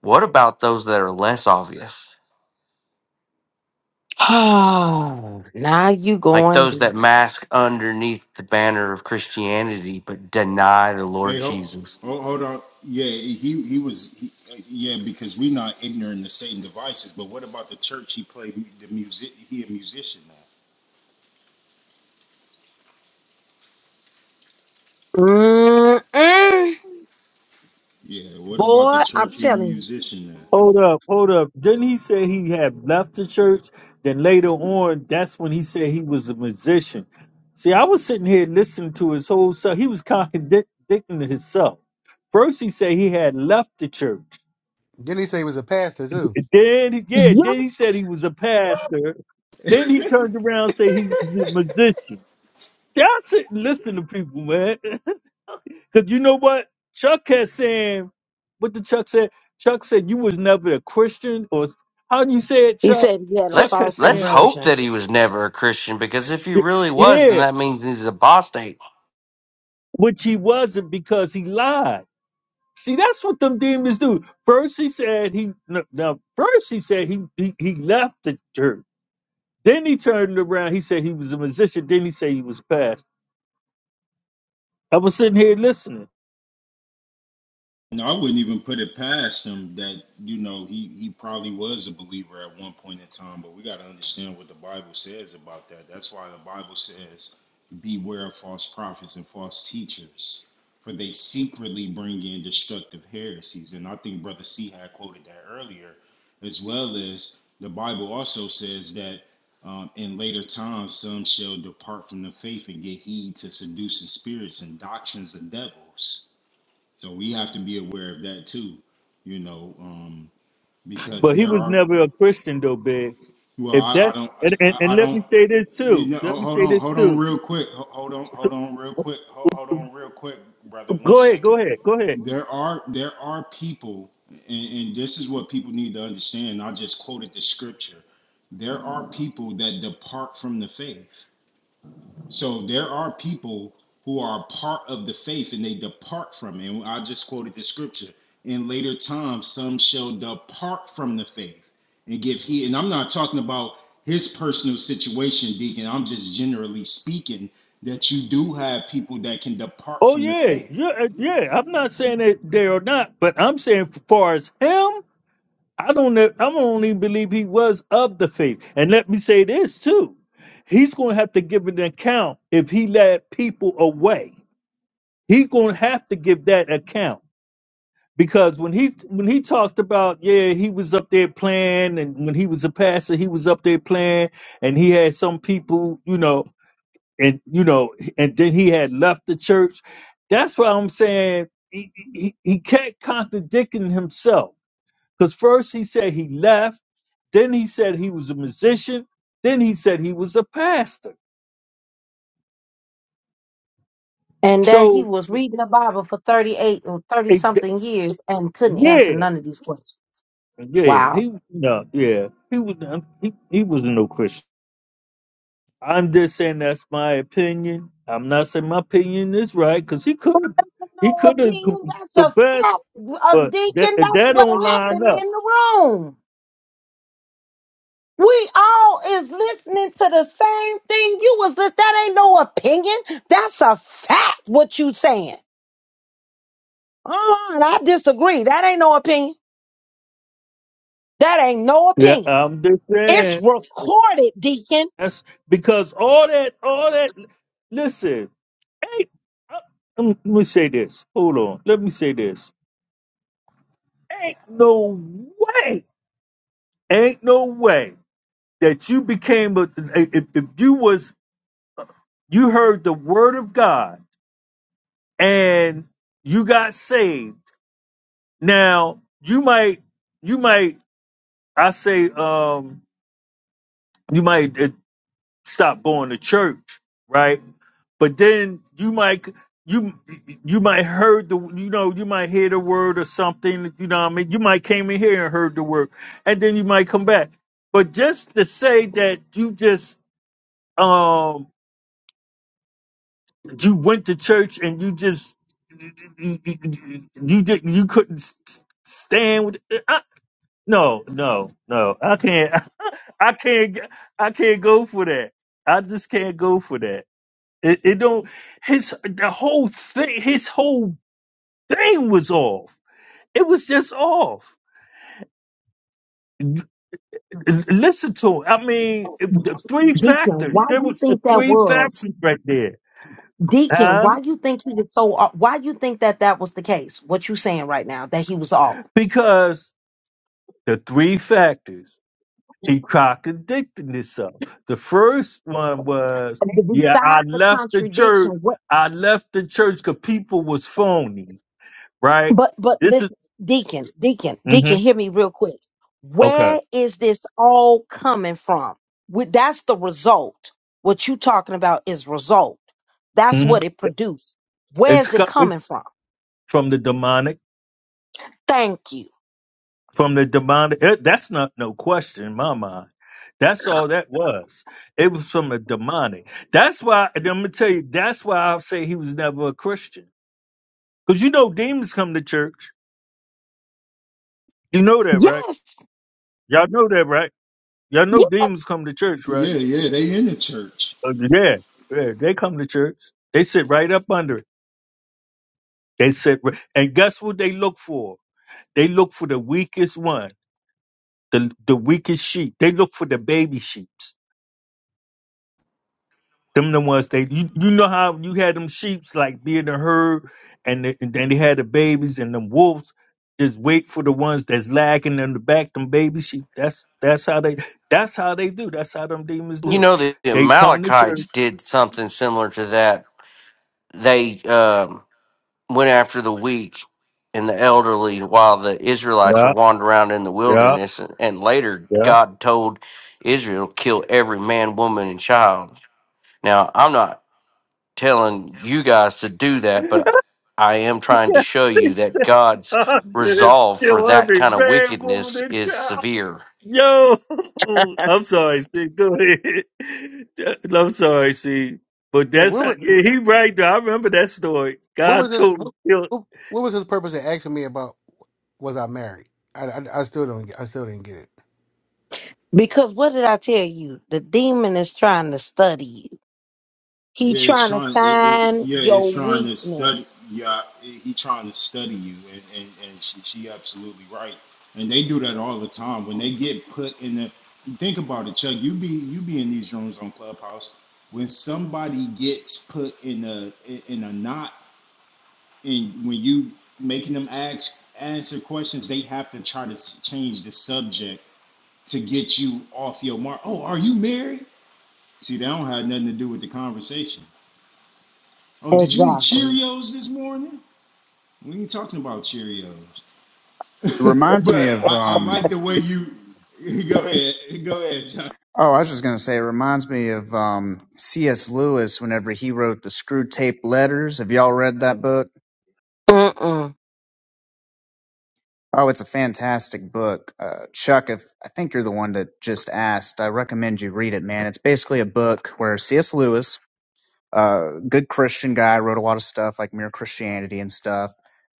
S4: What about those that are less obvious?
S1: Oh, now you
S4: Like
S1: going.
S4: those that mask underneath the banner of Christianity but deny the
S3: Hey,
S4: Lord
S3: ho,
S4: Jesus.
S3: oh, hold on. Yeah, he he was. He, yeah, because we're not ignorant to Satan devices. But what about the church? He played the music. He a musician now.
S1: mm
S3: Yeah. What about the
S1: Boy, I'm
S3: church? He a
S1: telling you.
S3: musician now.
S9: Hold up, hold up. Didn't he say he had left the church? Then later on, that's when he said he was a musician. See, I was sitting here listening to his whole self. He was contradicting himself. First, he said he had left the church.
S7: Then he say he was a pastor too.
S9: Then, yeah, then he
S1: Yes.
S9: said he was a pastor. Then he turned around and said he's a musician. See, I sit and listen to people, man. Cause you know what? Chuck has saying what did Chuck said. Chuck said you was never a Christian or how do you say it,
S1: He
S9: Chuck?
S1: said he had a
S4: Let's
S9: Chuck has
S1: false
S4: let's
S9: saying
S4: hope
S1: conversion
S4: that he was never a Christian because if he
S9: Y-
S4: really was, then
S9: Yeah.
S4: that means he's apostate.
S9: Which he wasn't because he lied. See, that's what them demons do. First he said he no, now first he said he, he he left the church. Then he turned around. He said he was a musician. Then he said he was a pastor. I was sitting here listening,
S3: No, I wouldn't even put it past him that you know he he probably was a believer at one point in time, but we got to understand what the Bible says about that. That's why the Bible says, "Beware of false prophets and false teachers, for they secretly bring in destructive heresies." And I think Brother C had quoted that earlier, as well as the Bible also says that um, in later times some shall depart from the faith and get heed to seducing spirits and doctrines of devils. So we have to be aware of that too, you know, um, because
S9: but he
S3: there
S9: was
S3: are.
S9: never a Christian though, Biggs.
S3: Well,
S9: If
S3: I, I
S9: that
S3: don't.
S9: and, and,
S3: I,
S9: and
S3: I
S9: let
S3: don't.
S9: me say this
S3: You
S9: too.
S3: know, ho-
S9: Let me
S3: hold
S9: say
S3: on,
S9: this
S3: hold on,
S9: too
S3: real quick. Ho- Hold on, hold on, real quick. Ho- Hold on, real quick, brother. One
S9: Go ahead,
S3: second.
S9: go ahead, go ahead.
S3: There are there are people, and, and this is what people need to understand. I just quoted the scripture. There are people that depart from the faith So there are people who are part of the faith and they depart from it. And I just quoted the scripture. In later times, some shall depart from the faith and give heed. And I'm not talking about his personal situation, Deacon. I'm just generally speaking that you do have people that can depart
S9: Oh
S3: from the
S9: yeah,
S3: faith.
S9: yeah, uh, yeah. I'm not saying that they are not, but I'm saying as far as him, I don't know. I don't even believe he was of the faith. And let me say this too: he's going to have to give an account if he led people away. He's going to have to give that account because when he when he talked about yeah, he was up there playing, and when he was a pastor, he was up there playing, and he had some people, you know. and you know, and then he had left the church. That's why I'm saying he he, he kept contradicting himself because first he said he left, then he said he was a musician, then he said he was a pastor.
S1: and that he
S9: So
S1: was reading the Bible for 38 or 30
S9: it,
S1: something years and couldn't answer
S9: yeah,
S1: none of these questions.
S9: yeah,
S1: Wow.
S9: he no, yeah, he was um, he, he was no Christian. I'm just saying that's my opinion. I'm not saying my opinion is right because he could have he
S1: No
S9: could have
S1: opinion. That's a
S9: confessed,
S1: fact. A
S9: but that
S1: deacon, that's
S9: that
S1: what
S9: don't line
S1: happened
S9: up.
S1: in the room. We all is listening to the same thing you was listening. That ain't no opinion. That's a fact what you saying. Uh-uh, and I disagree. That ain't no opinion. That ain't no
S9: Yeah,
S1: opinion.
S9: I'm just
S1: It's
S9: saying.
S1: recorded, Deacon.
S9: That's because all that, all that. Listen, ain't. uh, Let me say this. Hold on. Let me say this. Ain't no way. Ain't no way that you became a. If, if you was, you heard the word of God and you got saved. Now you might, you might. I say, um, you might. stop going to church, right? But then you might you you might heard the you know you might hear the word or something. You know what I mean? You might came in here and heard the word, and then you might come back. But just to say that you just um you went to church and you just you did you couldn't s- stand with I, no no no I can't I can't I can't go for that I just can't go for that It, it don't his the whole thing his whole thing was off. It was just off. L- l- Listen to him. I mean, if the three
S1: Deacon,
S9: factors.
S1: why
S9: There
S1: you
S9: was the
S1: think that
S9: three
S1: was?
S9: factors right there,
S1: Deacon,
S9: huh?
S1: why you think he was so off? Why you think that that was the case? What you saying right now, that he was off?
S9: Because the three factors he contradicted himself. The first one was, yeah, I
S1: Besides the
S9: left the
S1: contradiction,
S9: church.
S1: what?
S9: I left the church because people was phony, right?
S1: But but
S9: This is
S1: listen, Deacon, Deacon,
S9: hmm
S1: Deacon, hear me real quick.
S9: okay.
S1: Where is this all coming from? With that's the result. What you talking about is result. That's
S9: hmm
S1: what it produced. Where
S9: It's
S1: is it
S9: co- it's
S1: coming from?
S9: from the demonic.
S1: Thank you.
S9: from the demonic. It, that's not no question in my mind. That's all that was. It was from the demonic. That's why, and I'm going to tell you, that's why I say he was never a Christian. Because you know demons come to church. You know that, right?
S1: Yes.
S9: Y'all know that, right? Y'all know
S1: yes.
S9: demons come to church, right?
S3: Yeah, yeah, they in the church.
S9: Uh, Yeah, yeah, they come to church. They sit right up under it. They sit, ri- and guess what they look for? They look for the weakest one, the, the weakest sheep. They look for the baby sheep. Them the ones they you, you know how you had them sheeps like being the herd and, the, and then they had the babies and them wolves just wait for the ones that's lagging in the back them baby sheep. That's that's how they that's how they do. That's how them demons
S4: You
S9: do.
S4: know the
S9: They come to church.
S4: Amalekites did something similar to that. They um, went after the weak and the elderly while the Israelites
S9: Yeah,
S4: were wandering around in the
S9: yeah,
S4: wilderness, and, and later
S9: yeah.
S4: God told Israel kill every man, woman, and child. Now I'm not telling you guys to do that, but I am trying to show you that God's resolve for
S9: Kill
S4: that
S9: every
S4: kind of
S9: man, woman,
S4: wickedness
S9: and
S4: is
S9: child.
S4: severe.
S9: Yo, I'm sorry, see, go ahead. I'm sorry, see, but
S7: Hey,
S9: that's
S7: what
S9: how,
S7: was
S9: yeah, he right though. I remember that story.
S7: what
S9: God
S7: was his
S9: told
S7: what,
S9: him.
S7: what, what was his purpose in asking me about was I married? I, I, I still don't get- I still didn't get it.
S1: Because what did I tell you? The demon is trying to study you. He
S3: Yeah, it's
S1: trying to
S3: trying. It, it's
S1: find
S3: yeah, it's
S1: your
S3: trying to
S1: weakness.
S3: study. Yeah, he he trying to study you, and and and she, she absolutely right. And they do that all the time when they get put in the. Think about it, Chuck. You be you be in these rooms on Clubhouse when somebody gets put in a in a knot, and when you making them ask answer questions, they have to try to s- change the subject to get you off your mark. Oh, are you married? See, that don't have nothing to do with the conversation. Oh, did you eat Cheerios this morning? We ain't talking about Cheerios.
S8: reminds
S3: but
S8: me
S3: I,
S8: of
S3: I
S8: um
S3: like the way you go ahead. Go ahead, John.
S8: oh, I was just gonna say it reminds me of um C.S. Lewis whenever he wrote the Screw Tape Letters. Have y'all read that book?
S1: Mm-mm.
S8: Oh, it's a fantastic book. Uh, Chuck, if I think you're the one that just asked, I recommend you read it, man. It's basically a book where C.S. Lewis uh, good Christian guy, wrote a lot of stuff like Mere Christianity and stuff.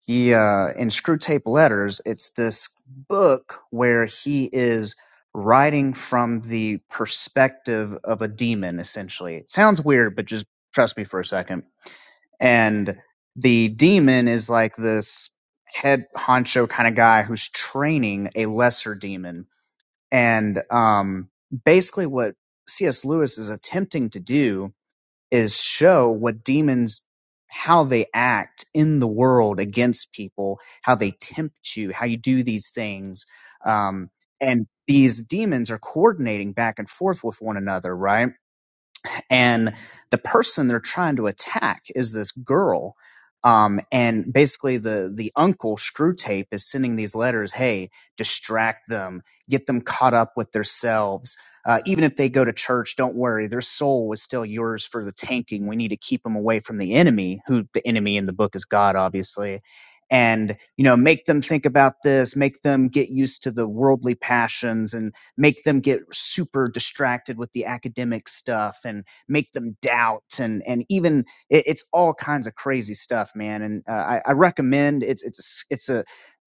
S8: He uh, in Screwtape Letters, it's this book where he is writing from the perspective of a demon. Essentially, it sounds weird, but just trust me for a second. And the demon is like this head honcho kind of guy who's training a lesser demon, and um, basically what C.S. Lewis is attempting to do is show what demons how they act in the world against people, how they tempt you, how you do these things. Um, and these demons are coordinating back and forth with one another, right? and the person they're trying to attack is this girl um, and basically the the uncle screw tape is sending these letters hey distract them get them caught up with themselves uh, even if they go to church don't worry their soul is still yours for the tanking we need to keep them away from the enemy who the enemy in the book is god obviously and you know make them think about this make them get used to the worldly passions and make them get super distracted with the academic stuff and make them doubt and and even it, it's all kinds of crazy stuff man and uh, I, I recommend it's it's a s- it's a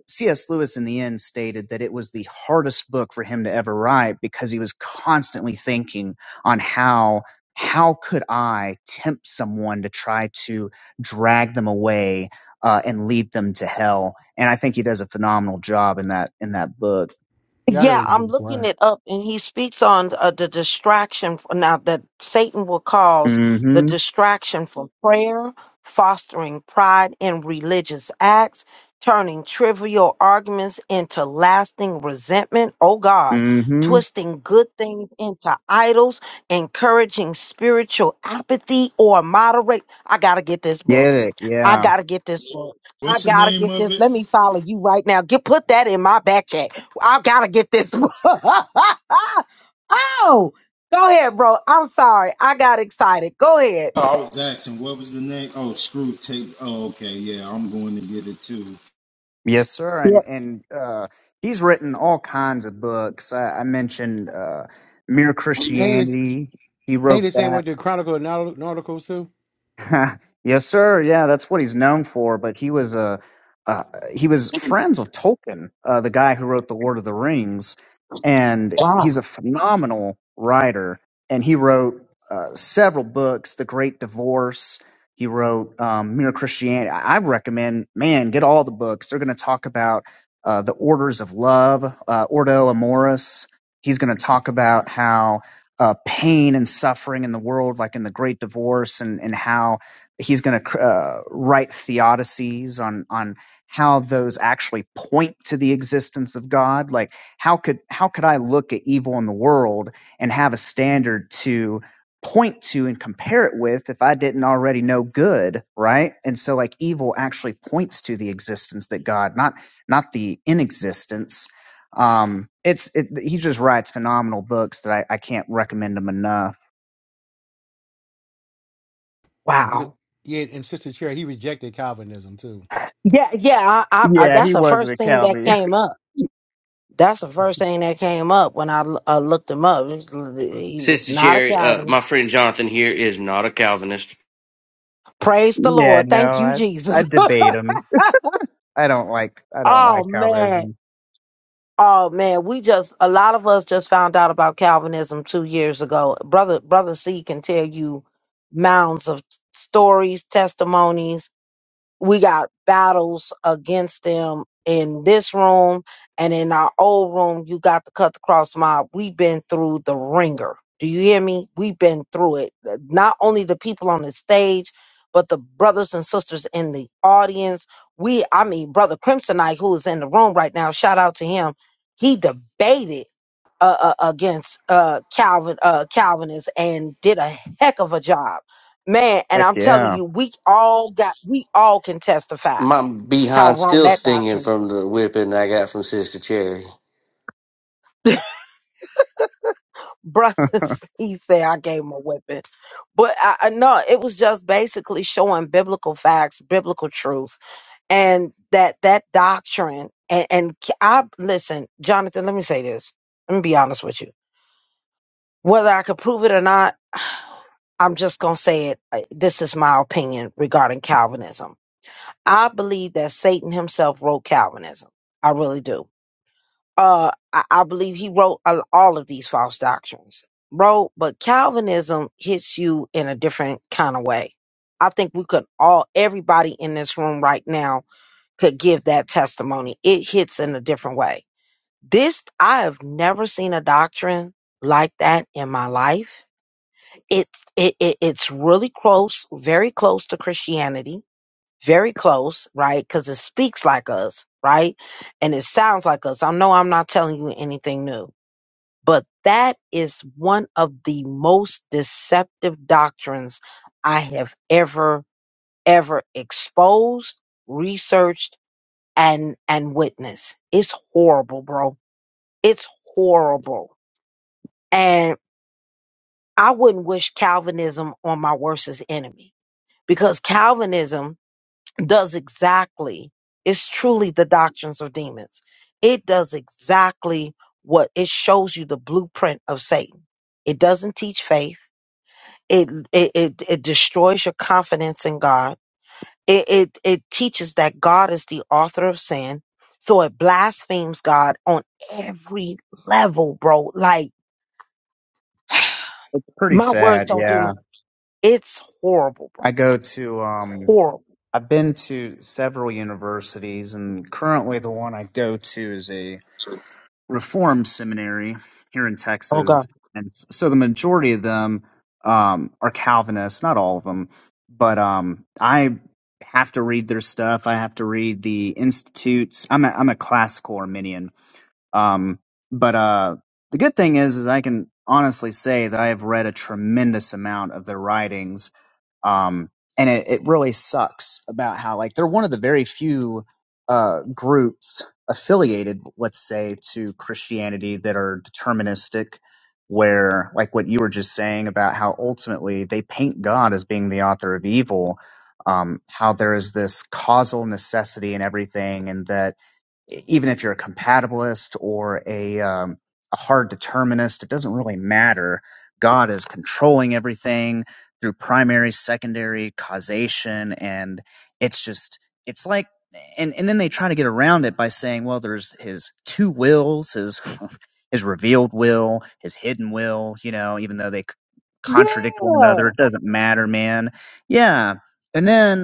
S8: cs lewis in the end stated that it was the hardest book for him to ever write because he was constantly thinking on how how could i tempt someone to try to drag them away uh, and lead them to hell and i think he does a phenomenal job in that in that book
S7: Y'all
S1: Yeah,
S7: heard it, but
S1: I'm
S7: it's
S1: looking
S7: word.
S1: it up, and he speaks on uh, the distraction f- now that Satan will cause the
S8: mm-hmm
S1: distraction from prayer, fostering pride in religious acts, turning trivial arguments into lasting resentment. Oh God,
S8: mm-hmm
S1: twisting good things into idols, encouraging spiritual apathy or moderate. I gotta get this
S8: Yeah.
S1: book. I
S8: yeah
S1: gotta get this book. I
S3: What's the
S1: gotta
S3: name
S1: get
S3: of
S1: this.
S3: it?
S1: Let me follow you right now. Get put that in my back chat. I gotta get this. oh, go ahead, bro. I'm sorry. I got excited. Go ahead.
S3: Oh, I was asking what was the name. Oh, screw tape. Oh, okay, yeah, I'm going to get it too.
S8: Yes, sir.
S1: Yeah.
S8: And and uh, he's written all kinds of books. I, I mentioned uh, Mere
S7: Ain't this
S8: Christianity. He
S7: ain't
S8: wrote
S7: the same
S8: that.
S7: with the Chronicle and Naut- Nauticals too?
S8: yes, sir. Yeah, that's what he's known for. But he was uh, uh, he was friends with Tolkien, uh, the guy who wrote the Lord of the Rings, and he's
S1: Wow.
S8: a phenomenal writer. And he wrote uh, several books: The Great Divorce. He wrote um, Mere Christianity. I I recommend, man, get all the books. They're going to talk about uh, the orders of love, uh, Ordo Amoris. He's going to talk about how uh, pain and suffering in the world, like in the Great Divorce, and and how he's going to uh, write theodicies on on how those actually point to the existence of God. Like how could how could I look at evil in the world and have a standard to point to and compare it with if I didn't already know good, right? And so like evil actually points to the existence that God, not not the inexistence um, it's it, he just writes phenomenal books that I, I can't recommend him enough.
S7: Yeah,
S1: Wow.
S7: yeah, and Sister Cherry, he rejected Calvinism too.
S1: Yeah. Yeah. I, I, I, that's the first thing that
S8: yeah,
S1: came up. That's the first thing that came up when I l- uh, looked him up. He was
S4: Sister
S1: not a
S4: Jerry, uh, my
S1: Calvinist.
S4: friend Jonathan here is not a Calvinist.
S1: Praise the Lord.
S8: no,
S1: Thank you,
S8: I I
S1: Jesus.
S8: debate him. I don't like I don't
S1: oh
S8: like
S1: man.
S8: Calvinism.
S1: Oh man, we just a lot of us just found out about Calvinism two years ago. Brother Brother C can tell you mounds of stories, testimonies, we got battles against them in this room and in our old room you got to cut the cross mob we've been through the ringer do you hear me we've been through it Uh, not only the people on the stage but the brothers and sisters in the audience we i mean brother crimsonite who is in the room right now shout out to him he debated uh, uh, against uh, Calvin uh, Calvinists and did a heck of a job Man, and
S8: Heck
S1: I'm telling
S8: yeah,
S1: you, we all got, we all can testify
S4: My
S1: how
S4: behind
S1: wrong
S4: still
S1: that
S4: stinging
S1: doctrine is.
S4: from the whipping I got from Sister Cherry.
S1: Brothers, he said, I gave him a whipping. But I, I no, it was just basically showing biblical facts, biblical truth, and that that doctrine. And, and c- I listen, Jonathan, let me say this. Let me be honest with you. Whether I could prove it or not, I'm just going to say it. Uh, This is my opinion regarding Calvinism. I believe that Satan himself wrote Calvinism. I really do uh, I, I believe he wrote a- all of these false doctrines, bro. But Calvinism hits you in a different kind of way. I think we could all, everybody in this room right now, could give that testimony. It hits in a different way. This I have never seen a doctrine like that in my life. It, it, it it's really close, very close to Christianity, very close, right? Because it speaks like us, right? And it sounds like us. I know I'm not telling you anything new but that is one of the most deceptive doctrines I have ever, ever exposed, researched, and and witnessed. It's horrible, bro. It's horrible. And I wouldn't wish Calvinism on my worstest enemy because Calvinism does exactly, it's truly the doctrines of demons. It does exactly what it shows you the blueprint of Satan. It doesn't teach faith. It it it, it destroys your confidence in God. It, it it teaches that God is the author of sin. So it blasphemes God on every level, bro. Like
S8: pretty
S1: my words
S8: sad.
S1: don't do
S8: Yeah,
S1: it. It's horrible, bro.
S8: I go to um.
S1: Horrible.
S8: I've been to several universities, and currently the one I go to is a Reform Seminary here in
S1: Oh
S8: Texas,
S1: God.
S8: and so the majority of them um, are Calvinists. Not all of them, but um, I have to read their stuff. I have to read the institutes. I'm a, I'm a classical Arminian, um, but uh, the good thing is, is I can honestly say that I have read a tremendous amount of their writings um, and it, it really sucks about how like they're one of the very few uh, groups affiliated let's say to christianity that are deterministic where like what you were just saying about how ultimately they paint god as being the author of evil um, how there is this causal necessity in everything and that even if you're a compatibilist or a, um, a hard determinist, it doesn't really matter. God is controlling everything through primary, secondary causation, and it's just it's like and and then they try to get around it by saying, well, there's his two wills, his his revealed will, his hidden will. You know, even though they c- contradict one another,
S1: Yeah.
S8: it doesn't matter, man. Yeah. And then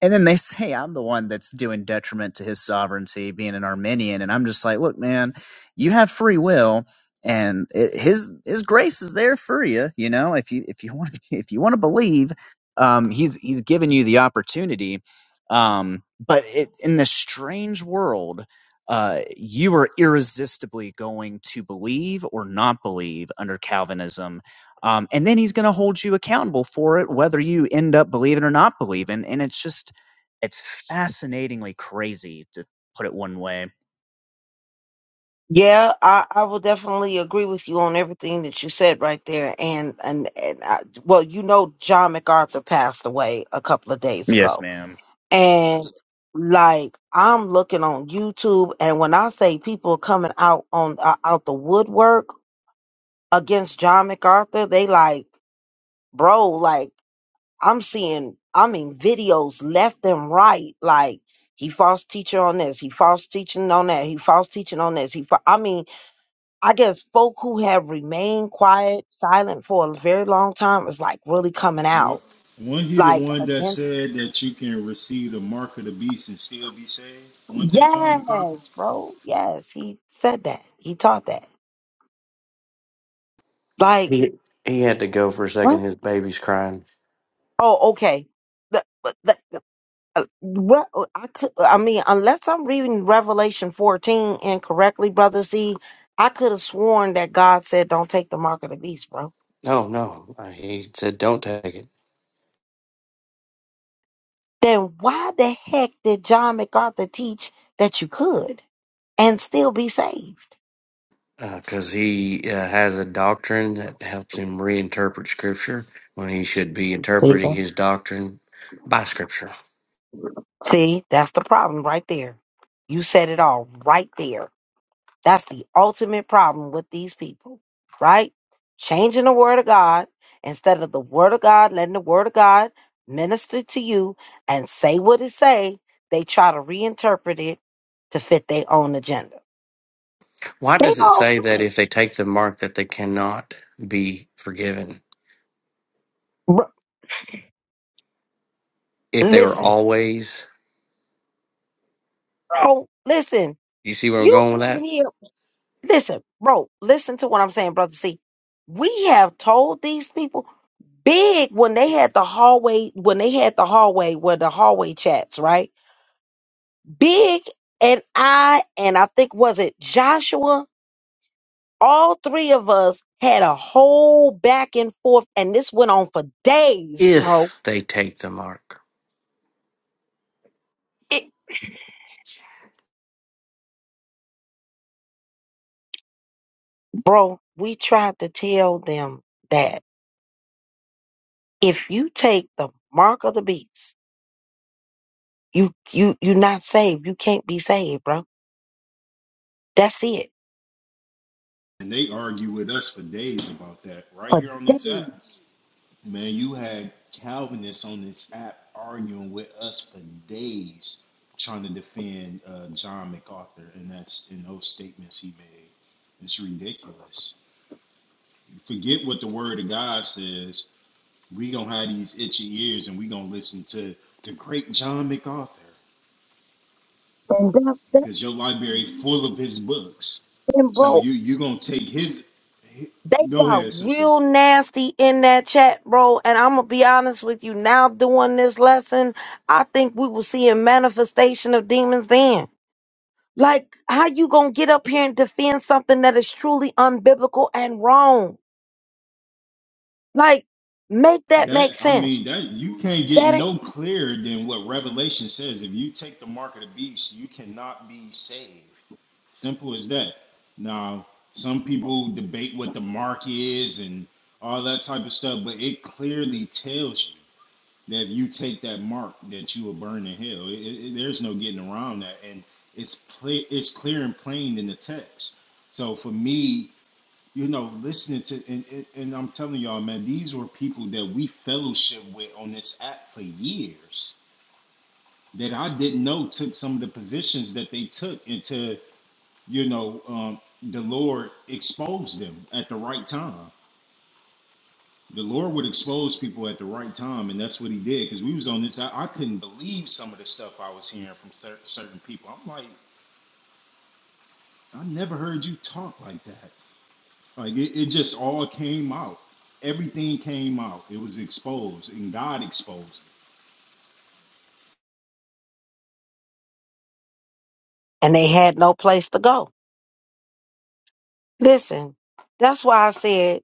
S8: and then they say I'm the one that's doing detriment to his sovereignty, being an Armenian, and I'm just like, look, man, you have free will, and it, his his grace is there for you. You know, if you if you want if you want to believe, um, he's he's given you the opportunity. Um, but it, in this strange world, uh, you are irresistibly going to believe or not believe under Calvinism, um, and then he's going to hold you accountable for it, whether you end up believing or not believing. And it's just it's fascinatingly crazy to put it one way.
S1: Yeah, I, I will definitely agree with you on everything that you said right there. And and, and I, well, you know, John MacArthur passed away a couple of days
S8: Yes,
S1: ago
S8: ma'am.
S1: and like I'm looking on YouTube, and when I say people coming out on uh, out the woodwork against John MacArthur, they like, bro, like I'm seeing, I mean, videos left and right, like. He false teacher on this. He false teaching on that. He false teaching on this. He, fa- I mean, I guess folk who have remained quiet, silent for a very long time is like really coming
S3: What?
S1: out,
S3: Wasn't he the
S1: like
S3: one that
S1: against.
S3: said that you can receive the mark of the beast and still be saved? Wasn't that John MacArthur?
S1: Yes, bro. Yes, he said that. He taught that. Like
S4: He he had to go for a second.
S1: what?
S4: His baby's crying.
S1: Oh, okay. The- but the- the- uh, what I could, I mean, unless I'm reading Revelation 14 incorrectly, brother C, I could have sworn that God said, "Don't take the mark of the beast, bro."
S4: No, no. He said, "Don't take it."
S1: Then why the heck did John MacArthur teach that you could and still be saved?
S4: because he uh, has a doctrine that helps him reinterpret Scripture when he should be
S1: See,
S4: interpreting
S1: that-
S4: his doctrine by Scripture.
S1: see, that's the problem right there. You said it all right there. That's the ultimate problem with these people, right? Changing the word of God instead of the word of God, letting the word of God minister to you and say what it say, they try to reinterpret it to fit their own agenda.
S4: Why
S1: They
S4: does it
S1: all
S4: say that
S1: do it.
S4: if they take the mark that they cannot be forgiven
S1: Bro,
S4: if they were
S1: listen,
S4: always?
S1: bro, listen.
S4: You see where I'm
S1: You've
S4: going with
S1: been
S4: that?
S1: in here. Listen, bro, listen to what I'm saying, brother. See, we have told these people big when they had the hallway, when they had the hallway where the hallway chats, right? Big and I, and I think was it Joshua, all three of us had a whole back and forth, and this went on for days, bro.
S4: If they take the mark.
S1: It, bro, we tried to tell them that if you take the mark of the beast, you you you're not saved. You can't be saved, bro. That's it.
S3: And they argue with us for days about that, right
S1: For
S3: here on this app.
S1: days.
S3: Man, you had Calvinists on this app arguing with us for days trying to defend uh, John MacArthur, and that's in those statements he made. It's ridiculous. Forget what the Word of God says. We gonna have these itchy ears, and we gonna listen to the great John MacArthur
S1: And that, that
S3: because your library full of his books.
S1: and
S3: So
S1: bro,
S3: you you gonna take his.
S1: They
S3: Go
S1: got
S3: ahead, sister.
S1: real nasty in that chat, bro. And I'm gonna be honest with you. Now doing this lesson, I think we will see a manifestation of demons then. Like, how you gonna get up here and defend something that is truly unbiblical and wrong? Like, make that
S3: That
S1: make
S3: I
S1: sense.
S3: mean that you can't get
S1: That ain't,
S3: no clearer than what Revelation says. If you take the mark of the beast, you cannot be saved. Simple as that. Now, some people debate what the mark is and all that type of stuff, but it clearly tells you that if you take that mark, that you will burn in hell. It, it, there's no getting around that, and it's ple- it's clear and plain in the text. So for me, you know, listening to and, and, and I'm telling y'all, man, these were people that we fellowship with on this app for years that I didn't know took some of the positions that they took until you know um, the Lord exposed them at the right time. The Lord would expose people at the right time, and that's what He did. Because we was on this, I, I couldn't believe some of the stuff I was hearing from cer- certain people. I'm like, I never heard you talk like that. Like it, it just all came out. Everything came out. It was exposed, and God exposed
S1: and they had no place to go. Listen, that's why I said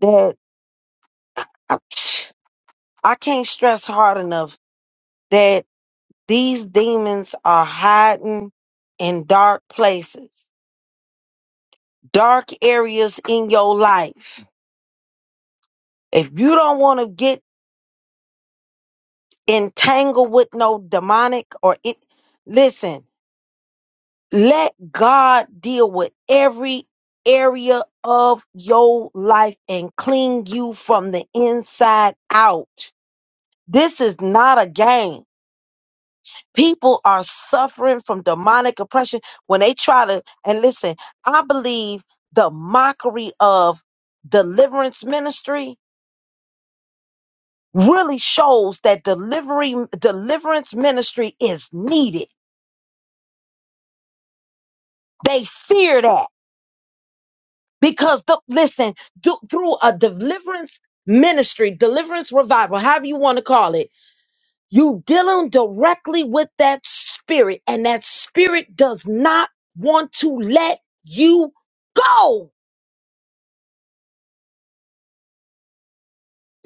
S1: that I, I can't stress hard enough that. These demons are hiding in dark places, dark areas in your life. If you don't want to get entangled with no demonic or it, listen, let God deal with every area of your life and clean you from the inside out. This is not a game. People are suffering from demonic oppression when they try to, and listen, I believe the mockery of deliverance ministry really shows that delivery, deliverance ministry is needed. They fear that because, the, listen, do, through a deliverance ministry, deliverance revival, however you want to call it, you dealing directly with that spirit and that spirit does not want to let you go.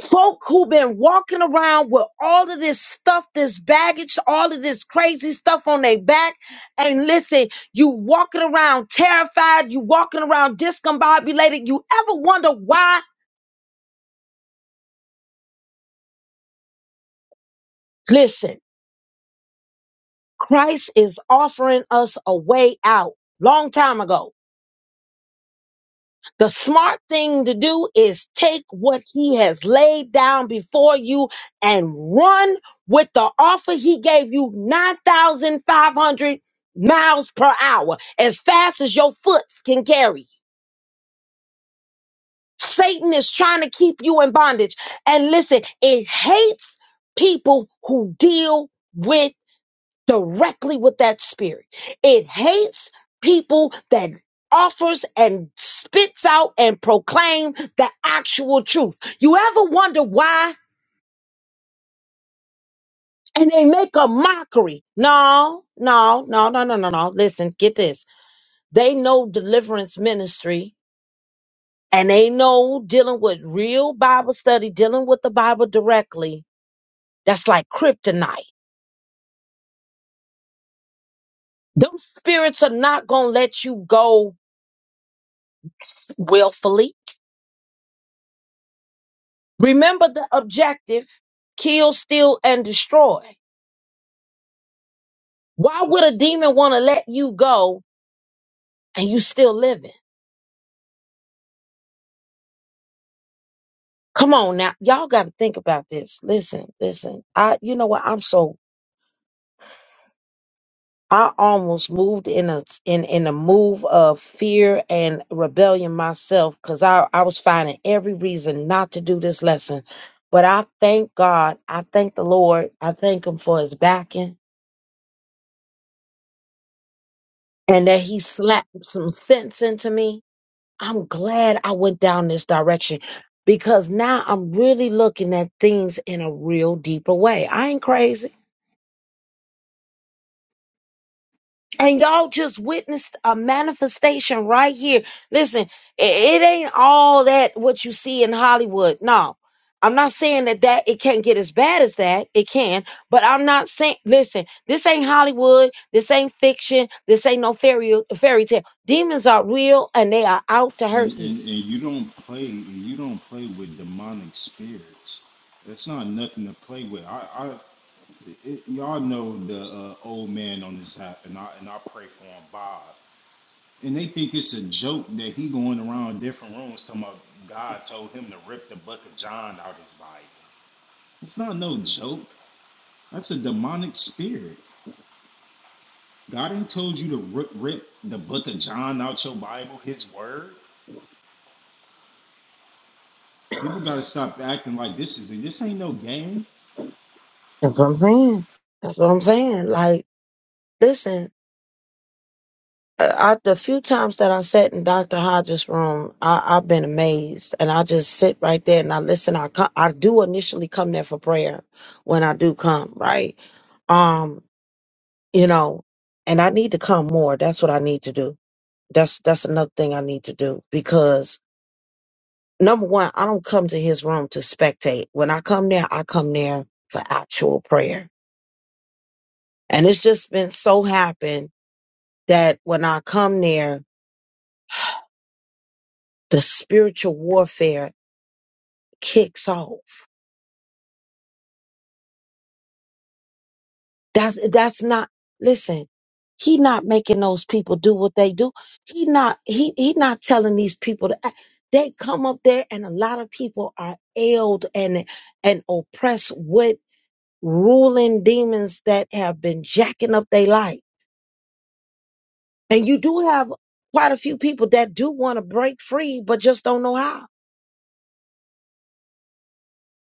S1: folk who've been walking around with all of this stuff, this baggage, all of this crazy stuff on their back. And listen, you walking around terrified, you walking around discombobulated. You ever wonder why? Listen, Christ is offering us a way out long time ago. The smart thing to do is take what he has laid down before you and run with the offer he gave you 9,500 miles per hour, as fast as your foot can carry. Satan is trying to keep you in bondage. And listen, it hates people who deal with directly with that spirit. It hates people that offers and spits out and proclaim the actual truth. You ever wonder why? And they make a mockery. No, no, no, no, no, no, no. Listen, get this. They know deliverance ministry and they know dealing with real Bible study, dealing with the Bible directly. That's like kryptonite. Those spirits are not going to let you go willfully Remember the objective kill, steal, and destroy. Why would a demon want to let you go and you still living? Come on now. Y'all got to think about this. Listen, listen. I, you know what? I'm so, I almost moved in a, in, in a move of fear and rebellion myself because I, I was finding every reason not to do this lesson. But I thank God. I thank the Lord. I thank Him for His backing and that He slapped some sense into me I'm glad I went down this direction because now I'm really looking at things in a real deeper way. I ain't crazy. And y'all just witnessed a manifestation right here. Listen, i- it ain't all that what you see in Hollywood. No. I'm not saying that that it can't get as bad as that. It can, but I'm not saying listen, this ain't Hollywood, this ain't fiction, this ain't no fairy fairy tale. Demons are real and they are out to
S3: it. And
S1: hurt
S3: and,
S1: you.
S3: and you don't play. And you don't play with demonic spirits. That's not nothing to play with. I, I it, y'all know the uh, old man on this app, and I and I pray for him, Bob. And they think it's a joke that he going around different rooms talking about God told him to rip the book of John out his Bible. It's not no joke. That's a demonic spirit. God ain't told you to rip, rip the book of John out your Bible, his word. People gotta stop acting like this is this ain't no game.
S1: That's what I'm saying. That's what I'm saying. Like, listen, I, the few times that I sat in Dr. Hodges' room, I, I've been amazed, and I just sit right there and I listen. I co- I do initially come there for prayer when I do come, right? Um, you know, and I need to come more. That's what I need to do. That's that's another thing I need to do because number one, I don't come to his room to spectate. When I come there, I come there for actual prayer, and it's just been so happened that when I come there, the spiritual warfare kicks off. That's that's not listen, he not making those people do what they do. He not he he not telling these people to act. They come up there and a lot of people are ailed and and oppressed with ruling demons that have been jacking up their life. And you do have quite a few people that do want to break free but just don't know how.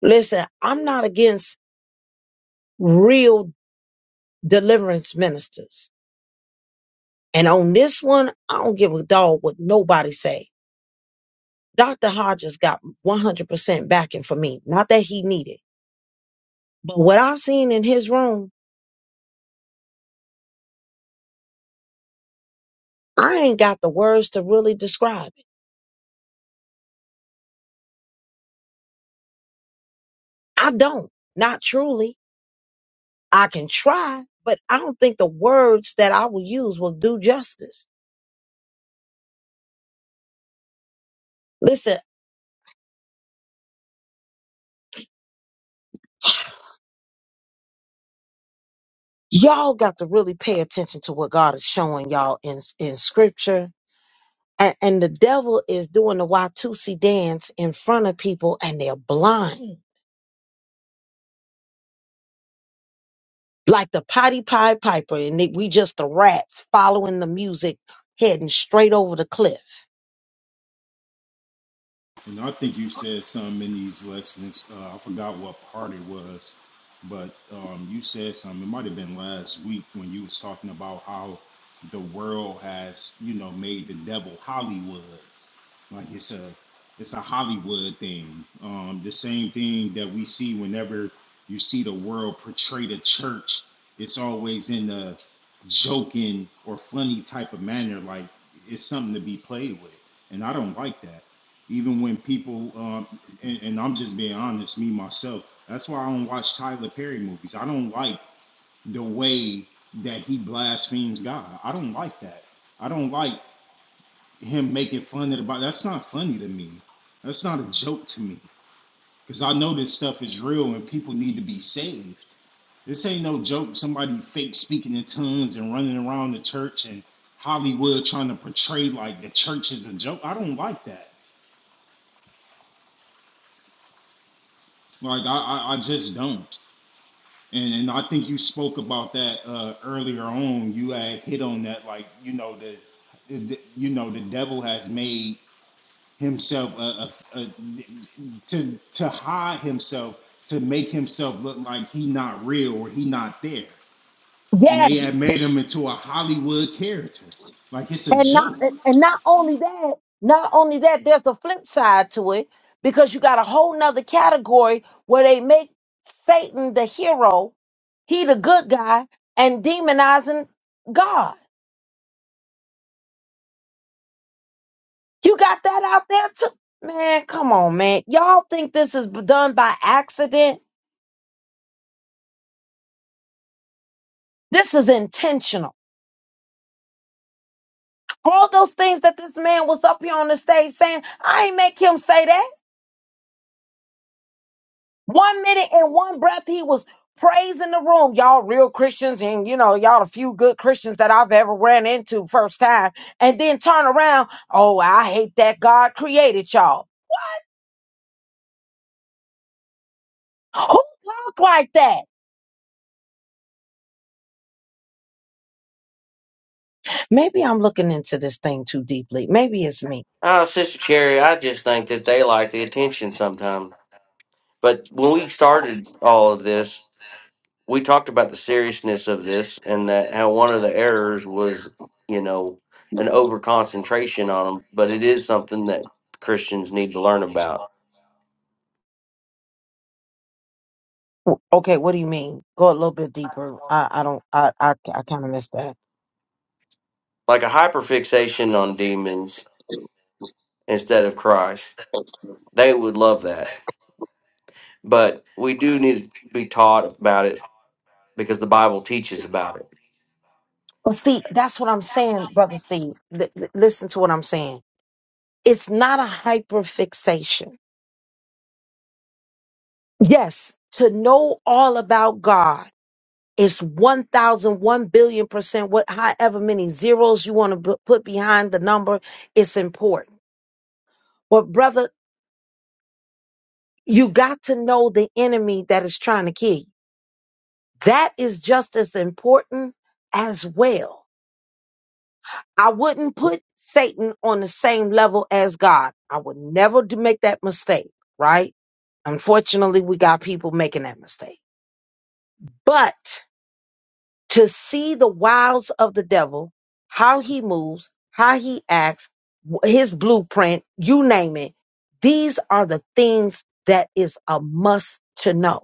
S1: Listen, I'm not against real deliverance ministers. And on this one, I don't give a dog what nobody say. Dr. Hodges got 100% backing for me. Not that he needed, but what I've seen in his room, I ain't got the words to really describe it. I don't. Not truly. I can try, but I don't think the words that I will use will do justice. Listen, y'all got to really pay attention to what God is showing y'all in, in scripture. And, and the devil is doing the Y2C dance in front of people and they're blind like the Potty Pie Piper, and it, we just the rats following the music, heading straight over the cliff.
S3: And I think you said something in these lessons. Uh, I forgot what part it was, but um, you said something. It might have been last week when you was talking about how the world has, you know, made the devil Hollywood. Like it's a it's a Hollywood thing. Um, the same thing that we see whenever you see the world portray the church. It's always in a joking or funny type of manner. Like it's something to be played with, and I don't like that. Even when people, um, and, and I'm just being honest, me myself. That's why I don't watch Tyler Perry movies. I don't like the way that he blasphemes God. I don't like that. I don't like him making fun of the Bible. That's not funny to me. That's not a joke to me. Because I know this stuff is real and people need to be saved. This ain't no joke. Somebody fake speaking in tongues and running around the church and Hollywood trying to portray like the church is a joke. I don't like that. Like I, I, I just don't. And, and I think you spoke about that uh, earlier on. You had hit on that, like you know the, the, you know the devil has made himself uh, uh, uh, to to hide himself to make himself look like he not real or he not there and they
S1: Yes,
S3: had made him into a hollywood character like it's a
S1: And not
S3: joke
S1: and not only that, not only that, there's a flip side to it because you got a whole nother category where they make Satan the hero, he the good guy, and demonizing God. You got that out there too. Man, come on, man. Y'all think this is done by accident? This is intentional. All those things that this man was up here on the stage saying, I ain't make him say that. One minute and one breath, he was praising the room. Y'all real Christians, and you know, y'all the few good Christians that I've ever ran into first time. And then turn around. Oh, I hate that God created y'all. Who talk like that? Maybe I'm looking into this thing too deeply. Maybe it's me.
S4: Ah, Sister Cherry, I just think that they like the attention sometimes. But when we started all of this, we talked about the seriousness of this and that how one of the errors was, you know, an over concentration on them. But it is something that Christians need to learn about,
S1: Okay, what do you mean? Go a little bit deeper. I, I don't. I I, I kind of missed that.
S4: like a hyperfixation on demons instead of Christ. They would love that. But we do need to be taught about it because the Bible teaches about it.
S1: But see, that's what I'm saying, brother. See, listen to what I'm saying. It's not a hyper fixation. Yes, to know all about God is 1,001 billion percent, what, however many zeros you want to put behind the number, it's important. But, brother, you got to know the enemy that is trying to kill you. That is just as important as well. I wouldn't put Satan on the same level as God. I would never do make that mistake, right? Unfortunately, we got people making that mistake. But to see the wiles of the devil, how he moves, how he acts, wh- his blueprint, you name it, these are the things that is a must to know.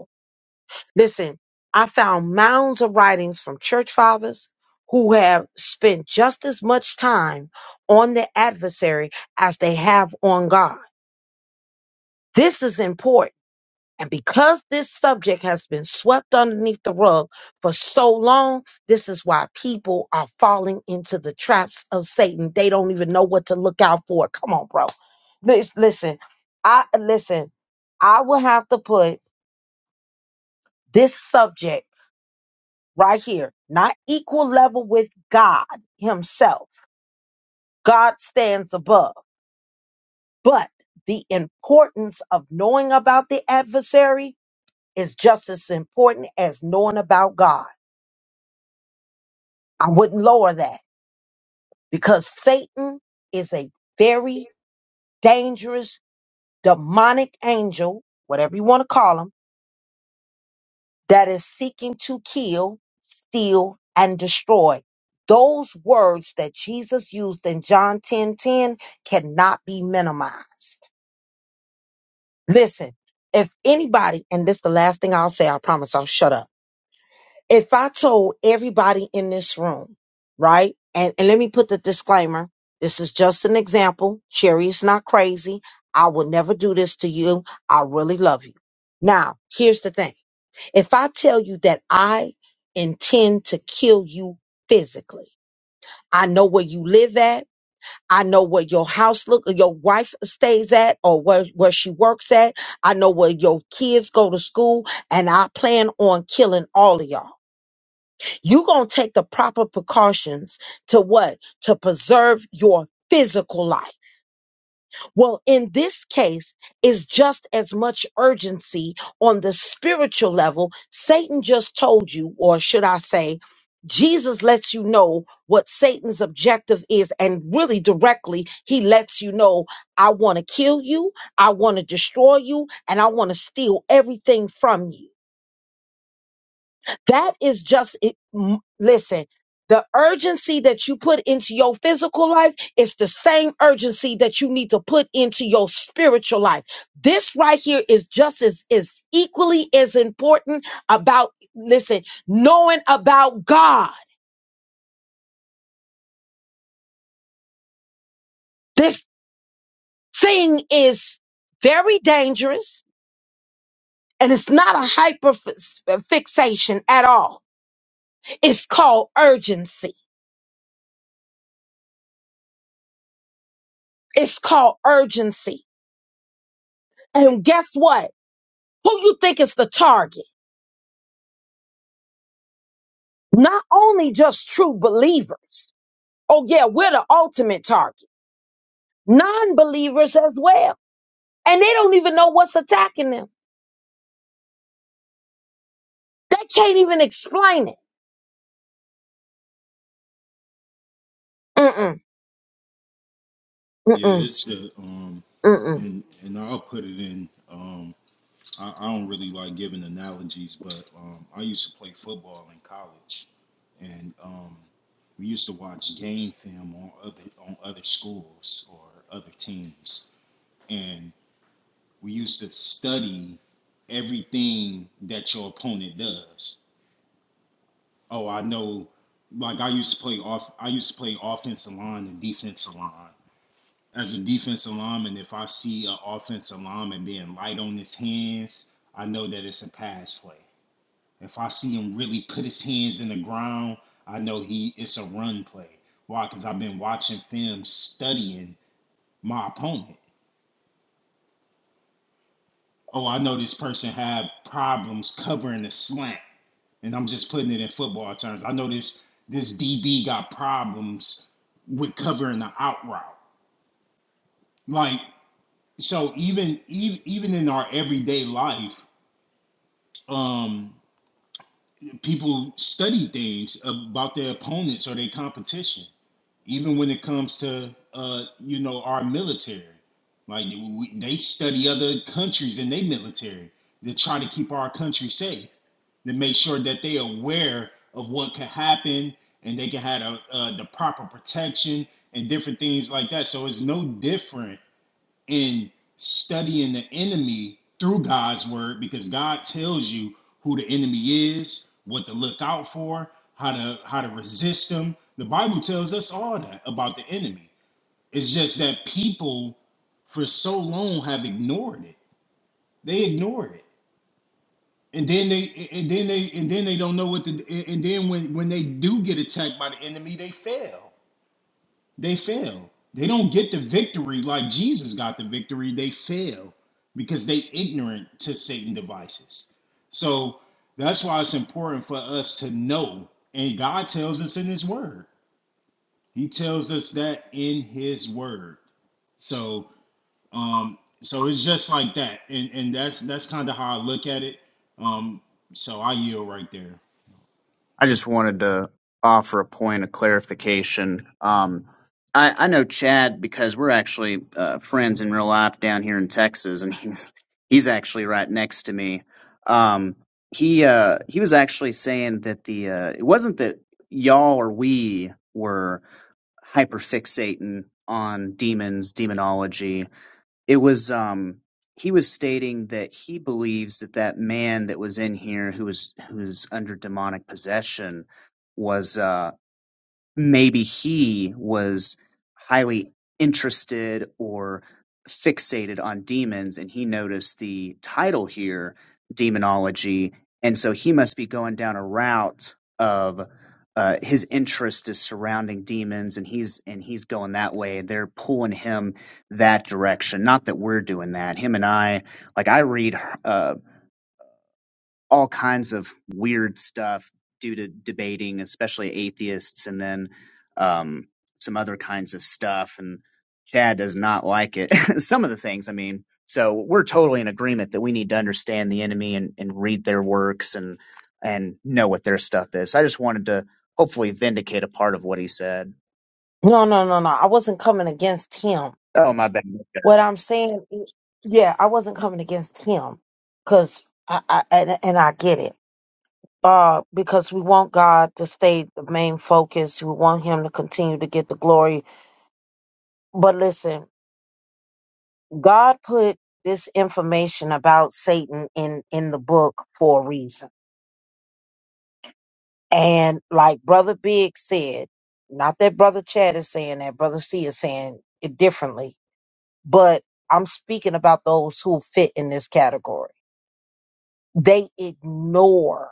S1: Listen, I found mounds of writings from church fathers who have spent just as much time on the adversary as they have on God. This is important. And because this subject has been swept underneath the rug for so long, this is why people are falling into the traps of Satan. They don't even know what to look out for. Come on, bro. Lis- Listen, I listen, I will have to put this subject right here, not equal level with God Himself. God stands above. But the importance of knowing about the adversary is just as important as knowing about God. I wouldn't lower that because Satan is a very dangerous demonic angel, whatever you want to call him that is seeking to kill, steal, and destroy. Those words that Jesus used in John 10 10 cannot be minimized. Listen, if anybody, and this is the last thing I'll say, I promise I'll shut up. If I told everybody in this room, right, and, and let me put the disclaimer this is just an example. Sherry is not crazy. I will never do this to you. I really love you. Now, here's the thing. If I tell you that I intend to kill you physically, I know where you live at. I know where your house look, your wife stays at, or where, where she works at. I know where your kids go to school, and I plan on killing all of y'all. You gonna take the proper precautions to what? To preserve your physical life. Well, in this case, it's just as much urgency on the spiritual level. Satan just told you, or should I say, Jesus lets you know what Satan's objective is, and really directly, he lets you know, I want to kill you, I want to destroy you, and I want to steal everything from you. That is just it. m- Listen, the urgency that you put into your physical life is the same urgency that you need to put into your spiritual life. This right here is just as is equally as important about listen, knowing about God. This thing is very dangerous and it's not a hyper fix- fixation at all. It's called urgency. It's called urgency. And guess what? Who you think is the target? Not only just true believers. Oh yeah, we're the ultimate target. Non-believers as well. And they don't even know what's attacking them. They can't even explain it. Mm-mm,
S3: yeah
S1: mm-mm,
S3: it's a um
S1: mm-mm.
S3: and and i'll put it in um i, I don't really like giving analogies but um i used to play football in college and um we used to watch game film on other on other schools or other teams and we used to study everything that your opponent does. Oh, I know. Like I used to play off. I used to play offensive line and defensive line. As a defensive lineman, if I see an offensive lineman being light on his hands, I know that it's a pass play. If I see him really put his hands in the ground, I know he it's a run play. Why? Because I've been watching film, studying my opponent. Oh, I know this person had problems covering the slant. and I'm just putting it in football terms. I know this this DB got problems with covering the out route. Like so, even even even in our everyday life, um, people study things about their opponents or their competition. even when it comes to uh, you know our military like we, they study other countries and their military to try to keep our country safe to make sure that they aware of what could happen and they can have a, uh, the proper protection and different things like that so it's no different in studying the enemy through God's word because God tells you who the enemy is, what to look out for, how to how to resist them. The Bible tells us all that about the enemy. It's just that people for so long have ignored it. They ignore it. And then they and then they and then they don't know what to and and then when when they do get attacked by the enemy, they fail. They fail. They don't get the victory like Jesus got the victory. They fail because they ignorant to Satan devices. So that's why it's important for us to know. And God tells us in his word. He tells us that in his word. So um so it's just like that. And and that's that's kind of how I look at it. Um so I yield right there.
S8: I just wanted to offer a point of clarification. Um, I, I know Chad because we're actually uh, friends in real life down here in Texas, and he's he's actually right next to me. Um, he uh, he was actually saying that the uh, it wasn't that y'all or we were hyperfixating on demons, demonology. it was um he was stating that he believes that that man that was in here who was who was under demonic possession was uh, maybe he was highly interested or fixated on demons and he noticed the title here demonology and so he must be going down a route of uh, his interest is surrounding demons and he's and he's going that way they're pulling him that direction not that we're doing that him and i like i read uh, all kinds of weird stuff due to debating, especially atheists, and then um, some other kinds of stuff. And Chad does not like it. some of the things, I mean. So we're totally in agreement that we need to understand the enemy and, and read their works and and know what their stuff is. So, I just wanted to hopefully vindicate a part of what he said.
S1: No, no, no, no. I wasn't coming against him.
S8: Oh my bad,
S1: What I'm saying, is- yeah, I wasn't coming against him. Cause I, I and, and I get it. Uh, because we want God to stay the main focus. We want him to continue to get the glory. But listen, God put this information about Satan in in the book for a reason. And like Brother Big said, not that Brother Chad is saying that, Brother C is saying it differently, but I'm speaking about those who fit in this category. They ignore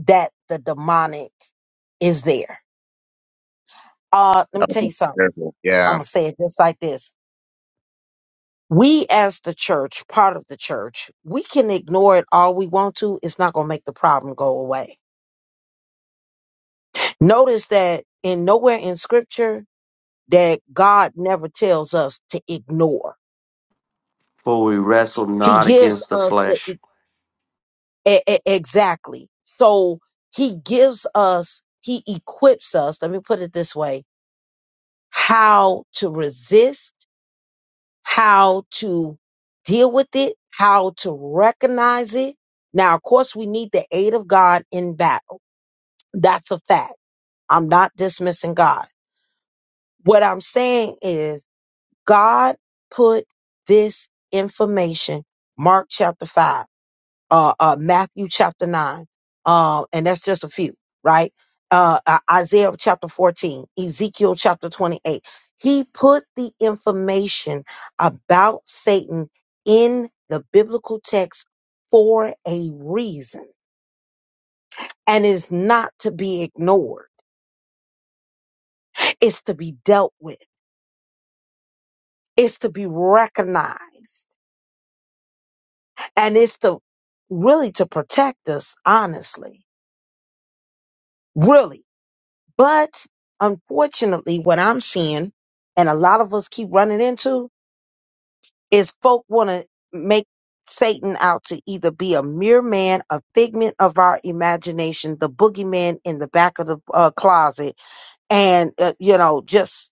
S1: that the demonic is there. Uh, let
S8: oh,
S1: me tell
S8: that's
S1: you something.
S8: terrible.
S1: I'm
S8: Yeah,
S1: gonna say it just like this. We as the church, part of the church, we can ignore it all we want to. It's not gonna make the problem go away Notice that in nowhere in scripture that God never tells us to ignore.
S4: For we wrestle
S1: He
S4: not
S1: gives
S4: against the
S1: us the e-
S4: flesh.
S1: e- e- exactly. So he gives us, he equips us, let me put it this way, how to resist, how to deal with it, how to recognize it. Now, of course, we need the aid of God in battle. That's a fact. I'm not dismissing God. What I'm saying is God put this information, Mark chapter 5, uh, uh, Matthew chapter 9, uh, and that's just a few, right? Uh, I- Isaiah chapter 14, Ezekiel chapter 28. He put the information about Satan in the biblical text for a reason. And it's not to be ignored. It's to be dealt with. It's to be recognized. and it's to really to protect us honestly really but unfortunately what i'm seeing and a lot of us keep running into is folk want to make satan out to either be a mere man a figment of our imagination the boogeyman in the back of the uh, closet and uh, you know just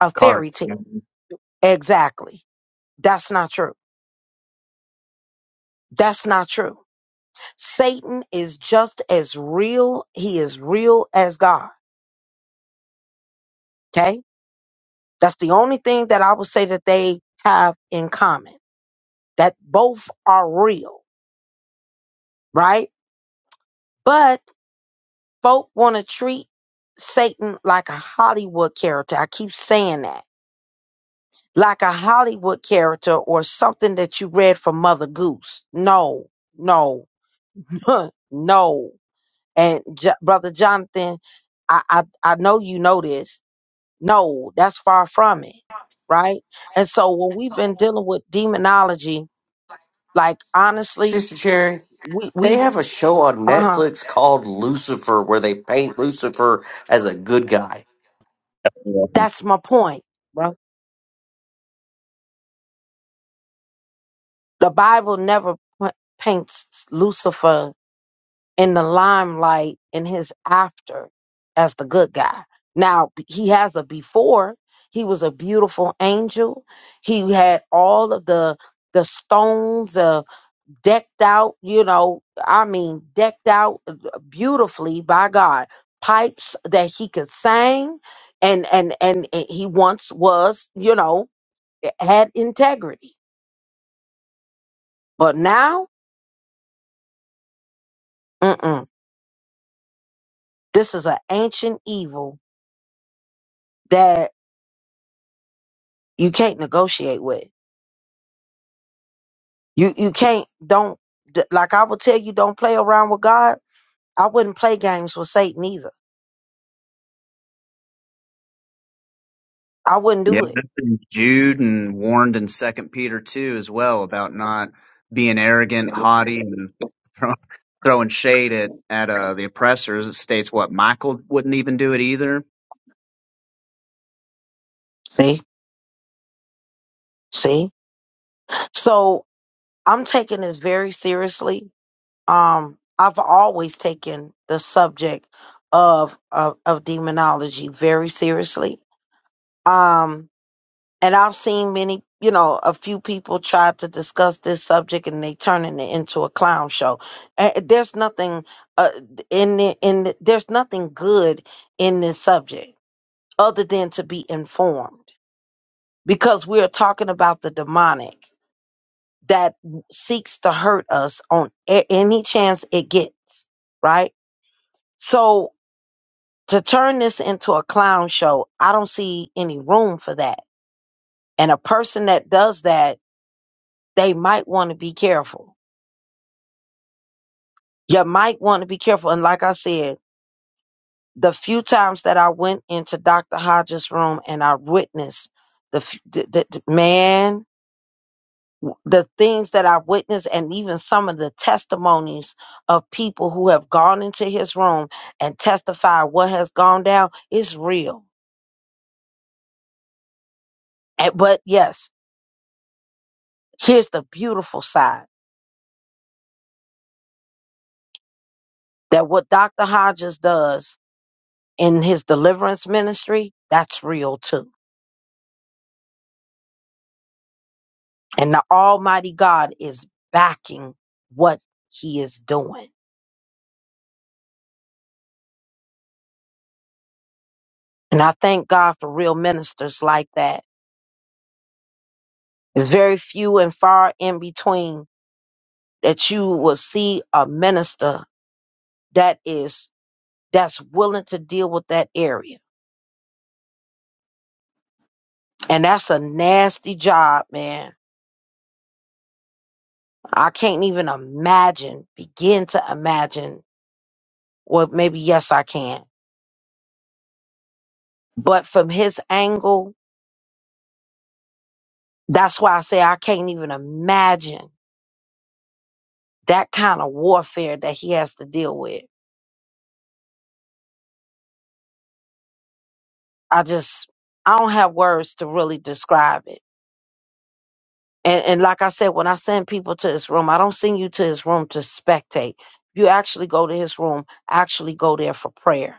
S1: a fairy tale
S8: cartoon.
S1: exactly that's not true that's not true satan is just as real he is real as god Okay. That's the only thing that I would say that they have in common, that both are real, right? But folk want to treat Satan like a Hollywood character. I keep saying that, like a Hollywood character or something that you read from Mother Goose. No, no, no. And J- Brother Jonathan, I, I, I know you know this. No, that's far from it, right? And so when we've been dealing with demonology, Like honestly,
S4: Sister Cherry,
S1: we
S4: They
S1: we
S4: have a show on
S1: uh huh.
S4: Netflix called Lucifer where they paint Lucifer as a good guy.
S1: That's my point, bro. The Bible never p- paints Lucifer in the limelight in his after as the good guy. Now b- he has a before. He was a beautiful angel. He had all of the the stones. decked out, you know, I mean, decked out uh, beautifully by God. Pipes that he could sing and and and eh, he once was, you know, eh, had integrity. But now, mm-mm, this is an ancient evil that you can't negotiate with. You you can't don't d- like I would tell you don't play around with God. I wouldn't play games with Satan either. I wouldn't
S8: Yeah,
S1: do it.
S8: that's in Jude and warned in Second Peter too, as well, about not being arrogant, haughty, and throw- throwing shade at at uh, the oppressors. It states what Michael wouldn't even do it either.
S1: See? See? So I'm taking this very seriously um I've always taken the subject of of, of demonology very seriously. Um and I've seen many, you know, a few people try to discuss this subject and they turning it into a clown show. A- There's nothing uh, in the, in the, there's nothing good in this subject other than to be informed because we are talking about the demonic that seeks to hurt us on a- any chance it gets, right? So to turn this into a clown show, I don't see any room for that. And a person that does that, they might want to be careful. You might want to be careful. And like I said, the few times that I went into Dr. Hodges' room and I witnessed the, f- the, the the- man, the things that I witnessed, and even some of the testimonies of people who have gone into his room and testified what has gone down is real. And, but yes, here's the beautiful side that what Dr. Hodges does in his deliverance ministry, that's real too. And the Almighty God is backing what he is doing. And I thank God for real ministers like that. It's very few and far in between that you will see a minister that is that's willing to deal with that area. And that's a nasty job, man. I can't even imagine, begin to imagine Well, maybe yes, I can. But from his angle, that's why I say I can't even imagine that kind of warfare that he has to deal with. I just, I don't have words to really describe it. And, and like I said, when I send people to his room, I don't send you to his room to spectate. You actually go to his room, actually go there for prayer.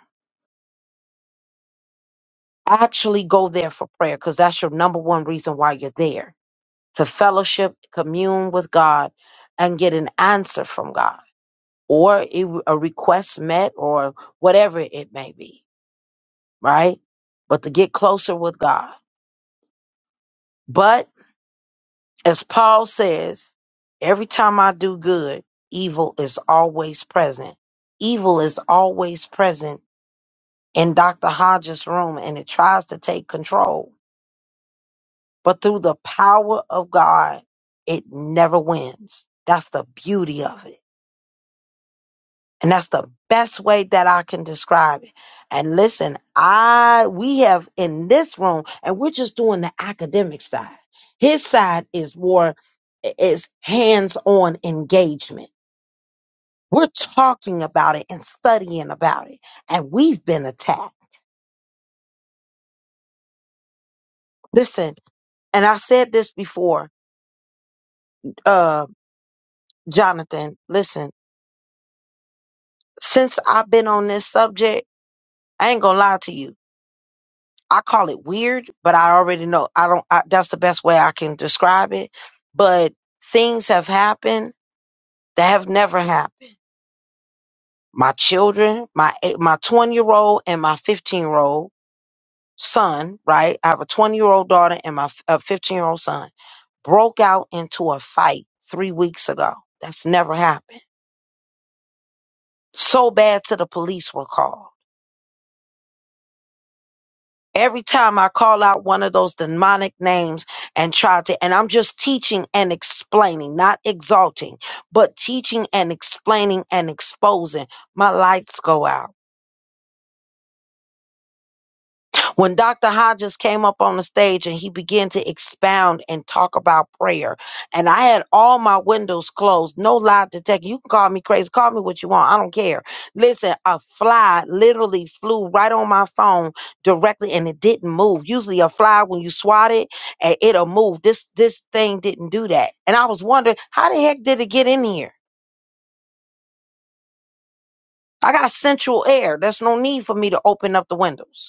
S1: Actually go there for prayer because that's your number one reason why you're there to fellowship, commune with God, and get an answer from God. or it, a request met or whatever it may be, right? But to get closer with God. But as Paul says, every time I do good, evil is always present. Evil is always present in Dr. Hodges' room and it tries to take control. But through the power of God, it never wins. That's the beauty of it And that's the best way that I can describe it. And listen, I we have in this room, and we're just doing the academic side. His side is more is hands-on engagement. We're talking about it and studying about it. And we've been attacked. Listen, and I said this before, uh, Jonathan, listen, since I've been on this subject, I ain't gonna lie to you. I call it weird, but I already know I don't. I, that's the best way I can describe it. But things have happened that have never happened. My children, my eight, my twenty year old and my fifteen year old son, right? I have a twenty year old daughter and my f- a fifteen year old son broke out into a fight three weeks ago. That's never happened. So bad to the police were called. Every time I call out one of those demonic names and try to, and I'm just teaching and explaining, not exalting, but teaching and explaining and exposing, my lights go out. when Dr. Hodges came up on the stage and he began to expound and talk about prayer, and I had all my windows closed, no lie detector. You can call me crazy, call me what you want, I don't care. Listen, a fly literally flew right on my phone directly, and it didn't move. Usually, a fly when you swat it, and it'll move. This this thing didn't do that, and I was wondering how the heck did it get in here? I got central air. There's no need for me to open up the windows.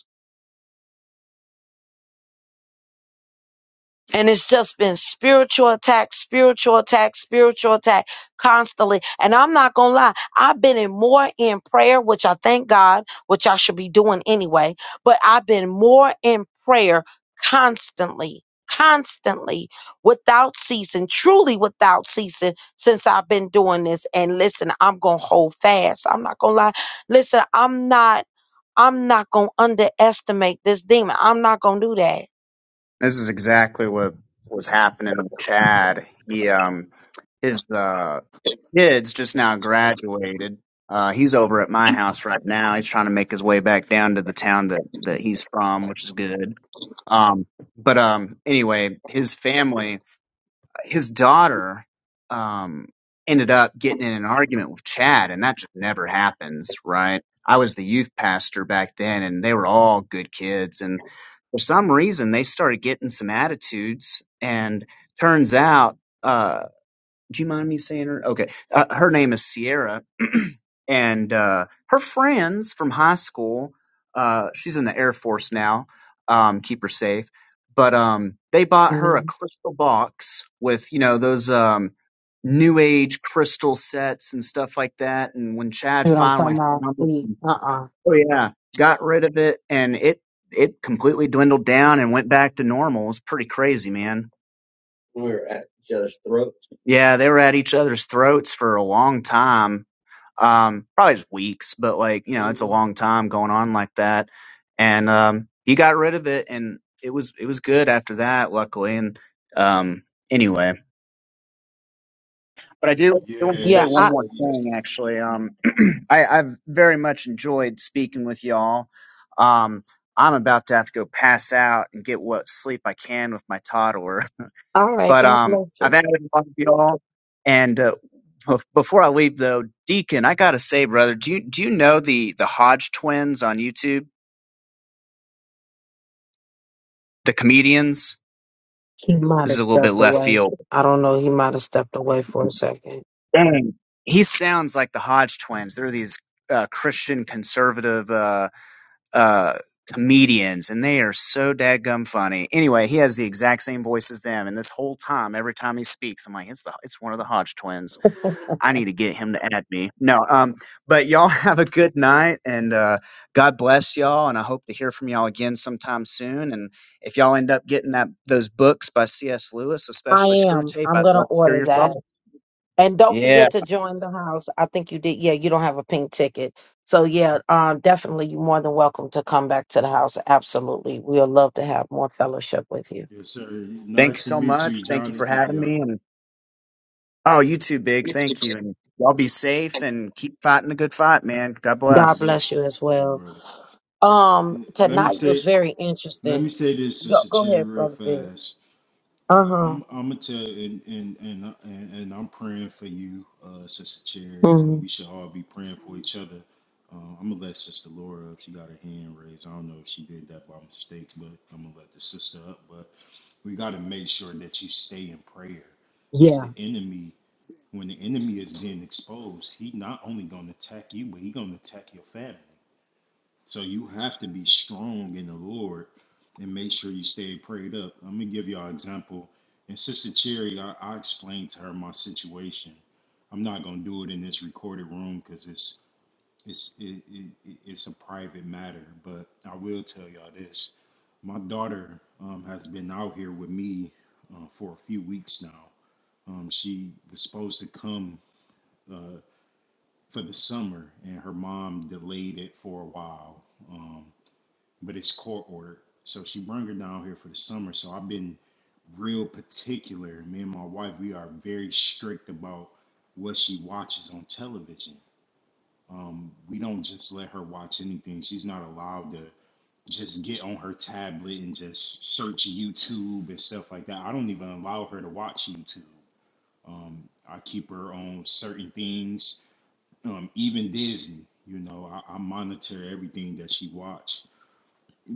S1: And it's just been spiritual attack, spiritual attack, spiritual attack constantly. And I'm not going to lie, I've been in more in prayer, which I thank God, which I should be doing anyway, but I've been more in prayer constantly, constantly, without ceasing, truly without ceasing since I've been doing this. And listen, I'm going to hold fast. I'm not going to lie. Listen, I'm not, I'm not going to underestimate this demon. I'm not going to do that.
S8: This is exactly what was happening with Chad. He um his uh kids just now graduated. Uh, he's over at my house right now. He's trying to make his way back down to the town that that he's from, which is good. Um, but um, anyway, his family his daughter um, ended up getting in an argument with Chad, and that just never happens, right? I was the youth pastor back then, and they were all good kids. And for some reason, they started getting some attitudes, and turns out. uh, do you mind me saying her? Okay. Uh, her name is Sierra, and uh, her friends from high school. Uh, she's in the Air Force now. Um, keep her safe. But um, they bought her a
S1: Amen.
S8: crystal box with you know those um, new age crystal sets and stuff like that. And when Chad
S1: Dude, I'm talking
S8: finally
S1: about
S8: found it,
S1: sleep.
S8: and-
S1: Uh-uh.
S8: oh yeah, got rid of it, and it it completely dwindled down and went back to normal. It was pretty crazy, man. We were at each other's throats. Yeah, they were at each other's throats for a long time. Um, probably just weeks, but like, you know, it's a hmm long time going on like that. And um he got rid of it and it was it was good after that, luckily. And um anyway. But I do, I
S3: Yeah,
S8: do want to say one
S3: it's
S8: more thing actually. Um I, I've very much enjoyed speaking with y'all. Um I'm about to have to go pass out and get what sleep I can with my toddler.
S1: All right,
S8: But
S1: God
S8: um,
S1: bless
S8: I've
S1: you.
S8: added a lot of y'all. And uh, bef- before I leave, though, Deacon, I gotta say, brother, do you do you know the the Hodge twins on YouTube? The comedians.
S1: He might
S8: This is
S1: have
S8: a little bit
S1: stepped
S8: left
S1: away.
S8: field.
S1: I don't
S8: Dang. He sounds like the Hodge twins. They're these uh, Christian conservative uh, uh, comedians, and they are so dadgum funny. Anyway, he has the exact same voice as them, and this whole time, every time he speaks, I'm like, it's the it's one of the Hodge twins. I need to get him to add me. No, um, but y'all have a good night and uh, God bless y'all. And I hope to hear from y'all again sometime soon. And if y'all end up getting that those books by C.S. Lewis,
S1: I
S8: especially Screw
S1: am.
S8: Tape,
S1: I'm
S8: I'd
S1: gonna
S8: love to hear
S1: order
S8: your thoughts.
S1: that. And don't
S8: Yeah,
S1: forget to join the house. I think you did. Yeah, you don't have a pink ticket. So yeah, um, definitely you're more than welcome to come back to the house. Absolutely. We'll love to have more fellowship with you.
S3: yes sir.
S8: thank you
S3: Nice to
S8: so
S3: meet
S8: much.
S3: you,
S8: Thank you for
S3: Jonathan.
S8: having
S3: Yep.
S8: me. And oh, you too, big. Thank you. And y'all be safe and keep fighting a good fight, man. God
S1: God
S3: God
S8: bless.
S1: bless
S3: bless you,
S1: you as
S3: you
S1: well.
S3: brother.
S1: Um,
S3: Let me
S1: tonight was
S3: say,
S1: very
S3: let
S1: interesting.
S3: me say this,
S1: Go
S3: Sister
S1: go
S3: Cherry,
S1: ahead,
S3: real
S1: Brother Big.
S3: fast.
S1: Uh-huh.
S3: I'm, I'm gonna tell, you, and and and and, and I'm praying for you, uh, Sister Cherry,
S1: hmm
S3: and we should all be praying for each other. Uh, I'm gonna let Sister Laura up. She got her hand raised. I don't know if she did that by mistake, but I'm gonna let the sister up. But we gotta make sure that you stay in prayer, because
S1: Yeah,
S3: the enemy, when the enemy is being exposed, he not only gonna attack you, but he gonna attack your family. So you have to be strong in the Lord and make sure you stay prayed up. Let me give y'all an example. And Sister Cherry, I, I explained to her my situation. I'm not gonna do it in this recorded room because it's it's it, it, it- it's a private matter. But I will tell y'all this: my daughter um, has been out here with me uh, for a few weeks now. Um, she was supposed to come uh, for the summer, and her mom delayed it for a while. Um, but it's court ordered. So she brung her down here for the summer. So I've been real particular. Me and my wife, we are very strict about what she watches on television. Um, we don't just let her watch anything. She's not allowed to just get on her tablet and just search YouTube and stuff like that. I don't even allow her to watch YouTube. Um, I keep her on certain things, um, even Disney. You know, I, I monitor everything that she watch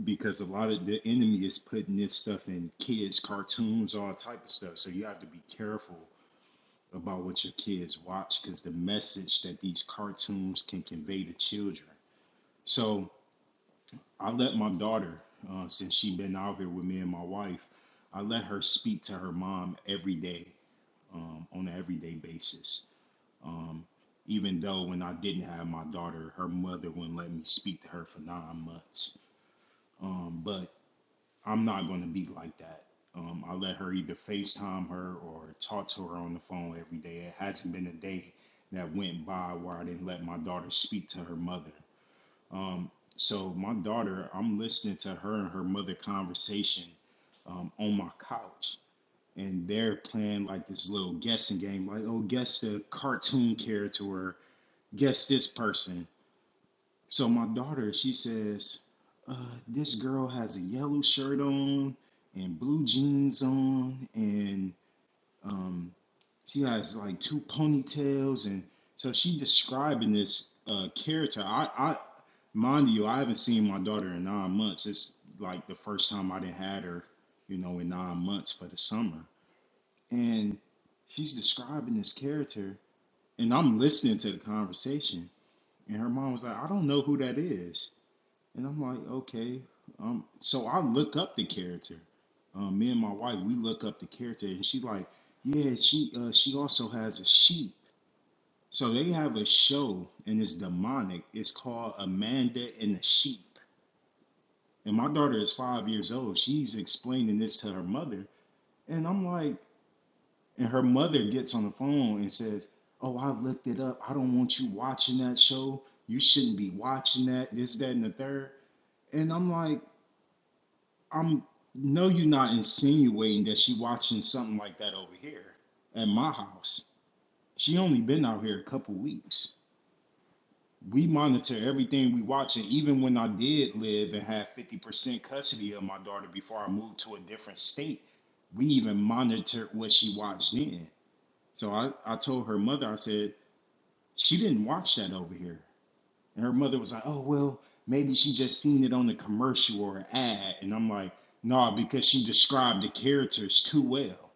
S3: because a lot of the enemy is putting this stuff in kids cartoons all type of stuff so you have to be careful about what your kids watch because the message that these cartoons can convey to children so i let my daughter uh, since she been out here with me and my wife i let her speak to her mom every day um, on an everyday basis um, even though when i didn't have my daughter her mother wouldn't let me speak to her for nine months um, but I'm not going to be like that. Um, I let her either FaceTime her or talk to her on the phone every day. It hasn't been a day that went by where I didn't let my daughter speak to her mother. Um, so, my daughter, I'm listening to her and her mother conversation um, on my couch. And they're playing like this little guessing game, like, oh, guess the cartoon character or guess this person. So my daughter, she says, uh, this girl has a yellow shirt on and blue jeans on, and um, she has like two ponytails, and so she describing this uh, character. I, I, mind you, I haven't seen my daughter in nine months. It's like the first time I didn't had her, you know, in nine months for the summer, and she's describing this character, and I'm listening to the conversation, and her mom was like, I don't know who that is. And I'm like, okay. Um, so I look up the character. Um, me and my wife, we look up the character, and she like, yeah, she uh, she also has a sheep. So they have a show, and it's demonic. It's called Amanda and the Sheep. And my daughter is five years old. She's explaining this to her mother, and I'm like, and her mother gets on the phone and says, "Oh, I looked it up. I don't want you watching that show. You shouldn't be watching that. This, that, and the third. And I'm like. I'm no, you're not insinuating that she watching something like that over here at my house. She only been out here a couple weeks. We monitor everything we watch, and even when I did live and have 50% custody of my daughter before I moved to a different state, we even monitored what she watched then. So I, I told her mother, I said, she didn't watch that over here. And her mother was like, oh, well, maybe she just seen it on a commercial or an ad. And I'm like, no, because she described the characters too well.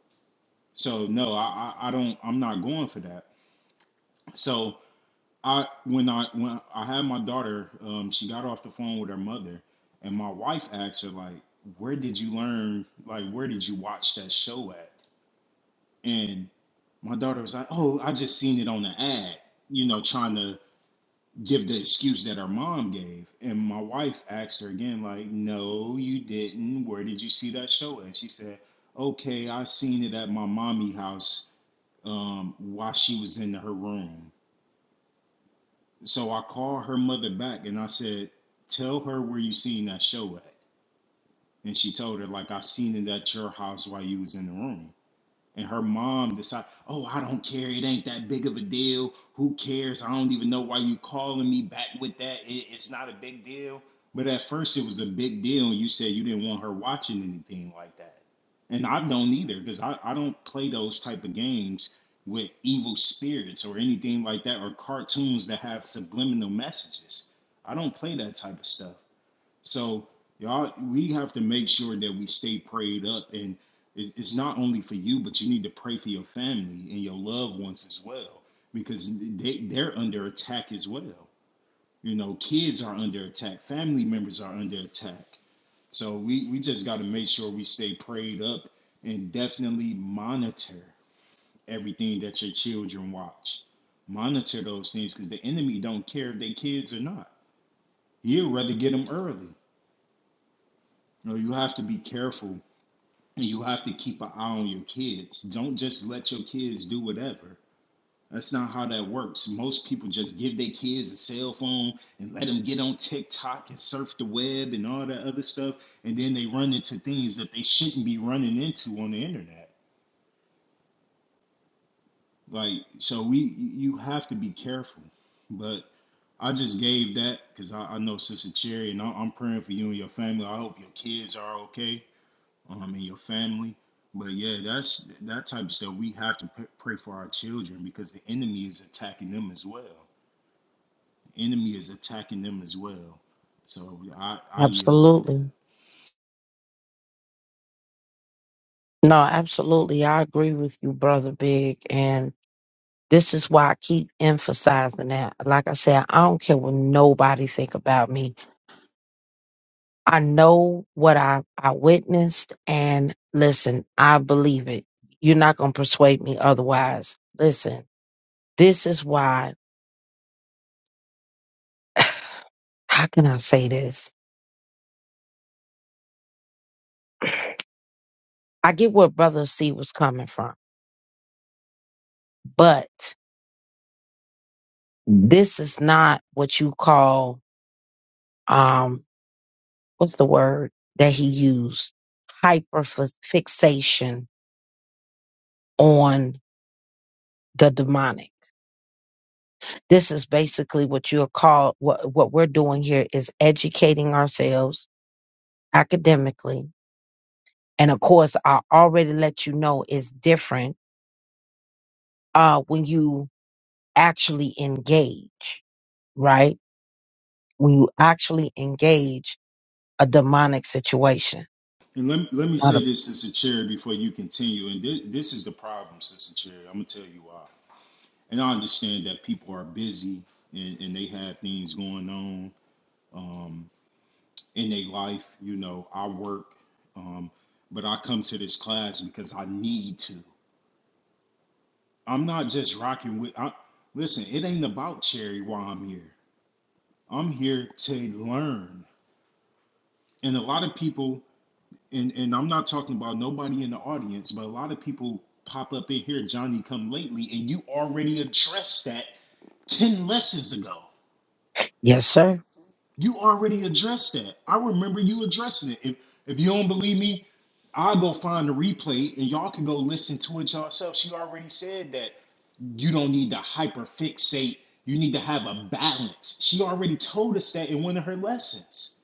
S3: So no, I, I, I don't, I'm not going for that. So I, when I, when I had my daughter, um, she got off the phone with her mother and my wife asked her like, where did you learn? Like, where did you watch that show at? And my daughter was like, oh, I just seen it on the ad, you know, trying to give the excuse that her mom gave. And my wife asked her again, like, no, you didn't. Where did you see that show? at?" she said, okay, I seen it at my mommy house um, while she was in her room. So I called her mother back and I said, tell her where you seen that show at. And she told her, like, I seen it at your house while you was in the room. and her mom decide, oh, I don't care. It ain't that big of a deal. Who cares? I don't even know why you calling me back with that. It, it's not a big deal. But at first, it was a big deal, and you said you didn't want her watching anything like that. And I don't either, because I, I don't play those type of games with evil spirits or anything like that, or cartoons that have subliminal messages. I don't play that type of stuff. So y'all, we have to make sure that we stay prayed up, and it's not only for you, but you need to pray for your family and your loved ones as well, because they they're under attack as well. You know, kids are under attack, family members are under attack. So we we just got to make sure we stay prayed up and definitely monitor everything that your children watch. Monitor those things because the enemy don't care if they kids or not. He'd rather get them early. You know, you have to be careful you have to keep an eye on your kids. Don't just let your kids do whatever. That's not how that works. Most people just give their kids a cell phone and let them get on TikTok and surf the web and all that other stuff. And then they run into things that they shouldn't be running into on the internet. Like, so we, you have to be careful. But I just gave that because I, I know Sister Cherry and I, I'm praying for you and your family. I hope your kids are okay. um, in your family. But yeah, that's that type of stuff. We have to p- pray for our children because the enemy is attacking them as well. The enemy is attacking them as well. So I, I yield with that.
S1: absolutely. No, absolutely. I agree with you, Brother Big. And this is why I keep emphasizing that. Like I said, I don't care what nobody think about me I know what I, I witnessed and listen, I believe it. You're not going to persuade me otherwise. Listen, this is why, how can I say this? I get where brother C was coming from, but this is not what you call, um, what's the word that he used? Hyper fixation on the demonic. This is basically what you're called, what, what we're doing here is educating ourselves academically. And of course, I already let you know it's different uh, when you actually engage, right? When you actually engage a demonic situation.
S3: And let, let me
S1: Not
S3: say
S1: a,
S3: this, Sister Cherry, before you continue. And thi- this is the problem, Sister Cherry. I'm going to tell you why. And I understand that people are busy and, and they have things going on um, in their life. You know, I work, um, but I come to this class because I need to. I'm not just rocking with. I, listen, it ain't about charity while I'm here. I'm here to learn. And a lot of people, and, and I'm not talking about nobody in the audience, but a lot of people pop up in here, Johnny come lately, and you already addressed that 10 lessons ago.
S1: yes, sir.
S3: You already addressed that. I remember you addressing it. If, if you don't believe me, I'll go find the replay and y'all can go listen to it yourselves. She already said that you don't need to hyper fixate. You need to have a balance. She already told us that in one of her lessons.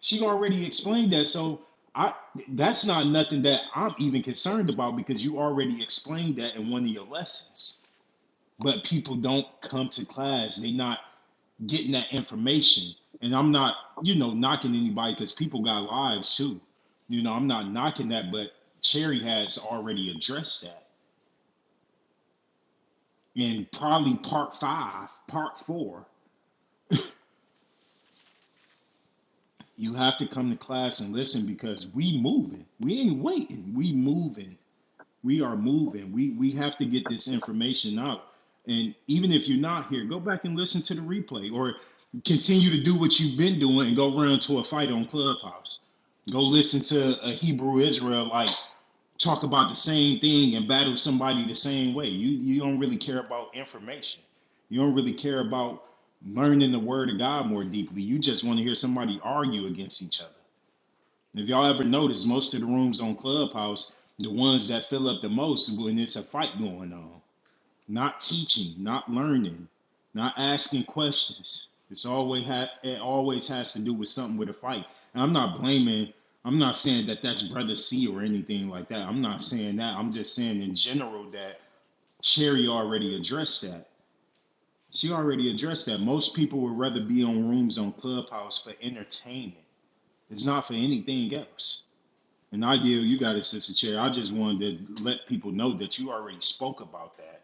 S3: She already explained that. So I that's not nothing that I'm even concerned about because you already explained that in one of your lessons. But people don't come to class. They are not getting that information. And I'm not, you know, knocking anybody because people got lives too. You know, I'm not knocking that, but Cherry has already addressed that in probably part five, part four You have to come to class and listen because we moving. We ain't waiting. We moving. We are moving. We we have to get this information out. And even if you're not here, go back and listen to the replay or continue to do what you've been doing and go run to a fight on Clubhouse. Go listen to a Hebrew Israelite talk about the same thing and battle somebody the same way. You you don't really care about information. You don't really care about learning the word of God more deeply. You just want to hear somebody argue against each other. If y'all ever notice, most of the rooms on Clubhouse, the ones that fill up the most when it's a fight going on not teaching, not learning, not asking questions. It's always ha- it always has to do with something with a fight. And I'm not blaming. I'm not saying that that's brother C or anything like that. I'm not saying that. I'm just saying in general that Cherry already addressed that. She already addressed that. Most people would rather be on rooms on Clubhouse for entertainment. It's not for anything else. And I yield, you got it, Sister Chair. I just wanted to let people know that you already spoke about that.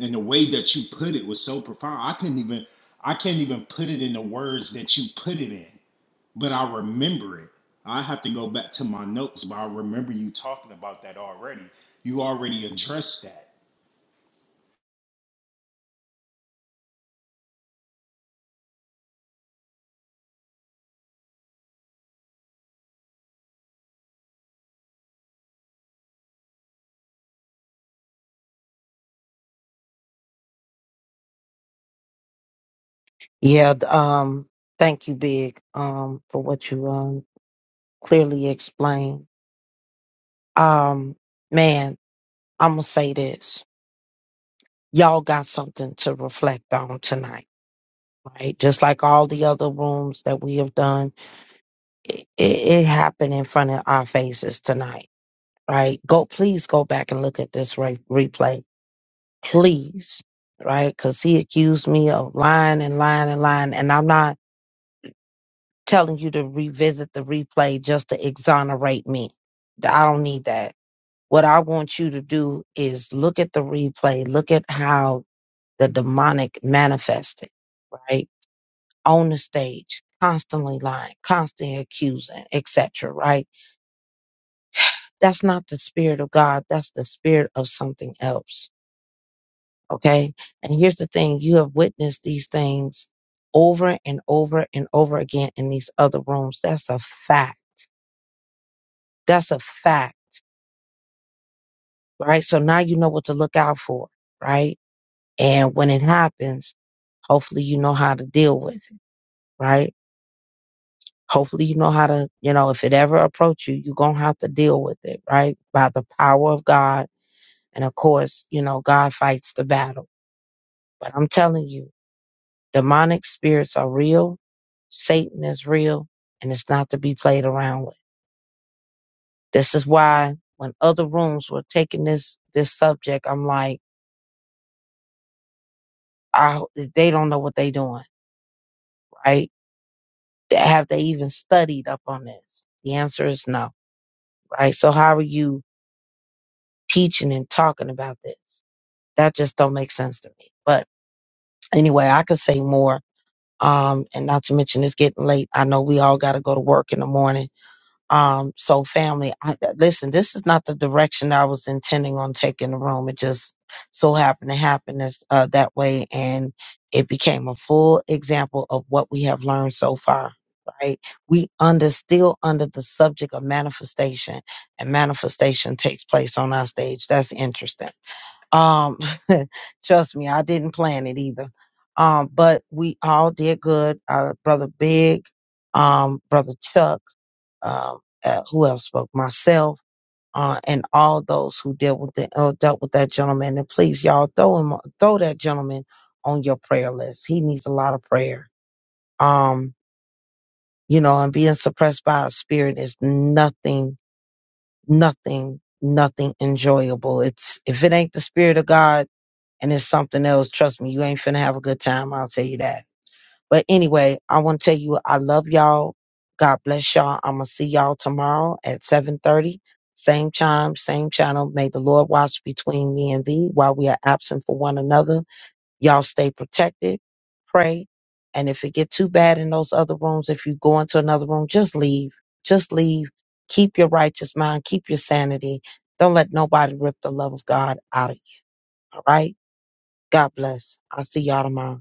S3: And the way that you put it was so profound. I couldn't even I can't even put it in the words that you put it in, but I remember it. I have to go back to my notes, but I remember you talking about that already. You already addressed that.
S1: Yeah. d- Um. Thank you, Big, um, for what you um clearly explained. Um, man, I'm gonna say this. Y'all got something to reflect on tonight, right? Just like all the other rooms that we have done it, it happened in front of our faces tonight, right? Go, please go back and look at this re- replay, please, right? Because he accused me of lying and lying and lying, and I'm not telling you to revisit the replay just to exonerate me. I don't need that. What I want you to do is look at the replay, look at how the demonic manifested, right? On the stage, constantly lying, constantly accusing, etc. Right? That's not the spirit of God. That's the spirit of something else. Okay. And here's the thing. You have witnessed these things over and over and over again in these other rooms. That's a fact. That's a fact. Right. So now you know what to look out for. Right. And when it happens, hopefully you know how to deal with it. Right. Hopefully you know how to, you know, if it ever approach you, you're going to have to deal with it. Right. By the power of God. And of course, you know, God fights the battle. But I'm telling you, Demonic spirits are real. Satan is real and it's not to be played around with. This is why when other rooms were taking this, this subject, I'm like, I, ho- they don't know what they doing, right? Have they even studied up on this? The answer is no, right? So how are you teaching and talking about this? That just don't make sense to me. But anyway, I could say more. Um, and not to mention it's getting late. I know we all got to go to work in the morning. Um, so family, I, listen, this is not the direction I was intending on taking the room. It just so happened to happen this, uh, that way. And it became a full example of what we have learned so far, right? We under still under the subject of manifestation and manifestation takes place on our stage. That's interesting. Um, trust me, I didn't plan it either. Um, but we all did good. Uh, brother Big, um, brother Chuck, um, uh, who else spoke? Myself, uh, and all those who dealt with the, uh, dealt with that gentleman. And please, y'all, throw him, throw that gentleman on your prayer list. He needs a lot of prayer. Um, you know, and being suppressed by a spirit is nothing, nothing, nothing enjoyable. It's if it ain't the spirit of God and it's something else. Trust me, you ain't finna have a good time. I'll tell you that. But anyway, I want to tell you, I love y'all. God bless y'all. I'm gonna see y'all tomorrow at 7:30, same time, same channel. May the Lord watch between me and thee while we are absent for one another. Y'all stay protected, pray, and if it get too bad in those other rooms, if you go into another room, just leave. Just leave. Keep your righteous mind. Keep your sanity. Don't let nobody rip the love of God out of you. All right. God bless. I'll see y'all tomorrow.